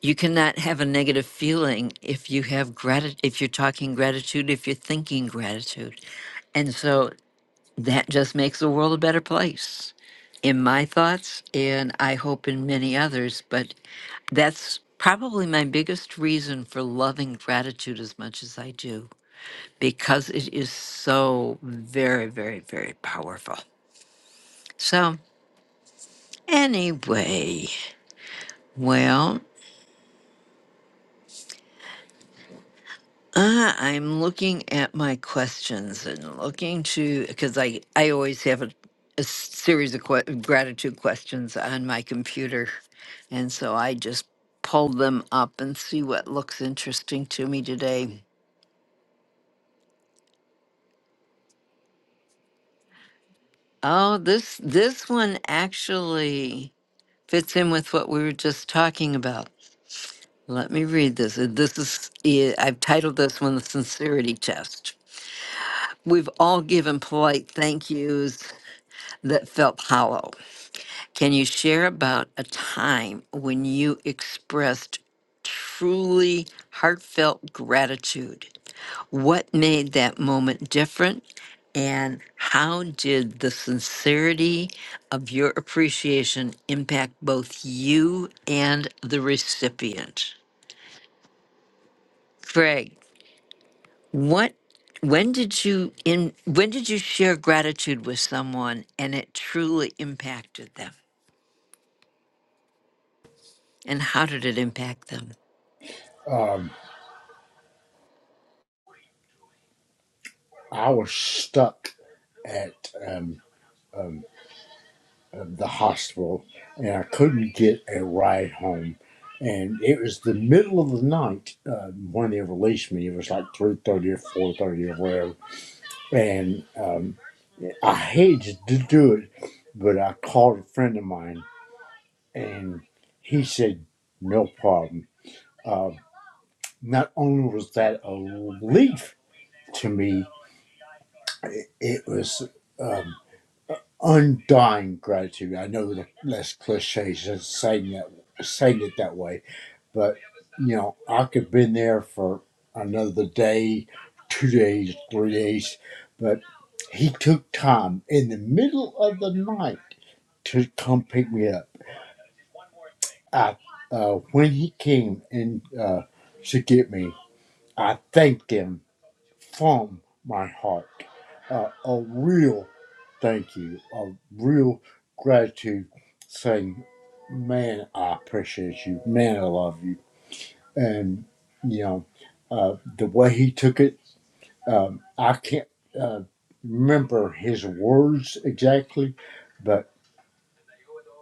Speaker 29: you cannot have a negative feeling if you have gratitude if you're talking gratitude if you're thinking gratitude And so that just makes the world a better place in my thoughts, and I hope in many others. But that's probably my biggest reason for loving gratitude as much as I do, because it is so very, very, very powerful. So, anyway, well. Uh, I'm looking at my questions and looking to because I I always have a, a s- series of que- gratitude questions on my computer, and so I just pull them up and see what looks interesting to me today. Oh, this this one actually fits in with what we were just talking about. Let me read this. Uh, This is i- I've titled this one the sincerity test. We've all given polite thank yous that felt hollow. Can you share about a time when you expressed truly heartfelt gratitude? What made that moment different? And how did the sincerity of your appreciation impact both you and the recipient? Greg, what when did you in when did you share gratitude with someone and it truly impacted them? And how did it impact them?
Speaker 31: Um, I was stuck at um, um, um, the hospital and I couldn't get a ride home. And it was the middle of the night uh, when they released me. It was like three thirty or four thirty or whatever. And um, I hated to do it, but I called a friend of mine and he said, no problem. Uh, not only was that a relief to me, it it was. um, undying gratitude. I know that less cliches than saying that saying it that way, but you know, I could have been there for another day, two days, three days, but he took time in the middle of the night to come pick me up. I, uh, when he came and uh, to get me, I thanked him from my heart. Uh, a real thank you, a real gratitude saying, man, I appreciate you. Man, I love you. And, you know, uh, the way he took it, um, I can't uh, remember his words exactly, but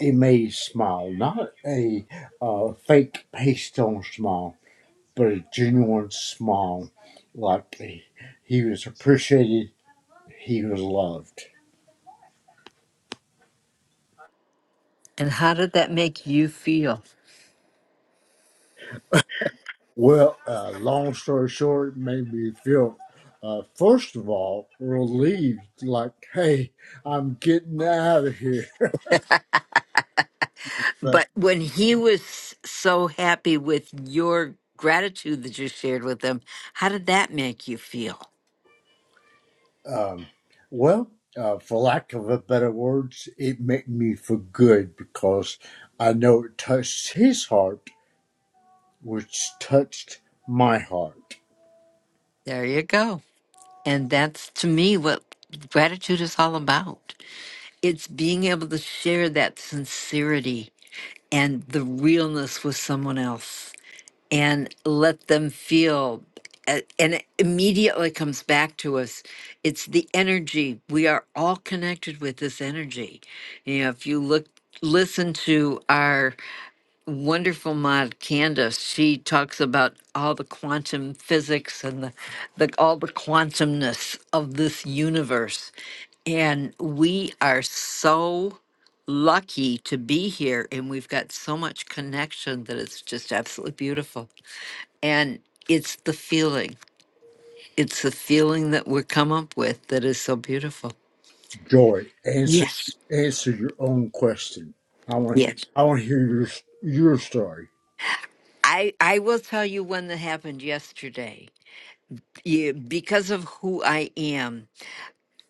Speaker 31: it made me smile. Not a uh, fake paste on smile, but a genuine smile. Like he he was appreciated he was loved.
Speaker 29: And how did that make you feel?
Speaker 31: Well, uh, long story short, made me feel, uh, first of all, relieved, like, hey, I'm getting out of here. But,
Speaker 29: But when he was so happy with your gratitude that you shared with him, how did that make you feel?
Speaker 31: um, well, uh, for lack of a better words, it made me feel good because I know it touched his heart, which touched my heart.
Speaker 29: There you go. And that's to me what gratitude is all about. It's being able to share that sincerity and the realness with someone else. and let them feel a- and it immediately comes back to us it's the energy we are all connected with this energy you know if you look listen to our wonderful mod candace she talks about all the quantum physics and the, the all the quantumness of this universe and we are so lucky to be here and we've got so much connection that it's just absolutely beautiful and it's the feeling. It's the feeling that we come up with that is so beautiful.
Speaker 31: Joy, answer
Speaker 29: Yes.
Speaker 31: answer your own question. I want
Speaker 29: Yes.
Speaker 31: I want to hear your your story.
Speaker 29: I, I will tell you one that happened yesterday. Yeah, because of who I am,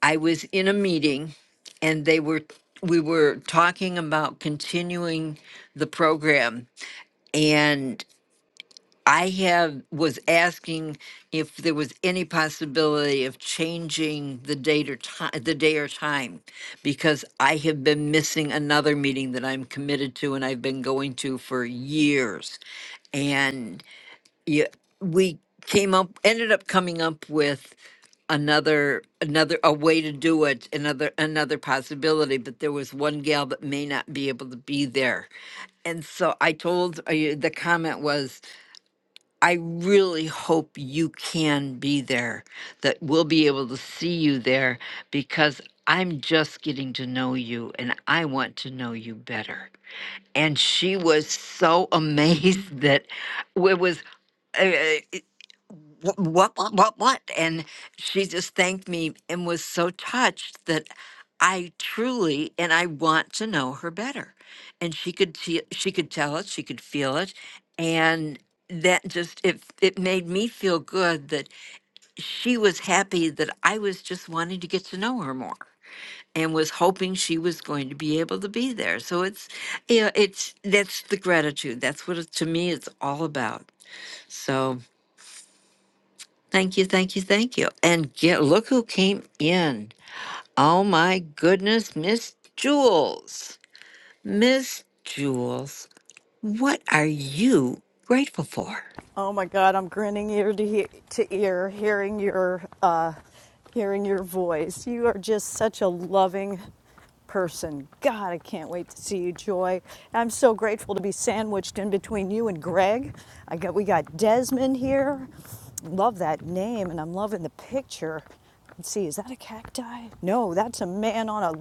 Speaker 29: I was in a meeting and they were we were talking about continuing the program and. I have was asking if there was any possibility of changing the date or time, the day or time, because I have been missing another meeting that I'm committed to and I've been going to for years, and yeah, we came up ended up coming up with another another a way to do it another another possibility but there was one gal that may not be able to be there and so i told uh, the comment was I really hope you can be there, that we'll be able to see you there because I'm just getting to know you and I want to know you better. And she was so amazed that it was. uh, uh, "Wh- what, what, what, what? And she just thanked me and was so touched that I truly, and I want to know her better. And she could, te- she could tell it, she could feel it. And that just, it, it made me feel good that she was happy that I was just wanting to get to know her more and was hoping she was going to be able to be there. So it's, yeah, it's, that's the gratitude. That's what it, to me it's all about. So. Thank you, thank you, thank you. And get look who came in. Oh my goodness, Miss Jules. Miss Jules, what are you grateful for?
Speaker 33: Oh my God, I'm grinning ear to, he- to ear, hearing your, uh, hearing your voice. You are just such a loving person. God, I can't wait to see you, Joy. I'm so grateful to be sandwiched in between you and Greg. I got we got Desmond here. Love that name, and I'm loving the picture. Let's see, is that a cacti? No, that's a man on a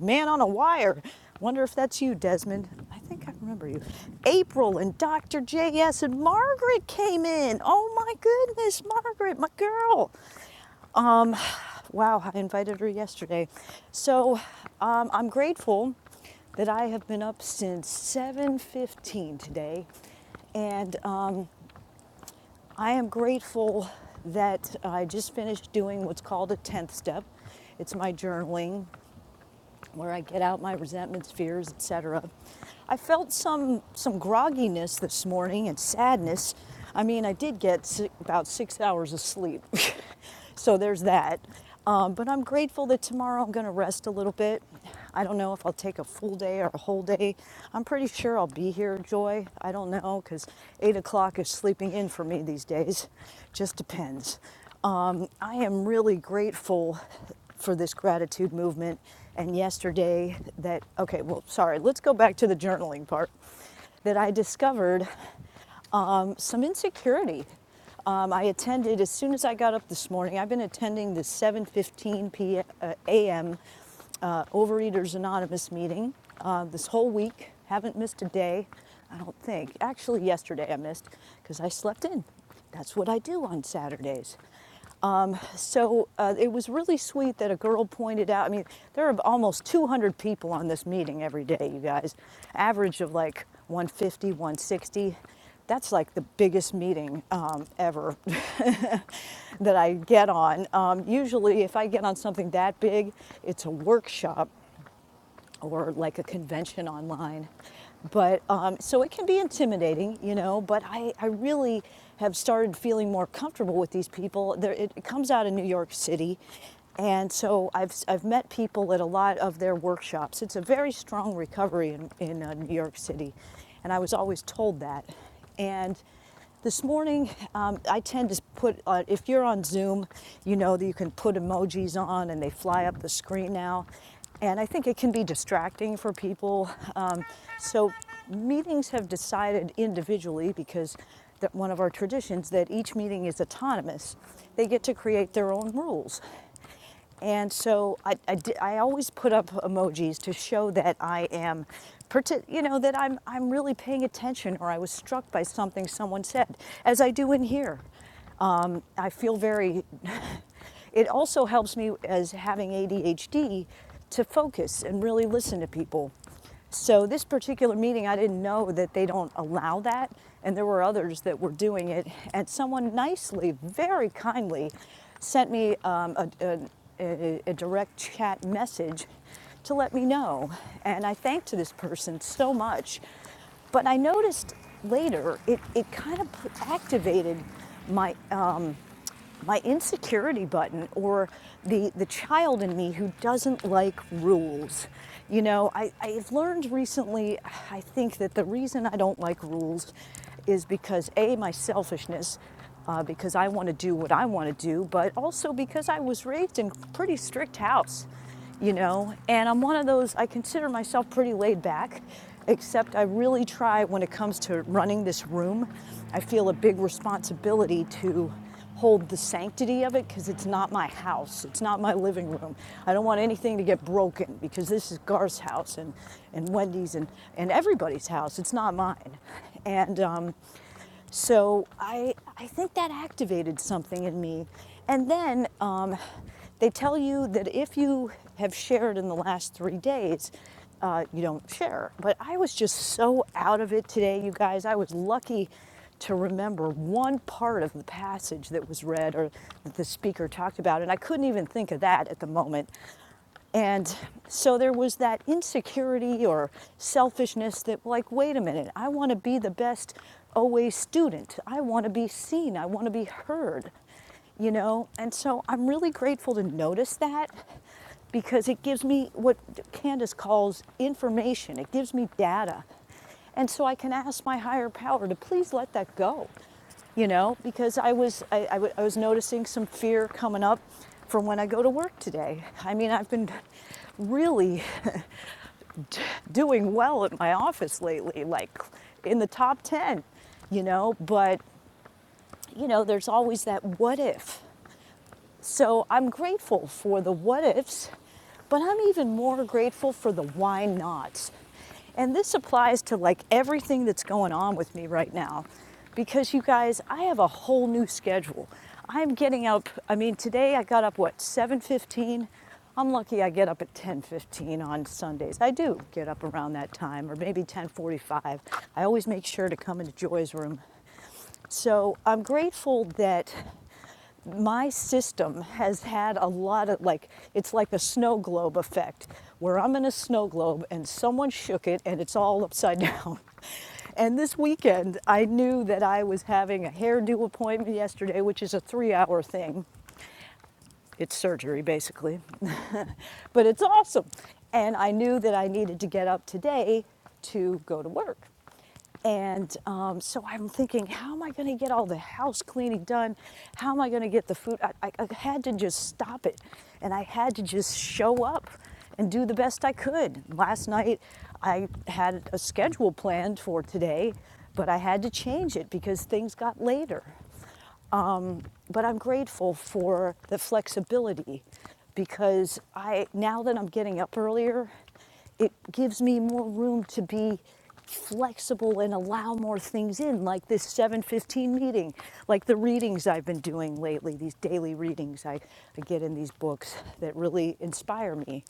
Speaker 33: man on a wire. Wonder if that's you, Desmond. I think I remember you. April and Dr. JS and Margaret came in. Oh my goodness, Margaret, my girl. Um, wow, I invited her yesterday. So um, I'm grateful that I have been up since 7:15 today, and um, I am grateful that I just finished doing what's called a 10th step. It's my journaling where I get out my resentments, fears, etc. I felt some some grogginess this morning and sadness. I mean, I did get si- about 6 hours of sleep. so there's that. Um, but I'm grateful that tomorrow I'm going to rest a little bit. I don't know if I'll take a full day or a whole day. I'm pretty sure I'll be here, Joy. I don't know because eight o'clock is sleeping in for me these days. Just depends. Um, I am really grateful for this gratitude movement and yesterday that, okay, well, sorry, let's go back to the journaling part that I discovered um, some insecurity um, I attended as soon as I got up this morning. I've been attending the 7:15 p.m. Uh, a.m. uh, Overeaters Anonymous meeting uh, this whole week. Haven't missed a day, I don't think. Actually, yesterday I missed because I slept in. That's what I do on Saturdays. Um, so uh, it was really sweet that a girl pointed out. I mean, there are almost 200 people on this meeting every day, you guys. Average of like 150, 160. That's like the biggest meeting um, ever that I get on. Um, usually, if I get on something that big, it's a workshop or like a convention online. But um, so it can be intimidating, you know, but I, I really have started feeling more comfortable with these people. There, it, it comes out of New York City. And so I've, I've met people at a lot of their workshops. It's a very strong recovery in, in uh, New York City. And I was always told that. And this morning, um, I tend to put, uh, if you're on Zoom, you know that you can put emojis on and they fly up the screen now. And I think it can be distracting for people. Um, so meetings have decided individually because that one of our traditions that each meeting is autonomous. They get to create their own rules. And so I, I, di- I always put up emojis to show that I am, you know, that I'm, I'm really paying attention or I was struck by something someone said, as I do in here. Um, I feel very, it also helps me as having ADHD to focus and really listen to people. So this particular meeting, I didn't know that they don't allow that, and there were others that were doing it. And someone nicely, very kindly, sent me um, a, a, a, direct chat message to let me know. And I thanked this person so much. But I noticed later it, it kind of activated my um, my insecurity button or the, the child in me who doesn't like rules. You know, I, I've learned recently, I think that the reason I don't like rules is because A, my selfishness, uh, because I want to do what I want to do, but also because I was raised in a pretty strict house, you know, and I'm one of those, I consider myself pretty laid back, except I really try when it comes to running this room, I feel a big responsibility to hold the sanctity of it because it's not my house. It's not my living room. I don't want anything to get broken because this is Gar's house and, and Wendy's and, and everybody's house. It's not mine. And um, so I, I think that activated something in me. And then um, they tell you that if you have shared in the last three days, uh, you don't share. But I was just so out of it today, you guys. I was lucky to remember one part of the passage that was read or that the speaker talked about. And I couldn't even think of that at the moment. And so there was that insecurity or selfishness that, like, wait a minute, I want to be the best OA student. I want to be seen. I want to be heard, you know? And so I'm really grateful to notice that because it gives me what Candace calls information, it gives me data. And so I can ask my higher power to please let that go you know, because I was I, I w- I was noticing some fear coming up from when I go to work today. I mean, I've been really doing well at my office lately, like in the top ten, you know. But you know, there's always that what if, So I'm grateful for the what ifs, but I'm even more grateful for the why nots. And this applies to like everything that's going on with me right now because you guys, I have a whole new schedule. I'm getting up, I mean today I got up what 7:15. I'm lucky I get up at 10:15 on Sundays. I do get up around that time or maybe 10:45. I always make sure to come into Joy's room so I'm grateful that my system has had a lot of like it's like the snow globe effect where I'm in a snow globe and someone shook it and it's all upside down. And this weekend I knew that I was having a hairdo appointment yesterday, which is a 3-hour thing. It's surgery basically. but it's awesome. And I knew that I needed to get up today to go to work. And um, so I'm thinking, how am I going to get all the house cleaning done? How am I going to get the food? I, I, I had to just stop it. And I had to just show up and do the best I could. Last night, I had a schedule planned for today, but I had to change it because things got later but I'm grateful for the flexibility because I now that I'm getting up earlier, it gives me more room to be flexible and allow more things in like this 715 meeting like the readings i've been doing lately these daily readings i, I get in these books that really inspire me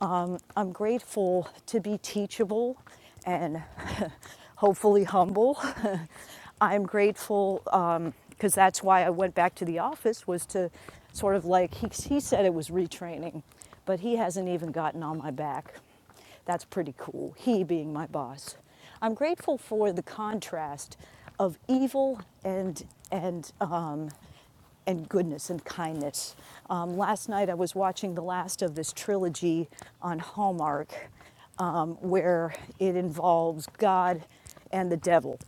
Speaker 33: um, I'm grateful to be teachable and hopefully humble. I'm grateful um, because that's why I went back to the office was to sort of like he, he said it was retraining, but he hasn't even gotten on my back. That's pretty cool. He being my boss. I'm grateful for the contrast of evil and and um, and goodness and kindness. Um, last night I was watching the last of this trilogy on Hallmark um, where it involves God and the devil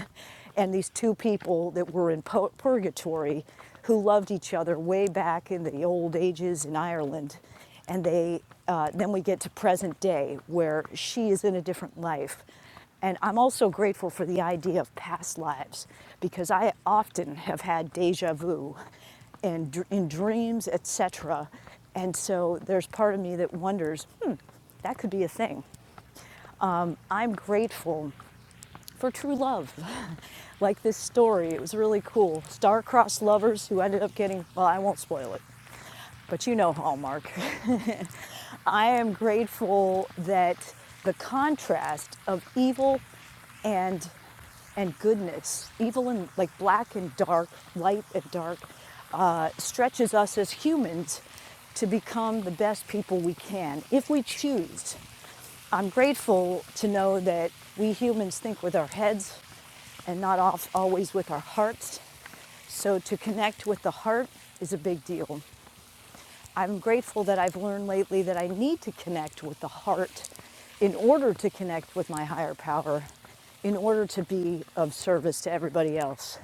Speaker 33: and these two people that were in purgatory who loved each other way back in the old ages in Ireland. And they, uh, then we get to present day where she is in a different life and I'm also grateful for the idea of past lives because I often have had deja vu and in dreams, etc. And so there's part of me that wonders, hmm, that could be a thing. I'm grateful for true love. like this story, it was really cool. Star-crossed lovers who ended up getting, well, I won't spoil it but you know Hallmark. I am grateful that the contrast of evil and and goodness, evil and like black and dark, light and dark, uh, stretches us as humans to become the best people we can if we choose. I'm grateful to know that we humans think with our heads and not off, always with our hearts. So to connect with the heart is a big deal. I'm grateful that I've learned lately that I need to connect with the heart in order to connect with my higher power, in order to be of service to everybody else.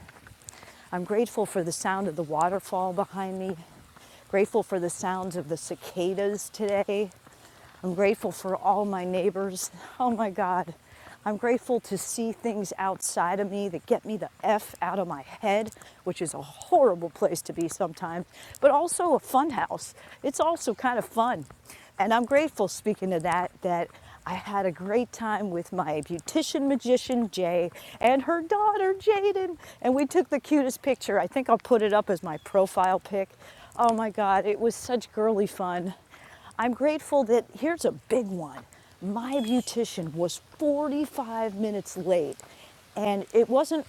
Speaker 33: I'm grateful for the sound of the waterfall behind me, grateful for the sounds of the cicadas today, I'm grateful for all my neighbors. Oh my God. I'm grateful to see things outside of me that get me the F out of my head, which is a horrible place to be sometimes, but also a fun house. It's also kind of fun. And I'm grateful, speaking of that, that I had a great time with my beautician magician, Jay, and her daughter, Jaden. And we took the cutest picture. I think I'll put it up as my profile pic. Oh my God, it was such girly fun. I'm grateful that here's a big one. My beautician was 45 minutes late and it wasn't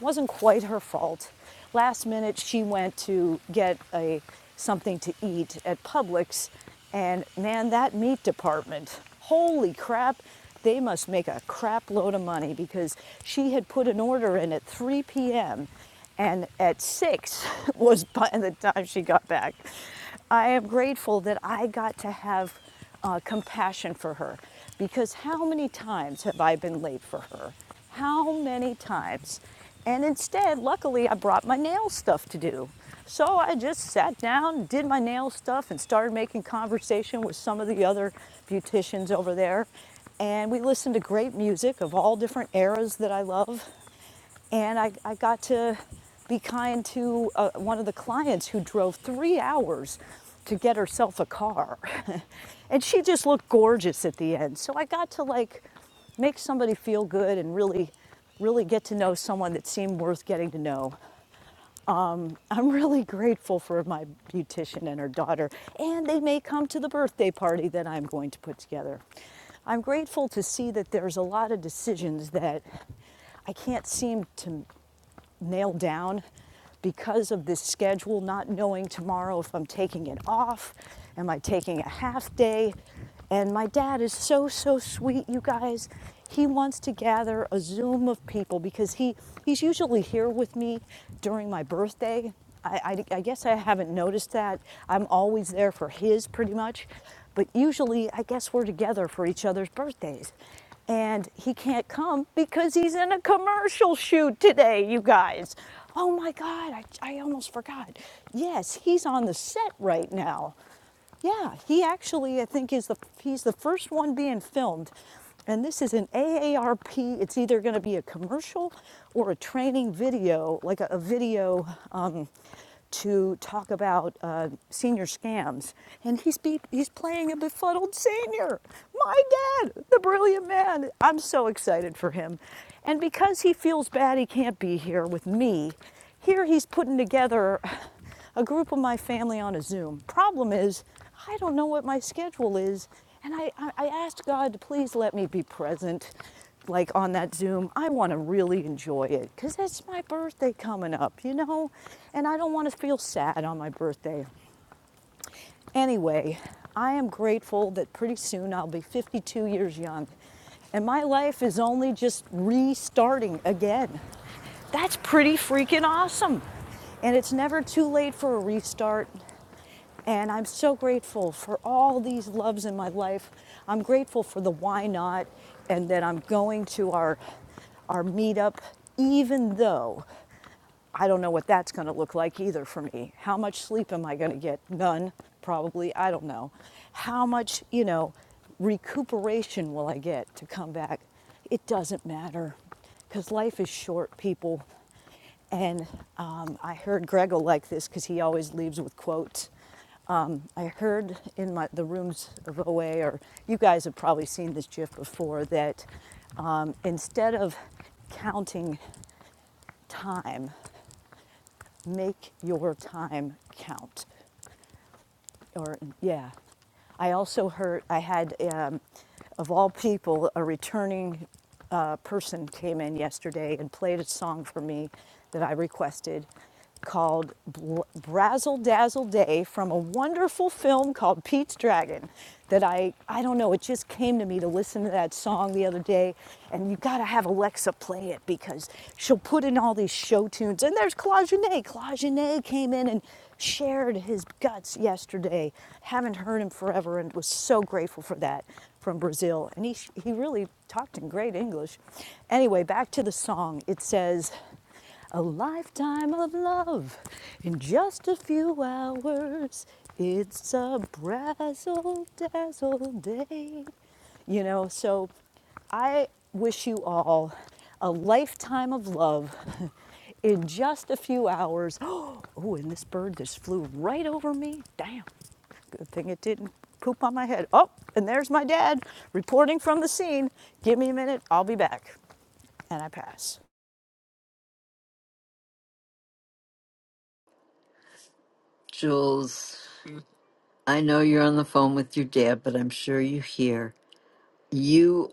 Speaker 33: wasn't quite her fault. Last minute she went to get a something to eat at Publix and man that meat department. Holy crap. They must make a crap load of money because she had put an order in at 3 p.m and at six was by the time she got back. I am grateful that I got to have uh, compassion for her because how many times have I been late for her? How many times? And instead, luckily, I brought my nail stuff to do. So I just sat down, did my nail stuff, and started making conversation with some of the other beauticians over there. And we listened to great music of all different eras that I love and I, I got to be kind to uh, one of the clients who drove three hours to get herself a car. and she just looked gorgeous at the end. So I got to like make somebody feel good and really, really get to know someone that seemed worth getting to know. I'm really grateful for my beautician and her daughter, and they may come to the birthday party that I'm going to put together. I'm grateful to see that there's a lot of decisions that I can't seem to nailed down because of this schedule, not knowing tomorrow if I'm taking it off. Am I taking a half day? And my dad is so, so sweet, you guys. He wants to gather a Zoom of people because he, he's usually here with me during my birthday. I, I, I guess I haven't noticed that. I'm always there for his pretty much. But usually, I guess we're together for each other's birthdays. And he can't come because he's in a commercial shoot today, you guys. Oh my God, I, I almost forgot. Yes, he's on the set right now. Yeah, he actually, I think, is the he's the first one being filmed, and this is an AARP. It's either going to be a commercial or a training video, like a, a video. Um, to talk about uh, senior scams. And he's, be- he's playing a befuddled senior. My dad, the brilliant man. I'm so excited for him. And because he feels bad he can't be here with me, here he's putting together a group of my family on a Zoom. Problem is, I don't know what my schedule is. And I, I, I asked God to please let me be present, like on that Zoom. I want to really enjoy it because it's my birthday coming up, you know? And I don't want to feel sad on my birthday. Anyway, I am grateful that pretty soon I'll be 52 years young and my life is only just restarting again. That's pretty freaking awesome. And it's never too late for a restart. And I'm so grateful for all these loves in my life. I'm grateful for the why not and that I'm going to our our meetup even though I don't know what that's going to look like either for me. How much sleep am I going to get? None, probably. I don't know. How much, you know, recuperation will I get to come back? It doesn't matter because life is short, people. And um, I heard Greg will like this because he always leaves with quotes. Um, I heard in my, the rooms of OA, or you guys have probably seen this GIF before, that um, instead of counting time, make your time count. Or, yeah. I also heard, I had, um, of all people, a returning uh, person came in yesterday and played a song for me that I requested called Bl- Brazzle Dazzle Day from a wonderful film called Pete's Dragon that I, I don't know, it just came to me to listen to that song the other day. And you gotta have Alexa play it because she'll put in all these show tunes. And there's Claudenet. Claudenet came in and shared his guts yesterday. Haven't heard him forever and was so grateful for that from Brazil. And he, he really talked in great English. Anyway, back to the song. It says, a lifetime of love in just a few hours. It's a brazzle dazzle day. You know, so I wish you all a lifetime of love in just a few hours. Oh, and this bird just flew right over me. Damn. Good thing it didn't poop on my head. Oh, and there's my dad reporting from the scene. Give me a minute, I'll be back. And I pass.
Speaker 29: Jules, I know you're on the phone with your dad, but I'm sure you hear. You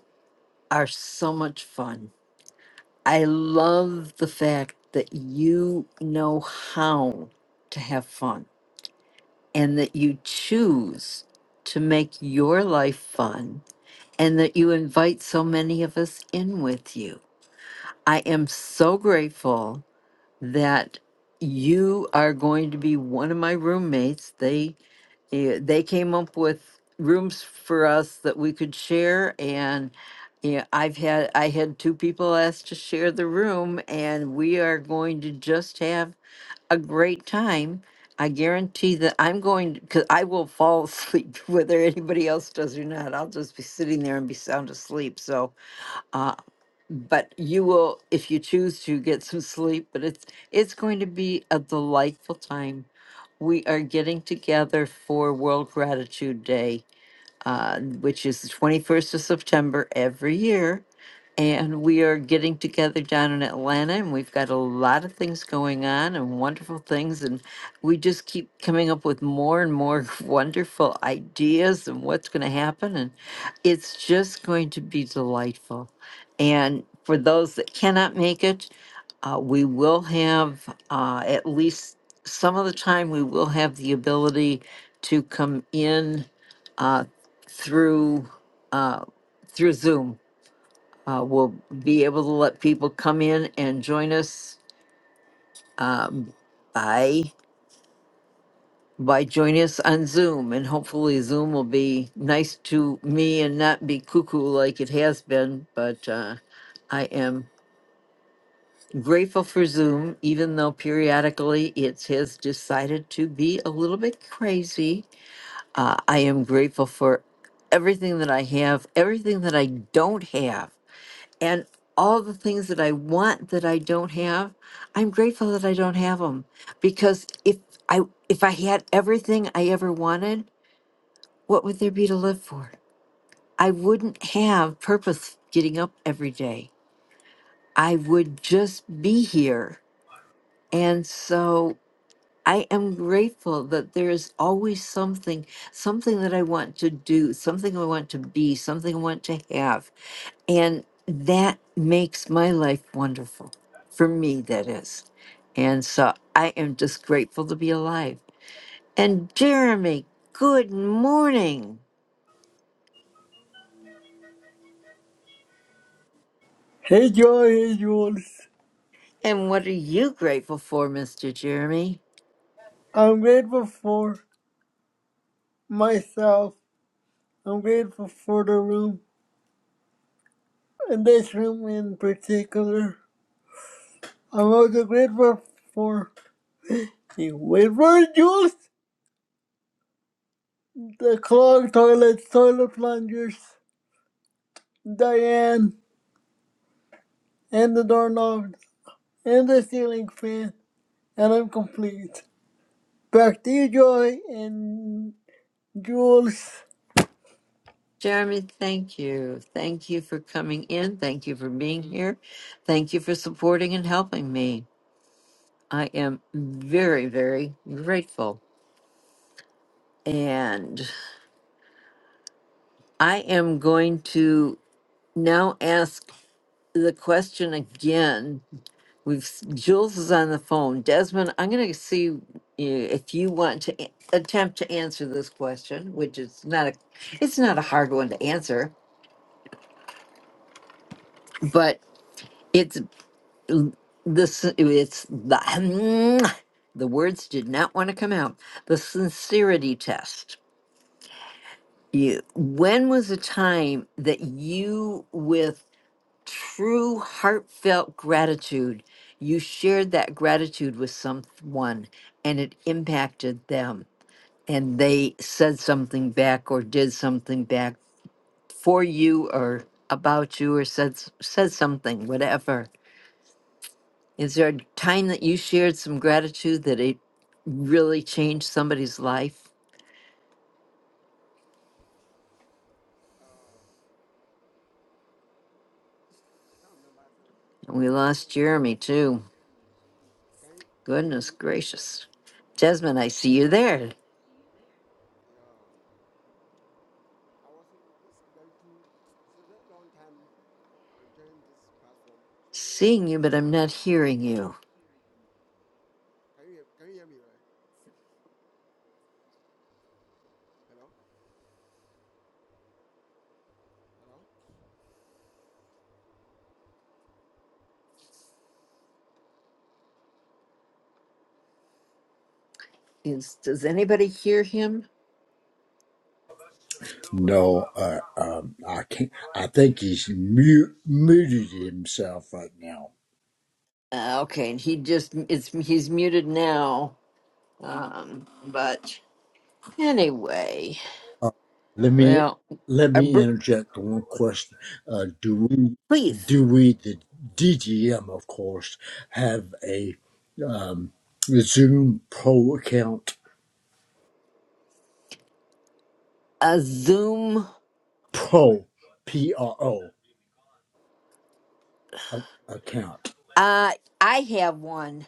Speaker 29: are so much fun. I love the fact that you know how to have fun and that you choose to make your life fun and that you invite so many of us in with you. I am so grateful that you are going to be one of my roommates. They eh, they came up with rooms for us that we could share and yeah, I've had I had two people asked to share the room and we are going to just have a great time. I guarantee that I'm going because I will fall asleep whether anybody else does or not. I'll just be sitting there and be sound asleep. So, uh, but you will if you choose to get some sleep. But it's it's going to be a delightful time. We are getting together for World Gratitude Day, uh, which is the 21st of September every year and we are getting together down in Atlanta, and we've got a lot of things going on and wonderful things. And we just keep coming up with more and more wonderful ideas and what's going to happen. And it's just going to be delightful. And for those that cannot make it, uh, we will have uh, at least some of the time, we will have the ability to come in uh, through. Uh, through Zoom, uh, we'll be able to let people come in and join us um, by by joining us on Zoom, and hopefully Zoom will be nice to me and not be cuckoo like it has been. But uh, I am grateful for Zoom, even though periodically it has decided to be a little bit crazy. Uh, I am grateful for everything that I have, everything that I don't have and all the things that I want that I don't have, I'm grateful that I don't have them because if I if I had everything I ever wanted, what would there be to live for? I wouldn't have purpose getting up every day. I would just be here. And so I am grateful that there is always something, something that I want to do, something I want to be, something I want to have And that makes my life wonderful. For me, that is. And so I am just grateful to be alive. And Jeremy, good morning.
Speaker 34: Hey Joy, hey Jules.
Speaker 29: And what are you grateful for, Mr. Jeremy?
Speaker 34: I'm grateful for myself. I'm grateful for the room, and this room in particular. I'm also grateful for the Wayward Jules, the clogged toilets, toilet plungers, Diane, and the doorknob, and the ceiling fan, and I'm complete. Back to you, Joy and Jules.
Speaker 29: Jeremy, thank you. Thank you for coming in. Thank you for being here. Thank you for supporting and helping me. I am very, very grateful. And I am going to now ask the question again. We've Jules is on the phone. Desmond, I'm going to see y- if you want to a- attempt to answer this question, which is not a it's not a hard one to answer, but it's l- this it's the the words did not want to come out. The sincerity test. You, when was a time that you with true heartfelt gratitude. You shared that gratitude with someone and it impacted them, and they said something back or did something back for you or about you or said s- said something whatever. Is there a time that you shared some gratitude that it really changed somebody's life?
Speaker 32: Um, I can't remember. I don't
Speaker 29: And we
Speaker 32: I don't have
Speaker 29: lost
Speaker 32: any idea.
Speaker 29: Jeremy
Speaker 32: Can you
Speaker 29: too.
Speaker 32: can
Speaker 29: Goodness gracious. Desmond, I see you there.
Speaker 32: you hear me? Yeah. Um, I was in this Gaitu. It's a very long time uh, I joined this platform. So
Speaker 29: Seeing you, but I'm not hearing you.
Speaker 32: can you hear, can you hear me? Right? Hello, hello.
Speaker 29: Is does anybody hear him?
Speaker 31: No, uh, um, I can't. I think he's mute, muted himself right now.
Speaker 29: Uh, okay, and he just it's he's muted now. Um, but anyway,
Speaker 31: Uh, let me
Speaker 29: well,
Speaker 31: let
Speaker 29: a
Speaker 31: me
Speaker 29: br-
Speaker 31: interject one question. Uh, do we
Speaker 29: please
Speaker 31: do we the DGM of course have a um, Zoom Pro account?
Speaker 29: a Zoom.
Speaker 31: Pro P R O a- account.
Speaker 29: Uh, I have one.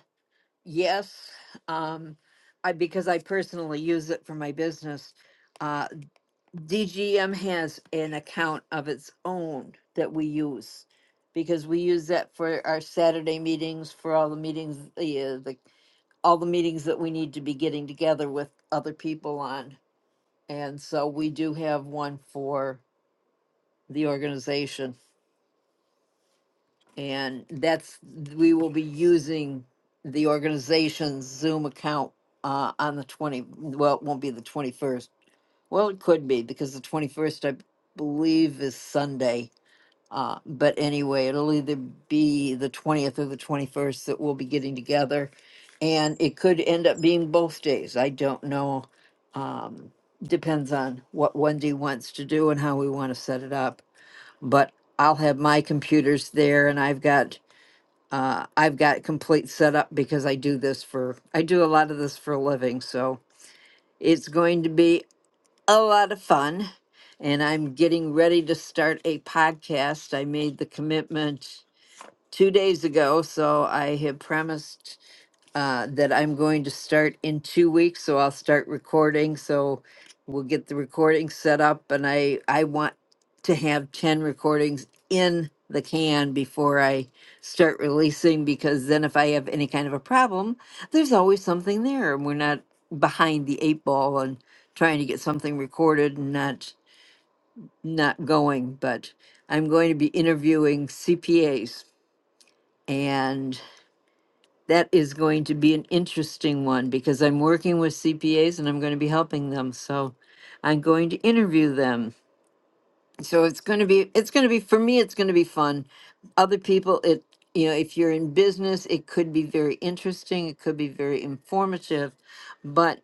Speaker 29: Yes, um, I because I personally use it for my business. Uh, DGM has an account of its own that we use because we use that for our Saturday meetings, for all the meetings, The uh, the all the meetings that we need to be getting together with other people on. And so we do have one for the organization. And that's, we will be using the organization's Zoom account uh, on the 20, well, it won't be the 21st. Well, it could be because the 21st, I believe, is Sunday. Uh, but anyway, it'll either be the twentieth or the twenty-first that we'll be getting together. And it could end up being both days. I don't know. Um, depends on what Wendy wants to do and how we want to set it up. But I'll have my computers there and I've got, uh, I've got complete setup because I do this for, I do a lot of this for a living. So it's going to be a lot of fun. And I'm getting ready to start a podcast. I made the commitment two days ago. So I have premised uh, that I'm going to start in two weeks. So I'll start recording. So we'll get the recording set up, and I I want to have ten recordings in the can before I start releasing because then if I have any kind of a problem, there's always something there, and we're not behind the eight ball and trying to get something recorded and not not going but i'm going to be interviewing cpas and that is going to be an interesting one because I'm working with CPAs and I'm going to be helping them. So I'm going to interview them. So it's going to be, it's going to be, for me, it's going to be fun. Other people, it, you know, if you're in business, it could be very interesting. It could be very informative. but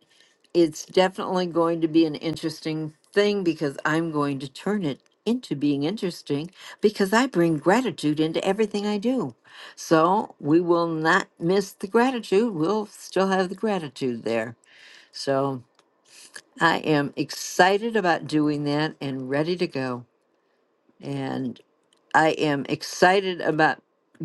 Speaker 29: it's definitely going to be an interesting thing because I'm going to turn it into being interesting because I bring gratitude into everything I do. So we will not miss the gratitude. We'll still have the gratitude there. So I am excited about doing that and ready to go. and. I am excited about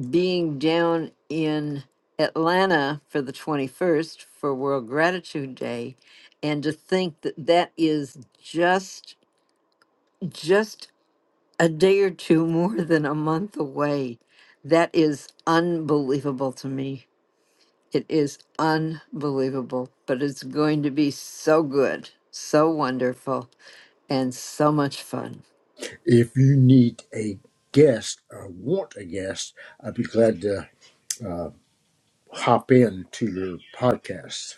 Speaker 29: being down in Atlanta for the 21st for World Gratitude Day and to think that that is just just a day or two more than a month away that is unbelievable to me it is unbelievable but it's going to be so good so wonderful and so much fun
Speaker 31: If you need a guest or want a guest, I'd be glad to uh, hop in to your podcast.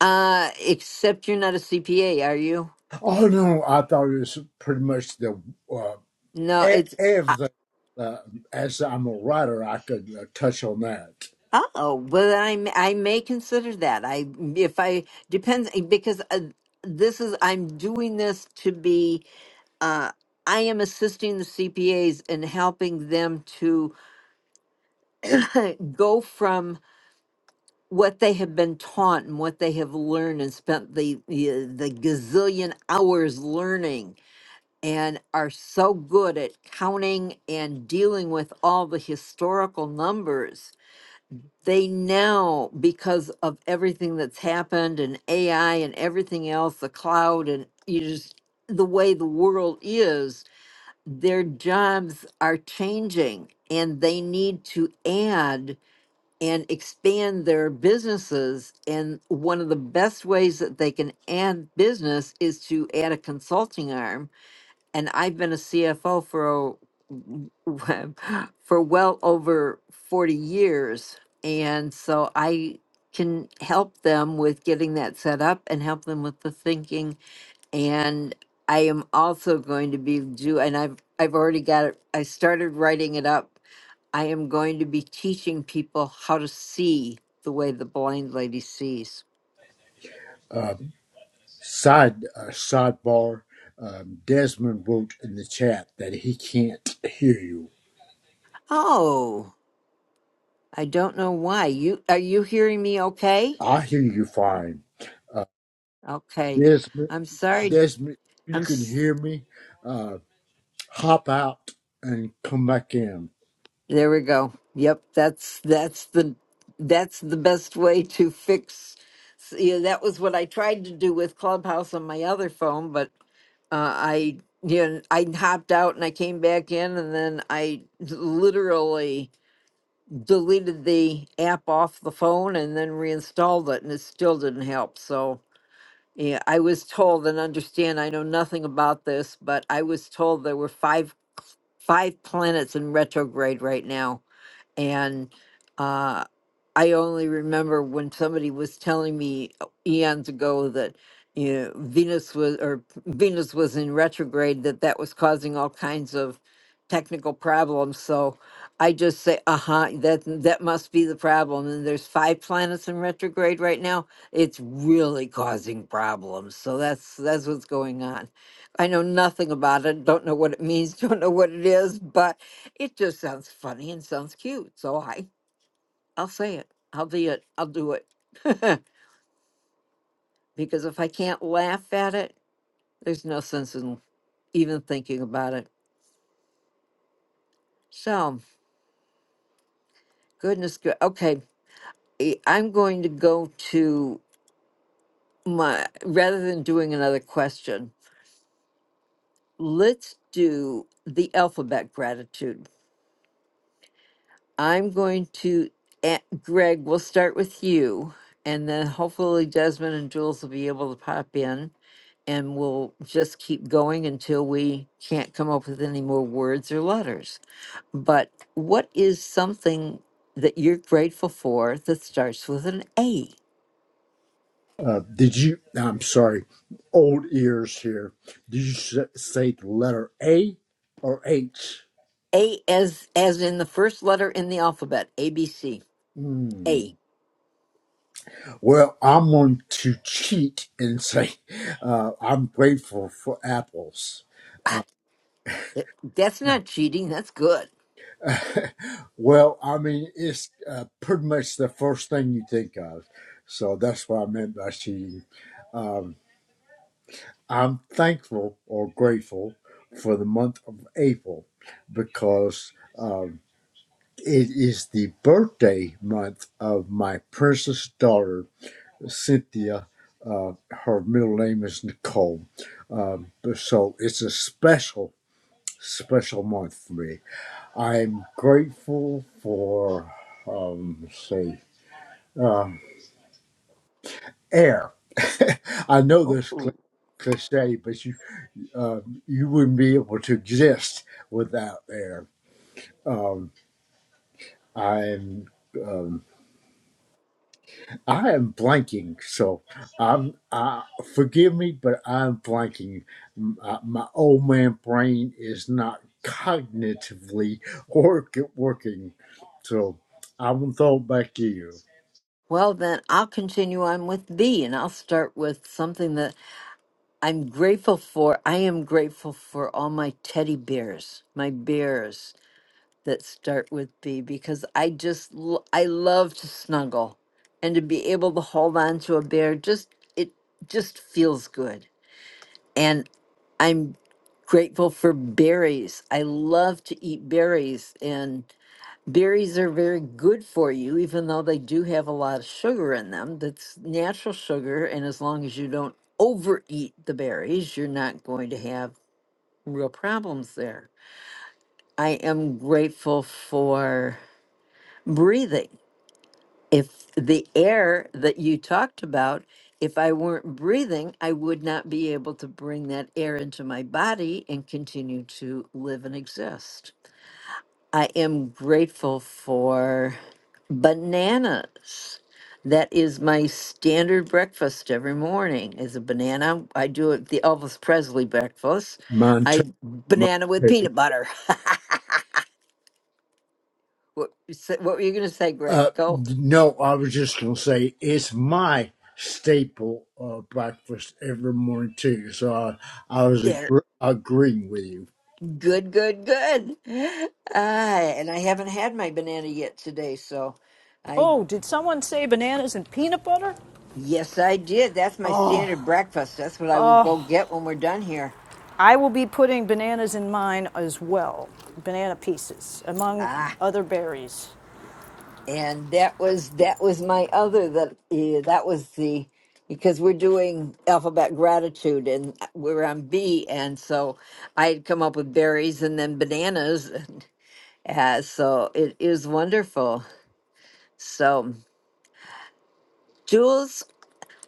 Speaker 29: uh except you're not a CPA are you
Speaker 31: Oh no, I thought it was pretty much the uh,
Speaker 29: no
Speaker 31: e-
Speaker 29: it's
Speaker 31: everything. Uh, as I'm a writer, I could uh, touch on that.
Speaker 29: Oh, well, I m- I may consider that. I if I depends eh, because uh, this is I'm doing this to be uh I am assisting the CPAs and helping them to go from what they have been taught and what they have learned and spent the the, the gazillion hours learning and are so good at counting and dealing with all the historical numbers they now because of everything that's happened and AI and everything else, the cloud and you just the way the world is, their jobs are changing and they need to add and expand their businesses and one of the best ways that they can add business is to add a consulting arm and I've been a CFO for a- for well over 40 years and so I can help them with getting that set up and help them with the thinking and I am also going to be do and I've I've already got it I started writing it up I am going to be teaching people how to see the way the blind lady sees.
Speaker 31: Uh, side uh, sidebar: um, Desmond wrote in the chat that he can't hear you.
Speaker 29: Oh, I don't know why. You are you hearing me okay?
Speaker 31: I hear you fine. Uh,
Speaker 29: Okay.
Speaker 31: Desmond,
Speaker 29: I'm sorry.
Speaker 31: Desmond, you
Speaker 29: I'm
Speaker 31: can
Speaker 29: s-
Speaker 31: hear me. Uh, hop out and come back in.
Speaker 29: there we go. Yep, that's that's the that's the best way to fix yeah, that was what I tried to do with Clubhouse on my other phone, but uh, I you know, I hopped out and I came back in and then I literally deleted the app off the phone and then reinstalled it and it still didn't help. So yeah, I was told and understand I know nothing about this, but I was told there were five. five planets in retrograde right now and uh, I only remember when somebody was telling me uh, eons ago that you know Venus was or Venus was in retrograde that that was causing all kinds of technical problems. So I just say, uh huh, that that must be the problem. And there's five planets in retrograde right now. It's really causing problems. So that's that's what's going on. I know nothing about it. Don't know what it means. Don't know what it is. But. It just sounds funny and sounds cute, so I I'll say it. I'll be it. I'll do it. because if I can't laugh at it, there's no sense in even thinking about it. So, goodness good. Okay, eh, I'm going to go to my rather than doing another question. Let's do the alphabet gratitude. I'm going to eh, Greg, we'll start with you and then hopefully Desmond and Jules will be able to pop in. and we'll just keep going until we can't come up with any more words or letters. But what is something that you're grateful for that starts with an A?
Speaker 31: Uh, did you? I'm sorry, old ears here. Did you s- say the letter A or H?
Speaker 29: A as as in the first letter in the alphabet, A B C.
Speaker 31: Hmm.
Speaker 29: A.
Speaker 31: Well, I'm going to cheat and say uh, I'm grateful for apples.
Speaker 29: Ah, th- That's not cheating, that's good.
Speaker 31: well, I mean, it's uh, pretty much the first thing you think of. So that's what I meant by cheating. Um, I'm thankful or grateful for the month of April because. um, It is the birthday month of my precious daughter, Cynthia. Uh, her middle name is Nicole. Um, so it's a special, special month for me. I'm grateful for, um, let's see, uh, air. I know this cli- cliche, but you uh, you wouldn't be able to exist without air. Um, I'm I am blanking, so I'm. Uh, forgive me, but I'm blanking. M- uh, my old man brain is not cognitively work working, so I'm gonna throw it back to you.
Speaker 29: Well then I'll continue on with B and I'll start with something that I'm grateful for. I am grateful for all my teddy bears, my bears. that start with B because I just l- I love to snuggle and to be able to hold on to a bear just it just feels good. And I'm grateful for berries. I love to eat berries and berries are very good for you even though they do have a lot of sugar in them. That's natural sugar and as long as you don't overeat the berries, you're not going to have real problems there. I am grateful for breathing. If the air that you talked about, if I weren't breathing, I would not be able to bring that air into my body and continue to live and exist. I am grateful for bananas. That is my standard breakfast every morning is a banana. I do it the Elvis Presley breakfast.
Speaker 31: Mine too.
Speaker 29: I
Speaker 31: Mine
Speaker 29: banana with
Speaker 31: too.
Speaker 29: peanut butter. what, what were you going to say, Greg?
Speaker 31: Uh,
Speaker 29: Go.
Speaker 31: no, I was just gonna say it's my staple uh, breakfast every morning too. So I, I was agr- agreeing with you.
Speaker 29: Good, good, good. Uh, and I haven't had my banana yet today, so I
Speaker 33: Oh, did someone say bananas and peanut butter?
Speaker 29: yes, I did. That's my standard breakfast. That's what I will go get when we're done here.
Speaker 33: I will be putting bananas in mine as well, banana pieces, among
Speaker 29: Ah,
Speaker 33: other berries.
Speaker 29: and that was that was my other that eh, that was the because we're doing alphabet gratitude and we're on B, and so I had come up with berries and then bananas. And, uh, so it is wonderful. So. Jules,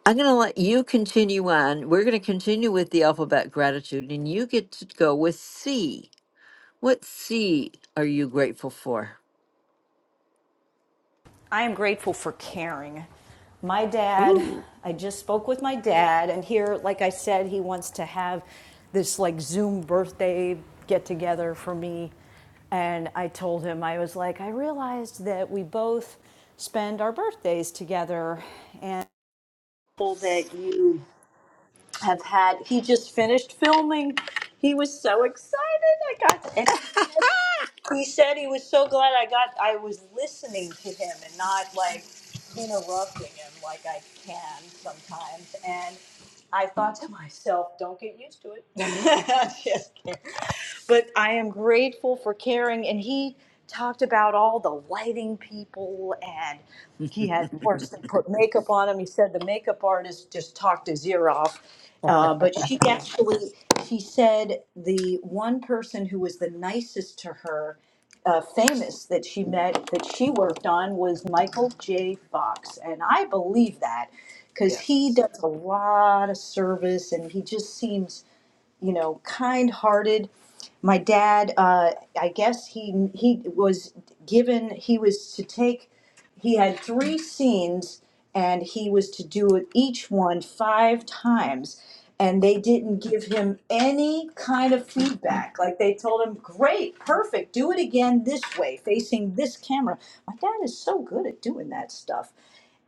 Speaker 29: I'm going to let you continue on. We're going to continue with the alphabet gratitude, and you get to go with C. What C are you grateful for?
Speaker 33: I am grateful for caring. My dad,
Speaker 29: Ooh.
Speaker 33: I just spoke with my dad, and here, like I said, he wants to have this like Zoom birthday get together for me. And I told him, I was like, I realized that we both spend our birthdays together and that you have had he just finished filming he was so excited i got to, and he said he said he was so glad i got i was listening to him and not like interrupting him like i can sometimes and i thought to myself don't get used to it just kidding but I am grateful for caring. And he talked about all the lighting people and he had, of course, they put makeup on him. He said the makeup artist just talked his ear off. Uh, but she actually, he said the one person who was the nicest to her, uh, famous that she met, that she worked on was Michael J. Fox. And I believe that because he does a lot of service and he just seems you know, kind-hearted. My dad, uh, I guess he he was given he was to take. He had three scenes, and he was to do each one five times. And they didn't give him any kind of feedback. Like they told him, "Great, perfect, do it again this way, facing this camera." My dad is so good at doing that stuff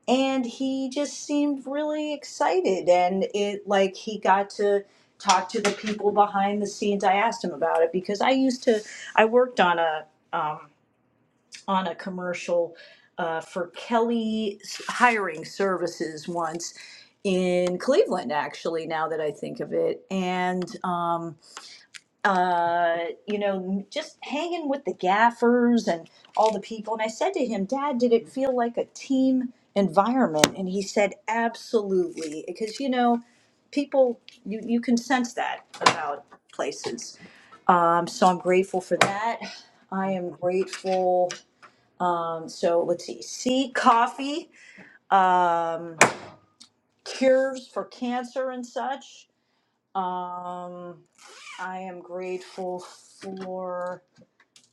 Speaker 33: and he just seemed really excited and it like he got to talk to the people behind the scenes i asked him about it because i used to i worked on a um, on a commercial uh, for kelly hiring services once in cleveland actually now that i think of it and um, uh, you know, just hanging with the gaffers and all the people. And I said to him, Dad, did it feel like a team environment? And he said, Absolutely. Because, you know, people, you, you can sense that about places. Um, so I'm grateful for that. I am grateful. Um, so let's see, C, coffee, um, cures for cancer and such. Um, I am grateful for.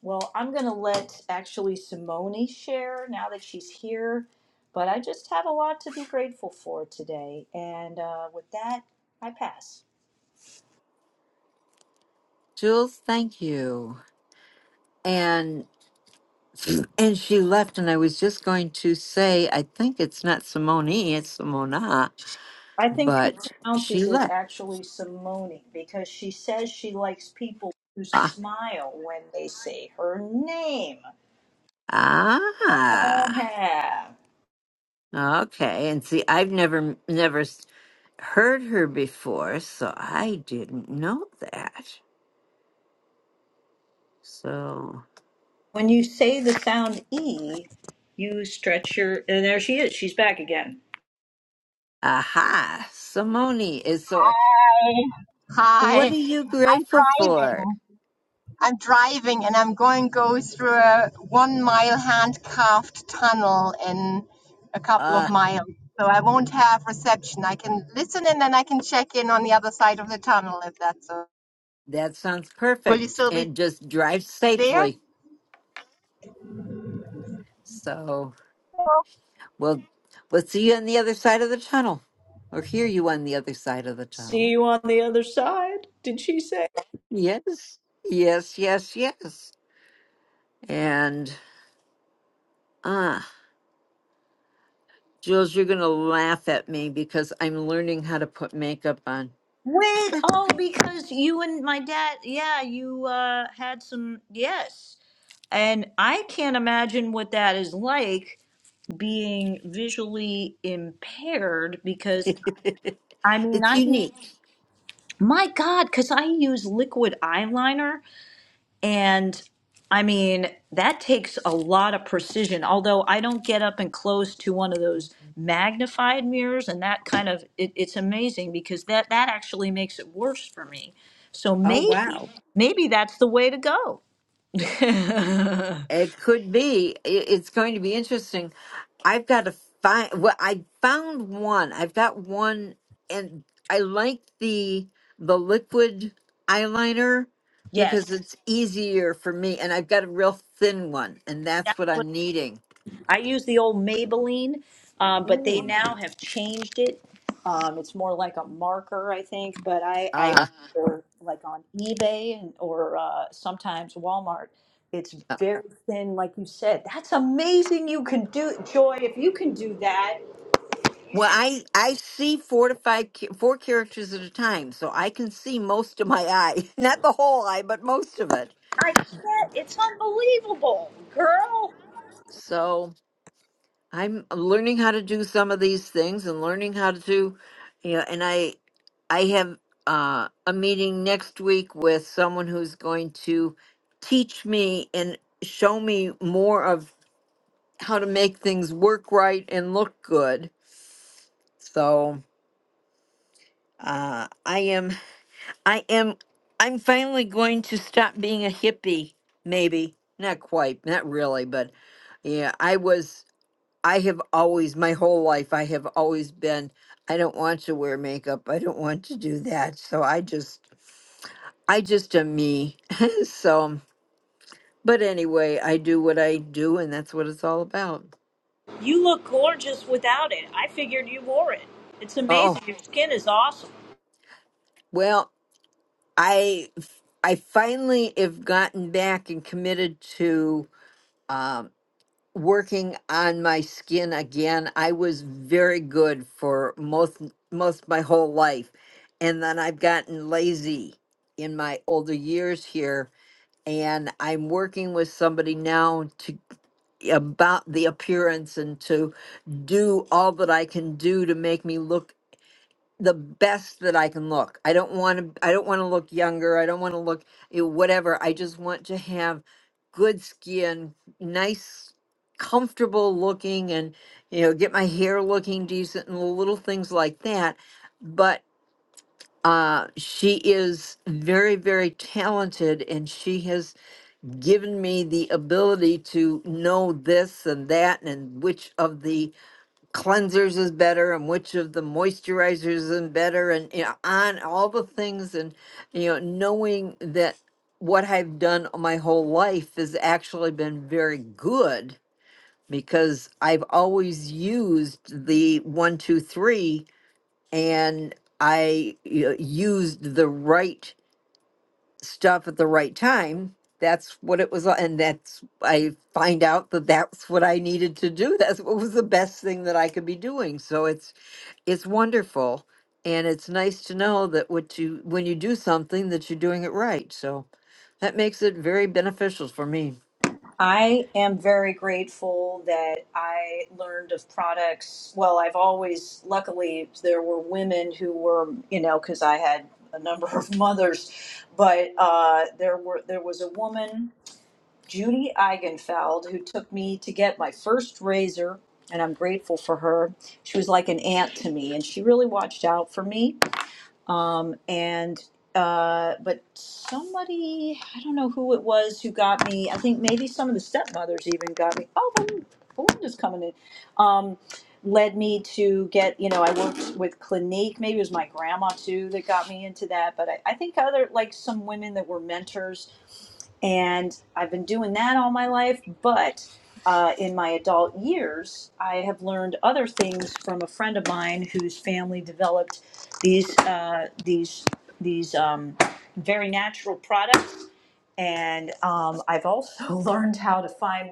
Speaker 33: Well, I'm going to let actually Simone share now that she's here, but I just have a lot to be grateful for today. And uh, with that, I pass.
Speaker 29: Jules, thank you. And and she left, and I was just going to say, I think it's not Simone, it's Simona,
Speaker 33: I think she
Speaker 29: but she
Speaker 33: pronounces it
Speaker 29: left.
Speaker 33: actually Simone because she says she likes people who
Speaker 29: Ah,
Speaker 33: smile when they say her name.
Speaker 29: ah,
Speaker 33: Yeah.
Speaker 29: okay. And see, I've never never s- heard her before, so I didn't know that. So.
Speaker 33: When you say the sound E, you stretch your. And there she is. She's back again.
Speaker 29: Aha, Simone is so.
Speaker 35: Hi,
Speaker 29: What are you grateful for?
Speaker 35: driving. I'm driving and I'm going to go through a one mile hand carved tunnel in a couple of
Speaker 29: Uh,
Speaker 35: miles. So I won't have reception. I can listen and then I can check in on the other side of the tunnel if that's all.
Speaker 29: that sounds
Speaker 35: Will you
Speaker 29: perfect.
Speaker 35: still be
Speaker 29: And just drive
Speaker 35: there?
Speaker 29: safely. So
Speaker 35: Oh,
Speaker 29: we'll we'll see you on the other side of the tunnel, or hear you on the other side of the
Speaker 33: See
Speaker 29: tunnel.
Speaker 33: you on the other side, did she say?
Speaker 29: Yes, yes, yes, yes. And ah, Jules, you're gonna laugh at me because I'm learning how to put makeup on.
Speaker 33: Wait, oh, because you and my dad, yeah, you uh had some, yes. And I can't imagine what that is like being visually impaired because I mean,
Speaker 29: it's
Speaker 33: I
Speaker 29: unique.
Speaker 33: my God, because I use liquid eyeliner and I mean, that takes a lot of precision. Although I don't get up and close to one of those magnified mirrors, and that kind of it, it's amazing because that that actually makes it worse for me. So
Speaker 29: Oh,
Speaker 33: maybe
Speaker 29: wow.
Speaker 33: maybe that's the way to go.
Speaker 29: It could be. I- It's going to be interesting. I've got to find, well, I found one. I've got one and I like the the liquid eyeliner
Speaker 33: yes,
Speaker 29: because it's easier for me and I've got a real thin one and that's what I'm needing.
Speaker 33: I use the old Maybelline, um, but they
Speaker 29: Mm.
Speaker 33: now have changed it. Um, it's more like a marker, I think. But I, I
Speaker 29: Uh
Speaker 33: order like on eBay and or uh, sometimes Walmart. It's very thin, like you said. That's amazing. You can do Joy. If you can do that,
Speaker 29: Well, I I see four to five cha- four characters at a time, so I can see most of my eye, not the whole eye, but most of it.
Speaker 33: I can't. It's unbelievable, girl.
Speaker 29: So I'm learning how to do some of these things and learning how to do, you know. And I I have uh, a meeting next week with someone who's going to teach me and show me more of how to make things work right and look good. So uh, I am. I am I'm finally going to stop being a hippie, maybe. Not quite, not really, but yeah, I was I have always my whole life I have always been I don't want to wear makeup. I don't want to do that. So I just I just am me. so but anyway, I do what I do and that's what it's all about.
Speaker 33: You look gorgeous without it. I figured you wore it. It's
Speaker 29: Oh,
Speaker 33: amazing. Your skin is awesome.
Speaker 29: well, I I finally have gotten back and committed to um, working on my skin again. I was very good for most most my whole life. And then I've gotten lazy in my older years here and I'm working with somebody now to about the appearance and to do all that I can do to make me look the best that I can look. I don't want to I don't want to look younger. I don't want to look you know, whatever. I just want to have good skin, nice comfortable looking and you know get my hair looking decent and little things like that. But uh she is very very talented and she has given me the ability to know this and that and which of the cleansers is better and which of the moisturizers is better and you know on all the things and you know knowing that what I've done my whole life has actually been very good because I've always used the one two three and I you know, used the right stuff at the right time that's what it was li- and that's i find out that that's what i needed to do that's what was the best thing that i could be doing so it's it's wonderful and it's nice to know that what you when you do something that you're doing it right so that makes it very beneficial for me
Speaker 33: I am very grateful that I learned of products. Well, I've always, luckily, there were women who were, you know, because I had a number of mothers, but uh, there were there was a woman, Judy Eigenfeld, who took me to get my first razor, and I'm grateful for her. She was like an aunt to me, and she really watched out for me. Um, and uh, but somebody, I don't know who it was who got me. I think maybe some of the stepmothers even got me. Oh, Belin- Belinda's coming in. Um, led me to get, you know, I worked with Clinique. Maybe it was my grandma too that got me into that. But I, I think other like some women that were mentors, and I've been doing that all my life. But uh, in my adult years, I have learned other things from a friend of mine whose family developed these uh, these these um, very natural products. And um, I've also learned how to find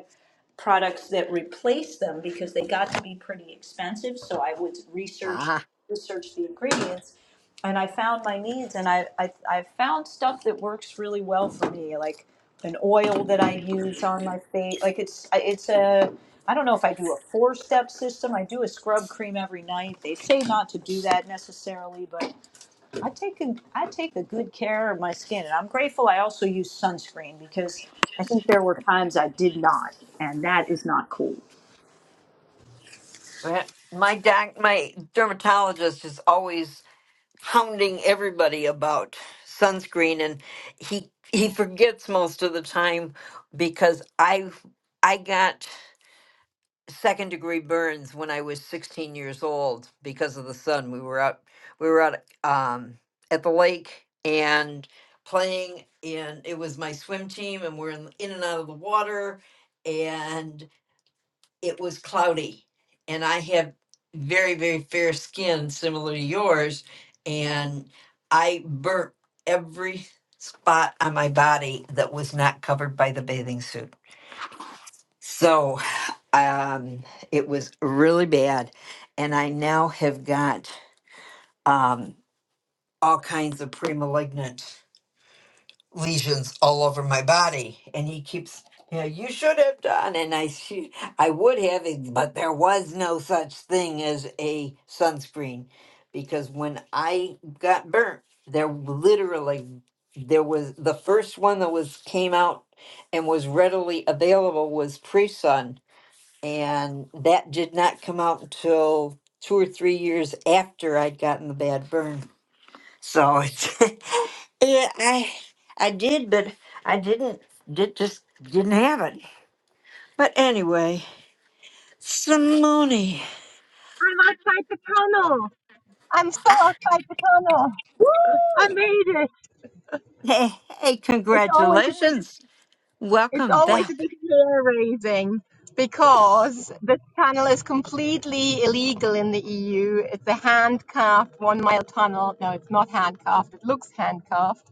Speaker 33: products that replace them because they got to be pretty expensive. So I would research
Speaker 29: ah
Speaker 33: research the ingredients, and I found my needs. And I I, I found stuff that works really well for me, like an oil that I use on my face. Like it's it's a I don't know if I do a four step system. I do a scrub cream every night. They say not to do that necessarily, but I take a, I take a good care of my skin, and I'm grateful. I also use sunscreen because I think there were times I did not, and that is not cool.
Speaker 29: well, my doc my dermatologist is always hounding everybody about sunscreen and he he forgets most of the time because i i got second degree burns when I was 16 years old because of the sun. We were out we were out um, at the lake and playing and it was my swim team and we're in, in and out of the water and it was cloudy and I have very very fair skin similar to yours and I burnt every spot on my body that was not covered by the bathing suit. So um, it was really bad, and I now have got um, all kinds of premalignant lesions all over my body. And he keeps, yeah, you should have done, and I, should, I would have, but there was no such thing as a sunscreen, because when I got burnt, there literally there was the first one that was came out and was readily available was pre sun and that did not come out until two or three years after I'd gotten the bad burn. So it's, yeah, I I did, but I didn't did just didn't have it. But anyway, Simone,
Speaker 35: I'm outside the tunnel. I'm so
Speaker 29: ah,
Speaker 35: outside the tunnel. I
Speaker 33: Woo!
Speaker 35: made it.
Speaker 29: hey, hey,
Speaker 35: It's always a big
Speaker 29: congratulations!
Speaker 35: It's
Speaker 29: Welcome
Speaker 35: always
Speaker 29: back,
Speaker 35: a bit hair raising because this tunnel is completely illegal in the EU. It's a handcuffed one mile tunnel. No, it's not handcuffed. It looks handcuffed.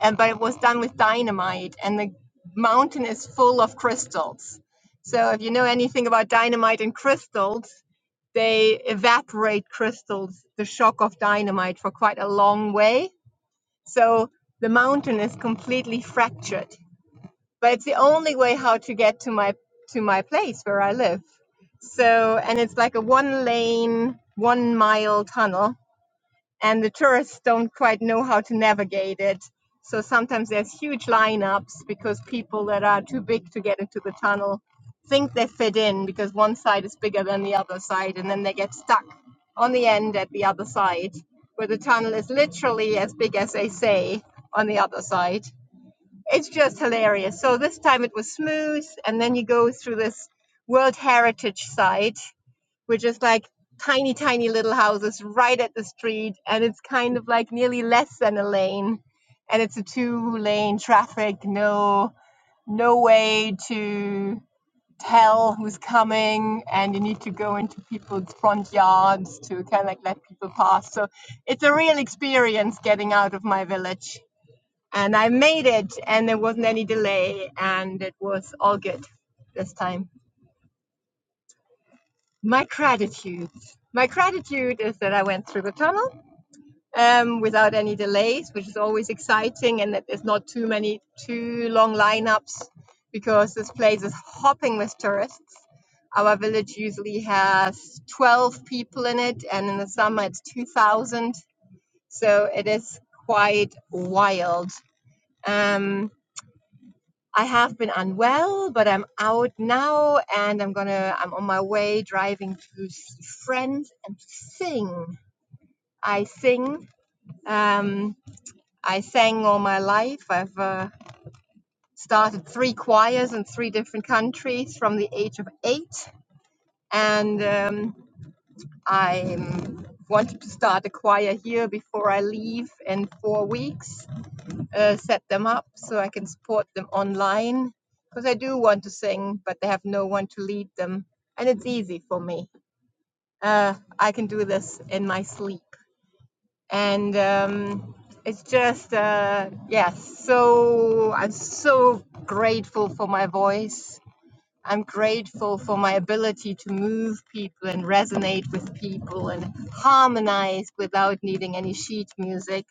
Speaker 35: And but it was done with dynamite and the mountain is full of crystals. So if you know anything about dynamite and crystals, they evaporate crystals, the shock of dynamite for quite a long way. So the mountain is completely fractured but it's the only way how to get to my to my place where I live. So and it's like a one lane, one mile tunnel, and the tourists don't quite know how to navigate it. So sometimes there's huge lineups because people that are too big to get into the tunnel think they fit in because one side is bigger than the other side, and then they get stuck on the end at the other side, where the tunnel is literally as big as they say on the other side it's just hilarious. So this time it was smooth, and then you go through this World Heritage site, which is like tiny, tiny little houses right at the street, and it's kind of like nearly less than a lane, and it's a two-lane traffic, no, no way to tell who's coming, and you need to go into people's front yards to kind of like let people pass. So it's a real experience getting out of my village and I made it, and there wasn't any delay, and it was all good this time. My gratitude. My gratitude is that I went through the tunnel um, without any delays, which is always exciting, and that there's not too many, too long lineups because this place is hopping with tourists. Our village usually has 12 people in it, and in the summer it's 2,000. So it is quite wild. Um, I have been unwell, but I'm out now and I'm gonna, I'm on my way driving to see friends and sing. I sing. Um, I sang all my life. I've uh, started three choirs in three different countries from the age of eight. And um, I wanted to start a choir here before I leave in four weeks uh, set them up so I can support them online because I do want to sing, but they have no one to lead them. And it's easy for me. Uh, I can do this in my sleep. And um, it's just, uh, yes, yeah, so I'm so grateful for my voice. I'm grateful for my ability to move people and resonate with people and harmonize without needing any sheet music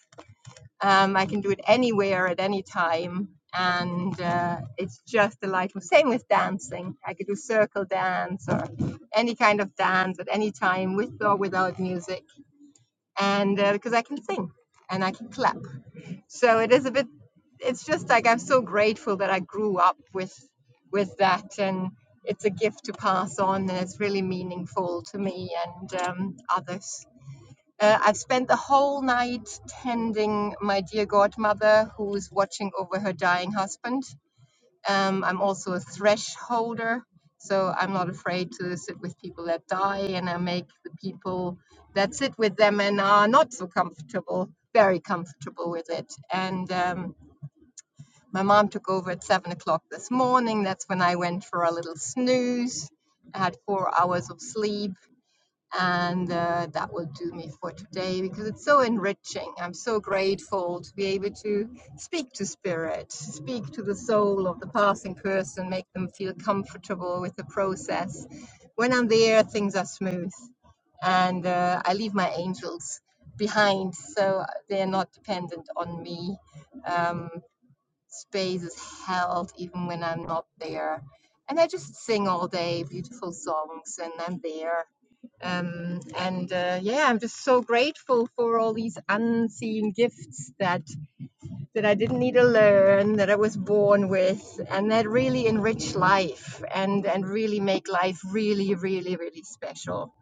Speaker 35: um, I can do it anywhere at any time. And uh, it's just delightful. Same with dancing. I could do circle dance or any kind of dance at any time with or without music. And uh, because I can sing and I can clap. So it is a bit, it's just like I'm so grateful that I grew up with with that. And it's a gift to pass on. And it's really meaningful to me and um, others. Uh, I've spent the whole night tending my dear godmother who's watching over her dying husband. Um, I'm also a thresh holder, so I'm not afraid to sit with people that die, and I make the people that sit with them and are not so comfortable very comfortable with it. And um, my mom took over at seven o'clock this morning. That's when I went for a little snooze. I had four hours of sleep and uh, that will do me for today because it's so enriching. I'm so grateful to be able to speak to spirit, speak to the soul of the passing person, make them feel comfortable with the process. When I'm there, things are smooth and uh, I leave my angels behind, so they're not dependent on me. Um, space is held even when I'm not there. And I just sing all day beautiful songs, and I'm there um, and uh, yeah, I'm just so grateful for all these unseen gifts that that I didn't need to learn, that I was born with, and that really enrich life and and really make life really, really, really special.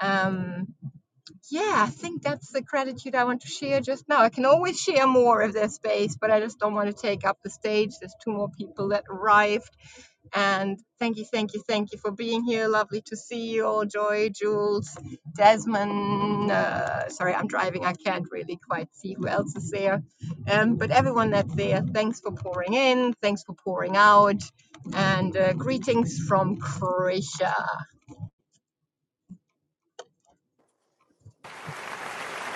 Speaker 35: Um, yeah, I think that's the gratitude I want to share just now. I can always share more if there's space, but I just don't want to take up the stage. There's two more people that arrived and thank you, thank you, thank you for being here. Lovely to see you all, Joy, Jules, Desmond. Uh, sorry, I'm driving. I can't really quite see who else is there. Um, but everyone that's there, thanks for pouring in. Thanks for pouring out. And uh, greetings from Croatia.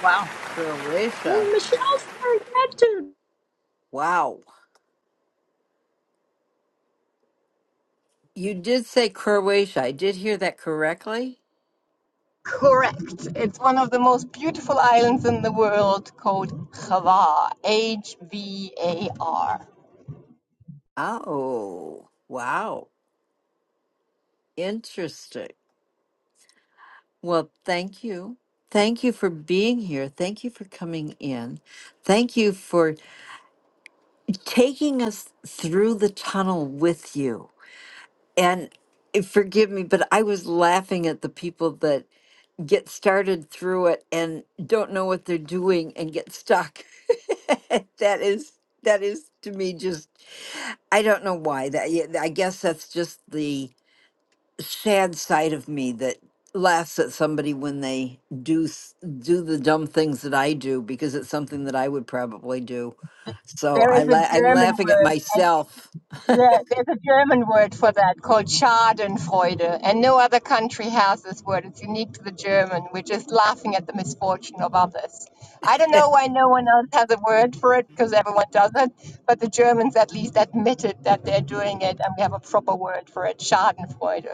Speaker 33: Wow.
Speaker 29: Croatia.
Speaker 33: Oh, Michelle's very active.
Speaker 29: wow. You did say Croatia. I did hear that correctly.
Speaker 35: Correct. It's one of the most beautiful islands in the world called Hvar. H V A R.
Speaker 29: Oh, wow. Interesting. Well, thank you. Thank you for being here. Thank you for coming in. Thank you for taking us through the tunnel with you. And eh, forgive me, but I was laughing at the people that get started through it and don't know what they're doing and get stuck. that is that is to me just I don't know why that yeah, I guess that's just sad side of me that laughs at somebody when they do s- do the dumb things that I do because it's something that I would probably do. So
Speaker 35: There is
Speaker 29: I
Speaker 35: a
Speaker 29: la- I'm
Speaker 35: German
Speaker 29: laughing at
Speaker 35: word.
Speaker 29: myself.
Speaker 35: Yeah, there's a German word for that called Schadenfreude, and no other country has this word. It's unique to the German. We're just laughing at the misfortune of others. I don't know why no one else has a word for it because everyone does it, but the Germans at least admitted that they're doing it, and we have a proper word for it Schadenfreude,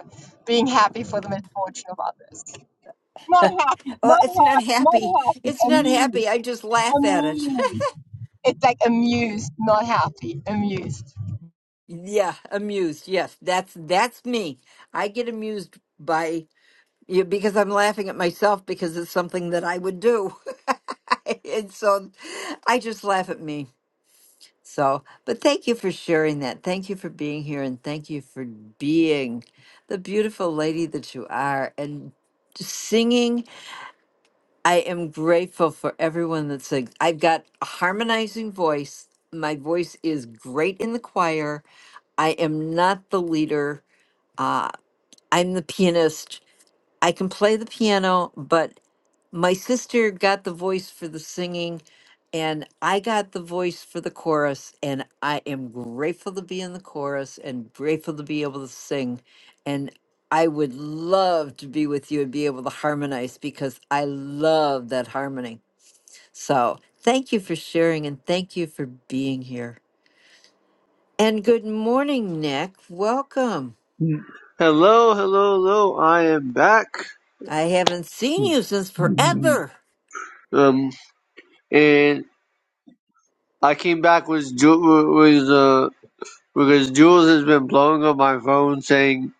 Speaker 35: being happy for the misfortune of others. Not happy,
Speaker 29: Oh,
Speaker 35: not
Speaker 29: it's not
Speaker 35: happy,
Speaker 29: happy.
Speaker 35: not happy,
Speaker 29: It's not
Speaker 35: amused,
Speaker 29: happy. I just laugh at it.
Speaker 35: amused. It's like amused, not happy, amused.
Speaker 29: yeah, amused. Yes, that's that's me. I get amused by yeah, because I'm laughing at myself because it's something that I would do. and so I just laugh at me. So, but thank you for sharing that. Thank you for being here and thank you for being the beautiful lady that you are and just singing. I am grateful for everyone that sings. I've got a harmonizing voice. My voice is great in the choir. I am not the leader. Uh, I'm the pianist. I can play the piano, but my sister got the voice for the singing and I got the voice for the chorus and I am grateful to be in the chorus and grateful to be able to sing and I would love to be with you and be able to harmonize because I love that harmony. So, thank you for sharing and thank you for being here. And good morning, Nick. Welcome.
Speaker 36: Mm. Hello, hello, hello. I am back.
Speaker 29: I haven't seen you since
Speaker 36: Mm-hmm.
Speaker 29: forever.
Speaker 36: Um, and I came back with Ju- with uh because Jules has been blowing up my phone saying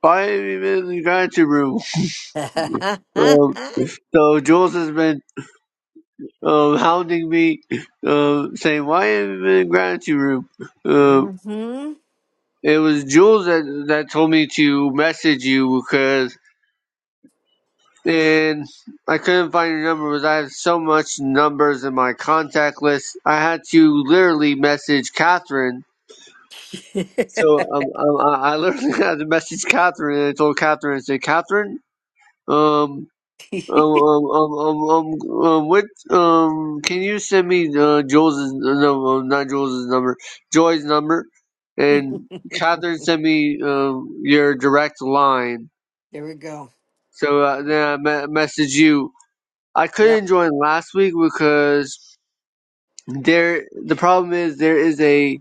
Speaker 36: why are you been in the gratitude room? Um, so Jules has been um hounding me, um saying why are you been in the gratitude room? Um,
Speaker 29: Mm
Speaker 36: it was Jules that that told me to message you because. and I couldn't find your number because I have so much numbers in my contact list. I had to literally message Catherine.
Speaker 29: mhm.
Speaker 36: So um, um, I I literally had to message Catherine and I told Catherine, I said, Catherine, um, um,
Speaker 29: there
Speaker 36: um, um, um, um, um, what, um, can you send me, uh, Jules' no, um, not Joel's number, Joy's number? And Catherine sent me, um, your direct line.
Speaker 29: we go.
Speaker 36: So uh, then I me- messaged you I
Speaker 29: Yep.
Speaker 36: couldn't join last week because there the problem is there is a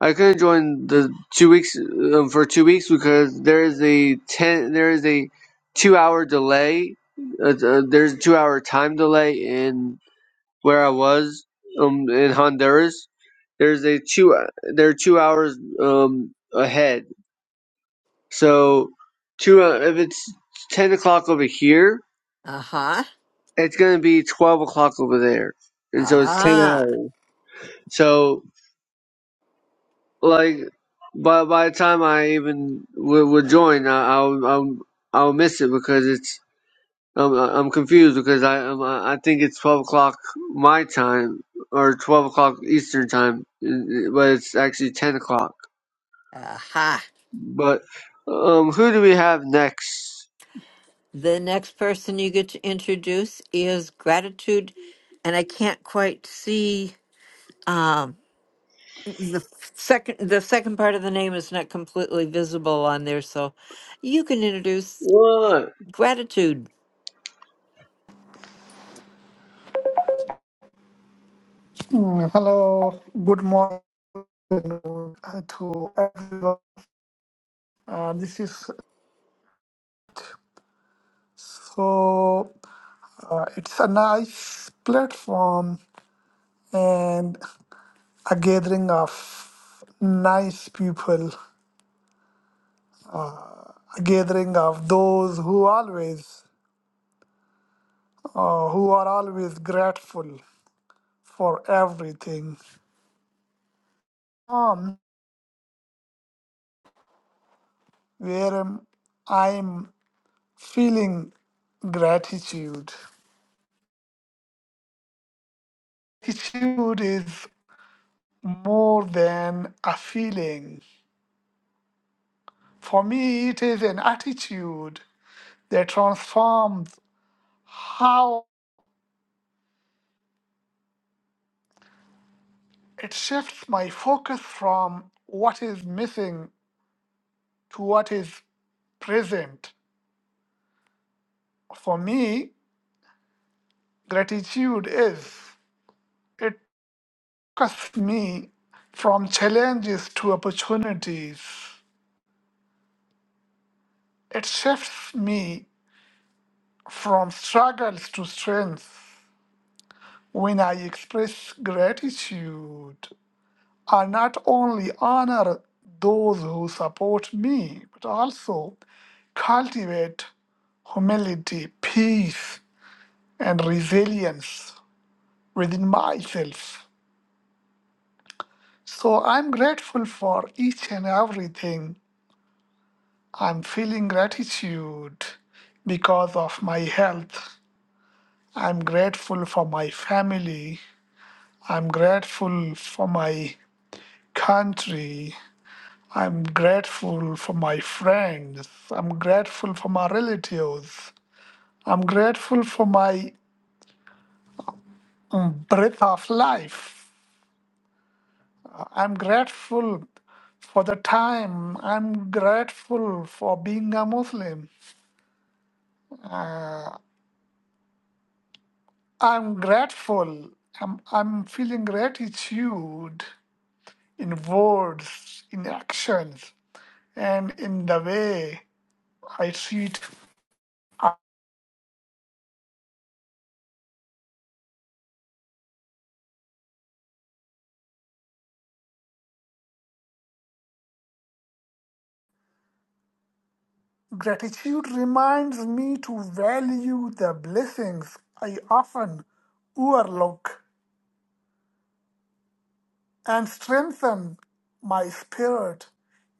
Speaker 36: I couldn't join the two weeks um, for two weeks because there is a ten there is a two hour delay uh, uh, there's a two hour time delay in where I was um in Honduras there's a two they're two hours um ahead so two uh, if it's ten o'clock over here
Speaker 29: Uh huh.
Speaker 36: it's gonna be twelve o'clock over there and so it's ten
Speaker 29: Ah.
Speaker 36: hours. So like by by the time I even would, would join, I, I'll I'll I'll miss it because it's I'm I'm confused because I I'm, I think it's twelve o'clock my time or twelve o'clock Eastern time, but it's actually ten o'clock.
Speaker 29: Aha.
Speaker 36: But um, who do we have next?
Speaker 29: The next person you get to introduce is gratitude, and I can't quite see um the f- second the second part of the name is not completely visible on there so you can introduce
Speaker 36: What?
Speaker 29: gratitude
Speaker 37: Mm, Hello, good morning uh, to everyone. Uh, this is so, uh, it's a nice platform and a gathering of nice people, a gathering of those who always, uh, who are always grateful for everything. Um, where I'm, I'm feeling gratitude. Gratitude is more than a feeling. For me, it is an attitude that transforms how it shifts my focus from what is missing to what is present. For me, gratitude is it focuses me from challenges to opportunities. It shifts me from struggles to strength. When I express gratitude, I not only honor those who support me, but also cultivate humility, peace, and resilience within myself. So I'm grateful for each and everything. I'm feeling gratitude because of my health. I'm grateful for my family. I'm grateful for my country. I'm grateful for my friends. I'm grateful for my relatives. I'm grateful for my mm, breath of life. I'm grateful for the time. I'm grateful for being a Muslim. Uh, I'm grateful. I'm, I'm feeling gratitude in words, in actions, and in the way I treat Gratitude reminds me to value the blessings I often overlook and strengthen my spirit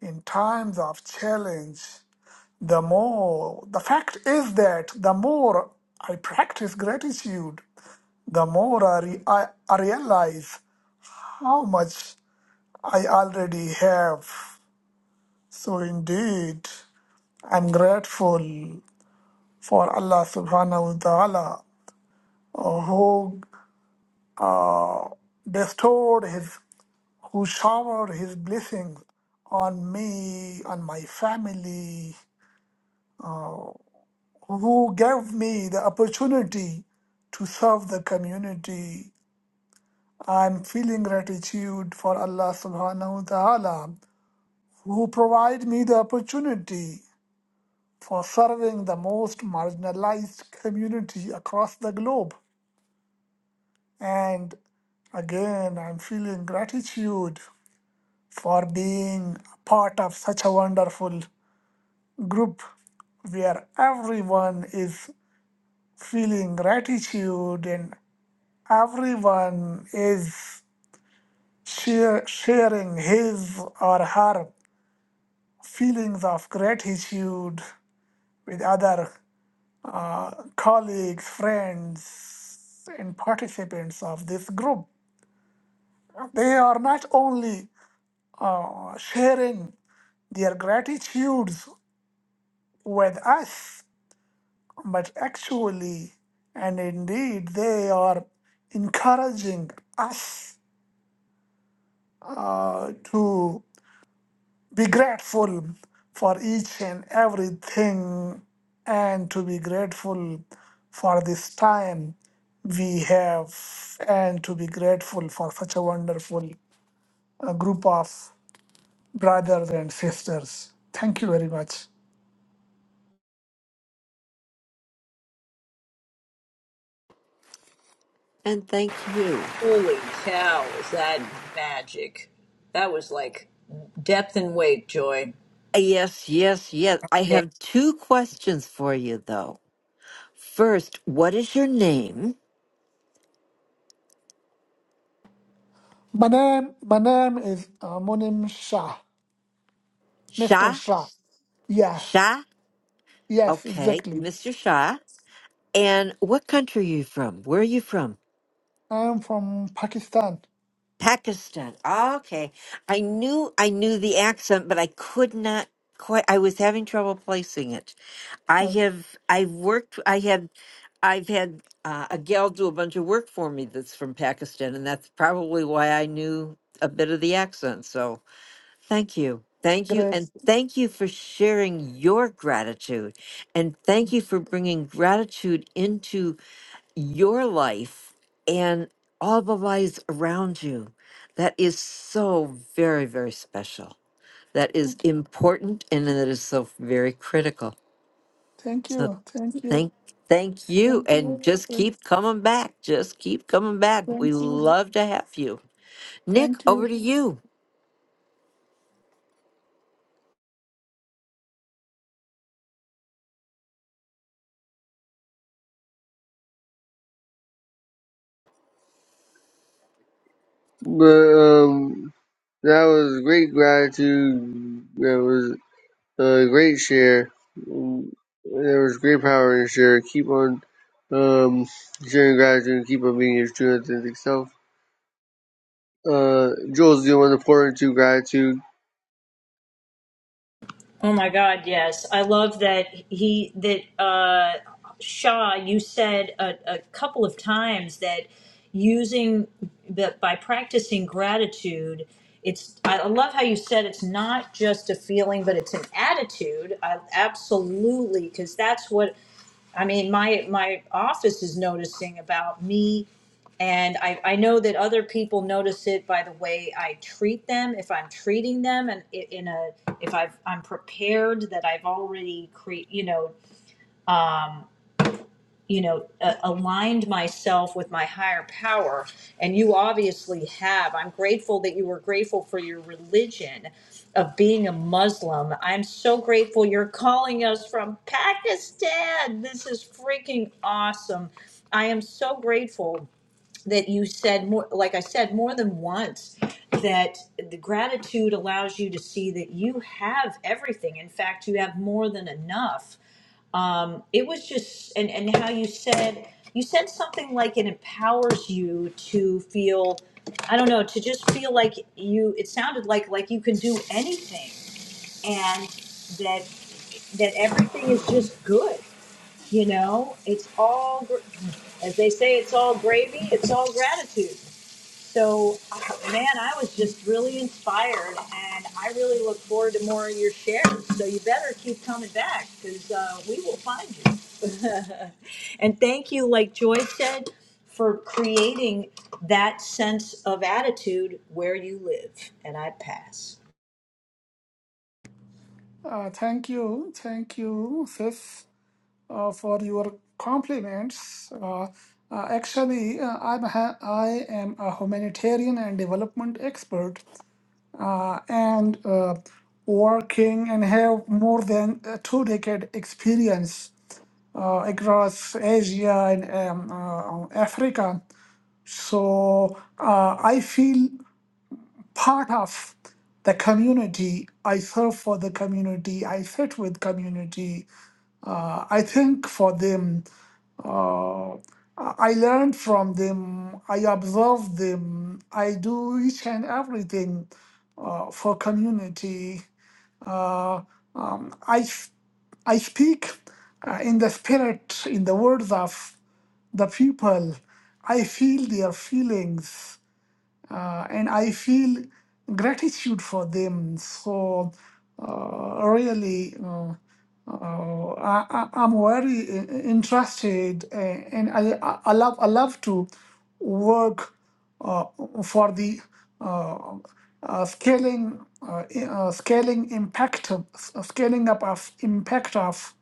Speaker 37: in times of challenge. The more, the fact is that the more I practice gratitude, the more I, re- I I realize how much I already have. So indeed, I'm grateful for Allah subhanahu wa ta'ala who. uh, bestowed his who showered his blessings on me on my family who gave me the opportunity to serve the community i'm feeling gratitude for allah subhanahu wa ta'ala who provide me the opportunity for serving the most marginalized community across the globe and again i'm feeling gratitude for being part of such a wonderful group where everyone is feeling gratitude and everyone is share, sharing his or her feelings of gratitude with other uh, colleagues, friends, and participants of this group. They are not only uh, sharing their gratitudes with us, but actually and indeed they are encouraging us uh, to be grateful for each and everything and to be grateful for this time we have and to be grateful for such a wonderful uh, group of brothers and sisters. Thank you very much.
Speaker 29: and thank you
Speaker 33: Holy cow, is that magic? That was like depth and weight, Joy.
Speaker 29: Uh, yes yes yes i have two questions for you though first what is your name
Speaker 37: My name, my name is uh, Monim Shah, Mr.
Speaker 29: Sha.
Speaker 37: Shah. Yeah.
Speaker 29: sha
Speaker 37: Yes,
Speaker 29: Okay,
Speaker 37: exactly.
Speaker 29: Mr. Shah. And what country are you from? Where are you from?
Speaker 37: I am from Pakistan.
Speaker 29: Pakistan. Okay. I knew I knew the accent, but I could not quite I was having trouble placing it. I
Speaker 37: Uh,
Speaker 29: have I've worked I had I've had uh, a gal do a bunch of work for me that's from Pakistan and that's probably why I knew a bit of the accent. So, thank you. Thank you
Speaker 37: great.
Speaker 29: and thank you for sharing your gratitude and thank you for bringing gratitude into your life and all the lives around you. That is so very, very special. That is important and that is so very critical.
Speaker 37: Thank
Speaker 29: So
Speaker 37: you. Thank you.
Speaker 29: thank thank you
Speaker 37: Thank
Speaker 29: and
Speaker 37: you.
Speaker 29: just
Speaker 37: Thank
Speaker 29: keep coming back. Just keep coming back. We
Speaker 37: thank you.
Speaker 29: love to have you. Nick,
Speaker 37: Thank
Speaker 29: over
Speaker 37: you.
Speaker 29: to you.
Speaker 36: But um, that was great gratitude. That was uh, great share. Mm, There was great power in share. Keep on um, sharing gratitude and keep on being your true authentic self. Uh, Jules, you want to pour into gratitude?
Speaker 33: Oh my God, yes. I love that he, that uh, Shaw, you said a, a couple of times that using, that by practicing gratitude, it's, I love how you said it's not just a feeling, but it's an attitude. I absolutely, because that's what I mean, my my office is noticing about me, and I I know that other people notice it by the way I treat them, if I'm treating them, and i- in a if I've I'm prepared that I've already create you know. um, you know uh, aligned myself with my higher power and you obviously have i'm grateful that you were grateful for your religion of being a muslim i'm so grateful you're calling us from pakistan this is freaking awesome i am so grateful that you said more like i said more than once that the gratitude allows you to see that you have everything in fact you have more than enough um, it was just and and how you said you said something like it empowers you to feel i don't know to just feel like you it sounded like like you can do anything and that that everything is just good you know it's all gr- as they say it's all gravy it's all gratitude so, uh, man, I was just really inspired, and I really look forward to more of your shares. So you better keep coming back because uh, we will find you. and thank you, like Joy said, for creating that sense of attitude where you live. And I pass.
Speaker 37: Uh, thank you. Thank you, sis, uh, for your compliments. Uh, uh, actually, uh, I'm ha- I am a humanitarian and development expert, uh, and uh, working and have more than a two decade experience uh, across Asia and um, uh, Africa. So uh, I feel part of the community. I serve for the community. I sit with community. Uh, I think for them. Uh, I learn from them. I observe them. I do each and everything uh, for community. Uh, um, I s- I speak uh, in the spirit, in the words of the people. I feel their feelings uh, and I feel gratitude for them. So, uh, really, uh, uh, I, I- I'm very i- i- interested uh, and I, I I love, I love to work uh, for the uh, uh, scaling uh, i- uh, scaling impact uh, scaling up of impact of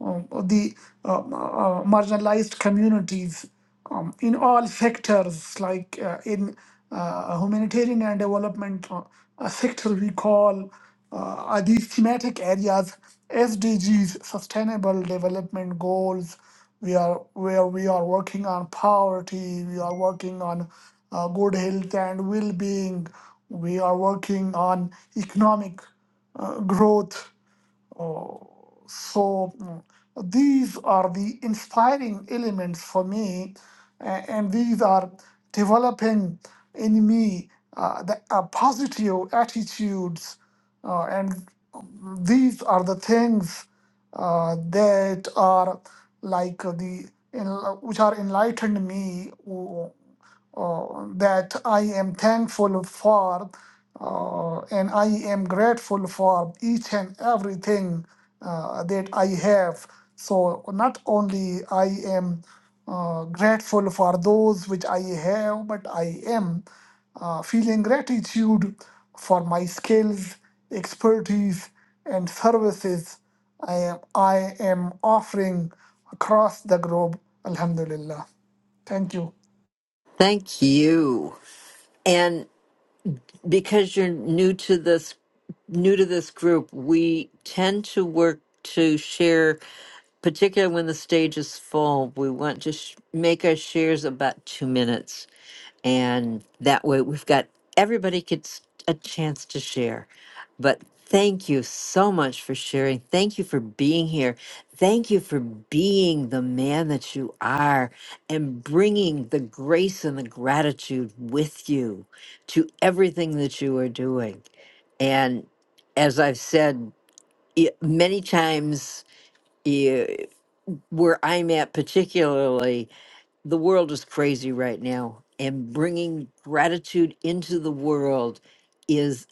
Speaker 37: um, the um, uh, uh, marginalized communities um, in all sectors, like uh, in uh, humanitarian and development uh, uh, sector, we call uh, are these thematic areas SDGs, Sustainable Development Goals. We are where we are working on poverty. We are working on uh, good health and well-being. We are working on economic uh, growth Oh, so mm, these are the inspiring elements for me, a- and these are developing in me uh, the uh, positive attitudes, uh, and these are the things uh, that are like the en- which are enlightened me uh, that I am thankful for uh, and I am grateful for each and everything uh, that I have. So not only I am uh, grateful for those which I have, but I am uh, feeling gratitude for my skills, expertise, and services I am, I am offering across the globe. Alhamdulillah. Thank you.
Speaker 29: Thank you. because you're new to this new to this group, we tend to work to share, particularly when the stage is full. We want to sh- make our shares about two minutes and that way we've got everybody gets a chance to share but thank you so much for sharing thank you for being here thank you for being the man that you are and bringing the grace and the gratitude with you to everything that you are doing and as i've said i- many times i- where i'm at particularly the world is crazy right now, and bringing gratitude into the world is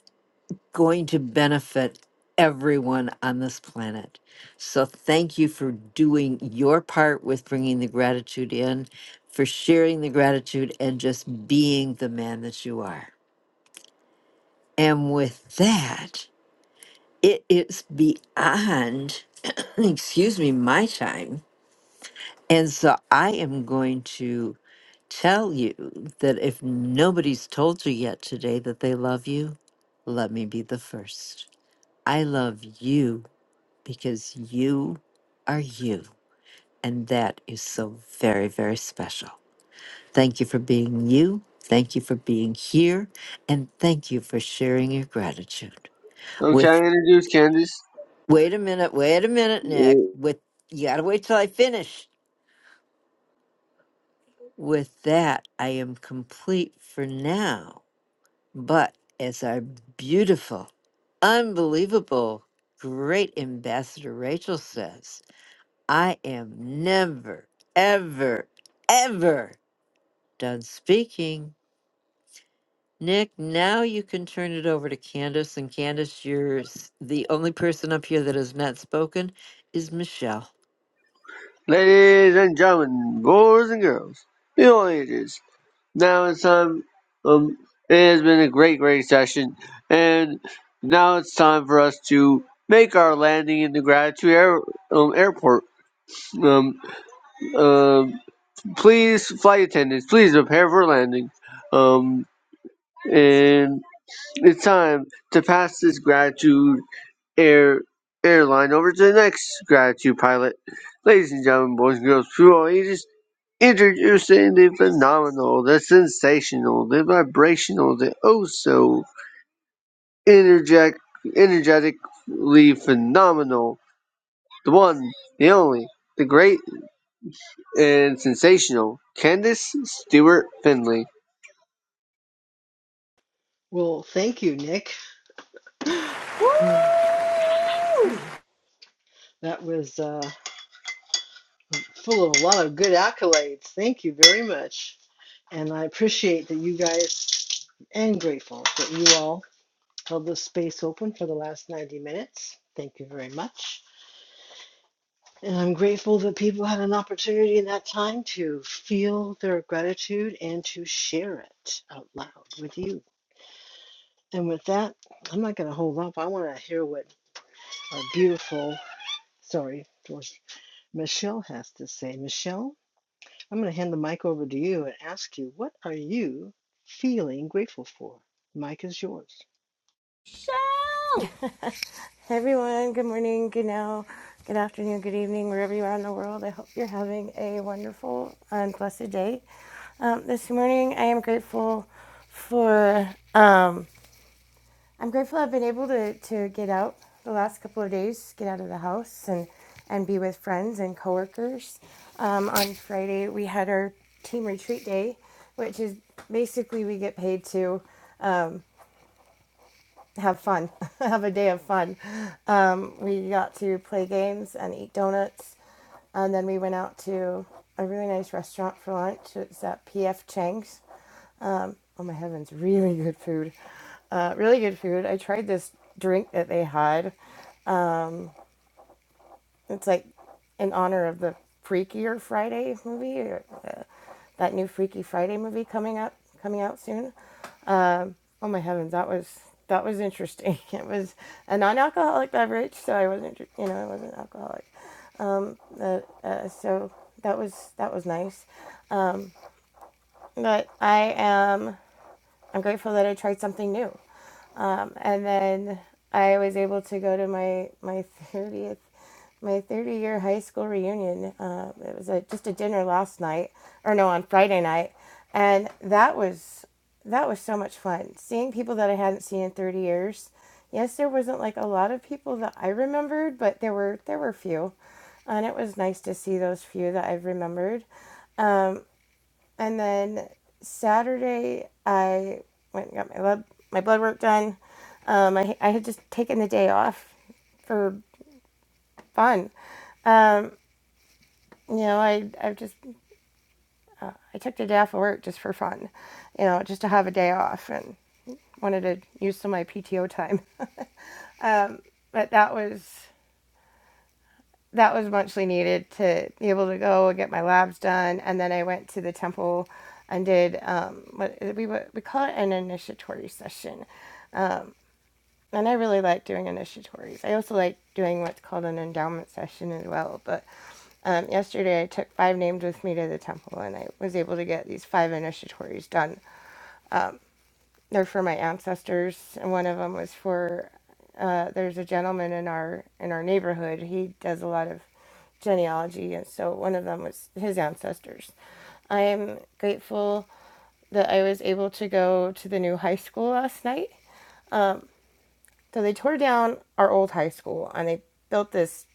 Speaker 29: going to benefit everyone on this planet. So, thank you for doing your part with bringing the gratitude in, for sharing the gratitude, and just being the man that you are. And with that, it is beyond, excuse me, my time. And so I am going to tell you that if nobody's told you yet today that they love you, let me be the first. I love you because you are you. And that is so very, very special. Thank you for being you. Thank you for being here. And thank you for sharing your gratitude.
Speaker 36: Okay,
Speaker 29: With,
Speaker 36: I'm going to introduce Candace.
Speaker 29: wait a minute, wait a minute, Nick. With, you gotta wait till I finish. With that, I am complete for now. But as our beautiful, unbelievable, great ambassador Rachel says, I am never, ever, ever done speaking. Nick, now you can turn it over to Candace. And Candace, you're s- the only person up here that has not spoken is Michelle.
Speaker 36: Ladies and gentlemen, boys and girls, in all ages, now it's time. Um, it has been a great, great session, and now it's time for us to make our landing in the gratitude air, um, airport. Um, uh, Please, flight attendants, please prepare for landing. Um, and it's time to pass this gratitude air airline over to the next gratitude pilot. Ladies and gentlemen, boys and girls, through all ages, introducing the phenomenal, the sensational, the vibrational, the oh so energetic, energetically phenomenal, the one, the only, the great and sensational, Candace Stewart Finley.
Speaker 38: Well, thank you, Nick. That was uh, full of a lot of good accolades. Thank you very much. And I appreciate that you guys, and grateful that you all held this space open for the last 90 minutes. Thank you very much. And I'm grateful that people had an opportunity in that time to feel their gratitude and to share it out loud with you. And with that, I'm not going to hold up. I want to hear what our beautiful, sorry, Michelle has to say. Michelle, I'm going to hand the mic over to you and ask you, what are you feeling grateful for? The Mic is yours.
Speaker 39: Hey everyone, good morning, good now, good afternoon, good evening, wherever you are in the world. I hope you're having a wonderful and blessed day. Um, this morning, I am grateful for, um, I'm grateful I've been able to, to get out the last couple of days, get out of the house and, and be with friends and coworkers. Um, on Friday, we had our team retreat day, which is basically we get paid to have fun, have a day of fun. Um, we got to play games and eat donuts, and then we went out to a really nice restaurant for lunch. It's at PF Chang's. Oh my heavens, really good food. Uh, really good food. I tried this drink that they had. It's like in honor of the Freakier Friday movie, or, uh, that new Freaky Friday movie coming up, coming out soon. Oh my heavens, that was that was interesting. It was a non-alcoholic beverage, so I wasn't, you know, I wasn't alcoholic. But, uh, so that was that was nice. But I am I'm grateful that I tried something new. Um, and then I was able to go to my my thirtieth my thirty year high school reunion. Uh, it was a, just a dinner last night, or no, on Friday night, and that was that was so much fun. Seeing people that I hadn't seen in thirty years. Yes, there wasn't like a lot of people that I remembered, but there were there were few, and it was nice to see those few that I've remembered. Um, and then Saturday, I went and got my blood, my blood work done. Um, I, I had just taken the day off for fun. Um, you know, I, I just, I took the day off of work just for fun, you know, just to have a day off and wanted to use some of my PTO time. Um, but that was, that was muchly needed to be able to go and get my labs done. And then I went to the temple and did um, what we, we call it an initiatory session. And I really like doing initiatories. I also like doing what's called an endowment session as well. But um, yesterday I took five names with me to the temple and I was able to get these five initiatories done. They're for my ancestors, and one of them was for. Uh, there's a gentleman in our in our neighborhood. He does a lot of genealogy, and so one of them was his ancestors. I am grateful that I was able to go to the new high school last night So they tore down our old high school and they built this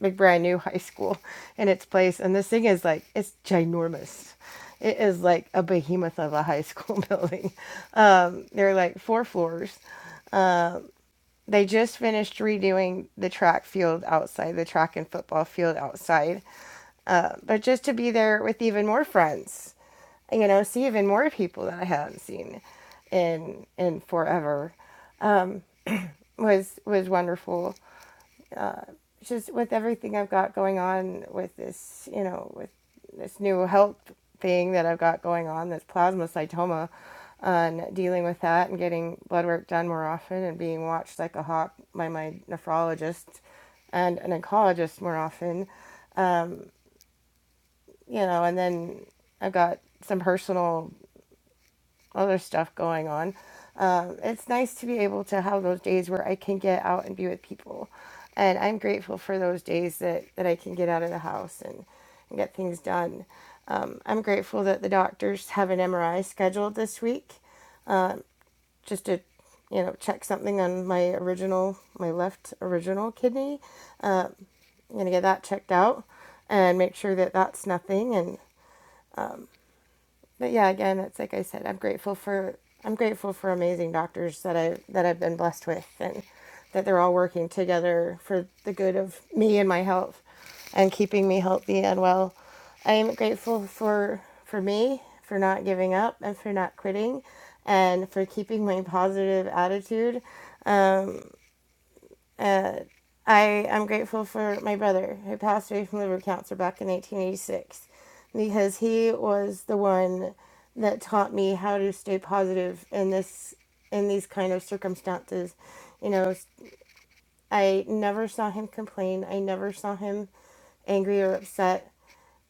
Speaker 39: big brand new high school in its place. And this thing is like it's ginormous. It is like a behemoth of a high school building. Um, there are like four floors. They just finished redoing the track field outside, the track and football field outside. Uh, but just to be there with even more friends, you know, see even more people that I haven't seen in in forever was was wonderful. just with everything I've got going on with this, you know, with this new health thing that I've got going on, this plasmacytoma, and dealing with that and getting blood work done more often and being watched like a hawk by my nephrologist and an oncologist more often, you know, and then I've got some personal other stuff going on. Um, it's nice to be able to have those days where I can get out and be with people. And I'm grateful for those days that, that I can get out of the house and, and get things done. Um, I'm grateful that the doctors have an MRI scheduled this week just to, you know, check something on my original, my left original kidney. I'm going to get that checked out and make sure that that's nothing. And but yeah, again, it's like I said, I'm grateful for I'm grateful for amazing doctors that I that I've been blessed with, and that they're all working together for the good of me and my health, and keeping me healthy and well. I am grateful for for me for not giving up and for not quitting, and for keeping my positive attitude I am grateful for my brother who passed away from liver cancer back in 1986 because he was the one that taught me how to stay positive in this in these kind of circumstances. You know, I never saw him complain. I never saw him angry or upset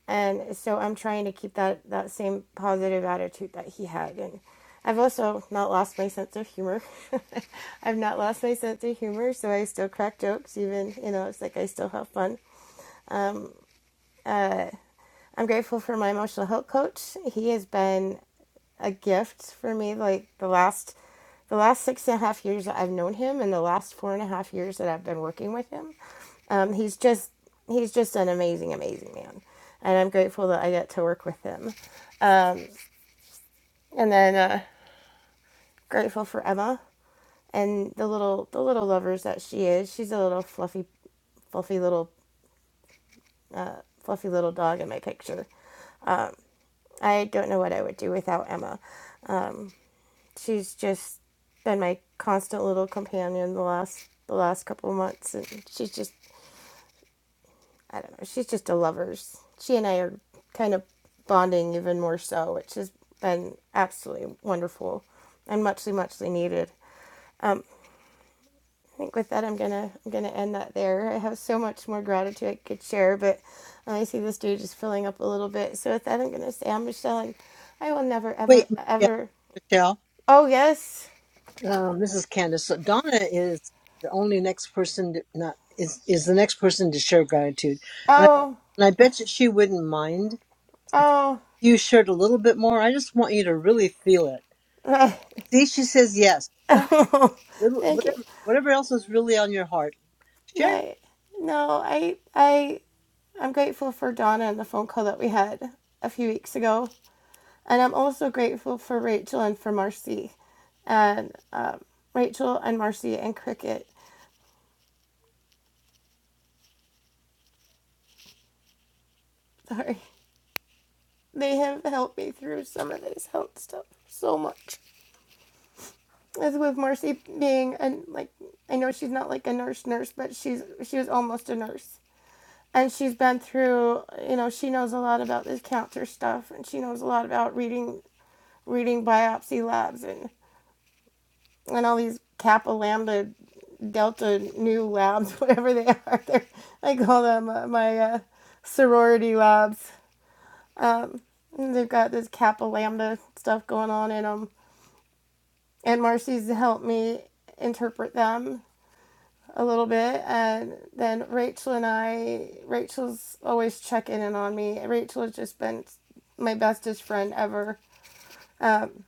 Speaker 39: and so I'm trying to keep that that same positive attitude that he had and I've also not lost my sense of humor. I've not lost my sense of humor, so I still crack jokes even, you know, it's like I still have fun. I'm grateful for my emotional health coach. He has been a gift for me like the last the last six and a half years that I've known him and the last four and a half years that I've been working with him. Um, he's just he's just an amazing, amazing man. And I'm grateful that I get to work with him. And then uh, grateful for Emma and the little the little lovers that she is. She's a little fluffy fluffy little fluffy little dog in my picture. I don't know what I would do without Emma. She's just been my constant little companion the last the last couple of months and she's just I don't know, she's just a lovers. She and I are kind of bonding even more so, which has been absolutely wonderful and muchly muchly needed. Um, I think with that, I'm gonna I'm gonna end that there. I have so much more gratitude I could share, but I see this dude just filling up a little bit. So with that, I'm gonna say I'm Michelle, and I will never,
Speaker 38: Wait,
Speaker 39: ever,
Speaker 38: Michelle.
Speaker 39: ever.
Speaker 38: Michelle.
Speaker 39: Oh yes.
Speaker 38: Um, this is Candace. So Donna is the only next person to, not is is the next person to share gratitude, and I,
Speaker 39: Oh
Speaker 38: and I bet you she wouldn't mind if
Speaker 39: oh.
Speaker 38: you shared a little bit more. I just want you to really feel it. See, she says yes. Go little
Speaker 39: Thank you.
Speaker 38: whatever whatever else is really on your heart. Share. it.
Speaker 39: Like no, I I I'm grateful for Donna and the phone call that we had a few weeks ago, and I'm also grateful for Rachel and for Marcy, and um, Rachel and Marcy and Cricket. Sorry. They have helped me through some of this health stuff so much. As with Marcy being and like I know she's not like a nurse nurse, but she's she was almost a nurse. And she's been through you know, she knows a lot about this cancer stuff and she knows a lot about reading reading biopsy labs and, and all these kappa lambda delta new labs, whatever they are. They're, I call them uh, my uh, sorority labs. Um, they've got this kappa lambda stuff going on in them. and Marcy's helped me interpret them a little bit. And then Rachel and I, Rachel's always checking in on me. Rachel has just been my bestest friend ever. Um,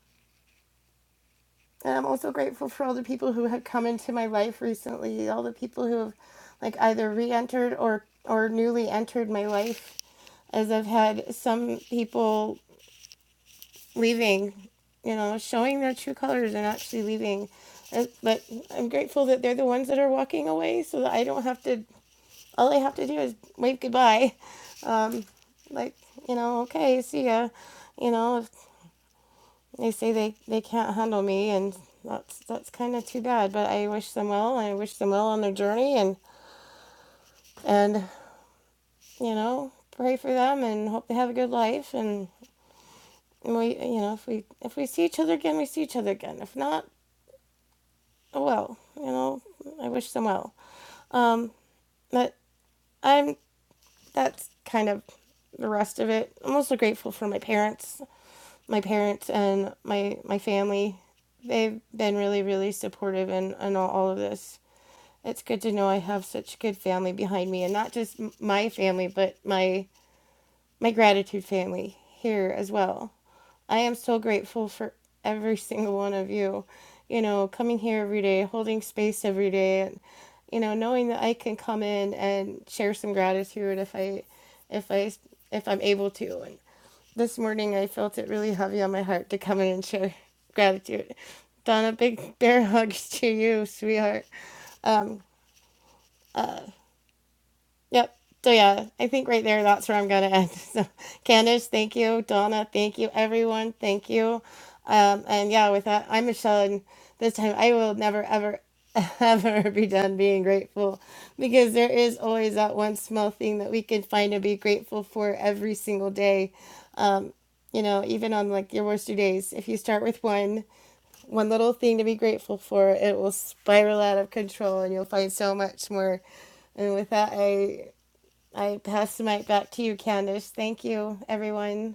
Speaker 39: and I'm also grateful for all the people who have come into my life recently, all the people who have like either re-entered or or newly entered my life as I've had some people leaving, you know, showing their true colors and actually leaving. Uh, But I'm grateful that they're the ones that are walking away so that I don't have to, all I have to do is wave goodbye. Um, like, you know, okay, see ya. You know, if they say they, they can't handle me and that's that's kind of too bad, but I wish them well. I wish them well on their journey and and you know, pray for them and hope they have a good life and we you know, if we if we see each other again, we see each other again. If not, Oh, well, you know, I wish them well. Um, but I'm that's kind of the rest of it. I'm also grateful for my parents, my parents and my my family. They've been really, really supportive in, in all, all of this. It's good to know I have such good family behind me, and not just my family, but my my gratitude family here as well. I am so grateful for every single one of you, you know, coming here every day, holding space every day, and you know, knowing that I can come in and share some gratitude if I, if I, if I'm able to. And this morning, I felt it really heavy on my heart to come in and share gratitude. Donna, big bear hugs to you, sweetheart. Um, Yep. So yeah, I think right there that's where I'm gonna end. So Candace, thank you. Donna, thank you. Everyone, thank you. Um, and yeah, with that, I'm Michelle, and this time I will never, ever, ever be done being grateful because there is always that one small thing that we can find to be grateful for every single day. Um, you know, even on like your worst two days, if you start with one, one little thing to be grateful for, it will spiral out of control and you'll find so much more. And with that, I I pass the mic back to you, Candice. Thank you, everyone.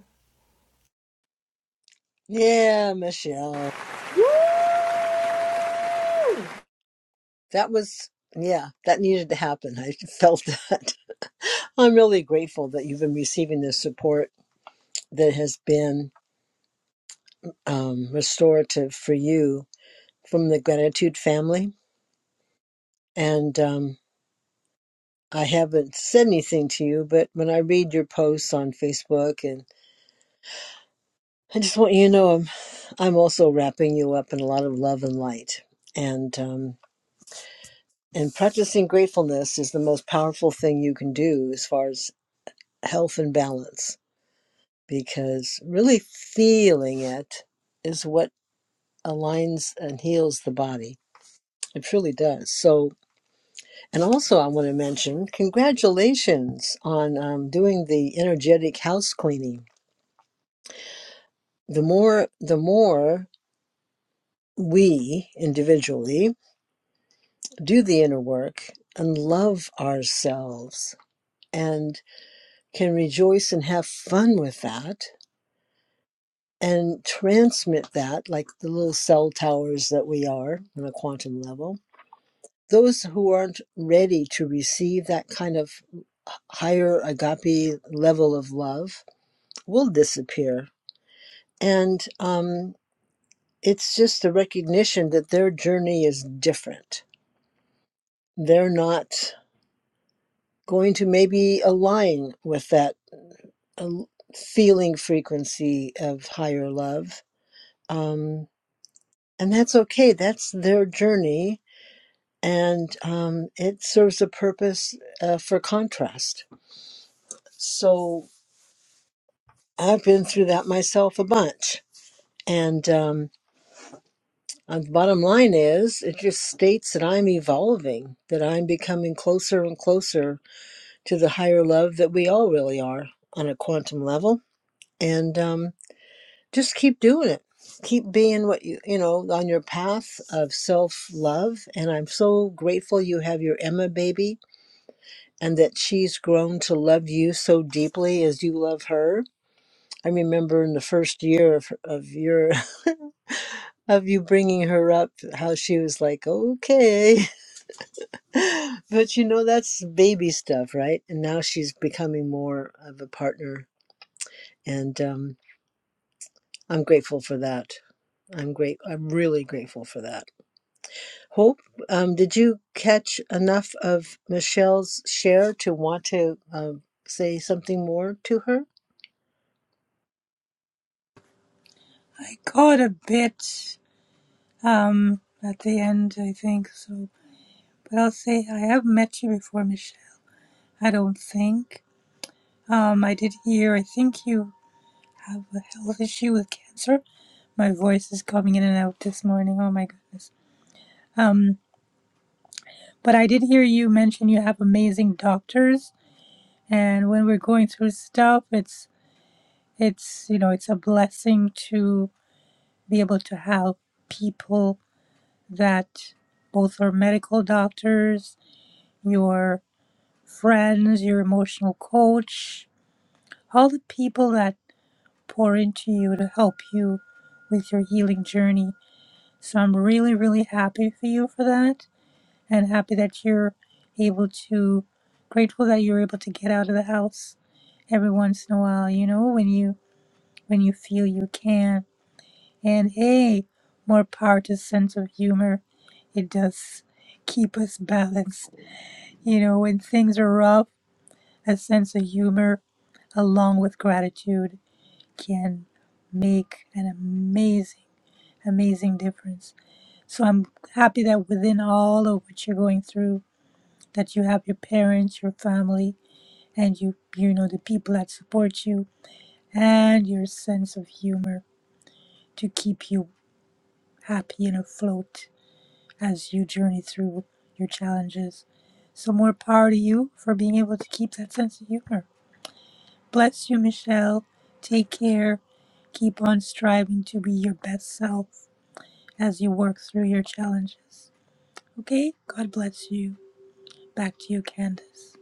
Speaker 38: Yeah, Michelle. That was, yeah, that needed to happen. I felt that. I'm really grateful that you've been receiving this support that has been um, restorative for you from the gratitude family. And um, I haven't said anything to you, but when I read your posts on Facebook, and I just want you to know I'm, I'm also wrapping you up in a lot of love and light. And um, and practicing gratefulness is the most powerful thing you can do as far as health and balance because really feeling it is what aligns and heals the body. It truly does. So, and also, I want to mention congratulations on um, doing the energetic house cleaning. The more, the more we individually do the inner work and love ourselves and can rejoice and have fun with that and transmit that like the little cell towers that we are on a quantum level those who aren't ready to receive that kind of higher agape level of love will disappear. And um, it's just a recognition that their journey is different. They're not going to maybe align with that uh, feeling frequency of higher love. Um, and that's okay, that's their journey. And um, it serves a purpose uh, for contrast. So I've been through that myself a bunch. And um, uh, the bottom line is, it just states that I'm evolving, that I'm becoming closer and closer to the higher love that we all really are on a quantum level. And um, just keep doing it. Keep being what you, you know, on your path of self love. And I'm so grateful you have your Emma baby and that she's grown to love you so deeply as you love her. I remember in the first year of, of your. of you bringing her up, how she was like, okay. but you know, that's baby stuff, right? And now she's becoming more of a partner. And um, I'm grateful for that. I'm great. I'm really grateful for that. Hope, um, did you catch enough of Michelle's share to want to uh, say something more to her?
Speaker 40: I caught a bit um at the end, I think. So, but I'll say I have met you before, Michelle. I don't think. Um, I did hear. I think you have a health issue with cancer. My voice is coming in and out this morning. Oh my goodness. Um, but I did hear you mention you have amazing doctors, and when we're going through stuff, it's it's you know it's a blessing to be able to have people that both are medical doctors your friends, your emotional coach, all the people that pour into you to help you with your healing journey. So I'm really, really happy for you for that and happy that you're able to, grateful that you're able to get out of the house every once in a while, you know, when you when you feel you can. And hey, more power to sense of humor. It does keep us balanced. You know, when things are rough That sense of humor, along with gratitude, can make an amazing, amazing difference. So I'm happy that within all of what you're going through, that you have your parents, your family, and you, you know, the people that support you, and your sense of humor to keep you happy and afloat as you journey through your challenges. So more power to you for being able to keep that sense of humor. Bless you, Michelle. Take care. Keep on striving to be your best self as you work through your challenges. Okay? God bless you. Back to you, Candace.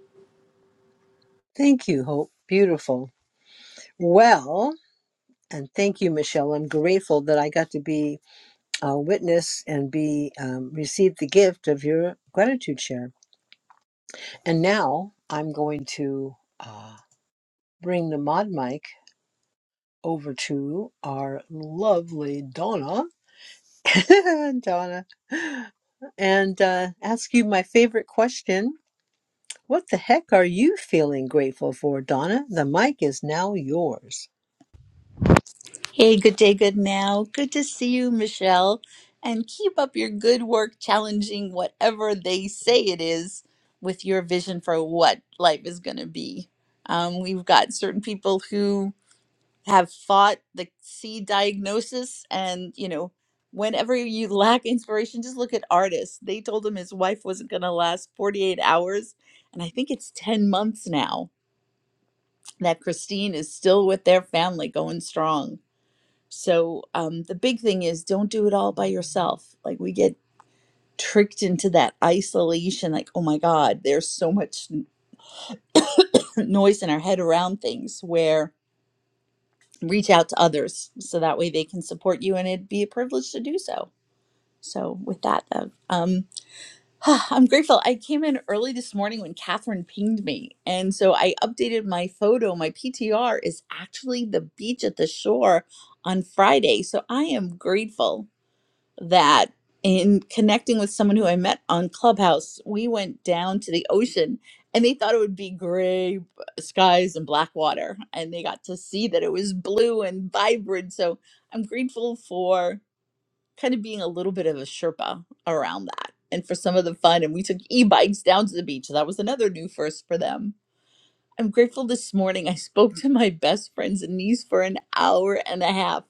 Speaker 38: Thank you, Hope. Beautiful. Well, And thank you, Michelle. I'm grateful that I got to be a witness and be um, receive the gift of your gratitude share. And now I'm going to uh, bring the mod mic over to our lovely Donna, Donna, and uh, ask you my favorite question. What the heck are you feeling grateful for, Donna? The mic is now yours.
Speaker 8: Hey, good day, good now. Good to see you, Michelle. And keep up your good work challenging whatever they say it is with your vision for what life is going to be. Um, we've got certain people who have fought the C diagnosis, and you know, whenever you lack inspiration, just look at artists. They told him his wife wasn't going to last 48 hours, and I think it's 10 months now that Christine is still with their family going strong so um, the big thing is don't do it all by yourself. Like we get tricked into that isolation, like, oh my God, there's so much n- noise in our head around things where reach out to others so that way they can support you and it'd be a privilege to do so. So with that, uh, um, I'm grateful. I came in early this morning when Catherine pinged me. And so I updated my photo. My PTR is actually the beach at the shore on Friday. So I am grateful that in connecting with someone who I met on Clubhouse, we went down to the ocean and they thought it would be gray skies and black water. And they got to see that it was blue and vibrant. So I'm grateful for kind of being a little bit of a Sherpa around that and for some of the fun. And we took e bikes down to the beach. So, That was another new first for them I'm grateful this morning I spoke to my best friend's niece for an hour and a half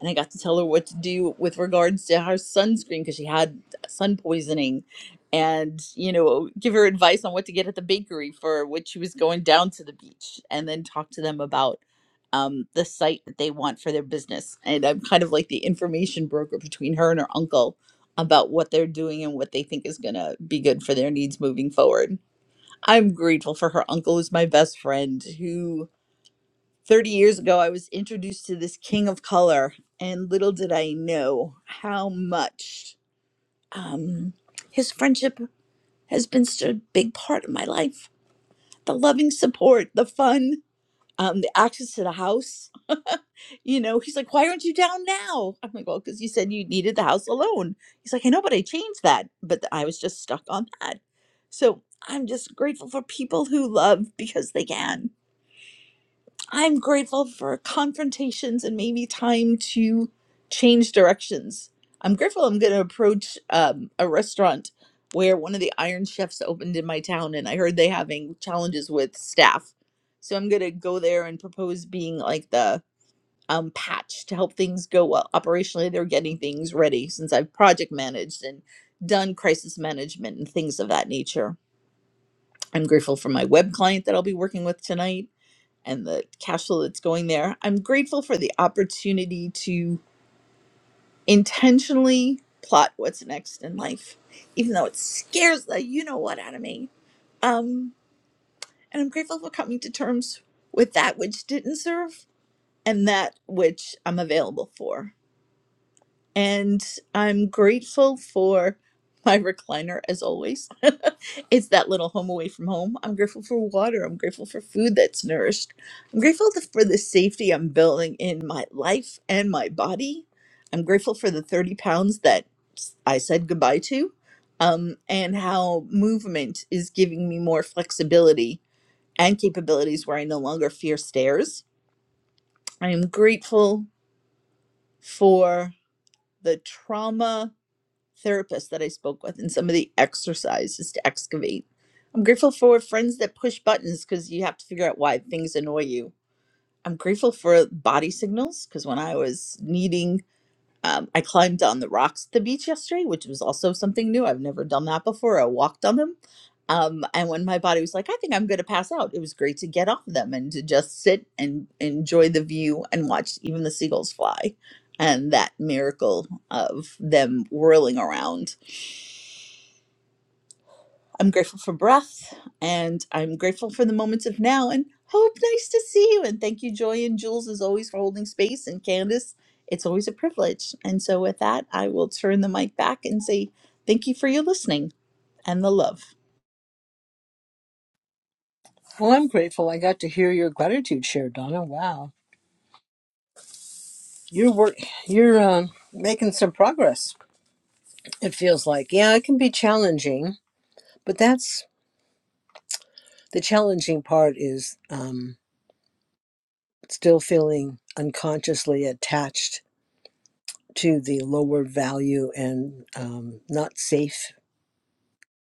Speaker 8: and I got to tell her what to do with regards to her sunscreen because she had uh, sun poisoning and you know give her advice on what to get at the bakery for when she was going down to the beach and then talk to them about um, the site that they want for their business and I'm kind of like the information broker between her and her uncle about what they're doing and what they think is going to be good for their needs moving forward I'm grateful for her uncle who's my best friend who 30 years ago I was introduced to this king of color and little did I know how much um his friendship has been such a big part of my life the loving support the fun um, the access to the house. you know, he's like, why aren't you down now? I'm like, well, because you said you needed the house alone. He's like, I know, but I changed that. But th- I was just stuck on that. So I'm just grateful for people who love because they can I'm grateful for confrontations and maybe time to change directions. I'm grateful I'm going to approach um, a restaurant where one of the Iron Chefs opened in my town, and I heard they having challenges with staff. So I'm going to go there and propose being like the um, patch to help things go well. Operationally, they're getting things ready since I've project managed and done crisis management and things of that nature. I'm grateful for my web client that I'll be working with tonight and the cash flow that's going there. I'm grateful for the opportunity to intentionally plot what's next in life, even though it scares the you know what out of me. Um, and I'm grateful for coming to terms with that which didn't serve and that which I'm available for. and I'm grateful for my recliner as always. it's that little home away from home. I'm grateful for water. I'm grateful for food that's nourished. I'm grateful th- for the safety I'm building in my life and my body. I'm grateful for the 30 pounds that s- I said goodbye to um, and how movement is giving me more flexibility and capabilities where I no longer fear stairs. I am grateful for the trauma therapist that I spoke with and some of the exercises to excavate. I'm grateful for friends that push buttons because you have to figure out why things annoy you. I'm grateful for body signals because when I was needing, um, I climbed on the rocks at the beach yesterday, which was also something new. I've never done that before. I walked on them. Um, and when my body was like, I think I'm going to pass out, it was great to get off them and to just sit and enjoy the view and watch even the seagulls fly and that miracle of them whirling around I'm grateful for breath and I'm grateful for the moments of now. And Hope, nice to see you. And thank you, Joy and Jules, as always, for holding space. And Candace, it's always a privilege. And so, with that, I will turn the mic back and say thank you for your listening and the love.
Speaker 38: Well, I'm grateful I got to hear your gratitude share, Donna. Wow. You're work. You're um, making some progress. It feels like. Yeah, it can be challenging, but that's the challenging part. Is um, still feeling unconsciously attached to the lower value and um, not safe,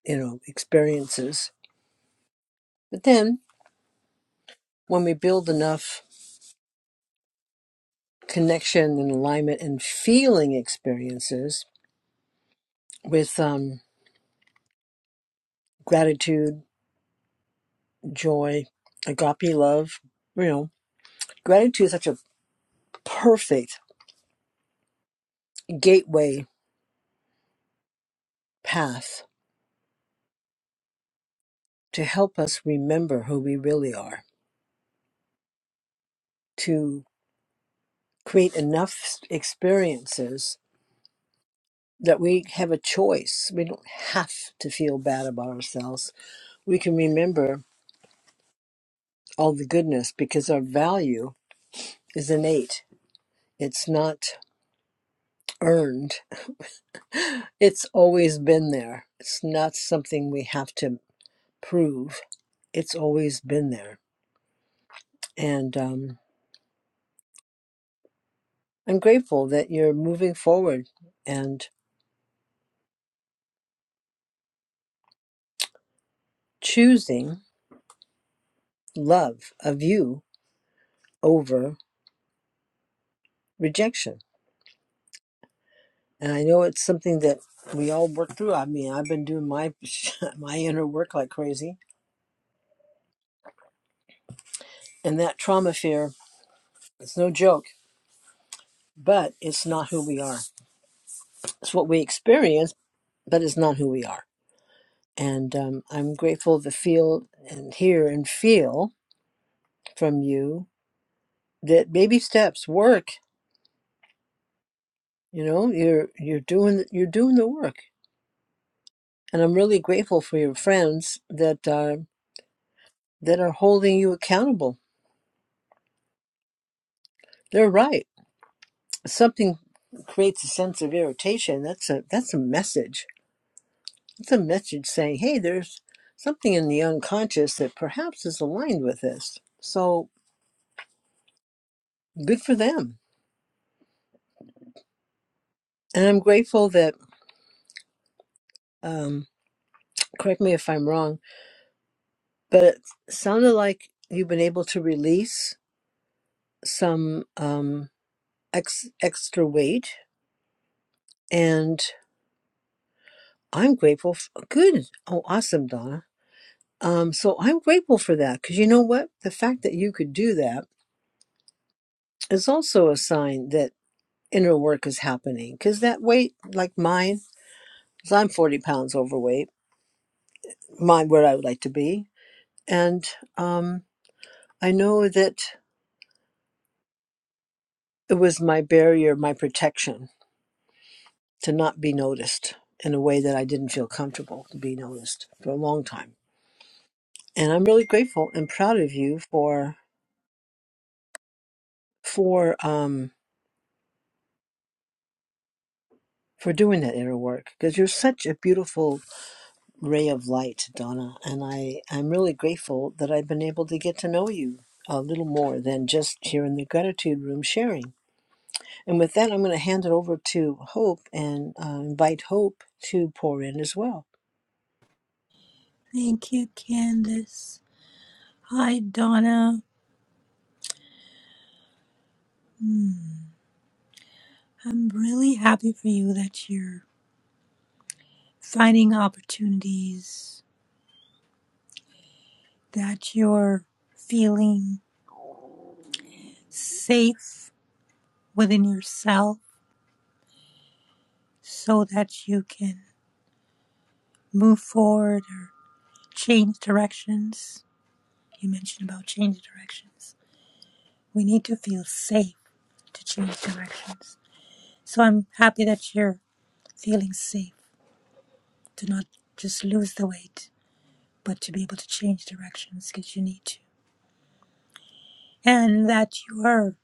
Speaker 38: you know, experiences. But then, when we build enough connection and alignment and feeling experiences with um, gratitude, joy, agape love, you know, gratitude is such a perfect gateway path to help us remember who we really are, to create enough experiences that we have a choice. We don't have to feel bad about ourselves. We can remember all the goodness because our value is innate, it's not earned, it's always been there. It's not something we have to prove, it's always been there. And um, I'm grateful that you're moving forward and choosing love of you over rejection. And I know it's something that we all work through. I mean, I've been doing my my inner work like crazy, and that trauma fear it's no joke, but it's not who we are. It's what we experience, but it's not who we are. And um, I'm grateful to feel and hear and feel from you that baby steps work. You know, you're you're doing you're doing the work and I'm really grateful for your friends that are that are holding you accountable. They're right. Something creates a sense of irritation. That's a that's a message. It's a message saying, "Hey, there's something in the unconscious that perhaps is aligned with this." So good for them. And I'm grateful that. Um, correct me if I'm wrong, but it sounded like you've been able to release some um, ex- extra weight and. I'm grateful. For, good. Oh, awesome, Donna. Um, so I'm grateful for that because you know what? The fact that you could do that is also a sign that inner work is happening because that weight, like mine, 'cause I'm 40 pounds overweight, mine where I would like to be. And um, I know that it was my barrier, my protection to not be noticed in a way that I didn't feel comfortable to be noticed for a long time. And I'm really grateful and proud of you for for um for doing that inner work because you're such a beautiful ray of light, Donna. And I, I'm really grateful that I've been able to get to know you a little more than just here in the gratitude room sharing. And with that, I'm going to hand it over to Hope and uh, invite Hope to pour in as well.
Speaker 40: Thank you, Candace. Hi, Donna. I'm really happy for you that you're finding opportunities, that you're feeling safe within yourself so that you can move forward or change directions You mentioned about change directions. We need to feel safe to change directions. So I'm happy that you're feeling safe to not just lose the weight, but to be able to change directions because you need to. And that you're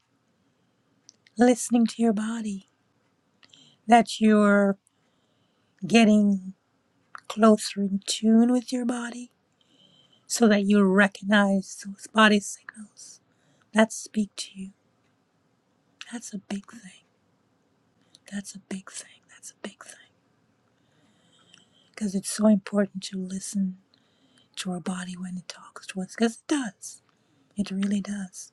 Speaker 40: listening to your body, that you're getting closer in tune with your body so that you recognize those body signals that speak to you. That's a big thing. That's a big thing. That's a big thing. because it's so important to listen to our body when it talks to us because it does it really does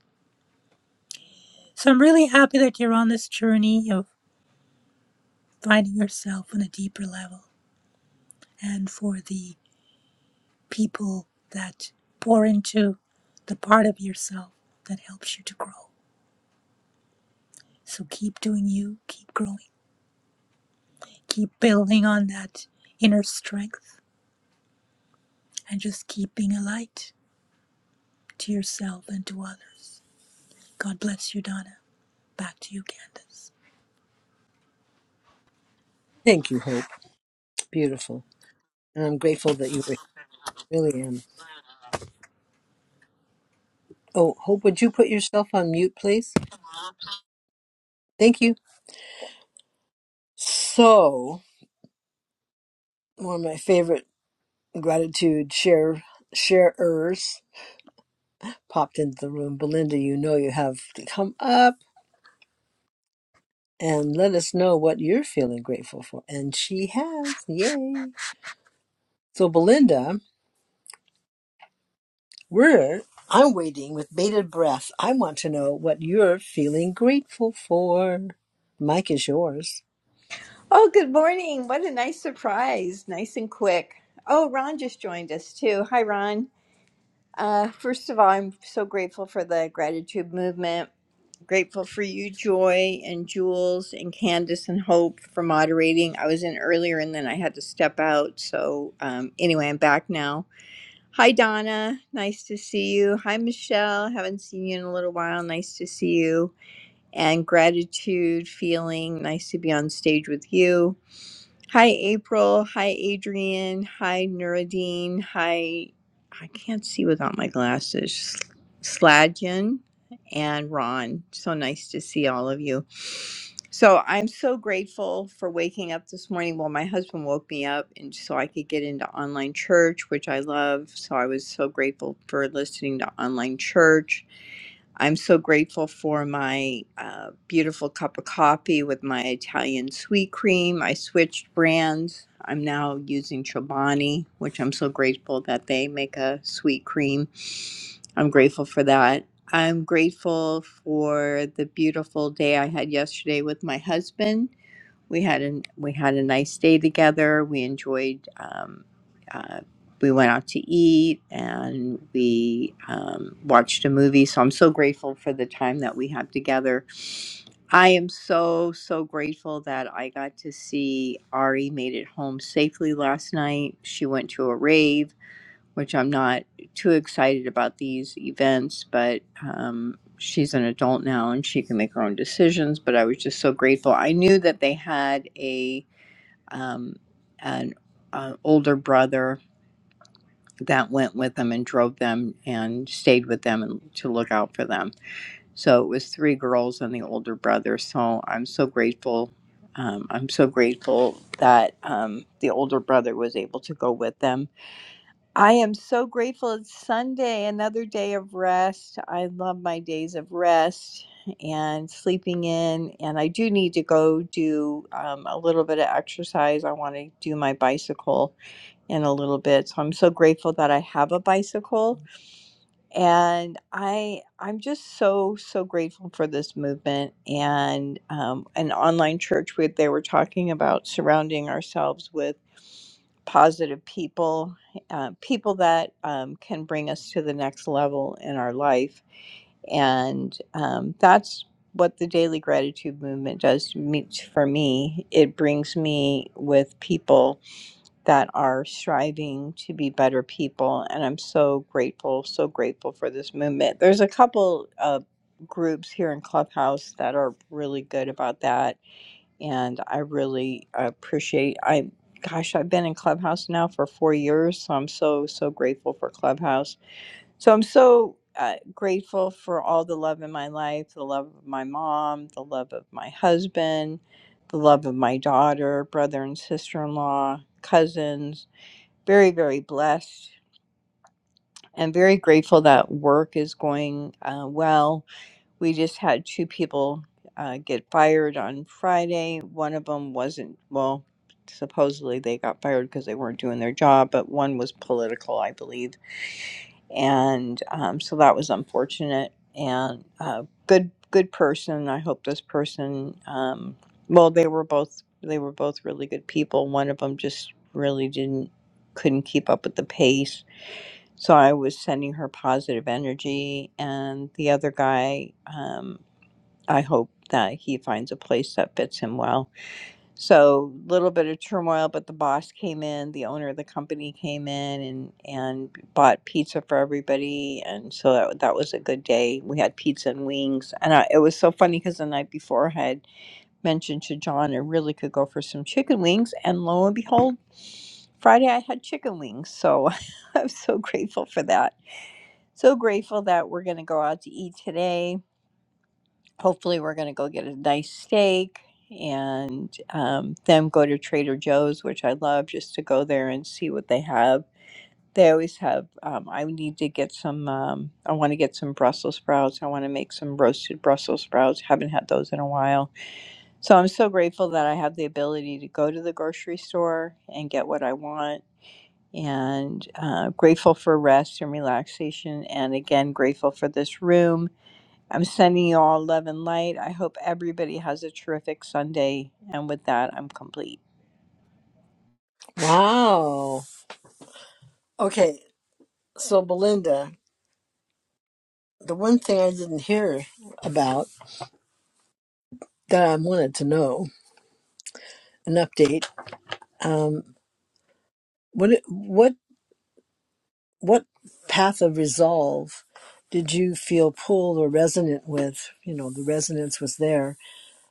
Speaker 40: so i'm really happy that you're on this journey of finding yourself on a deeper level and for the people that pour into the part of yourself that helps you to grow so keep doing you keep growing keep building on that inner strength and just keep being a light to yourself and to others god bless you donna back to you candace
Speaker 38: Thank you, Hope. Beautiful. And I'm grateful that you were here. really am. Oh, Hope, would you put yourself on mute, please? Thank you. So, one of my favorite gratitude share sharers popped into the room. Belinda, you know you have to come up and let us know what you're feeling grateful for. And she has. Yay. So, Belinda, we're, I'm waiting with bated breath. I want to know what you're feeling grateful for. Mike is yours.
Speaker 41: Oh, good morning. What a nice surprise. Nice and quick. Oh, Ron just joined us too. Hi, Ron. Uh, first of all, I'm so grateful for the gratitude movement. Grateful for you, Joy, and Jules, and Candace, and Hope for moderating. I was in earlier and then I had to step out. So, um, anyway, I'm back now. Hi, Donna. Nice to see you. Hi, Michelle. Haven't seen you in a little while. Nice to see you. And gratitude feeling. Nice to be on stage with you Hi, April. Hi, Adrian. Hi, Nuruddin. Hi, I can't see without my glasses. Sladjan and Ron. So nice to see all of you. So I'm so grateful for waking up this morning. Well, my husband woke me up, and so I could get into online church, which I love. So I was so grateful for listening to online church I'm so grateful for my uh, beautiful cup of coffee with my Italian sweet cream. I switched brands. I'm now using Chobani, which I'm so grateful that they make a sweet cream. I'm grateful for that. I'm grateful for the beautiful day I had yesterday with my husband we had an we had a nice day together. We enjoyed. Um, uh, we went out to eat and we um, watched a movie. So I'm so grateful for the time that we have together. I am so so grateful that I got to see Ari made it home safely last night. She went to a rave, which I'm not too excited about these events, but. Um, She's an adult now and she can make her own decisions, but I was just so grateful. I knew that they had a um, an, an older brother that went with them and drove them and stayed with them and to look out for them. So it was three girls and the older brother. So I'm so grateful. Um, I'm so grateful that um, the older brother was able to go with them I am so grateful it's Sunday, another day of rest. I love my days of rest and sleeping in. And I do need to go do um, a little bit of exercise. I want to do my bicycle in a little bit. So I'm so grateful that I have a bicycle. And I, I'm just so, so grateful for this movement and um, an online church where they were talking about surrounding ourselves with positive people, uh, people that um, can bring us to the next level in our life. And um, that's what the daily gratitude movement does to me, for me. It brings me with people that are striving to be better people. And I'm so grateful, so grateful for this movement. There's a couple of groups here in Clubhouse that are really good about that and I really appreciate I gosh, I've been in Clubhouse now for 4 years, so I'm so so grateful for Clubhouse. So I'm so uh, grateful for all the love in my life, the love of my mom, the love of my husband, the love of my daughter, brother and sister-in-law, cousins. Very very blessed and very grateful that work is going uh, well we just had two people uh, get fired on Friday. One of them wasn't, well, supposedly they got fired because they weren't doing their job, but one was political, I believe. And um, so that was unfortunate and uh, good, good person. I hope this person, um, well, they were both, they were both really good people. One of them just really didn't, couldn't keep up with the pace. So I was sending her positive energy, and the other guy, um, I hope that he finds a place that fits him well. So a little bit of turmoil, but the boss came in, the owner of the company came in and and bought pizza for everybody, and so that, that was a good day. We had pizza and wings, and I, it was so funny because the night before I had mentioned to John I really could go for some chicken wings, and lo and behold, Friday I had chicken wings. So I'm so grateful for that. So grateful that we're going to go out to eat today hopefully we're going to go get a nice steak and um, then go to trader joe's which i love just to go there and see what they have they always have um, i need to get some um, i want to get some brussels sprouts i want to make some roasted brussels sprouts haven't had those in a while so i'm so grateful that i have the ability to go to the grocery store and get what i want and uh, grateful for rest and relaxation and again grateful for this room I'm sending you all love and light. I hope everybody has a terrific Sunday. And with that, I'm complete.
Speaker 38: Wow. Okay. So, Belinda, the one thing I didn't hear about that I wanted to know an update. Um, what, what what path of resolve did you feel pulled or resonant with? You know, the resonance was there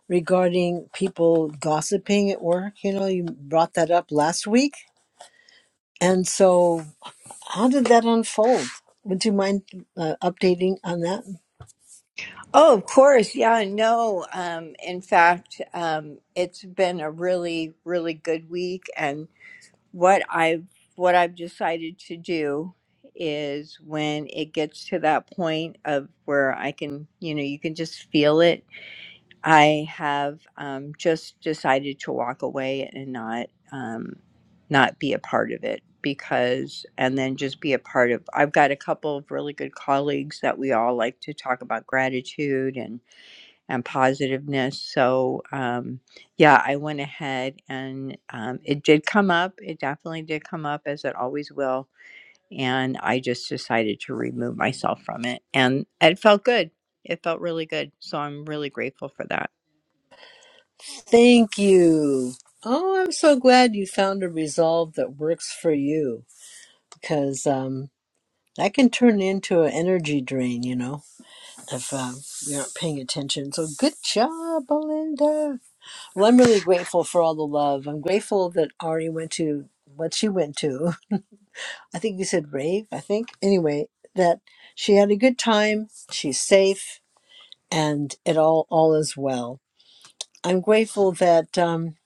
Speaker 38: regarding people gossiping at work. You know, you brought that up last week. And so, how did that unfold? Would you mind uh, updating on that?
Speaker 41: Oh, of course. Yeah, no. Um, in fact, um, it's been a really, really good week. And what I've what I've decided to do is when it gets to that point of where I can, you know, you can just feel it I have um, just decided to walk away and not um, not be a part of it because, and then just be a part of. I've got a couple of really good colleagues that we all like to talk about gratitude and and positiveness. So um, yeah, I went ahead and um, it did come up. It definitely did come up as it always will, and I just decided to remove myself from it, and it felt good. It felt really good. So I'm really grateful for that.
Speaker 38: Thank you. Oh, I'm so glad you found a resolve that works for you because um, that can turn into an energy drain, you know. if uh, we aren't paying attention. So good job, Belinda. Well, I'm really grateful for all the love. I'm grateful that Ari went to what she went to. I think you said rave. I think anyway that she had a good time. She's safe, and it all all is well. I'm grateful that um,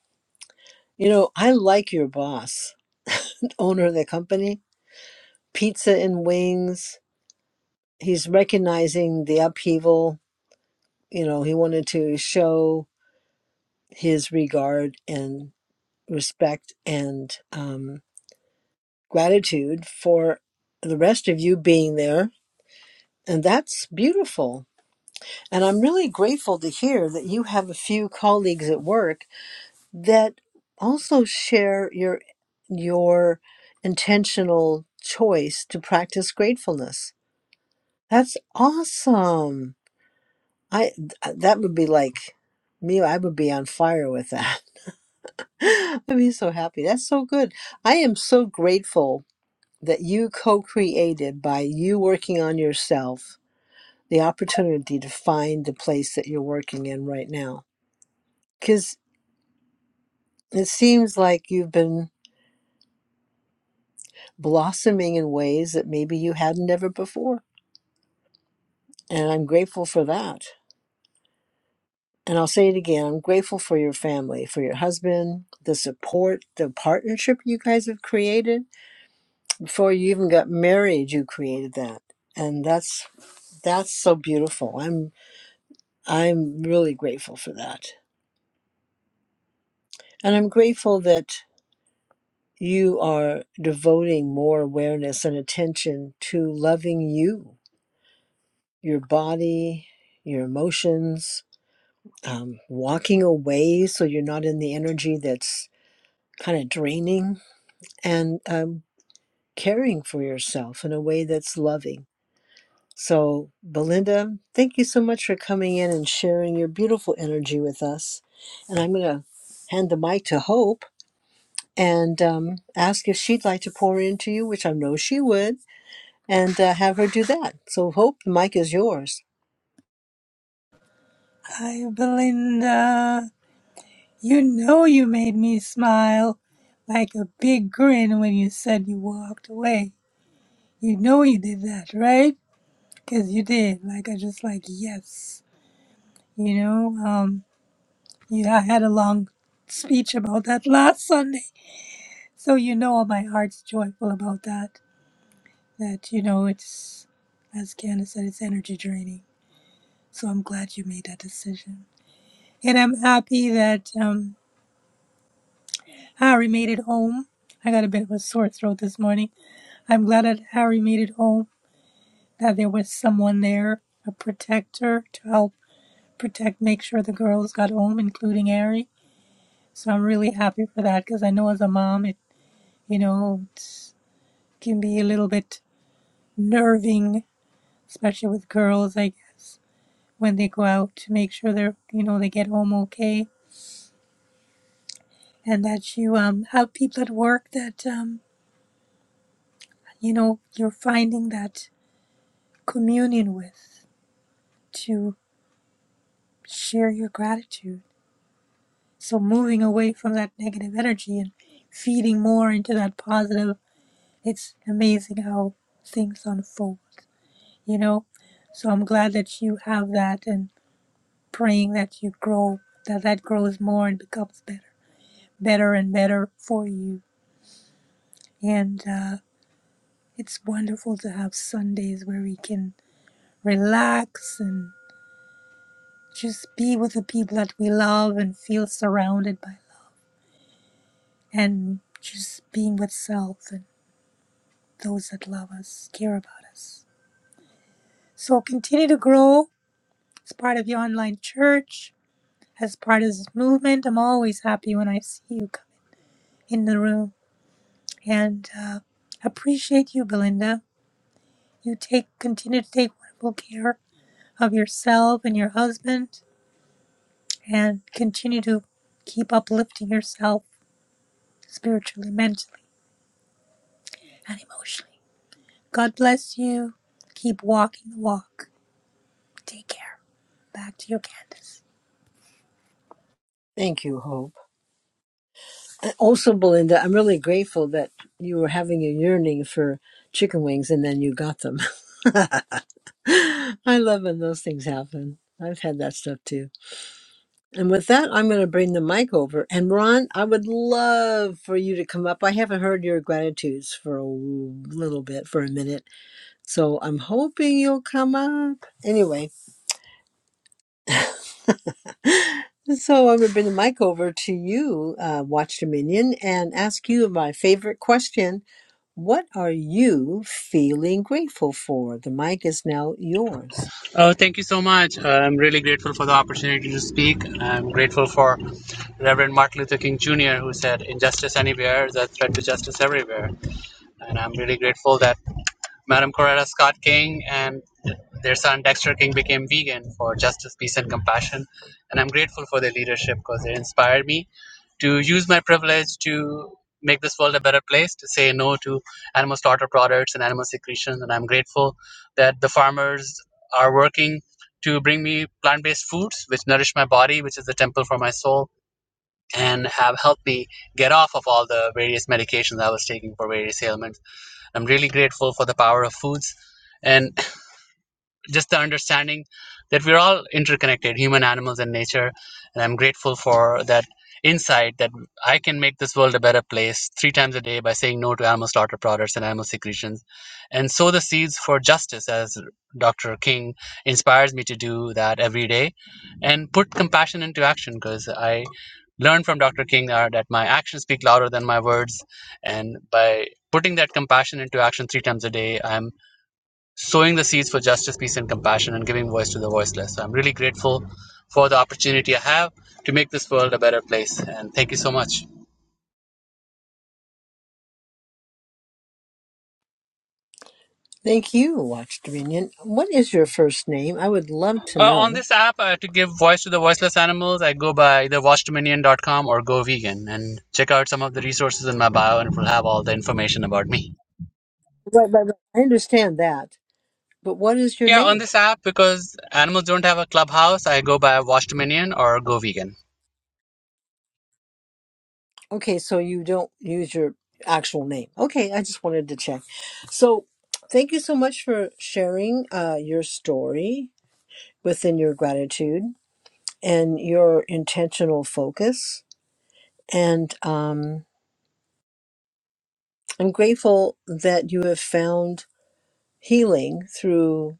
Speaker 38: you know I like your boss, owner of the company, pizza and wings. He's recognizing the upheaval. You know, he wanted to show his regard and respect and um, gratitude for the rest of you being there. And that's beautiful. And I'm really grateful to hear that you have a few colleagues at work that also share your your intentional choice to practice gratefulness. That's awesome. I that would be like me. I would be on fire with that. I'd be so happy. That's so good. I am so grateful that you co created by you working on yourself the opportunity to find the place that you're working in right now. Because it seems like you've been blossoming in ways that maybe you hadn't ever before. And I'm grateful for that. And I'll say it again I'm grateful for your family, for your husband, the support, the partnership you guys have created. Before you even got married, you created that. And that's that's so beautiful. I'm I'm really grateful for that. And I'm grateful that you are devoting more awareness and attention to loving you, your body, your emotions, um, walking away so you're not in the energy that's kind of draining, and um, caring for yourself in a way that's loving. So, Belinda, thank you so much for coming in and sharing your beautiful energy with us. And I'm going to hand the mic to Hope. and um, ask if she'd like to pour into you, which I know she would, and uh, have her do that. So, Hope, the mic is yours.
Speaker 40: Hi, Belinda. You know you made me smile like a big grin when you said you walked away. You know you did that, right? Because you did. Like, I just like, yes. You know, um, yeah, I had a long speech about that last Sunday. So you know my heart's joyful about that. That, you know, it's, as Candace said, it's energy draining. So I'm glad you made that decision. And I'm happy that, um, Harry made it home. I got a bit of a sore throat this morning. I'm glad that Harry made it home, that there was someone there, a protector to help protect, make sure the girls got home, including Harry. So I'm really happy for that because I know as a mom, it, you know, it can be a little bit nerving, especially with girls, I guess, when they go out to make sure they're, you know, they get home okay and that you um, have people at work that, um, you know, you're finding that communion with. to share your gratitude. So moving away from that negative energy and feeding more into that positive, it's amazing how things unfold, you know? So I'm glad that you have that and praying that you grow, that that grows more and becomes better, better and better for you. And uh, it's wonderful to have Sundays where we can relax and just be with the people that we love and feel surrounded by and just being with self and those that love us, care about us. So continue to grow as part of your online church, as part of this movement. I'm always happy when I see you come in the room and uh, appreciate you, Belinda. You take continue to take wonderful care of yourself and your husband, and continue to keep uplifting yourself spiritually, mentally, and emotionally. God bless you. Keep walking the walk. Take care. Back to you, Candace.
Speaker 38: Thank you, Hope. And also, Belinda, I'm really grateful that you were having a yearning for chicken wings and then you got them. I love when those things happen. I've had that stuff too. And with that, I'm going to bring the mic over. And Ron, I would love for you to come up. I haven't heard your gratitudes for a little bit, for a minute So I'm hoping you'll come up. Anyway, so I would bring the mic over to you, uh, Watch Dominion, and ask you my favorite question. What are you feeling grateful for? The mic is now yours.
Speaker 42: Oh, thank you so much. Uh, I'm really grateful for the opportunity to speak. I'm grateful for Reverend Martin Luther King Jr., who said, Injustice anywhere is a threat to justice everywhere. And I'm really grateful that Madam Coretta Scott King and their son Dexter King became vegan for justice, peace, and compassion. And I'm grateful for their leadership because they inspired me to use my privilege to make this world a better place, to say no to animal slaughter products and animal secretions. And I'm grateful that the farmers are working to bring me plant based foods, which nourish my body, which is the temple for my soul, and have helped me get off of all the various medications I was taking for various ailments I'm really grateful for the power of foods. And just the understanding that we're all interconnected, human, animals, and nature. And I'm grateful for that insight that I can make this world a better place three times a day by saying no to animal slaughter products and animal secretions and sow the seeds for justice as Dr. King inspires me to do that every day and put compassion into action because I learned from Dr. King uh, that my actions speak louder than my words and by putting that compassion into action three times a day I'm sowing the seeds for justice, peace, and compassion, and giving voice to the voiceless. So I'm really grateful for the opportunity I have to make this world a better place. And thank you so much.
Speaker 38: Thank you, Watch Dominion. What is your first name? I would love to
Speaker 42: Uh, on
Speaker 38: know.
Speaker 42: this app, uh, to give voice to the voiceless animals, I go by either watch dominion dot .com or go vegan and check out some of the resources in my bio, and it will have all the information about me.
Speaker 38: Right, right, right. I understand that. But what is your
Speaker 42: Yeah,
Speaker 38: name?
Speaker 42: on this app, because animals don't have a clubhouse, I go by Watch Dominion or Go Vegan.
Speaker 38: Okay, so you don't use your actual name. Okay, I just wanted to check. So, thank you so much for sharing uh, your story within your gratitude and your intentional focus. And um, I'm grateful that you have found healing through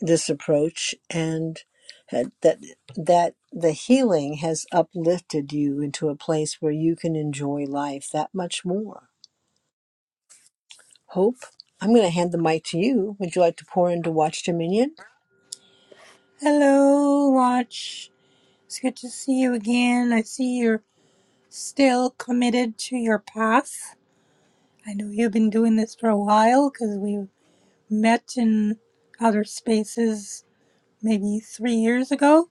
Speaker 38: this approach, and had- that that the healing has uplifted you into a place where you can enjoy life that much more Hope, I'm going to hand the mic to you. Would you like to pour into Watch Dominion?
Speaker 40: Hello, Watch. It's good to see you again. I see you're still committed to your path. I know you've been doing this for a while because we met in other spaces maybe three years ago.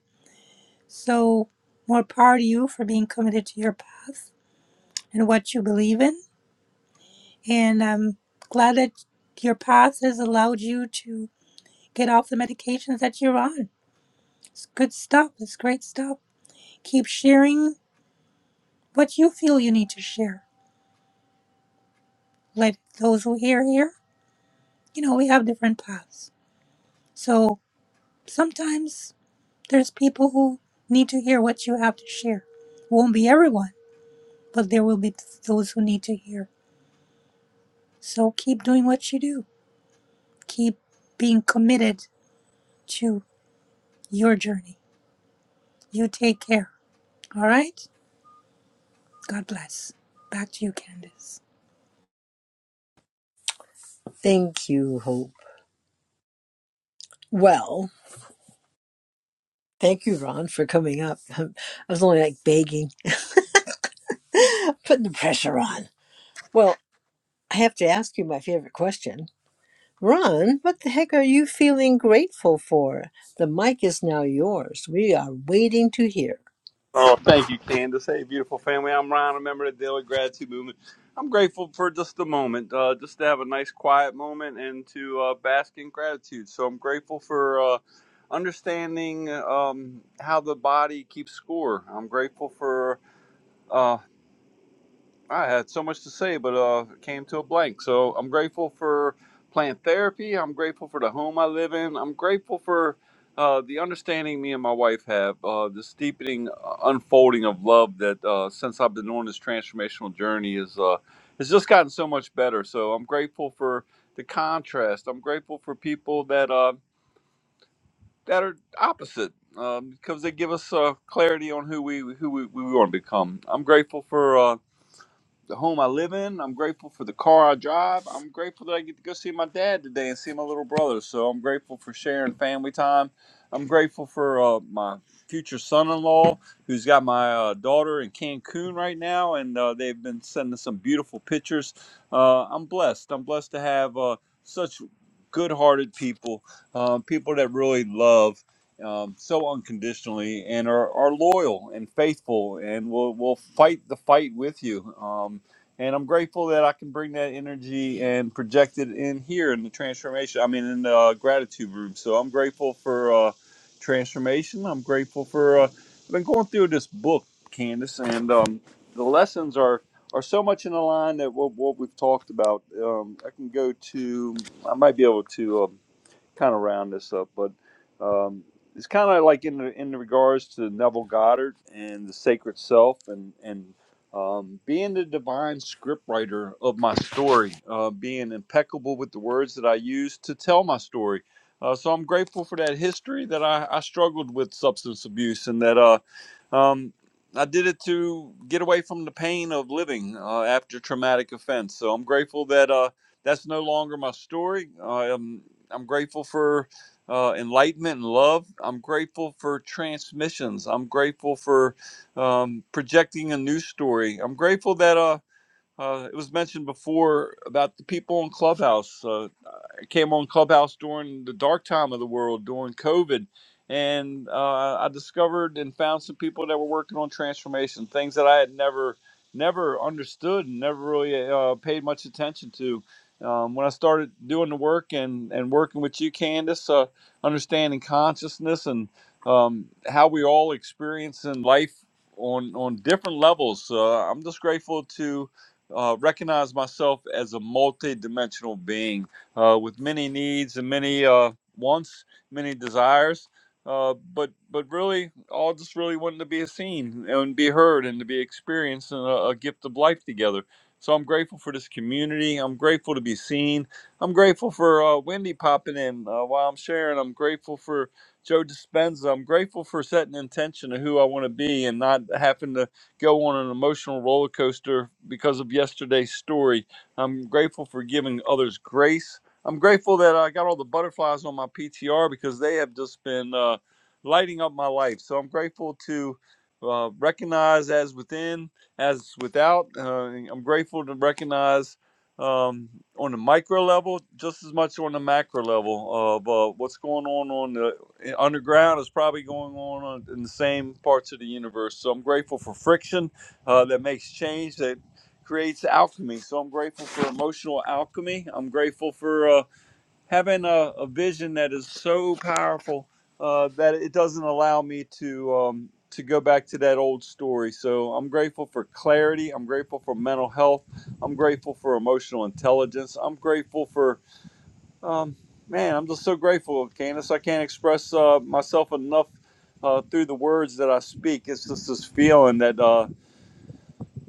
Speaker 40: So, more power to you for being committed to your path and what you believe in. And I'm glad that your path has allowed you to get off the medications that you're on. It's good stuff. It's great stuff keep sharing What you feel you need to share. Let those who hear hear. You know, we have different paths. So sometimes there's people who need to hear what you have to share. It Won't be everyone, but there will be those who need to hear. So keep doing what you do. Keep being committed to your journey. You take care. All right? God bless. Back to you, Candace.
Speaker 38: Thank you, Hope. Well, thank you, Ron, for coming up. I was only like begging, putting the pressure on. Well, I have to ask you my favorite question. Ron, what the heck are you feeling grateful for? The mic is now yours. We are waiting to hear.
Speaker 12: Family, I'm Ryan, a member of the Daily Gratitude Movement. I'm grateful for just a moment, uh, just to have a nice, quiet moment and to uh, bask in gratitude. So I'm grateful for uh, understanding um, how the body keeps score. I'm grateful for. uh, I had so much to say, but uh, it came to a blank. So I'm grateful for plant therapy. I'm grateful for the home I live in. I'm grateful for uh, the understanding me and my wife have, uh, this deepening uh, unfolding of love that uh, since I've been on this transformational journey is uh, has just gotten so much better. So I'm grateful for the contrast. I'm grateful for people that uh, that are opposite. Um, because they give us uh, clarity on who we who we, we want to become. I'm grateful for uh, the home I live in. I'm grateful for the car I drive. I'm grateful that I get to go see my dad today and see my little brother. So I'm grateful for sharing family time. I'm grateful for uh, my future son-in-law who's got my uh, daughter in Cancun right now, and uh, they've been sending some beautiful pictures. Uh, I'm blessed. I'm blessed to have uh, such good-hearted people, um, people that really love. Um, so unconditionally and are, are loyal and faithful and will will fight the fight with you. Um, and I'm grateful that I can bring that energy and project it in here in the transformation. I mean, in the uh, gratitude room. So I'm grateful for uh, transformation. I'm grateful for. Uh, I've been going through this book, Candace, and um, the lessons are are so much in the line that what, what we've talked about. Um, I can go to. I might be able to. Um, kind of round this up, but um, it's kind of like in in regards to Neville Goddard and the sacred self, and and um, being the divine scriptwriter of my story, uh, being impeccable with the words that I use to tell my story. Uh, so I'm grateful for that history that I, I struggled with substance abuse and that uh, um, I did it to get away from the pain of living uh, after traumatic offense. So I'm grateful that uh, that's no longer my story. Um, I'm I'm grateful for uh, enlightenment and love. I'm grateful for transmissions. I'm grateful for um, projecting a new story. I'm grateful that uh, uh, it was mentioned before about the people in Clubhouse. Uh, came on Clubhouse during the dark time of the world during COVID, and uh, I discovered and found some people that were working on transformation, things that I had never never understood and never really uh, paid much attention to. Um, when I started doing the work and, and working with you, Candace, uh, understanding consciousness and um, how we all experience in life on on different levels. Uh, I'm just grateful to uh, recognize myself as a multi-dimensional being uh, with many needs and many uh, wants, many desires. Uh, but but really, all just really wanting to be seen and be heard and to be experienced and a, a gift of life together. So I'm grateful for this community. I'm grateful to be seen. I'm grateful for uh, Wendy popping in uh, while I'm sharing. I'm grateful for Joe Dispenza. I'm grateful for setting intention of who I want to be and not having to go on an emotional roller coaster because of yesterday's story. I'm grateful for giving others grace I'm grateful that I got all the butterflies on my PTR because they have just been uh, lighting up my life. So I'm grateful to uh, recognize as within, as without. Uh, I'm grateful to recognize um, on the micro level just as much on the macro level of uh, what's going on on the eh, underground is probably going on uh, in the same parts of the universe. So I'm grateful for friction uh, that makes change that creates alchemy. So I'm grateful for emotional alchemy. I'm grateful for. uh, having a, a vision that is so powerful uh, that it doesn't allow me to um, to go back to that old story. So I'm grateful for clarity. I'm grateful for mental health. I'm grateful for emotional intelligence. I'm grateful for um, man. I'm just so grateful, Candace. I can't express uh, myself enough uh, through the words that I speak. It's just this feeling that. Uh,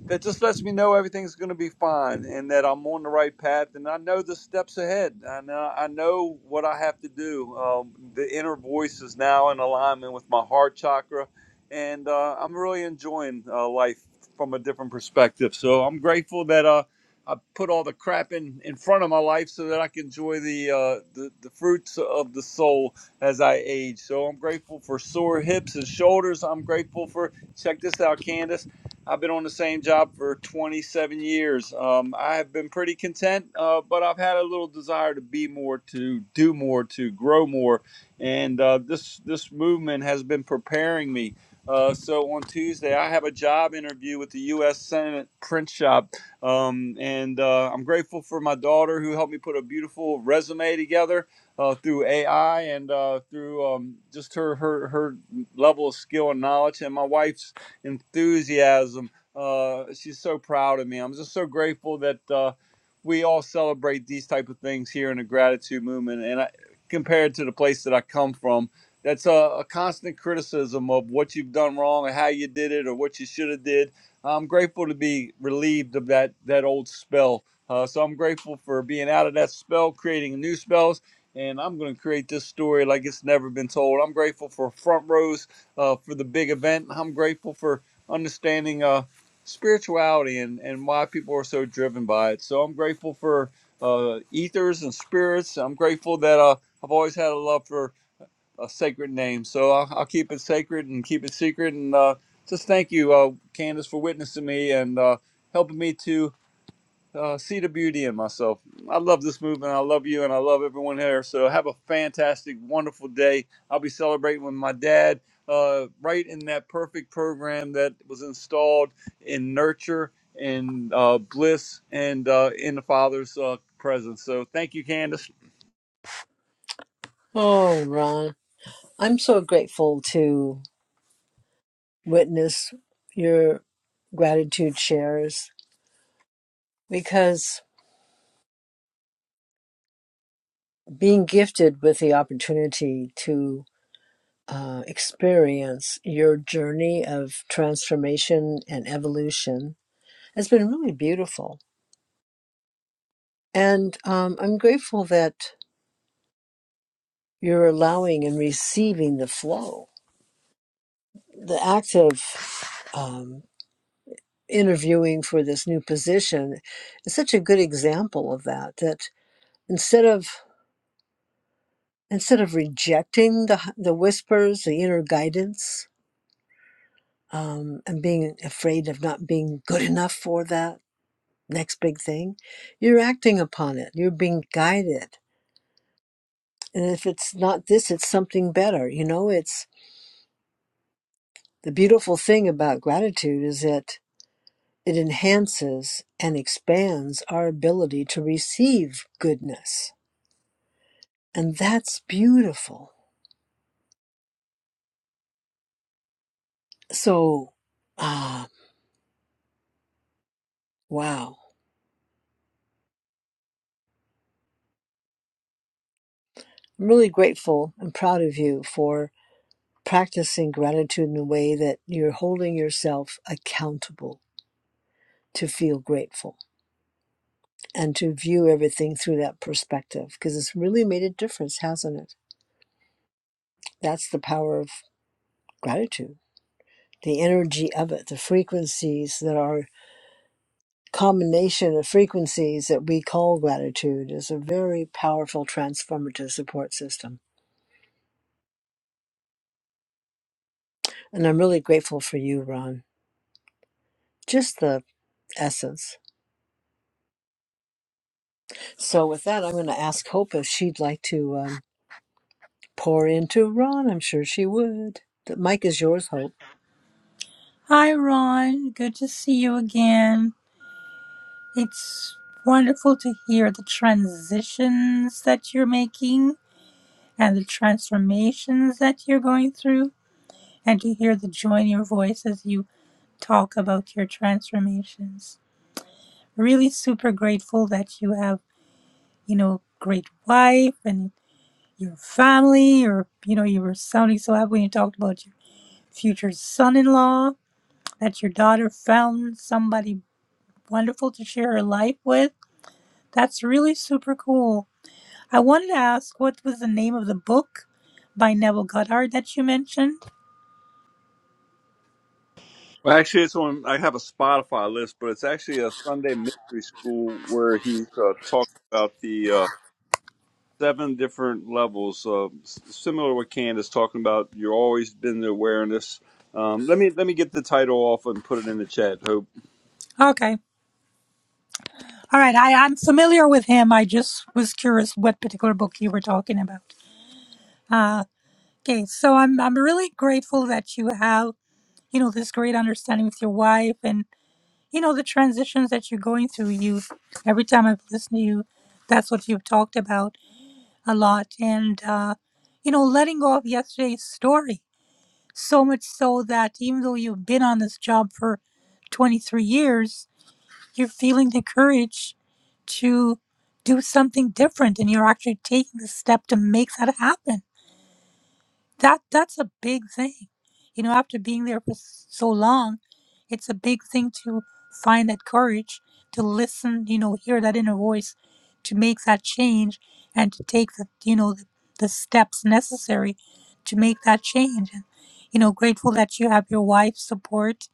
Speaker 12: that just lets me know everything's going to be fine and that I'm on the right path and I know the steps ahead and I, know, I know what I have to do. Um, the inner voice is now in alignment with my heart chakra and uh, I'm really enjoying uh, life from a different perspective. So I'm grateful that uh, I put all the crap in, in front of my life so that I can enjoy the, uh, the, the fruits of the soul as I age. So I'm grateful for sore hips and shoulders. I'm grateful for, check this out, Candace. I've been on the same job for 27 years. Um, I have been pretty content, uh, but I've had a little desire to be more, to do more, to grow more, and uh, this this movement has been preparing me. Uh, so interviewing job, uh, resume together uh, through AI and uh, through um, just her, her her level of skill and knowledge, and my wife's enthusiasm. Uh, she's so proud of me. I'm just so grateful that uh, we all celebrate these type of things here in the gratitude movement and I, compared to the place that i come from that's a, a constant criticism of what you've done wrong or how you did it or what you should have did i'm grateful to be relieved of that that old spell uh, so i'm grateful for being out of that spell creating new spells and i'm going to create this story like it's never been told i'm grateful for front rows uh, for the big event i'm grateful for understanding uh, spirituality and, and why people are so driven by it. So I'm grateful for uh, ethers and spirits. I'm grateful that uh, I've always had a love for a sacred name. So I'll, I'll keep it sacred and keep it secret. And uh, just thank you, uh, Candace, for witnessing me and uh, helping me to uh, see the beauty in myself. I love this movement. I love you and I love everyone here. So have a fantastic, wonderful day. I'll be celebrating with my dad uh, right in that perfect program that was installed in nurture.
Speaker 38: Oh, Ron, I'm so grateful to witness your gratitude shares because being gifted with the opportunity to uh, experience your journey of transformation and evolution has been really beautiful. And um, I'm grateful that you're allowing and receiving the flow. The act of um, interviewing for this new position is such a good example of that. That instead of instead of rejecting the the whispers, the inner guidance, um, and being afraid of not being good enough for that next big thing, you're acting upon it. You're being guided. And if it's not this, it's something better. You know, it's the beautiful thing about gratitude is that it enhances and expands our ability to receive goodness. And that's beautiful. So, ah, wow. I'm really grateful and proud of you for. practicing gratitude in a way that you're holding yourself accountable to feel grateful and to view everything through that perspective because it's really made a difference, hasn't it? That's the power of gratitude, the energy of it, the frequencies that are combination of frequencies that we call gratitude is a very powerful transformative support system. And I'm really grateful for you, Ron. Just the essence. So with that, I'm going to ask Hope if she'd like to. um, pour into Ron. I'm sure she would. The mic is yours, Hope.
Speaker 40: Hi, Ron. Good to see you again. It's wonderful to hear the transitions that you're making and the transformations that you're going through, and to hear the joy in your voice as you talk about your transformations. Really super grateful that you have, you know, great wife and your family, or, you know, you were sounding so happy when you talked about your future son in law, that your daughter found somebody wonderful to share her life with. That's really super cool I wanted to ask what was the name of the book by Neville Goddard that you mentioned?
Speaker 12: Well, actually, it's on. I have a Spotify list, but it's actually a Sunday mystery school where he's uh, talking about the uh, seven different levels, uh, s- similar to what Candace talking about. You're always been the awareness. Um, let me let me get the title off and put it in the chat.
Speaker 40: Okay. All right. I, I'm familiar with him. I just was curious what particular book you were talking about. Uh, okay. So I'm, I'm really grateful that you have, you know, this great understanding with your wife and, you know, the transitions that you're going through. You, every time I've listened to you, that's what you've talked about a lot. And, uh, you know, letting go of yesterday's story So much so that even though you've been on this job for 23 years, you're feeling the courage to do something different and you're actually taking the step to make that happen that that's a big thing you know after being there for s- so long it's a big thing to find that courage to listen you know hear that inner voice to make that change and to take the you know the, the steps necessary to make that change and you know grateful that you have your wife's support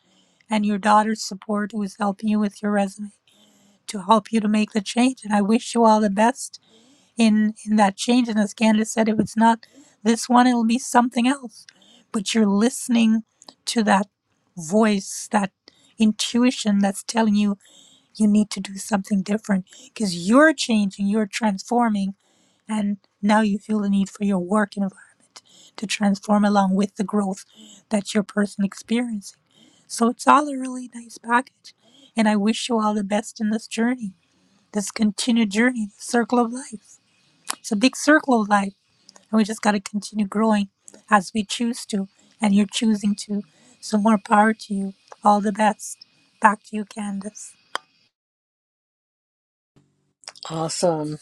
Speaker 40: and your daughter's support who is helping you with your resume to help you to make the change and i wish you all the best in in that change and as candace said if it's not this one it'll be something else but you're listening to that voice that intuition that's telling you you need to do something different because you're changing you're transforming and now you feel the need for your work environment to transform along with the growth that your person experiencing so it's all a really nice package and i wish you all the best in this journey this continued journey the circle of life it's a big circle of life, and we just got to continue growing as we choose to, and you're choosing to. So, more power to you. All the best. Back to you, Candace.
Speaker 38: Awesome.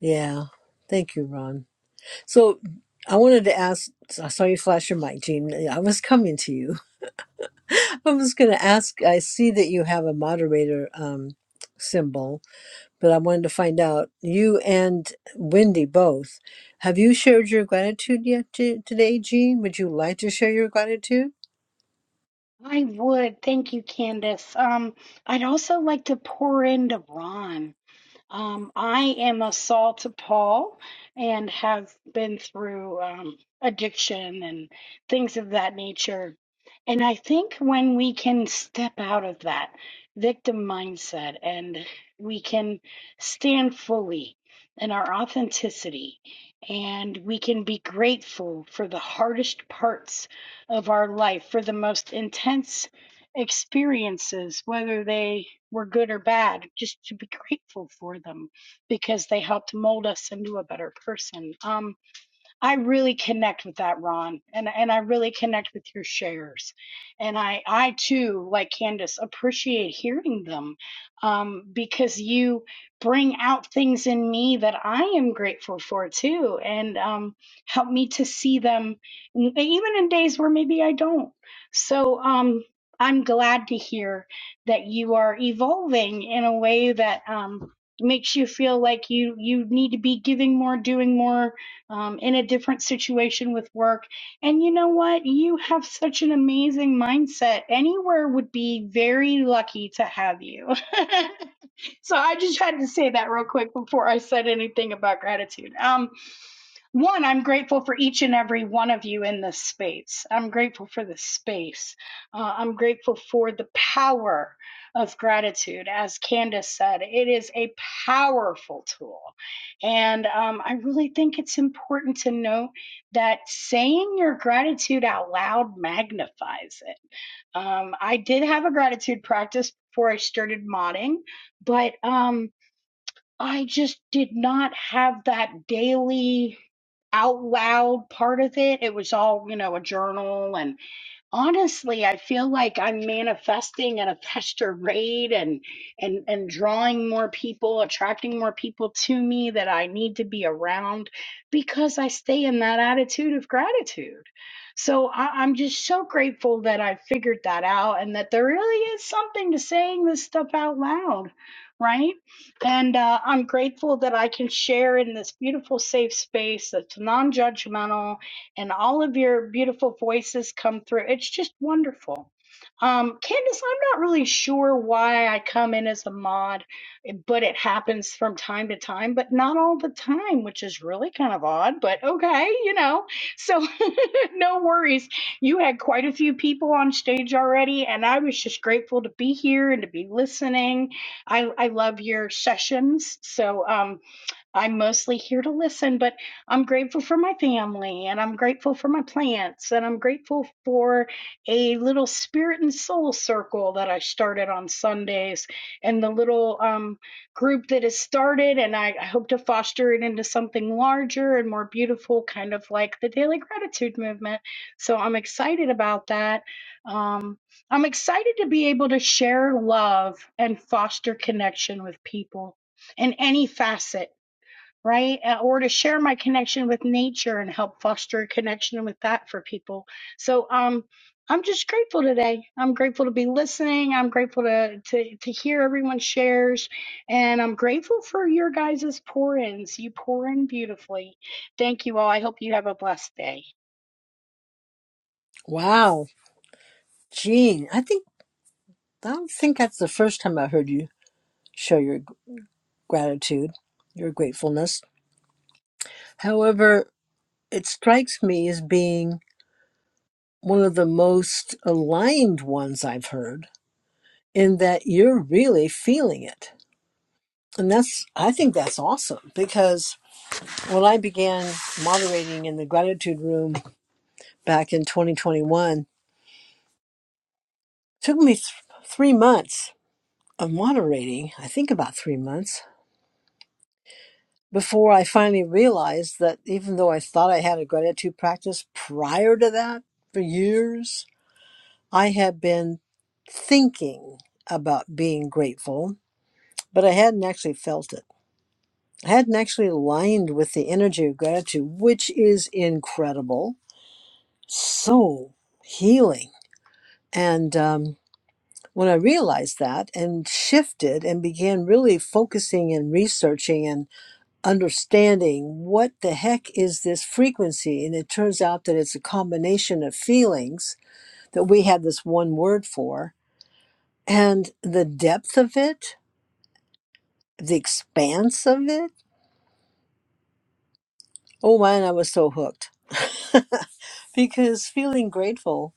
Speaker 38: Yeah. Thank you, Ron. So I wanted to ask I saw you flash your mic, Jean. I was coming to you. I was going to ask. I see that you have a moderator um, symbol, but I wanted to find out you and Wendy both. Have you shared your gratitude yet t- today, Jean? Would you like to share your gratitude?
Speaker 43: I would. Thank you, Candace. Um, I'd also like to pour into Ron. Um, I am a Saul to Paul and have been through um, addiction and things of that nature. And I think when we can step out of that victim mindset and we can stand fully in our authenticity and we can be grateful for the hardest parts of our life, for the most intense experiences, whether they were good or bad, just to be grateful for them because they helped mold us into a better person. Um, I really connect with that, Ron, and and I really connect with your shares, and I I too, like Candace, appreciate hearing them, um, because you bring out things in me that I am grateful for too, and um, help me to see them, n- even in days where maybe I don't. So um, I'm glad to hear that you are evolving in a way that um, makes you feel like you you need to be giving more, doing more um, in a different situation with work. And you know what? You have such an amazing mindset. Anywhere would be very lucky to have you. so I just had to say that real quick before I said anything about gratitude. Um, one, I'm grateful for each and every one of you in this space. I'm grateful for the space. Uh, I'm grateful for the power of gratitude. As Candace said, it is a powerful tool. And um, I really think it's important to note that saying your gratitude out loud magnifies it. Um, I did have a gratitude practice before I started modding, but. Um, I just did not have that daily out loud part of it. It was all, you know, a journal and honestly i feel like i'm manifesting at a faster rate and and and drawing more people attracting more people to me that i need to be around because i stay in that attitude of gratitude so I, i'm just so grateful that i figured that out and that there really is something to saying this stuff out loud right and uh, i'm grateful that i can share in this beautiful safe space that's non-judgmental and all of your beautiful voices come through. It's just wonderful. Um, Candace, I'm not really sure why I come in as a mod, but it happens from time to time, but not all the time, which is really kind of odd, but okay, you know. So no worries. You had quite a few people on stage already, and I was just grateful to be here and to be listening. I, I love your sessions. So, um, I'm mostly here to listen, but I'm grateful for my family and I'm grateful for my plants and I'm grateful for a little spirit and soul circle that I started on Sundays and the little um, group that has started. And I, I hope to foster it into something larger and more beautiful, kind of like the daily gratitude movement. So I'm excited about that. Um, I'm excited to be able to share love and foster connection with people in any facet right? Uh, Or to share my connection with nature and help foster a connection with that for people. So um, I'm just grateful today. I'm grateful to be listening. I'm grateful to, to, to hear everyone's shares. And I'm grateful for your guys' pour ins. You pour in beautifully. Thank you all. I hope you have a blessed day.
Speaker 38: Wow, Jean. I think I don't think that's the first time I heard you share your gratitude, your gratefulness. However, it strikes me as being one of the most aligned ones I've heard in that you're really feeling it. And that's, I think that's awesome because when I began moderating in the gratitude room back in 2021, it took me th- three months of moderating, I think about three months, before I finally realized that even though I thought I had a gratitude practice prior to that for years, I had been thinking about being grateful, but I hadn't actually felt it. I hadn't actually aligned with the energy of gratitude, which is incredible, so healing. And um, when I realized that and shifted and began really focusing and researching and understanding what the heck is this frequency, and it turns out that it's a combination of feelings that we have this one word for and the depth of it, the expanse of it. Oh man, I was so hooked. because feeling grateful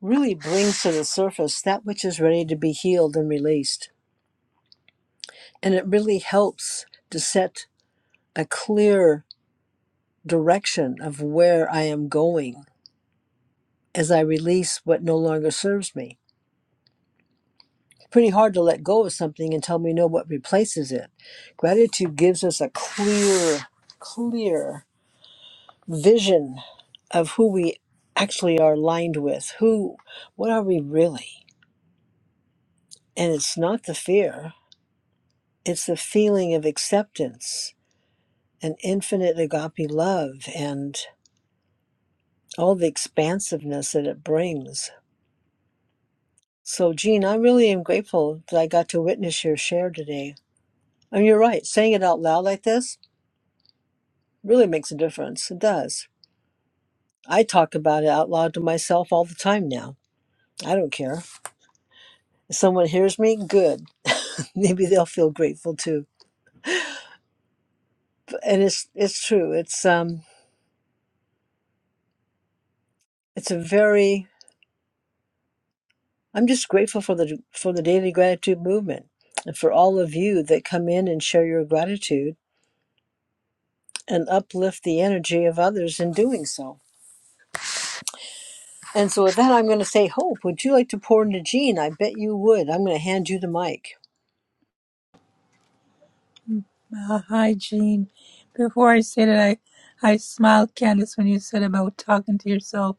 Speaker 38: really brings to the surface that which is ready to be healed and released. And it really helps to set a clear direction of where I am going as I release what no longer serves me. Pretty hard to let go of something until we know what replaces it. Gratitude gives us a clear, clear vision of who we actually are aligned with who what are we really and it's not the fear it's the feeling of acceptance and infinite agape love and all the expansiveness that it brings so jean i really am grateful that i got to witness your share today and you're right saying it out loud like this really makes a difference it does i talk about it out loud to myself all the time now i don't care if someone hears me good maybe they'll feel grateful too. And it's it's true. It's um it's a very I'm just grateful for the for the daily gratitude movement and for all of you that come in and share your gratitude and uplift the energy of others in doing so. And so with that I'm going to say Hope, would you like to pour into Jean? I bet you would. I'm going to hand you the mic.
Speaker 40: Uh, hi, Jean. Before I say that, I, I smiled, Candace, when you said about talking to yourself.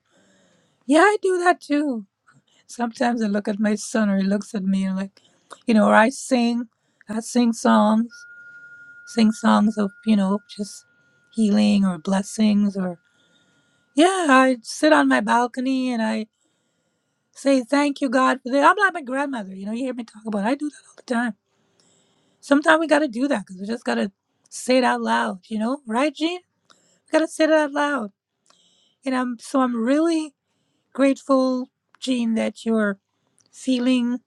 Speaker 40: Yeah, I do that too. Sometimes I look at my son, or he looks at me, and like, you know, or I sing, I sing songs, sing songs of, you know, just healing or blessings, or. Yeah, I sit on my balcony and I say thank you, God, for that. I'm like my grandmother. You know, you hear me talk about. It. I do that all the time. Sometimes we got to do that because we just got to say it out loud. You know, right, Gene? We got to say it out loud. And I'm so I'm really grateful, Gene, that you're feeling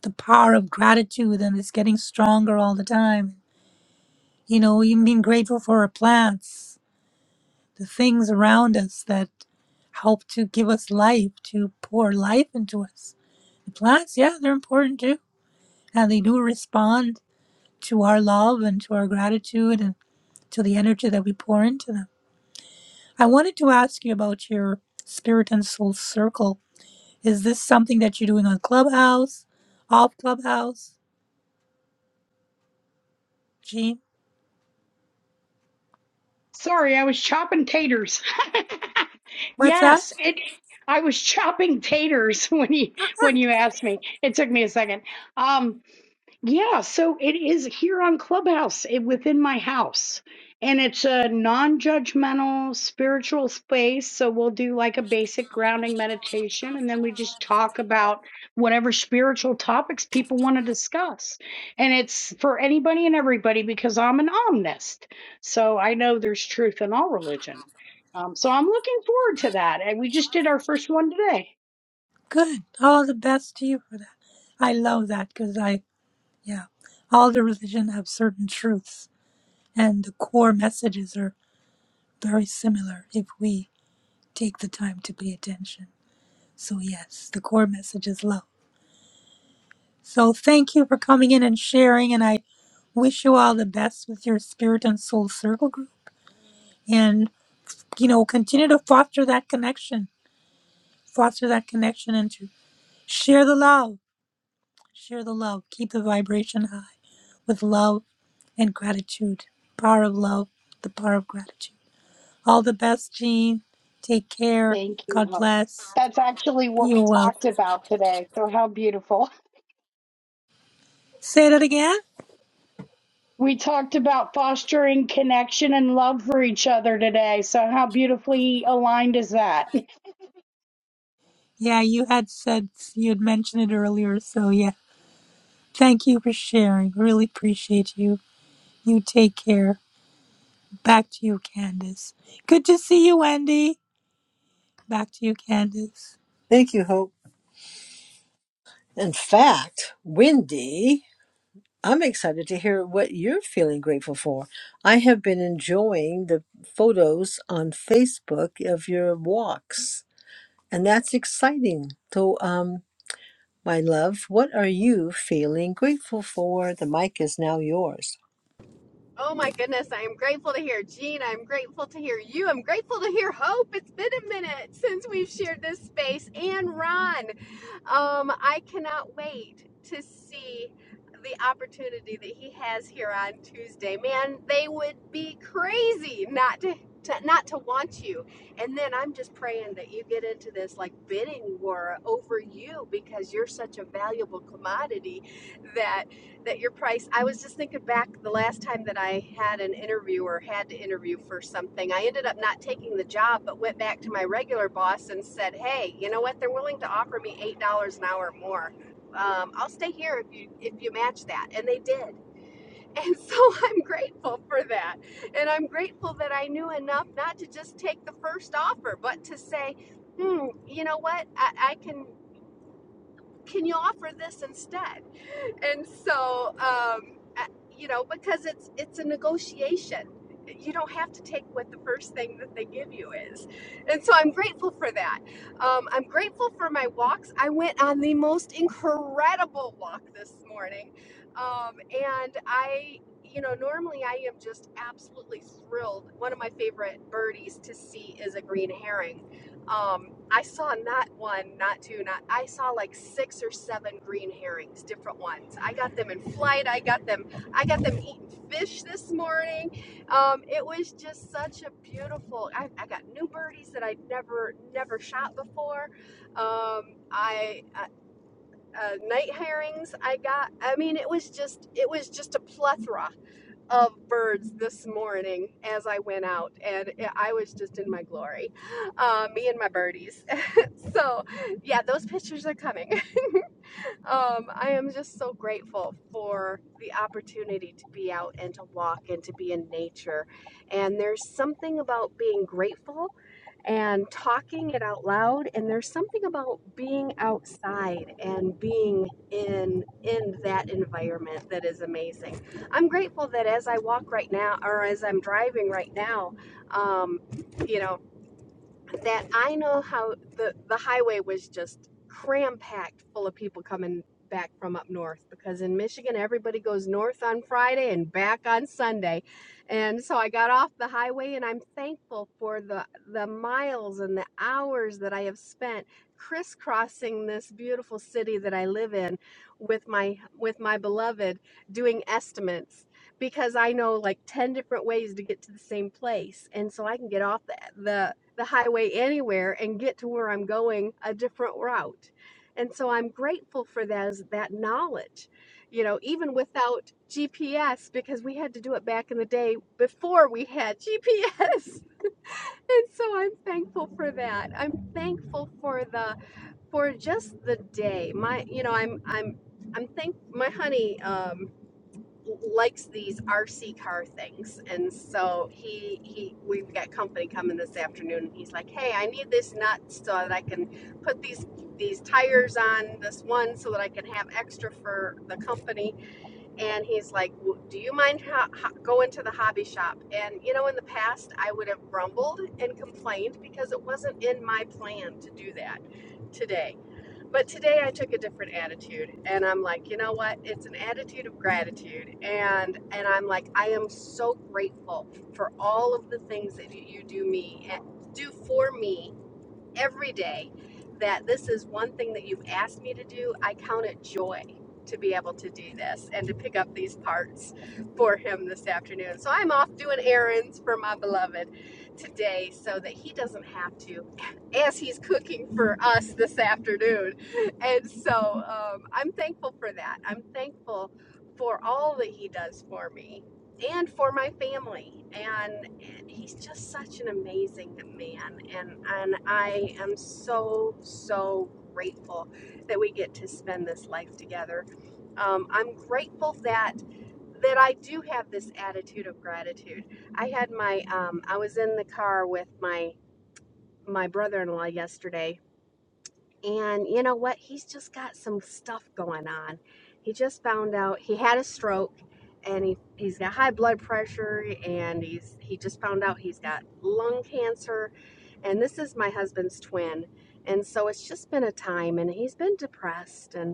Speaker 40: the power of gratitude and it's getting stronger all the time. You know, you being grateful for our plants, the things around us that help to give us life, to pour life into us Plants, yeah, they're important too. And they do respond to our love and to our gratitude and to the energy that we pour into them. I wanted to ask you about your spirit and soul circle. Is this something that you're doing on Clubhouse, off Clubhouse? Gene?
Speaker 43: Sorry, I was chopping taters.
Speaker 40: What's that?
Speaker 43: yes, it, I was chopping taters when you
Speaker 40: Ah,
Speaker 43: when you asked me. It took me a second. Um, Yeah, so it is here on Clubhouse it, within my house. And it's a non judgmental spiritual space. So we'll do like a basic grounding meditation and then we just talk about whatever spiritual topics people want to discuss. And it's for anybody and everybody because I'm an omnist. So I know there's truth in all religion. Um, so I'm looking forward to that. And we just did our first one today.
Speaker 40: Good. All the best to you for that. I love that because I, yeah, all the religion have certain truths and the core messages are very similar if we take the time to pay attention. So, yes, the core message is love. So, thank you for coming in and sharing. And I wish you all the best with your spirit and soul circle group. And, you know, continue to foster that connection, foster that connection, and to share the love, share the love, keep the vibration high with love and gratitude. Power of love, the power of gratitude. All the best, Jean. Take care.
Speaker 43: Thank you.
Speaker 40: God
Speaker 43: Hope.
Speaker 40: bless.
Speaker 43: That's actually what
Speaker 40: Be
Speaker 43: we
Speaker 40: well.
Speaker 43: talked about today. So, how beautiful.
Speaker 40: Say that again.
Speaker 43: We talked about fostering connection and love for each other today. So, how beautifully aligned is that?
Speaker 40: Yeah, you had said you had mentioned it earlier, so yeah. Thank you for sharing. Really appreciate you. You take care. Back to you, Candace. Good to see you, Wendy. Back to you, Candace.
Speaker 38: Thank you, Hope. In fact, Wendy I'm excited to hear what you're feeling grateful for. I have been enjoying the photos on Facebook of your walks, and that's exciting. So, um, my love, what are you feeling grateful for? The mic is now yours.
Speaker 44: Oh my goodness, I am grateful to hear Gene. I'm grateful to hear you. I'm grateful to hear Hope. It's been a minute since we've shared this space. And Ron, um, I cannot wait to see the opportunity that he has here on Tuesday. Man, they would be crazy not to. To, not to want you. And then I'm just praying that you get into this like bidding war over you because you're such a valuable commodity that that your price i was just thinking back the last time that i had an interview or had to interview for something i ended up not taking the job but went back to my regular boss and said hey you know what they're willing to offer me eight dollars an hour more um, i'll stay here if you if you match that and they did and so i'm grateful for that and i'm grateful that i knew enough not to just take the first offer but to say hmm you know what i, I can can you offer this instead and so um, you know because it's it's a negotiation you don't have to take what the first thing that they give you is and so i'm grateful for that um, i'm grateful for my walks i went on the most incredible walk this morning um, and i you know normally i am just absolutely thrilled one of my favorite birdies to see is a green herring um, I saw not one, not two, not I saw like six or seven green herrings, different ones. I got them in flight. I got them. I got them eating fish this morning. Um, it was just such a beautiful. I, I got new birdies that I'd never never shot before. Um, I uh, uh, night herrings. I got. I mean, it was just it was just a plethora of birds this morning as I went out, and I was just in my glory, uh, me and my birdies. so, yeah, those pictures are coming um, I am just so grateful for the opportunity to be out and to walk and to be in nature. And there's something about being grateful and talking it out loud and there's something about being outside and being in in that environment that is amazing i'm grateful that as i walk right now or as i'm driving right now um, you know that I know how the the highway was just cram packed full of people coming back from up north because in Michigan everybody goes north on Friday and back on Sunday. And so I got off the highway and I'm thankful for the the miles and the hours that I have spent crisscrossing this beautiful city that I live in with my with my beloved doing estimates because I know like 10 different ways to get to the same place. And so I can get off the, the, the highway anywhere and get to where I'm going a different route. And so I'm grateful for that, that knowledge, you know, even without GPS, because we had to do it back in the day before we had GPS. And so I'm thankful for that. I'm thankful for the for just the day. My, you know, I'm I'm I'm thank my honey. Um, likes these RC car things, and so he he we've got company coming this afternoon. And he's like, "Hey, I need this nut so that I can put these these tires on this one so that I can have extra for the company." And he's like, "W- "Do you mind ho- ho- going to the hobby shop?" And you know, in the past, I would have grumbled and complained because it wasn't in my plan to do that today but today I took a different attitude and I'm like, you know what? It's an attitude of gratitude and and I'm like I am so grateful for all of the things that you do me eh, do for me every day that this is one thing that you've asked me to do, I count it joy to be able to do this and to pick up these parts for him this afternoon. So I'm off doing errands for my beloved today so that he doesn't have to as he's cooking for us this afternoon. And so um, I'm thankful for that. I'm thankful for all that he does for me and for my family. and he's just such an amazing man and and I am so so grateful that we get to spend this life together. Um, I'm grateful that that I do have this attitude of gratitude. I had my um, I was in the car with my my brother-in-law yesterday and you know what? He's just got some stuff going on. He just found out he had a stroke and he, he's got high blood pressure and he's he just found out he's got lung cancer and this is my husband's twin. And so it's just been a time and he's been depressed and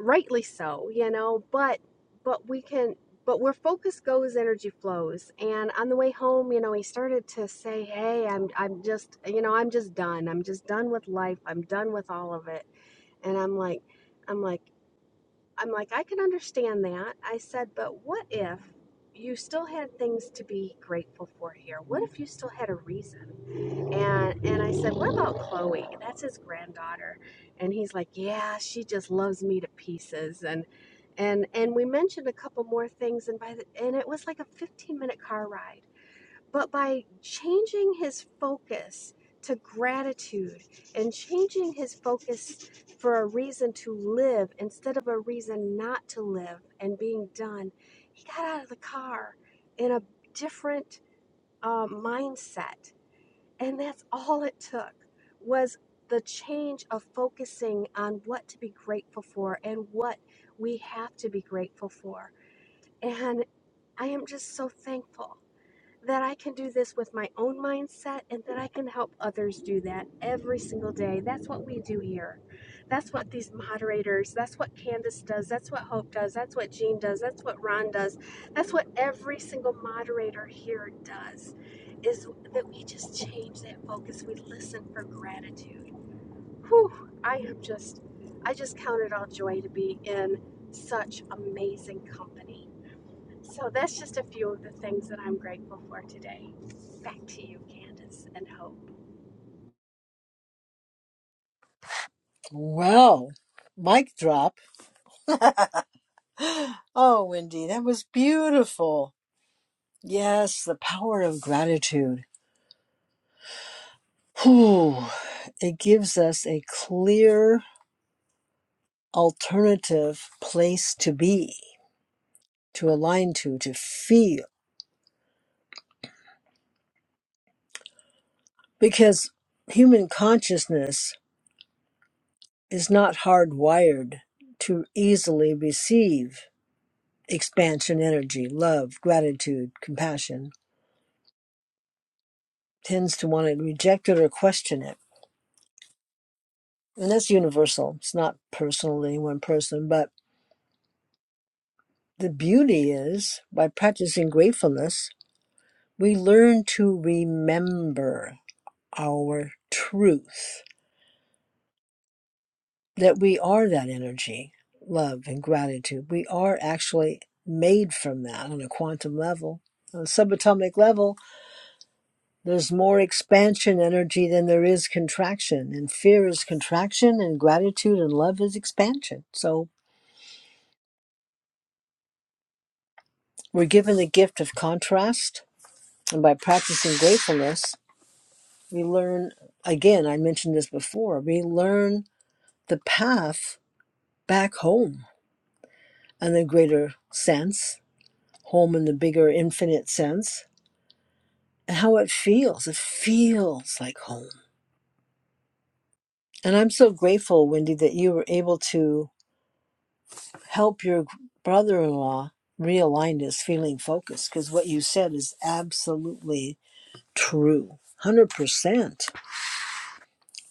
Speaker 44: rightly so you know but but we can but where focus goes energy flows and on the way home you know he started to say hey i'm i'm just you know i'm just done i'm just done with life i'm done with all of it and i'm like i'm like i'm like i can understand that i said but what if you still had things to be grateful for here what if you still had a reason and and I said, "What about Chloe? That's his granddaughter." And he's like, "Yeah, she just loves me to pieces." And and and we mentioned a couple more things and by the and it was like a 15-minute car ride. But by changing his focus to gratitude and changing his focus for a reason to live instead of a reason not to live and being done, he got out of the car in a different uh, mindset and that's all it took was the change of focusing on what to be grateful for and what we have to be grateful for. And I am just so thankful that I can do this with my own mindset and that I can help others do that every single day. That's what we do here. That's what these moderators, that's what Candace does, that's what Hope does, that's what Jean does, that's what Ron does. That's what every single moderator here does is that we just change that focus. We listen for gratitude. Whew, I am just I just count it all joy to be in such amazing company so that's just a few of the things that I'm grateful for today. Back to you, Candace and Hope.
Speaker 38: Well, mic drop. Oh, Wendy, that was beautiful. Yes, the power of gratitude. Whew, it gives us a clear alternative place to be to align to, to feel. Because human consciousness is not hardwired to easily receive expansion energy, love, gratitude, compassion, tends to want to reject it or question it. And that's universal. It's not personal to any one person, but the beauty is by practicing gratefulness, we learn to remember our truth that we are that energy, love and gratitude. We are actually made from that on a quantum level. On a subatomic level, there's more expansion energy than there is contraction, and fear is contraction, and gratitude and love is expansion. So we're given the gift of contrast, and by practicing gratefulness, we learn again, I mentioned this before, we learn the path back home in a greater sense home in the bigger infinite sense and how it feels it feels like home and i'm so grateful wendy that you were able to help your brother-in-law realign his feeling focus because what you said is absolutely true 100%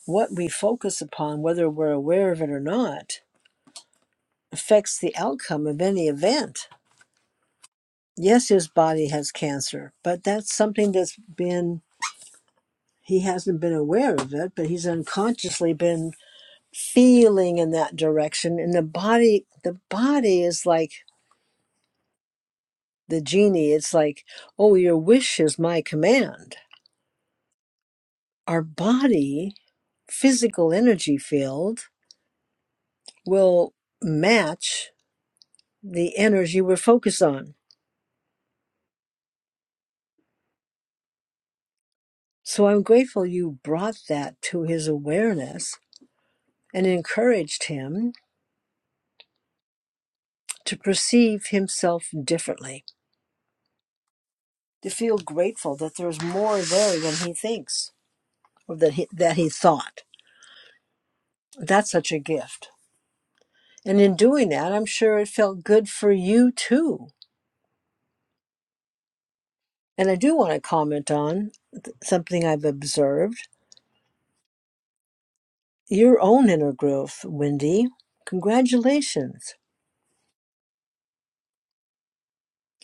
Speaker 38: what we focus upon whether we're aware of it or not affects the outcome of any event yes his body has cancer but that's something that's been he hasn't been aware of it but he's unconsciously been feeling in that direction and the body the body is like the genie it's like oh your wish is my command our body physical energy field will match the energy we're focused on so i'm grateful you brought that to his awareness and encouraged him to perceive himself differently to feel grateful that there's more there than he thinks or that he, that he thought That's such a gift. And in doing that, I'm sure it felt good for you too. And I do want to comment on th- something I've observed your own inner growth, Wendy. Congratulations.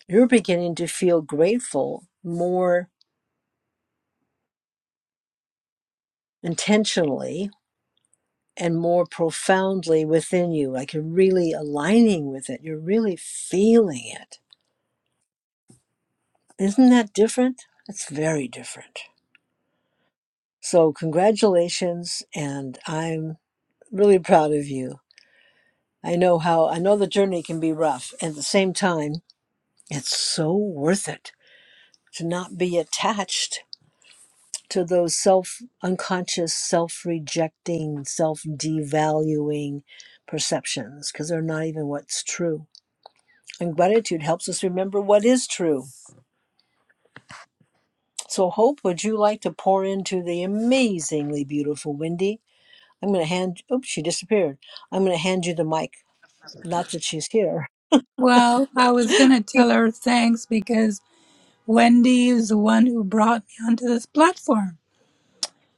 Speaker 38: You're beginning to feel grateful more intentionally and more profoundly within you. Like you're really aligning with it, you're really feeling it. Isn't that different? That's very different. So, congratulations, and I'm really proud of you. I know how, I know the journey can be rough. At the same time, it's so worth it to not be attached to those self unconscious, self rejecting, self devaluing perceptions because they're not even what's true. And gratitude helps us remember what is true. So, Hope, would you like to pour into the amazingly beautiful Wendy? I'm going to hand, oops, she disappeared. I'm going to hand you the mic. Not that she's here.
Speaker 40: Well, I was going to tell her thanks because Wendy is the one who brought me onto this platform.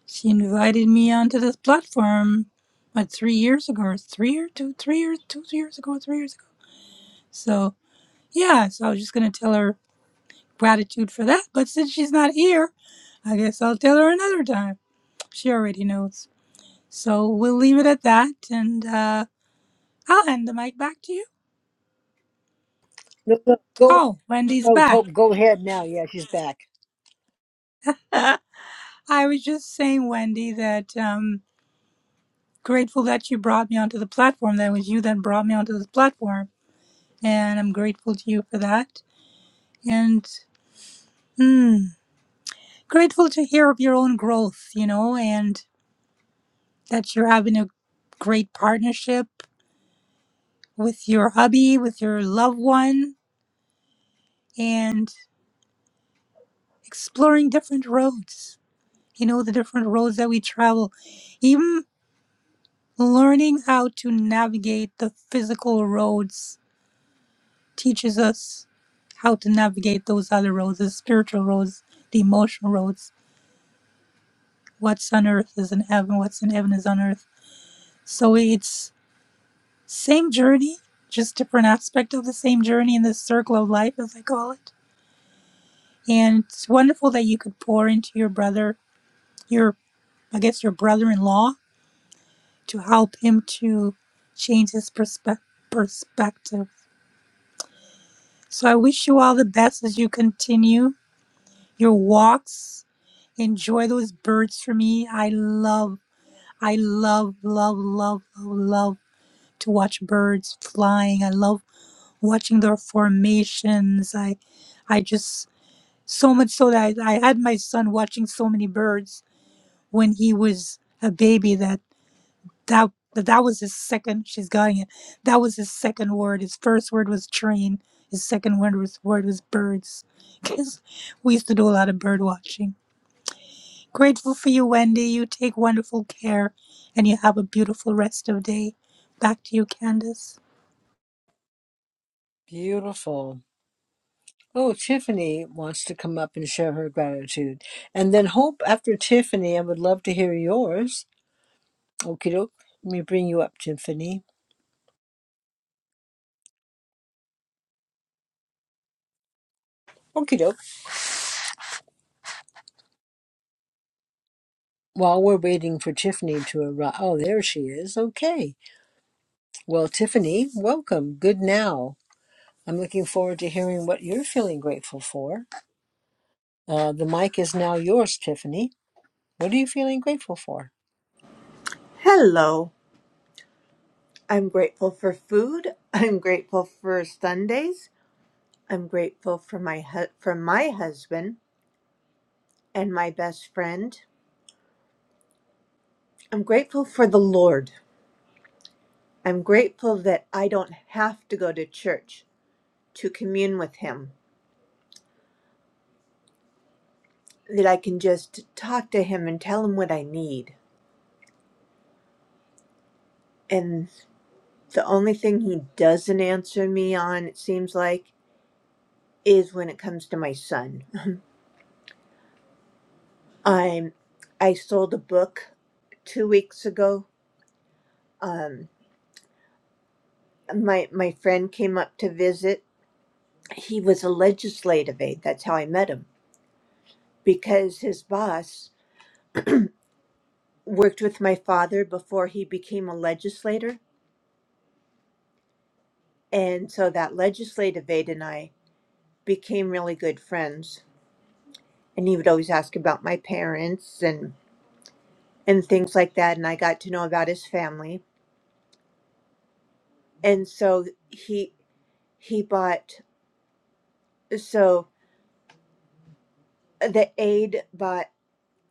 Speaker 40: She invited me onto this platform, what, three years ago, or three or two, three years, two years ago, three years ago. So, yeah, so I was just going to tell her gratitude for that. But since she's not here, I guess I'll tell her another time. She already knows. So we'll leave it at that, and uh, I'll hand the mic back to you.
Speaker 38: No, no, go ahead.
Speaker 40: Oh, Wendy's
Speaker 38: Oh,
Speaker 40: back.
Speaker 38: Hope, go ahead now. Yeah, she's back.
Speaker 40: I was just saying, Wendy, that um, grateful that you brought me onto the platform. That was you that brought me onto the platform, and I'm grateful to you for that. And mm, grateful to hear of your own growth, you know, and that you're having a great partnership with your hubby, with your loved one, and exploring different roads. You know, the different roads that we travel, even learning how to navigate the physical roads teaches us how to navigate those other roads, the spiritual roads, the emotional roads. What's on earth is in heaven, what's in heaven is on earth. So it's same journey, just different aspect of the same journey in this circle of life as I call it. And it's wonderful that you could pour into your brother your I guess your brother-in-law to help him to change his perspe- perspective. So I wish you all the best as you continue your walks. Enjoy those birds for me. I love I love love love love love to watch birds flying. I love watching their formations. I I just so much so that I, I had my son watching so many birds when he was a baby that. that that that was his second she's got it that was his second word his first word was train his second word was word was birds because we used to do a lot of bird watching grateful for you wendy you take wonderful care and you have a beautiful rest of day back to you candace
Speaker 38: Beautiful. Oh, Tiffany wants to come up and share her gratitude. And then Hope, after Tiffany, I would love to hear yours. Okie doke. Let me bring you up, Tiffany. Okie doke. While we're waiting for Tiffany to arrive. Oh, there she is. Okay. Well, Tiffany, welcome. Good now. I'm looking forward to hearing what you're feeling grateful for. Uh, the mic is now yours, Tiffany. What are you feeling grateful for?
Speaker 45: Hello. I'm grateful for food. I'm grateful for Sundays. I'm grateful for my hu- for my husband and my best friend. I'm grateful for the Lord. I'm grateful that I don't have to go to church to commune with him. That I can just talk to him and tell him what I need. And the only thing he doesn't answer me on, it seems like, is when it comes to my son. I'm I sold a book 2 weeks ago um, my my friend came up to visit. He was a legislative aide. That's how I met him because his boss worked with my father before he became a legislator, and so that legislative aide and I became really good friends. And he would always ask about my parents and and things like that, and I got to know about his family. And so he he bought so the aide bought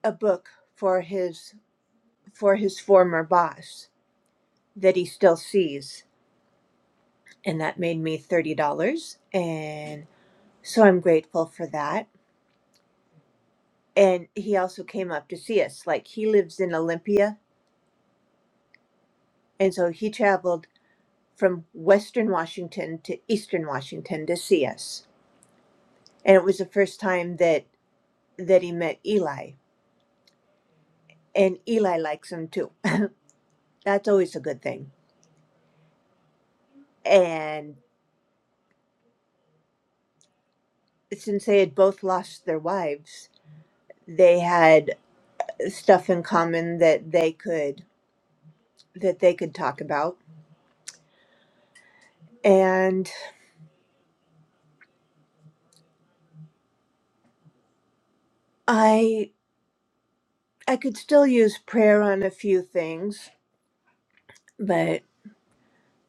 Speaker 45: a book for his for his former boss that he still sees. And that made me $30. And so I'm grateful for that. And he also came up to see us. Like he lives in Olympia. And so he traveled from Western Washington to Eastern Washington to see us. And it was the first time that that he met Eli. And Eli likes him too. That's always a good thing. And since they had both lost their wives, they had stuff in common that they could that they could talk about. And I I could still use prayer on a few things, but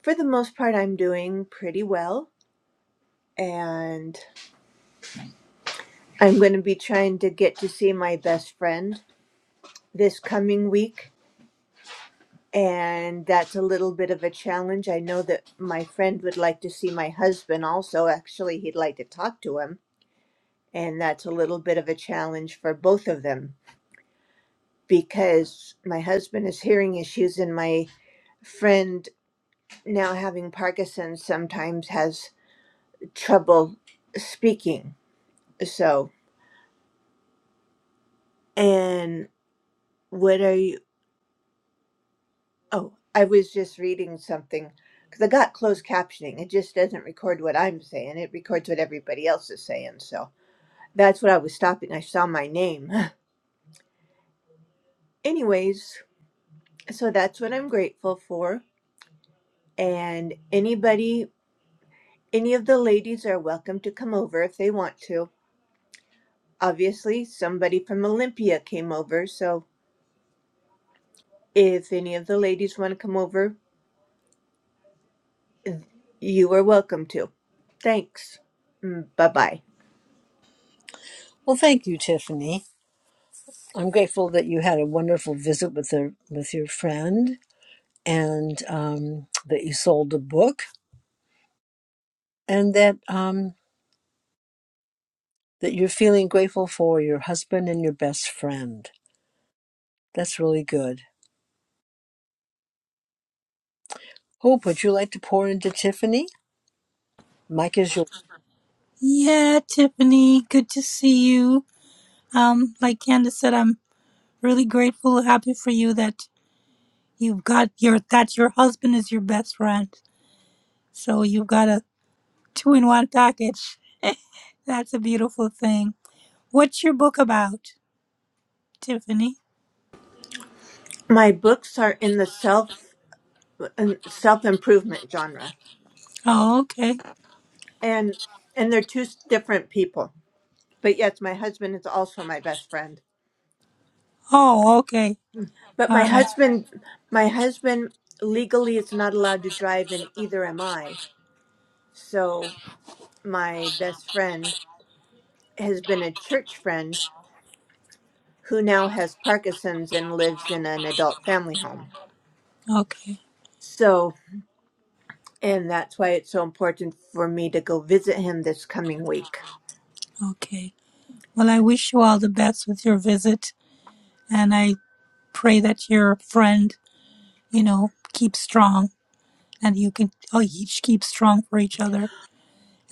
Speaker 45: for the most part I'm doing pretty well. And I'm going to be trying to get to see my best friend this coming week. And that's a little bit of a challenge. I know that my friend would like to see my husband also. Actually, he'd like to talk to him. And that's a little bit of a challenge for both of them because my husband has hearing issues and my friend now having Parkinson's sometimes has trouble speaking. So, and what are you? Oh, I was just reading something because I got closed captioning. It just doesn't record what I'm saying, it records what everybody else is saying. So that's what I was stopping. I saw my name. Anyways, so that's what I'm grateful for. And anybody, any of the ladies are welcome to come over if they want to. Obviously, somebody from Olympia came over, so If any of the ladies want to come over, you are welcome to. Thanks. Bye bye.
Speaker 38: Well, thank you, Tiffany. I'm grateful that you had a wonderful visit with a, with your friend, and um, that you sold a book, and that um, that you're feeling grateful for your husband and your best friend. That's really good. Hope, would you like to pour into Tiffany? Mike is yours.
Speaker 40: yeah tiffany good to see you um like candace said i'm really grateful happy for you that you've got your that your husband is your best friend so you've got a Two in one package. That's a beautiful thing. What's your book about, Tiffany?
Speaker 45: My books are in the self self improvement genre,
Speaker 40: Oh, okay.
Speaker 45: and and they're two different people. But yes, my husband is also my best friend.
Speaker 40: Oh, okay.
Speaker 45: But
Speaker 40: All
Speaker 45: my
Speaker 40: right.
Speaker 45: husband, my husband legally is not allowed to drive, and either am I. So my best friend has been a church friend who now has Parkinson's and lives in an adult family home.
Speaker 40: Okay.
Speaker 45: So, and that's why it's so important for me to go visit him this coming week.
Speaker 40: Okay. Well, I wish you all the best with your visit, and I pray that your friend, you know, keeps strong, and you can oh, each keep strong for each other.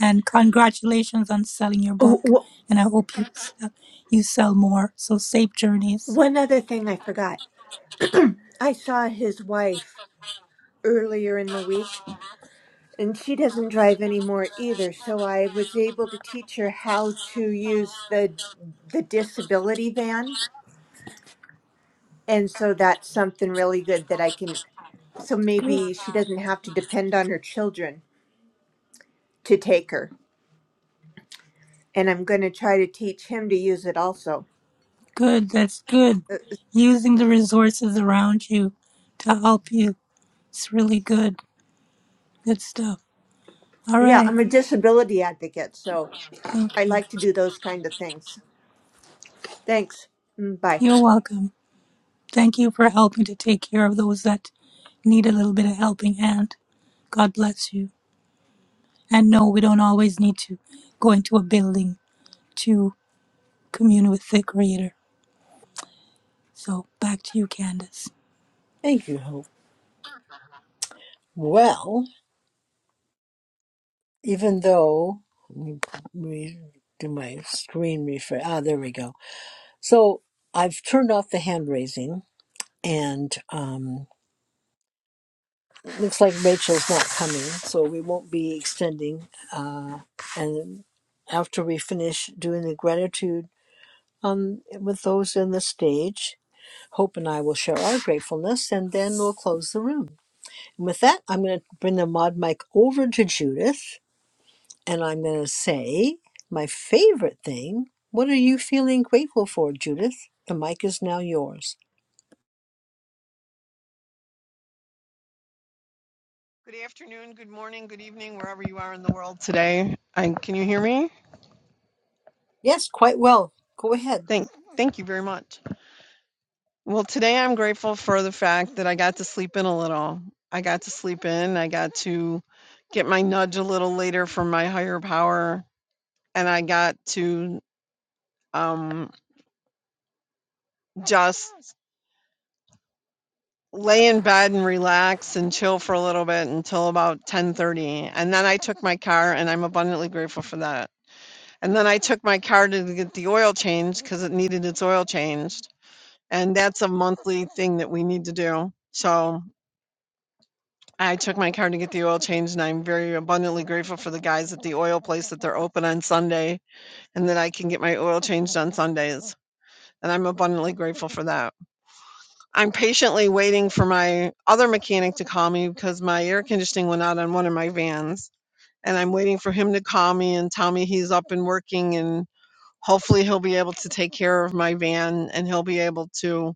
Speaker 40: And congratulations on selling your
Speaker 45: Oh,
Speaker 40: book, and I hope you sell, you sell more. So safe
Speaker 45: wh-
Speaker 40: journeys.
Speaker 45: one other thing I forgot. I saw his wife earlier in the week, and she doesn't drive anymore either. So I was able to teach her how to use the the disability van, and so that's something really good that I can. So maybe she doesn't have to depend on her children to take her, and I'm going to try to teach him to use it also.
Speaker 40: Good, that's good.
Speaker 45: Uh,
Speaker 40: Using the resources around you to help you. It's really good. Good stuff. All
Speaker 45: Yeah,
Speaker 40: right.
Speaker 45: I'm a disability advocate, so
Speaker 40: Thank
Speaker 45: I
Speaker 40: you.
Speaker 45: like to do those kind of things. Thanks. Mm, Bye.
Speaker 40: You're welcome. Thank you for helping to take care of those that need a little bit of helping hand. God bless you. And no, we don't always need to go into a building to commune with the Creator. So back to you, Candace.
Speaker 38: Thank you, Hope. Well, even though let me do my screen refresh. Ah, there we go So I've turned off the hand raising, and um, looks like Rachel's not coming, so we won't be extending. Uh, and after we finish doing the gratitude um, with those in the stage, Hope and I will share our gratefulness, and then we'll close the room. And with that, I'm going to bring the mod mic over to Judith, and I'm going to say my favorite thing. What are you feeling grateful for, Judith? The mic is now yours.
Speaker 46: Good afternoon, good morning, good evening, wherever you are in the world today. I, can you hear me?
Speaker 38: Yes, quite well. Go ahead.
Speaker 46: Thank, thank you very much. Well, today I'm grateful for the fact that I got to sleep in a little. I got to sleep in. I got to get my nudge a little later from my higher power, and I got to um, just lay in bed and relax and chill for a little bit until about 10:30 and then I took my car and I'm abundantly grateful for that. And then I took my car to get the oil changed because it needed its oil changed. And that's a monthly thing that we need to do. So I took my car to get the oil changed, and I'm very abundantly grateful for the guys at the oil place that they're open on Sunday and that I can get my oil changed on Sundays. And I'm abundantly grateful for that. I'm patiently waiting for my other mechanic to call me because my air conditioning went out on one of my vans. And I'm waiting for him to call me and tell me he's up and working and. hopefully he'll be able to take care of my van and he'll be able to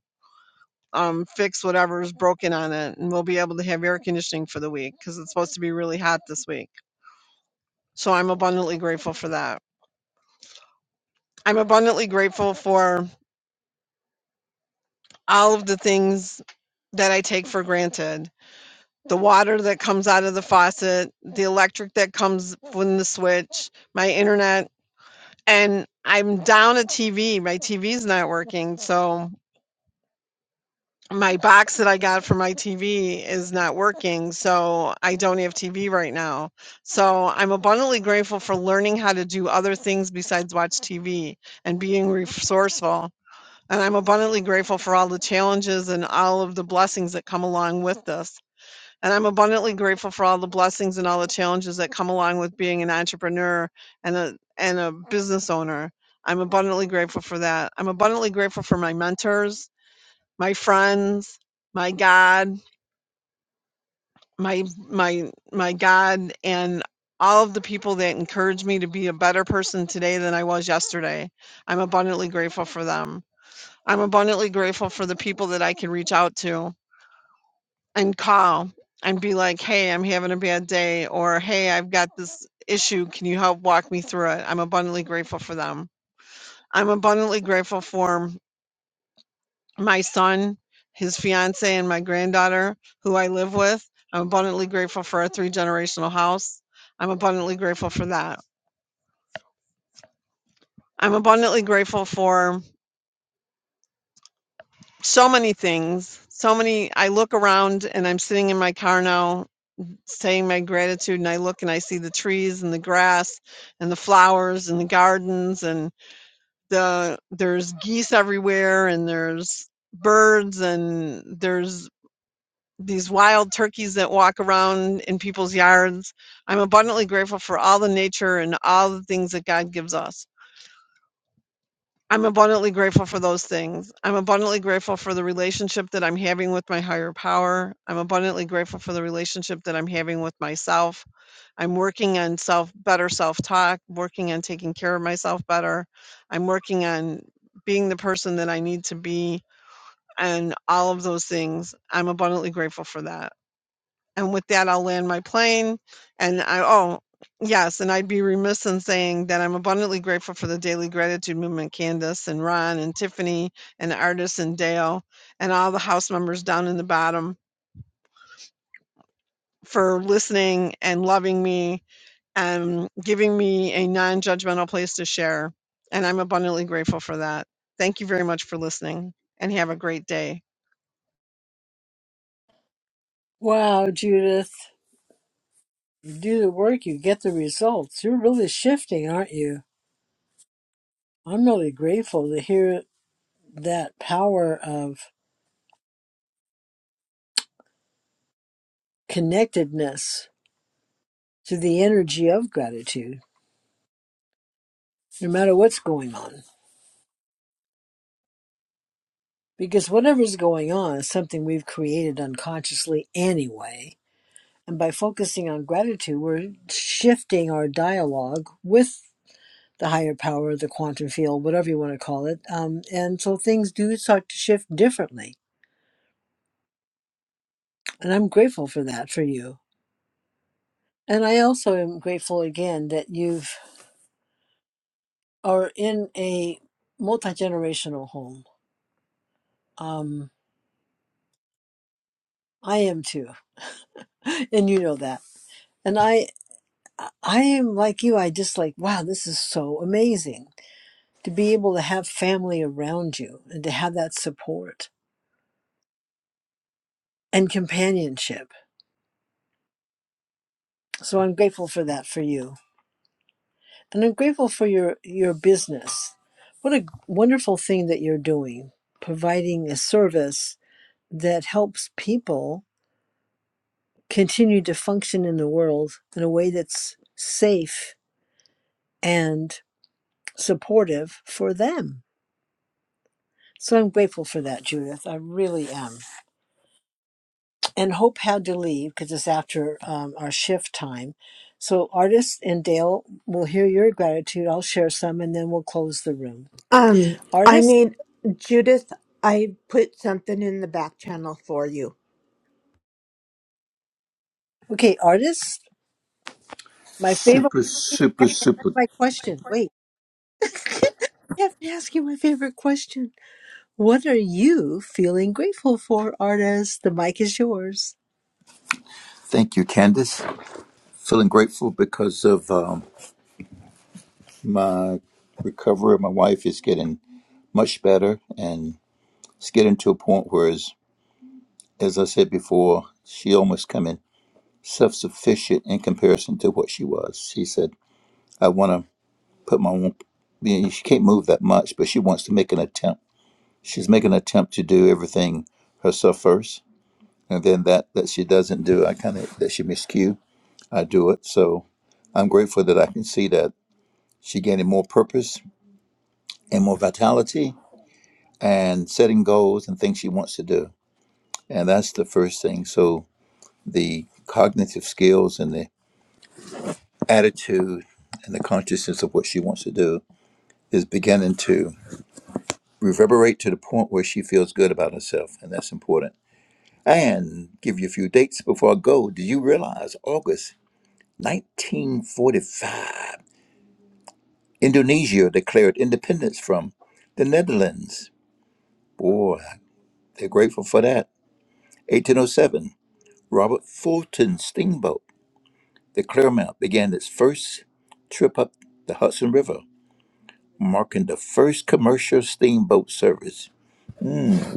Speaker 46: um, fix whatever's broken on it and we'll be able to have air conditioning for the week because it's supposed to be really hot this week so i'm abundantly grateful for that i'm abundantly grateful for all of the things that i take for granted the water that comes out of the faucet the electric that comes from the switch my internet and i'm down a tv my tv's not working so my box that I got for my TV is not working, so I don't have TV right now. So I'm abundantly grateful for learning how to do other things besides watch TV and being resourceful. And I'm abundantly grateful for all the challenges and all of the blessings that come along with this. And I'm abundantly grateful for all the blessings and all the challenges that come along with being an entrepreneur and a and a business owner. I'm abundantly grateful for that. I'm abundantly grateful for my mentors my friends, my God, my my my God and all of the people that encourage me to be a better person today than I was yesterday. I'm abundantly grateful for them. I'm abundantly grateful for the people that I can reach out to and call and be like, "Hey, I'm having a bad day," or "Hey, I've got this issue. Can you help walk me through it?" I'm abundantly grateful for them. I'm abundantly grateful for my son, his fiance, and my granddaughter, who I live with. I'm abundantly grateful for our three generational house. I'm abundantly grateful for that. I'm abundantly grateful for so many things. So many. I look around and I'm sitting in my car now saying my gratitude, and I look and I see the trees and the grass and the flowers and the gardens, and the there's geese everywhere, and there's birds, and there's these wild turkeys that walk around in people's yards. I'm abundantly grateful for all the nature and all the things that God gives us. I'm abundantly grateful for those things. I'm abundantly grateful for the relationship that I'm having with my higher power. I'm abundantly grateful for the relationship that I'm having with myself. I'm working on self better self-talk, working on taking care of myself better. I'm working on being the person that I need to be and all of those things. I'm abundantly grateful for that. And with that, I'll land my plane. And I, oh, yes, and I'd be remiss in saying that I'm abundantly grateful for the Daily Gratitude Movement, Candace and Ron and Tiffany and Artis and Dale and all the house members down in the bottom for listening and loving me and giving me a non judgmental place to share. And I'm abundantly grateful for that. Thank you very much for listening and have a great day.
Speaker 38: Wow, Judith. You do the work, you get the results. You're really shifting, aren't you? I'm really grateful to hear that power of connectedness to the energy of gratitude, no matter what's going on. Because whatever's going on is something we've created unconsciously anyway. And by focusing on gratitude, we're shifting our dialogue with the higher power, the quantum field, whatever you want to call it. Um, and so things do start to shift differently. And I'm grateful for that for you. And I also am grateful again that you are in a multi generational home. Um, I am too. And you know that. And I, I am like you. I just like, wow, this is so amazing to be able to have family around you and to have that support and companionship. So I'm grateful for that for you And I'm grateful for your, your business. What a wonderful thing that you're doing, providing a service that helps people continue to function in the world in a way that's safe and supportive for them. So I'm grateful for that, Judith. I really am. And Hope had to leave because it's after um, our shift time. So, Artist and Dale will hear your gratitude. I'll share some and then we'll close the room.
Speaker 45: Um, I
Speaker 38: Artist?
Speaker 45: need Judith. I put something in the back channel for you.
Speaker 38: Okay, Artist? My favorite.
Speaker 47: Super,
Speaker 38: Wait, I
Speaker 47: super,
Speaker 38: have to ask
Speaker 47: super.
Speaker 38: my question. Wait, I have to ask you my favorite question. What are you feeling grateful for, artist? The mic is yours.
Speaker 47: Thank you, Candace. Feeling grateful because of um, my recovery. My wife is getting much better and it's getting to a point where, as, as I said before, she almost coming self sufficient in comparison to what she was. She said, I want to put my own, you know, she can't move that much, but she wants to make an attempt. She's making an attempt to do everything herself first. And then that, that she doesn't do, I kind of, that she miscue. I do it. So I'm grateful that I can see that she gaining more purpose and more vitality and setting goals and things she wants to do. And that's the first thing. So the cognitive skills and the attitude and the consciousness of what she wants to do is beginning to reverberate to the point where she feels good about herself. And that's important. And give you a few dates before I go. Do you realize August 1945, Indonesia declared independence from the Netherlands? Boy, they're grateful for that. 1807, Robert Fulton Steamboat, the Clermont, began its first trip up the Hudson River, marking the first commercial steamboat service.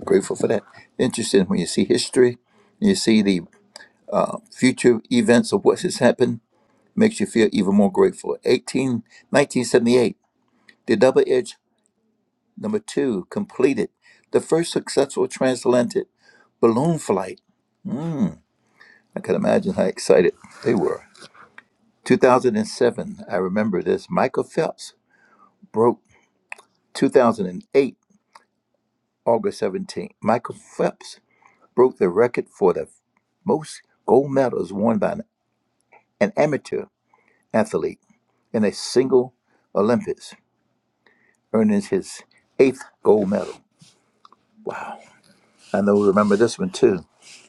Speaker 47: Grateful for that. Interesting when you see history, you see the uh, future events of what has happened, makes you feel even more grateful. 18, 1978, the Double Edge Number Two completed the first successful transatlantic balloon flight I can imagine how excited they were. 2007, I remember this. Michael Phelps broke 2008, August 17. Michael Phelps broke the record for the most gold medals won by an an amateur athlete in a single Olympics, earning his eighth gold medal. I know we remember this one too.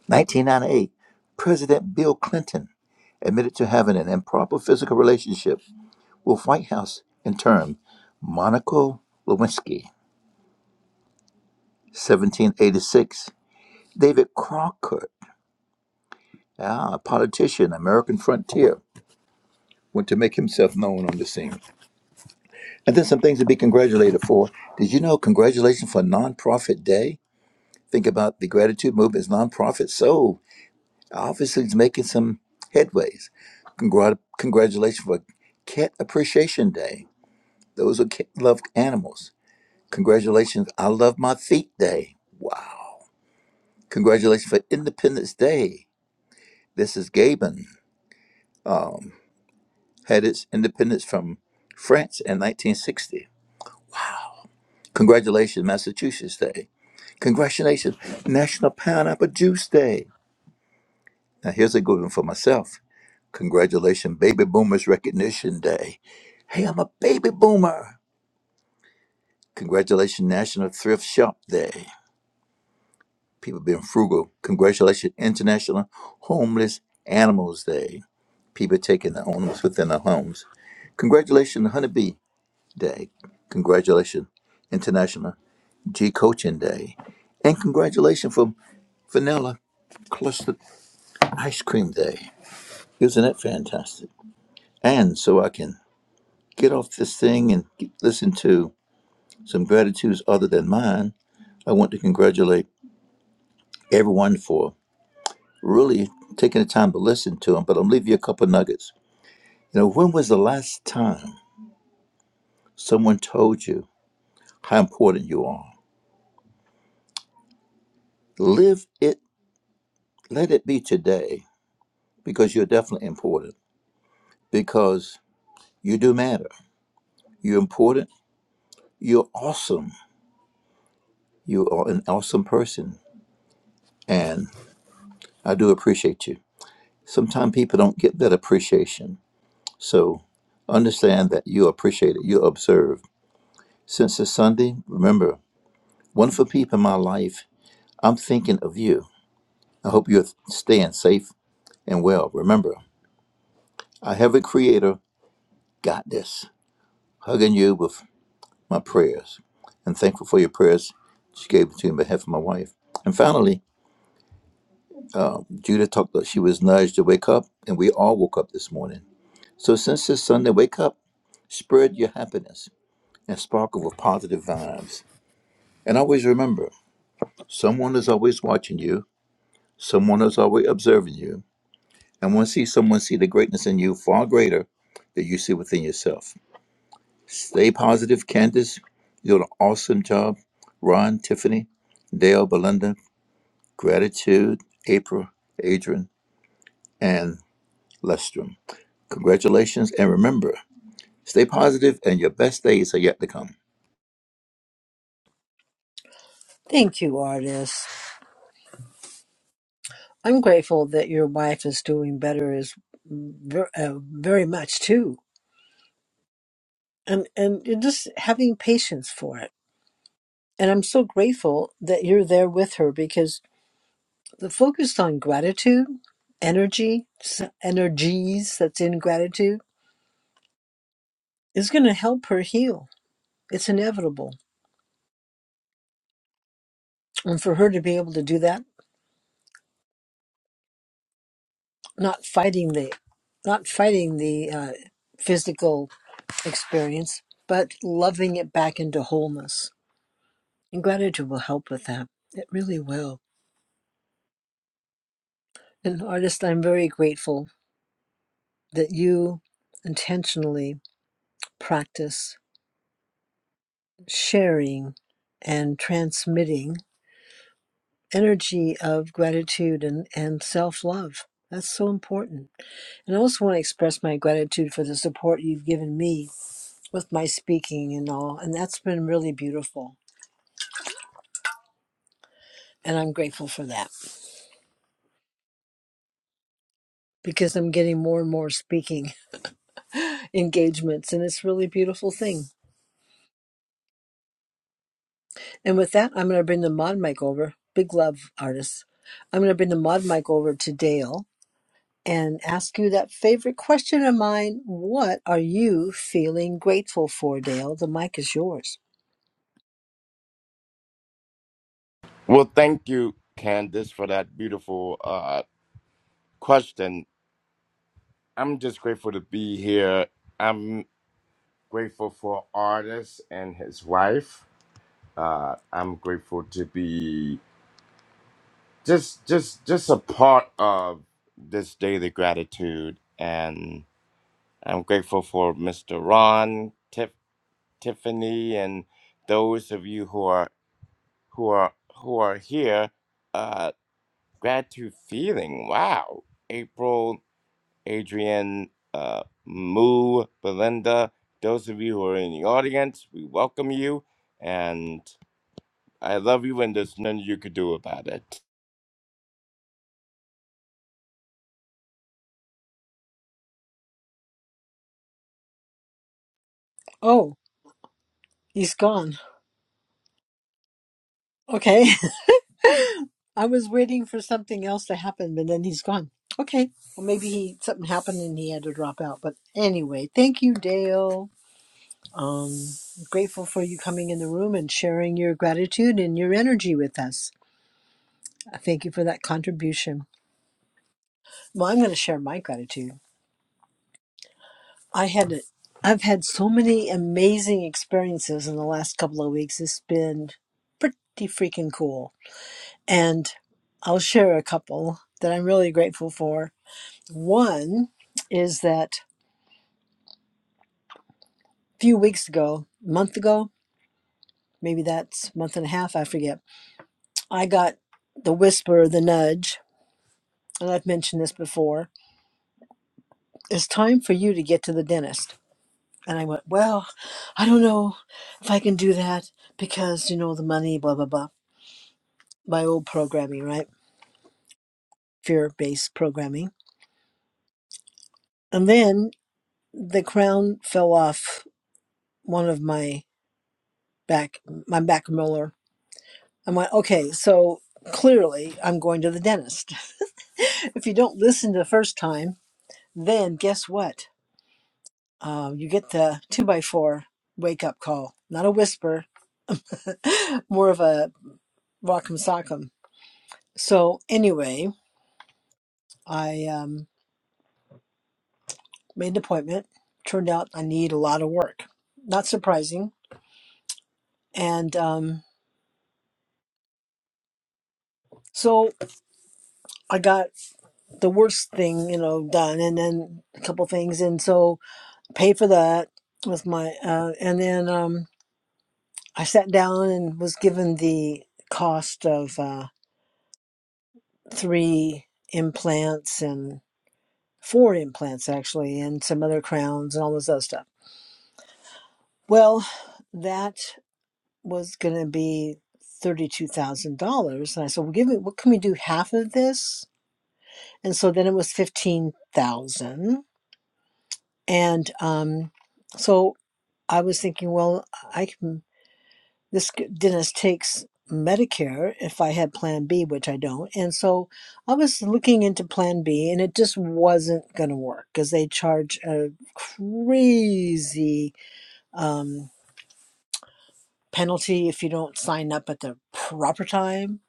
Speaker 47: 1998, President Bill Clinton admitted to having an improper physical relationship with White House interim Monica Lewinsky, 1786. David Crockett, ah, a politician, American frontier, went to make himself known on the scene. And then some things to be congratulated for. Did you know congratulations for Nonprofit Day? Think about the gratitude movement is nonprofit. So obviously it's making some headways. Congrat- congratulations for Cat Appreciation Day. Those who love animals. Congratulations, I love my feet day. Wow. Congratulations for Independence Day. This is Gabon. Had its independence from France in 1960. Congratulations, Massachusetts Day. Congratulations, National Pineapple Juice Day. Now here's a good one for myself. Congratulations, Baby Boomers Recognition Day. Hey, I'm a baby boomer. Congratulations, National Thrift Shop Day. People being frugal. Congratulations, International Homeless Animals Day. People taking the animals within their homes. Congratulations, Honeybee Day. Congratulations, International G Coaching Day. And congratulations for Vanilla Clustered Ice Cream Day. Isn't that fantastic? And so I can get off this thing and get, listen to some gratitudes other than mine, I want to congratulate everyone for really taking the time to listen to them. But I'm leaving you a couple nuggets. You know, when was the last time someone told you how important you are? Live it, let it be today because you're definitely important. because you do matter. You're important. You're awesome. You are an awesome person. And I do appreciate you. Sometimes people don't get that appreciation. So understand that you appreciate it. you observe Since it's Sunday, remember, wonderful people in my life, I'm thinking of you. I hope you're staying safe and well. Remember, I have a creator, got this. Hugging you with my prayers and thankful for your prayers she gave it to me on behalf of my wife. And finally, Um, Judah talked about she was nudged to wake up, and we all woke up this morning. So since this Sunday wake up, spread your happiness and sparkle with positive vibes. And always remember, someone is always watching you, someone is always observing you, and want see someone see the greatness in you far greater than you see within yourself. Stay positive, Candace. You did an awesome job. Ron, Tiffany, Dale, Belinda, gratitude, April, Adrian, and Lestrum. Congratulations, and remember, stay positive, and your best days are yet to come.
Speaker 38: Thank you, artist. I'm grateful that your wife is doing better is ver- uh, very much too, and and you're just having patience for it. And I'm so grateful that you're there with her because the focus on gratitude, energy, s- energies that's in gratitude is going to help her heal It's inevitable, and for her to be able to do that, not fighting the, not fighting the uh, physical experience, but loving it back into wholeness. And gratitude will help with that. It really will. And artist, I'm very grateful that you intentionally practice sharing and transmitting energy of gratitude and, and self love. That's so important And I also want to express my gratitude for the support you've given me with my speaking and all. And that's been really beautiful. And I'm grateful for that because I'm getting more and more speaking engagements. And it's really a beautiful thing. And with that, I'm going to bring the mod mic over. Big love, artists. I'm going to bring the mod mic over to Dale and ask you that favorite question of mine. What are you feeling grateful for, Dale? The mic is yours.
Speaker 48: Well, thank you, Candice, for that beautiful uh, question. I'm just grateful to be here. I'm grateful for artist and his wife. Uh, I'm grateful to be just just just a part of this daily gratitude, and I'm grateful for Mr. Ron, Tiff, Tiffany, and those of you who are who are who are here. Uh, gratitude feeling. Wow, April Adrienne, uh, Moo, Belinda, those of you who are in the audience, we welcome you, and I love you, and there's nothing you could do about it.
Speaker 38: Oh, he's gone. Okay. I was waiting for something else to happen, but then he's gone. Okay. Well, maybe he something happened and he had to drop out. But anyway, thank you, Dale. Um, grateful for you coming in the room and sharing your gratitude and your energy with us. I Thank you for that contribution. Well, I'm going to share my gratitude. I had a, I've had so many amazing experiences in the last couple of weeks. It's been pretty freaking cool, and I'll share a couple that I'm really grateful for One is that a few weeks ago, a month ago, maybe that's a month and a half, I forget, I got the whisper, the nudge, and I've mentioned this before. It's time for you to get to the dentist. And I went, Well, I don't know if I can do that because, you know, the money, blah, blah, blah. My old programming, right? Fear based programming. And then the crown fell off one of my back, my back molar I'm like, okay, so clearly I'm going to the dentist. if you don't listen the first time, then guess what? Um, you get the two by four wake up call, not a whisper, more of a rock'em sock'em. So anyway, I um, made an appointment. Turned out I need a lot of work. Not surprising. And um, so I got the worst thing, you know, done, and then a couple things. And so paid for that with my uh, and then um, I sat down and was given the cost of uh, three implants and four implants actually and some other crowns and all this other stuff. Well, that was going to be thirty-two thousand dollars, and I said, "Well, give me what can we do half of this?" And so then it was fifteen thousand, and um, so I was thinking, well, I can. This g- dentist takes Medicare if I had Plan B, which I don't. And so I was looking into Plan B and it just wasn't going to work because they charge a crazy um, penalty if you don't sign up at the proper time.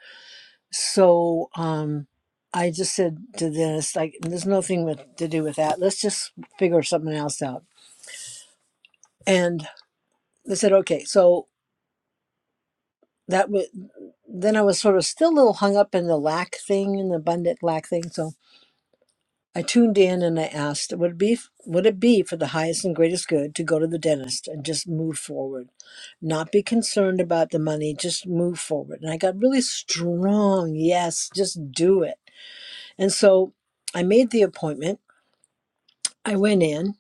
Speaker 38: So um, I just said to the dentist, like, there's nothing with, to do with that. Let's just figure something else out. And they said, okay, so that was then I was sort of still a little hung up in the lack thing and the abundant lack thing. So I tuned in and I asked, would it be would it be for the highest and greatest good to go to the dentist and just move forward, not be concerned about the money, just move forward. And I got really strong. Yes, just do it. And so I made the appointment. I went in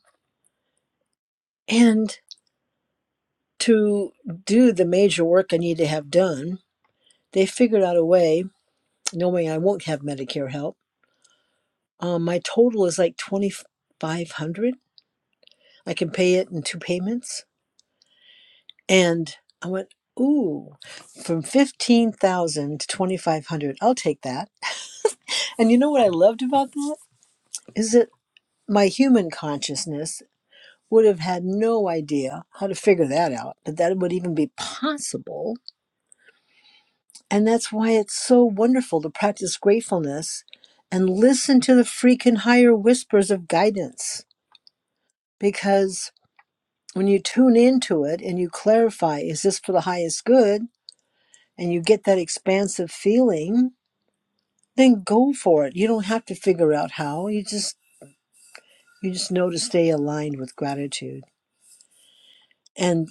Speaker 38: and to do the major work I need to have done, they figured out a way, knowing I won't have Medicare help Um, my total is like 2500 I can pay it in two payments. And I went, ooh, from 15,000 to 2500 I'll take that. And you know what I loved about that? Is that my human consciousness would have had no idea how to figure that out, that that would even be possible. And that's why it's so wonderful to practice gratefulness and listen to the freaking higher whispers of guidance. Because when you tune into it and you clarify, is this for the highest good? And you get that expansive feeling, then go for it. You don't have to figure out how. You just you just know to stay aligned with gratitude. And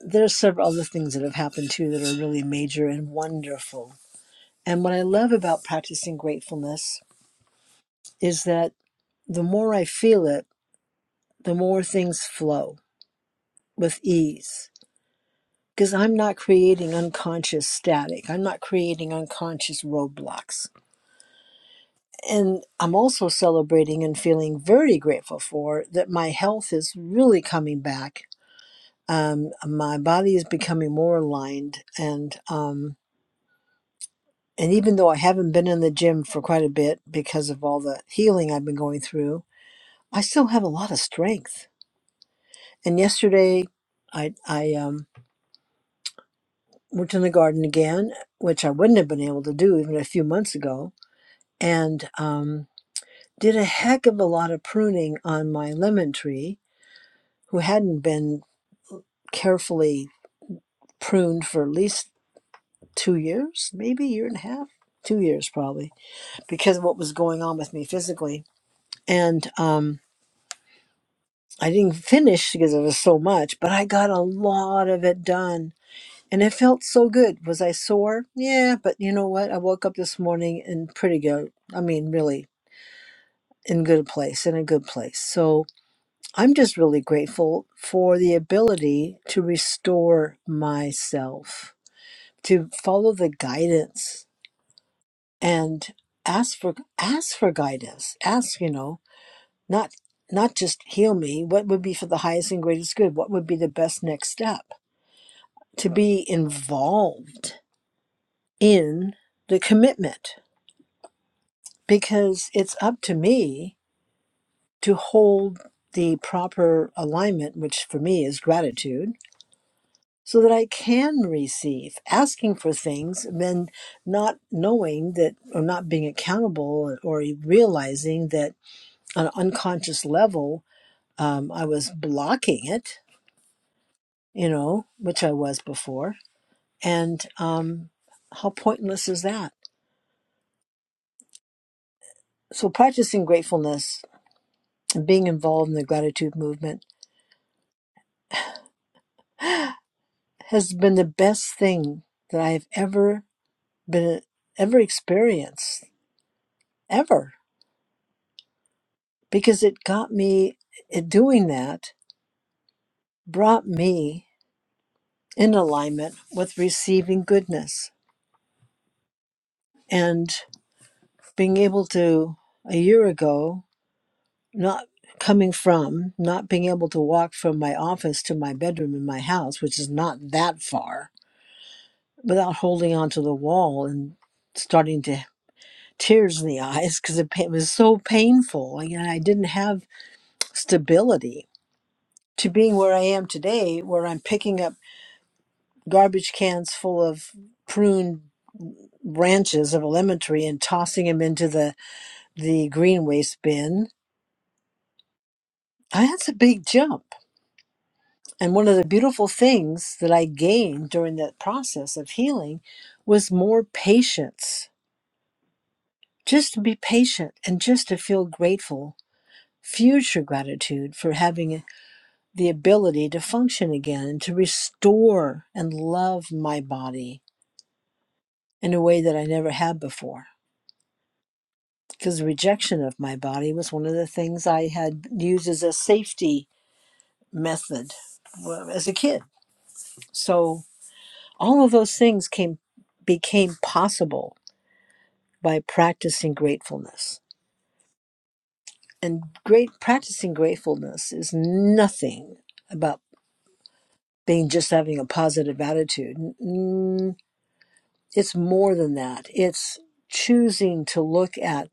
Speaker 38: there are several other things that have happened too that are really major and wonderful. And what I love about practicing gratefulness is that the more I feel it, the more things flow with ease because I'm not creating unconscious static. I'm not creating unconscious roadblocks. And I'm also celebrating and feeling very grateful for that my health is really coming back. Um, my body is becoming more aligned, and um, and even though I haven't been in the gym for quite a bit because of all the healing I've been going through, I still have a lot of strength. And yesterday, I I um, worked in the garden again, which I wouldn't have been able to do even a few months ago and um, did a heck of a lot of pruning on my lemon tree, who hadn't been carefully pruned for at least two years, maybe a year and a half, two years probably, because of what was going on with me physically. And um, I didn't finish because it was so much, but I got a lot of it done. And it felt so good. Was I sore? Yeah, but you know what? I woke up this morning in pretty good. I mean, really in good place, in a good place. So I'm just really grateful for the ability to restore myself, to follow the guidance and ask for ask for guidance. Ask, you know, not not just heal me, what would be for the highest and greatest good? What would be the best next step? To be involved in the commitment because it's up to me to hold the proper alignment, which for me is gratitude so that I can receive. Asking for things and not knowing that, or not being accountable, or realizing that on an unconscious level, um, I was blocking it, you know, which I was before. And um, how pointless is that? So, practicing gratefulness and being involved in the gratitude movement has been the best thing that I have ever been ever experienced ever because it got me it doing that brought me in alignment with receiving goodness and being able to a year ago not coming from not being able to walk from my office to my bedroom in my house which is not that far without holding onto the wall and starting to tears in the eyes because it, pa- it was so painful and i didn't have stability to being where i am today where i'm picking up garbage cans full of pruned branches of a lemon tree and tossing them into the the green waste bin Ah, that's a big jump and one of the beautiful things that i gained during that process of healing was more patience just to be patient and just to feel grateful future gratitude for having the ability to function again and to restore and love my body in a way that i never had before because rejection of my body was one of the things I had used as a safety method well, as a kid. So all of those things came became possible by practicing gratefulness. And great practicing gratefulness is nothing about being just having a positive attitude. Mm, It's more than that. It's choosing to look at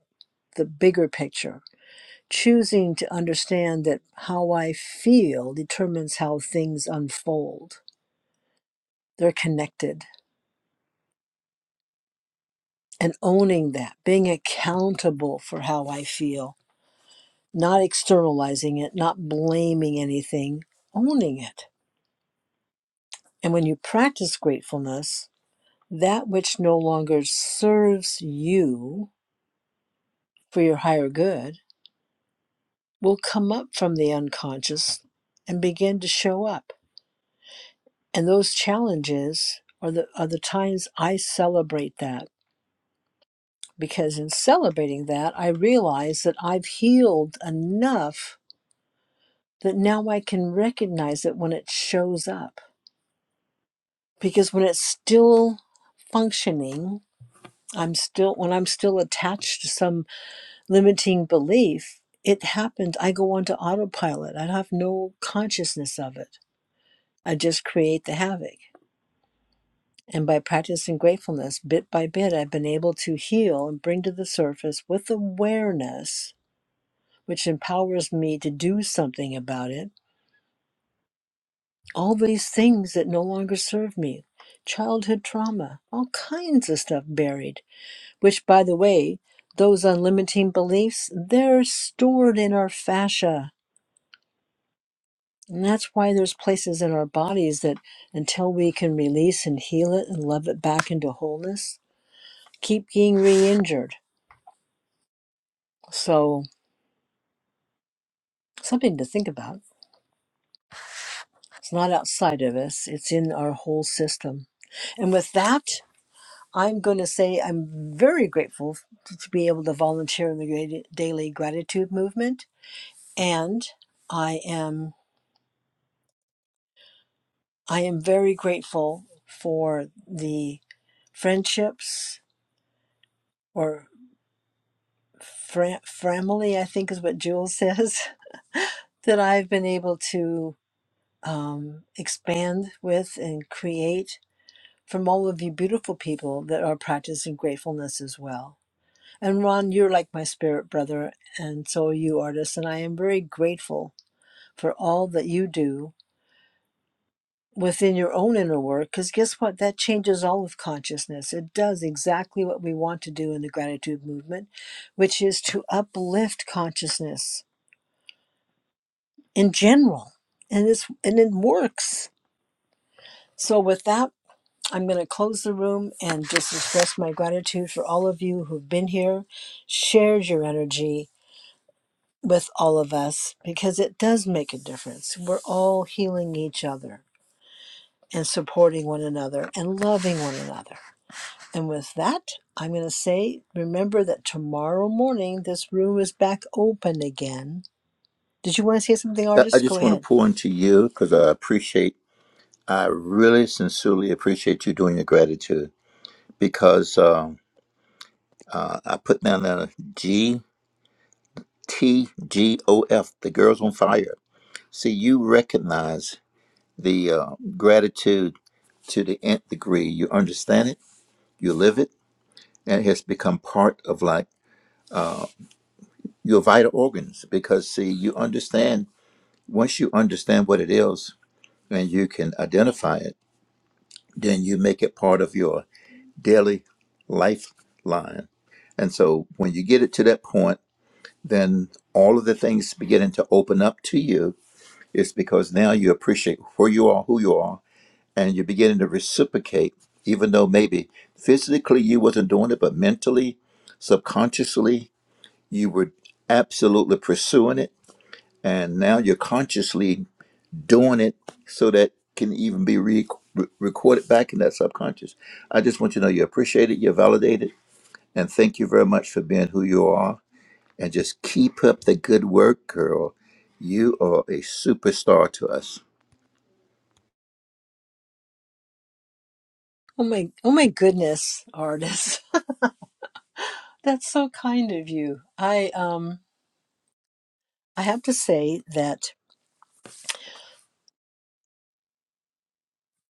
Speaker 38: the bigger picture choosing to understand that how I feel determines how things unfold. They're connected. And owning that, being accountable for how I feel, not externalizing it, not blaming anything, owning it. And when you practice gratefulness, that which no longer serves you for your higher good will come up from the unconscious and begin to show up And those challenges are the are the times I celebrate that because in celebrating that I realize that I've healed enough that now I can recognize it when it shows up. Because when it's still functioning, I'm still when I'm still attached to some limiting belief, it happened. I go onto autopilot. I have no consciousness of it. I just create the havoc. And by practicing gratefulness bit by bit, I've been able to heal and bring to the surface with awareness, which empowers me to do something about it, all these things that no longer serve me childhood trauma, all kinds of stuff buried, which, by the way, those unlimiting beliefs, they're stored in our fascia. And that's why there's places in our bodies that until we can release and heal it and love it back into wholeness, keep being re injured So, something to think about. It's not outside of us, it's in our whole system. And with that, I'm going to say I'm very grateful to to be able to volunteer in the Great- daily gratitude movement and I am I am very grateful for the friendships or fr- family I think is what Jules says that I've been able to um, expand with and create from all of you beautiful people that are practicing gratefulness as well. And Ron, you're like my spirit brother, and so are you, artists, And I am very grateful for all that you do within your own inner work, because guess what? That changes all of consciousness. It does exactly what we want to do in the gratitude movement, which is to uplift consciousness in general. And it's and it works. So with that I'm going to close the room and just express my gratitude for all of you who've been here, shared your energy with all of us, because it does make a difference. We're all healing each other and supporting one another and loving one another. And with that, I'm going to say remember that tomorrow morning this room is back open again. Did you want to say something,
Speaker 47: I I
Speaker 38: artist? Go
Speaker 47: just want to
Speaker 38: ahead.
Speaker 47: pour into you because I appreciate, I really sincerely appreciate you doing your gratitude because um, uh, I put down the G T G O F, the girls on fire. See, you recognize the uh, gratitude to the nth degree. You understand it, you live it, and it has become part of like your vital organs because, see, you understand, once you understand what it is, and you can identify it, then you make it part of your daily lifeline. And so when you get it to that point, then all of the things beginning to open up to you is because now you appreciate where you are, who you are, and you're beginning to reciprocate, even though maybe physically you wasn't doing it, but mentally, subconsciously, you were absolutely pursuing it. And now you're consciously doing it so that can even be re- re- recorded back in that subconscious. I just want you to know you appreciate it, you're validated, and thank you very much for being who you are. And just keep up the good work, girl. You are a superstar to us.
Speaker 38: Oh my oh my goodness, artist. That's so kind of you. I um I have to say that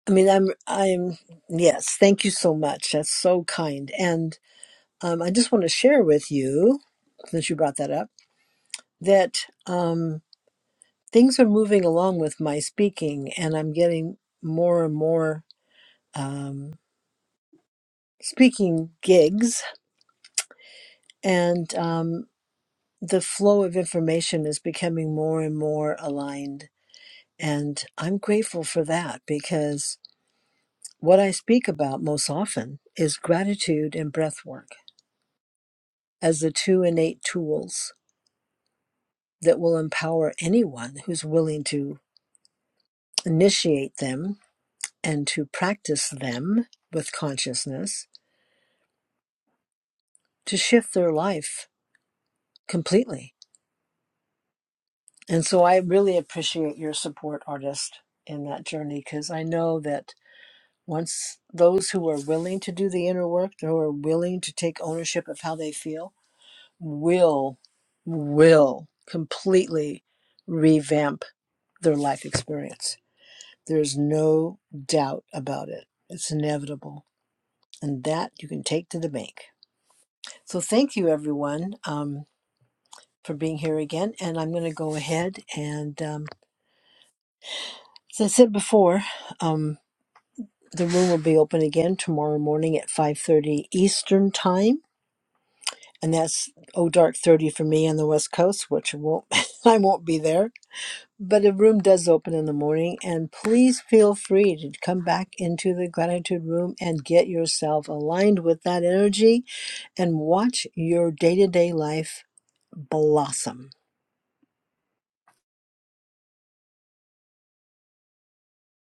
Speaker 38: I mean, I'm, I'm, yes, thank you so much. That's so kind. And um, I just want to share with you, since you brought that up, that um, things are moving along with my speaking, and I'm getting more and more um, speaking gigs, and um, the flow of information is becoming more and more aligned. And I'm grateful for that because what I speak about most often is gratitude and breath work as the two innate tools that will empower anyone who's willing to initiate them and to practice them with consciousness to shift their life completely. And so I really appreciate your support, artist, in that journey because I know that once those who are willing to do the inner work, who are willing to take ownership of how they feel, will, will completely revamp their life experience. There's no doubt about it. It's inevitable. And that you can take to the bank. So thank you, everyone, um, for being here again. And I'm going to go ahead and, um, as I said before, um, the room will be open again tomorrow morning at 5.30 Eastern Time. And that's oh dark 30 for me on the West Coast, which won't I won't be there. But a room does open in the morning, and please feel free to come back into the gratitude room and get yourself aligned with that energy and watch your day to day life blossom.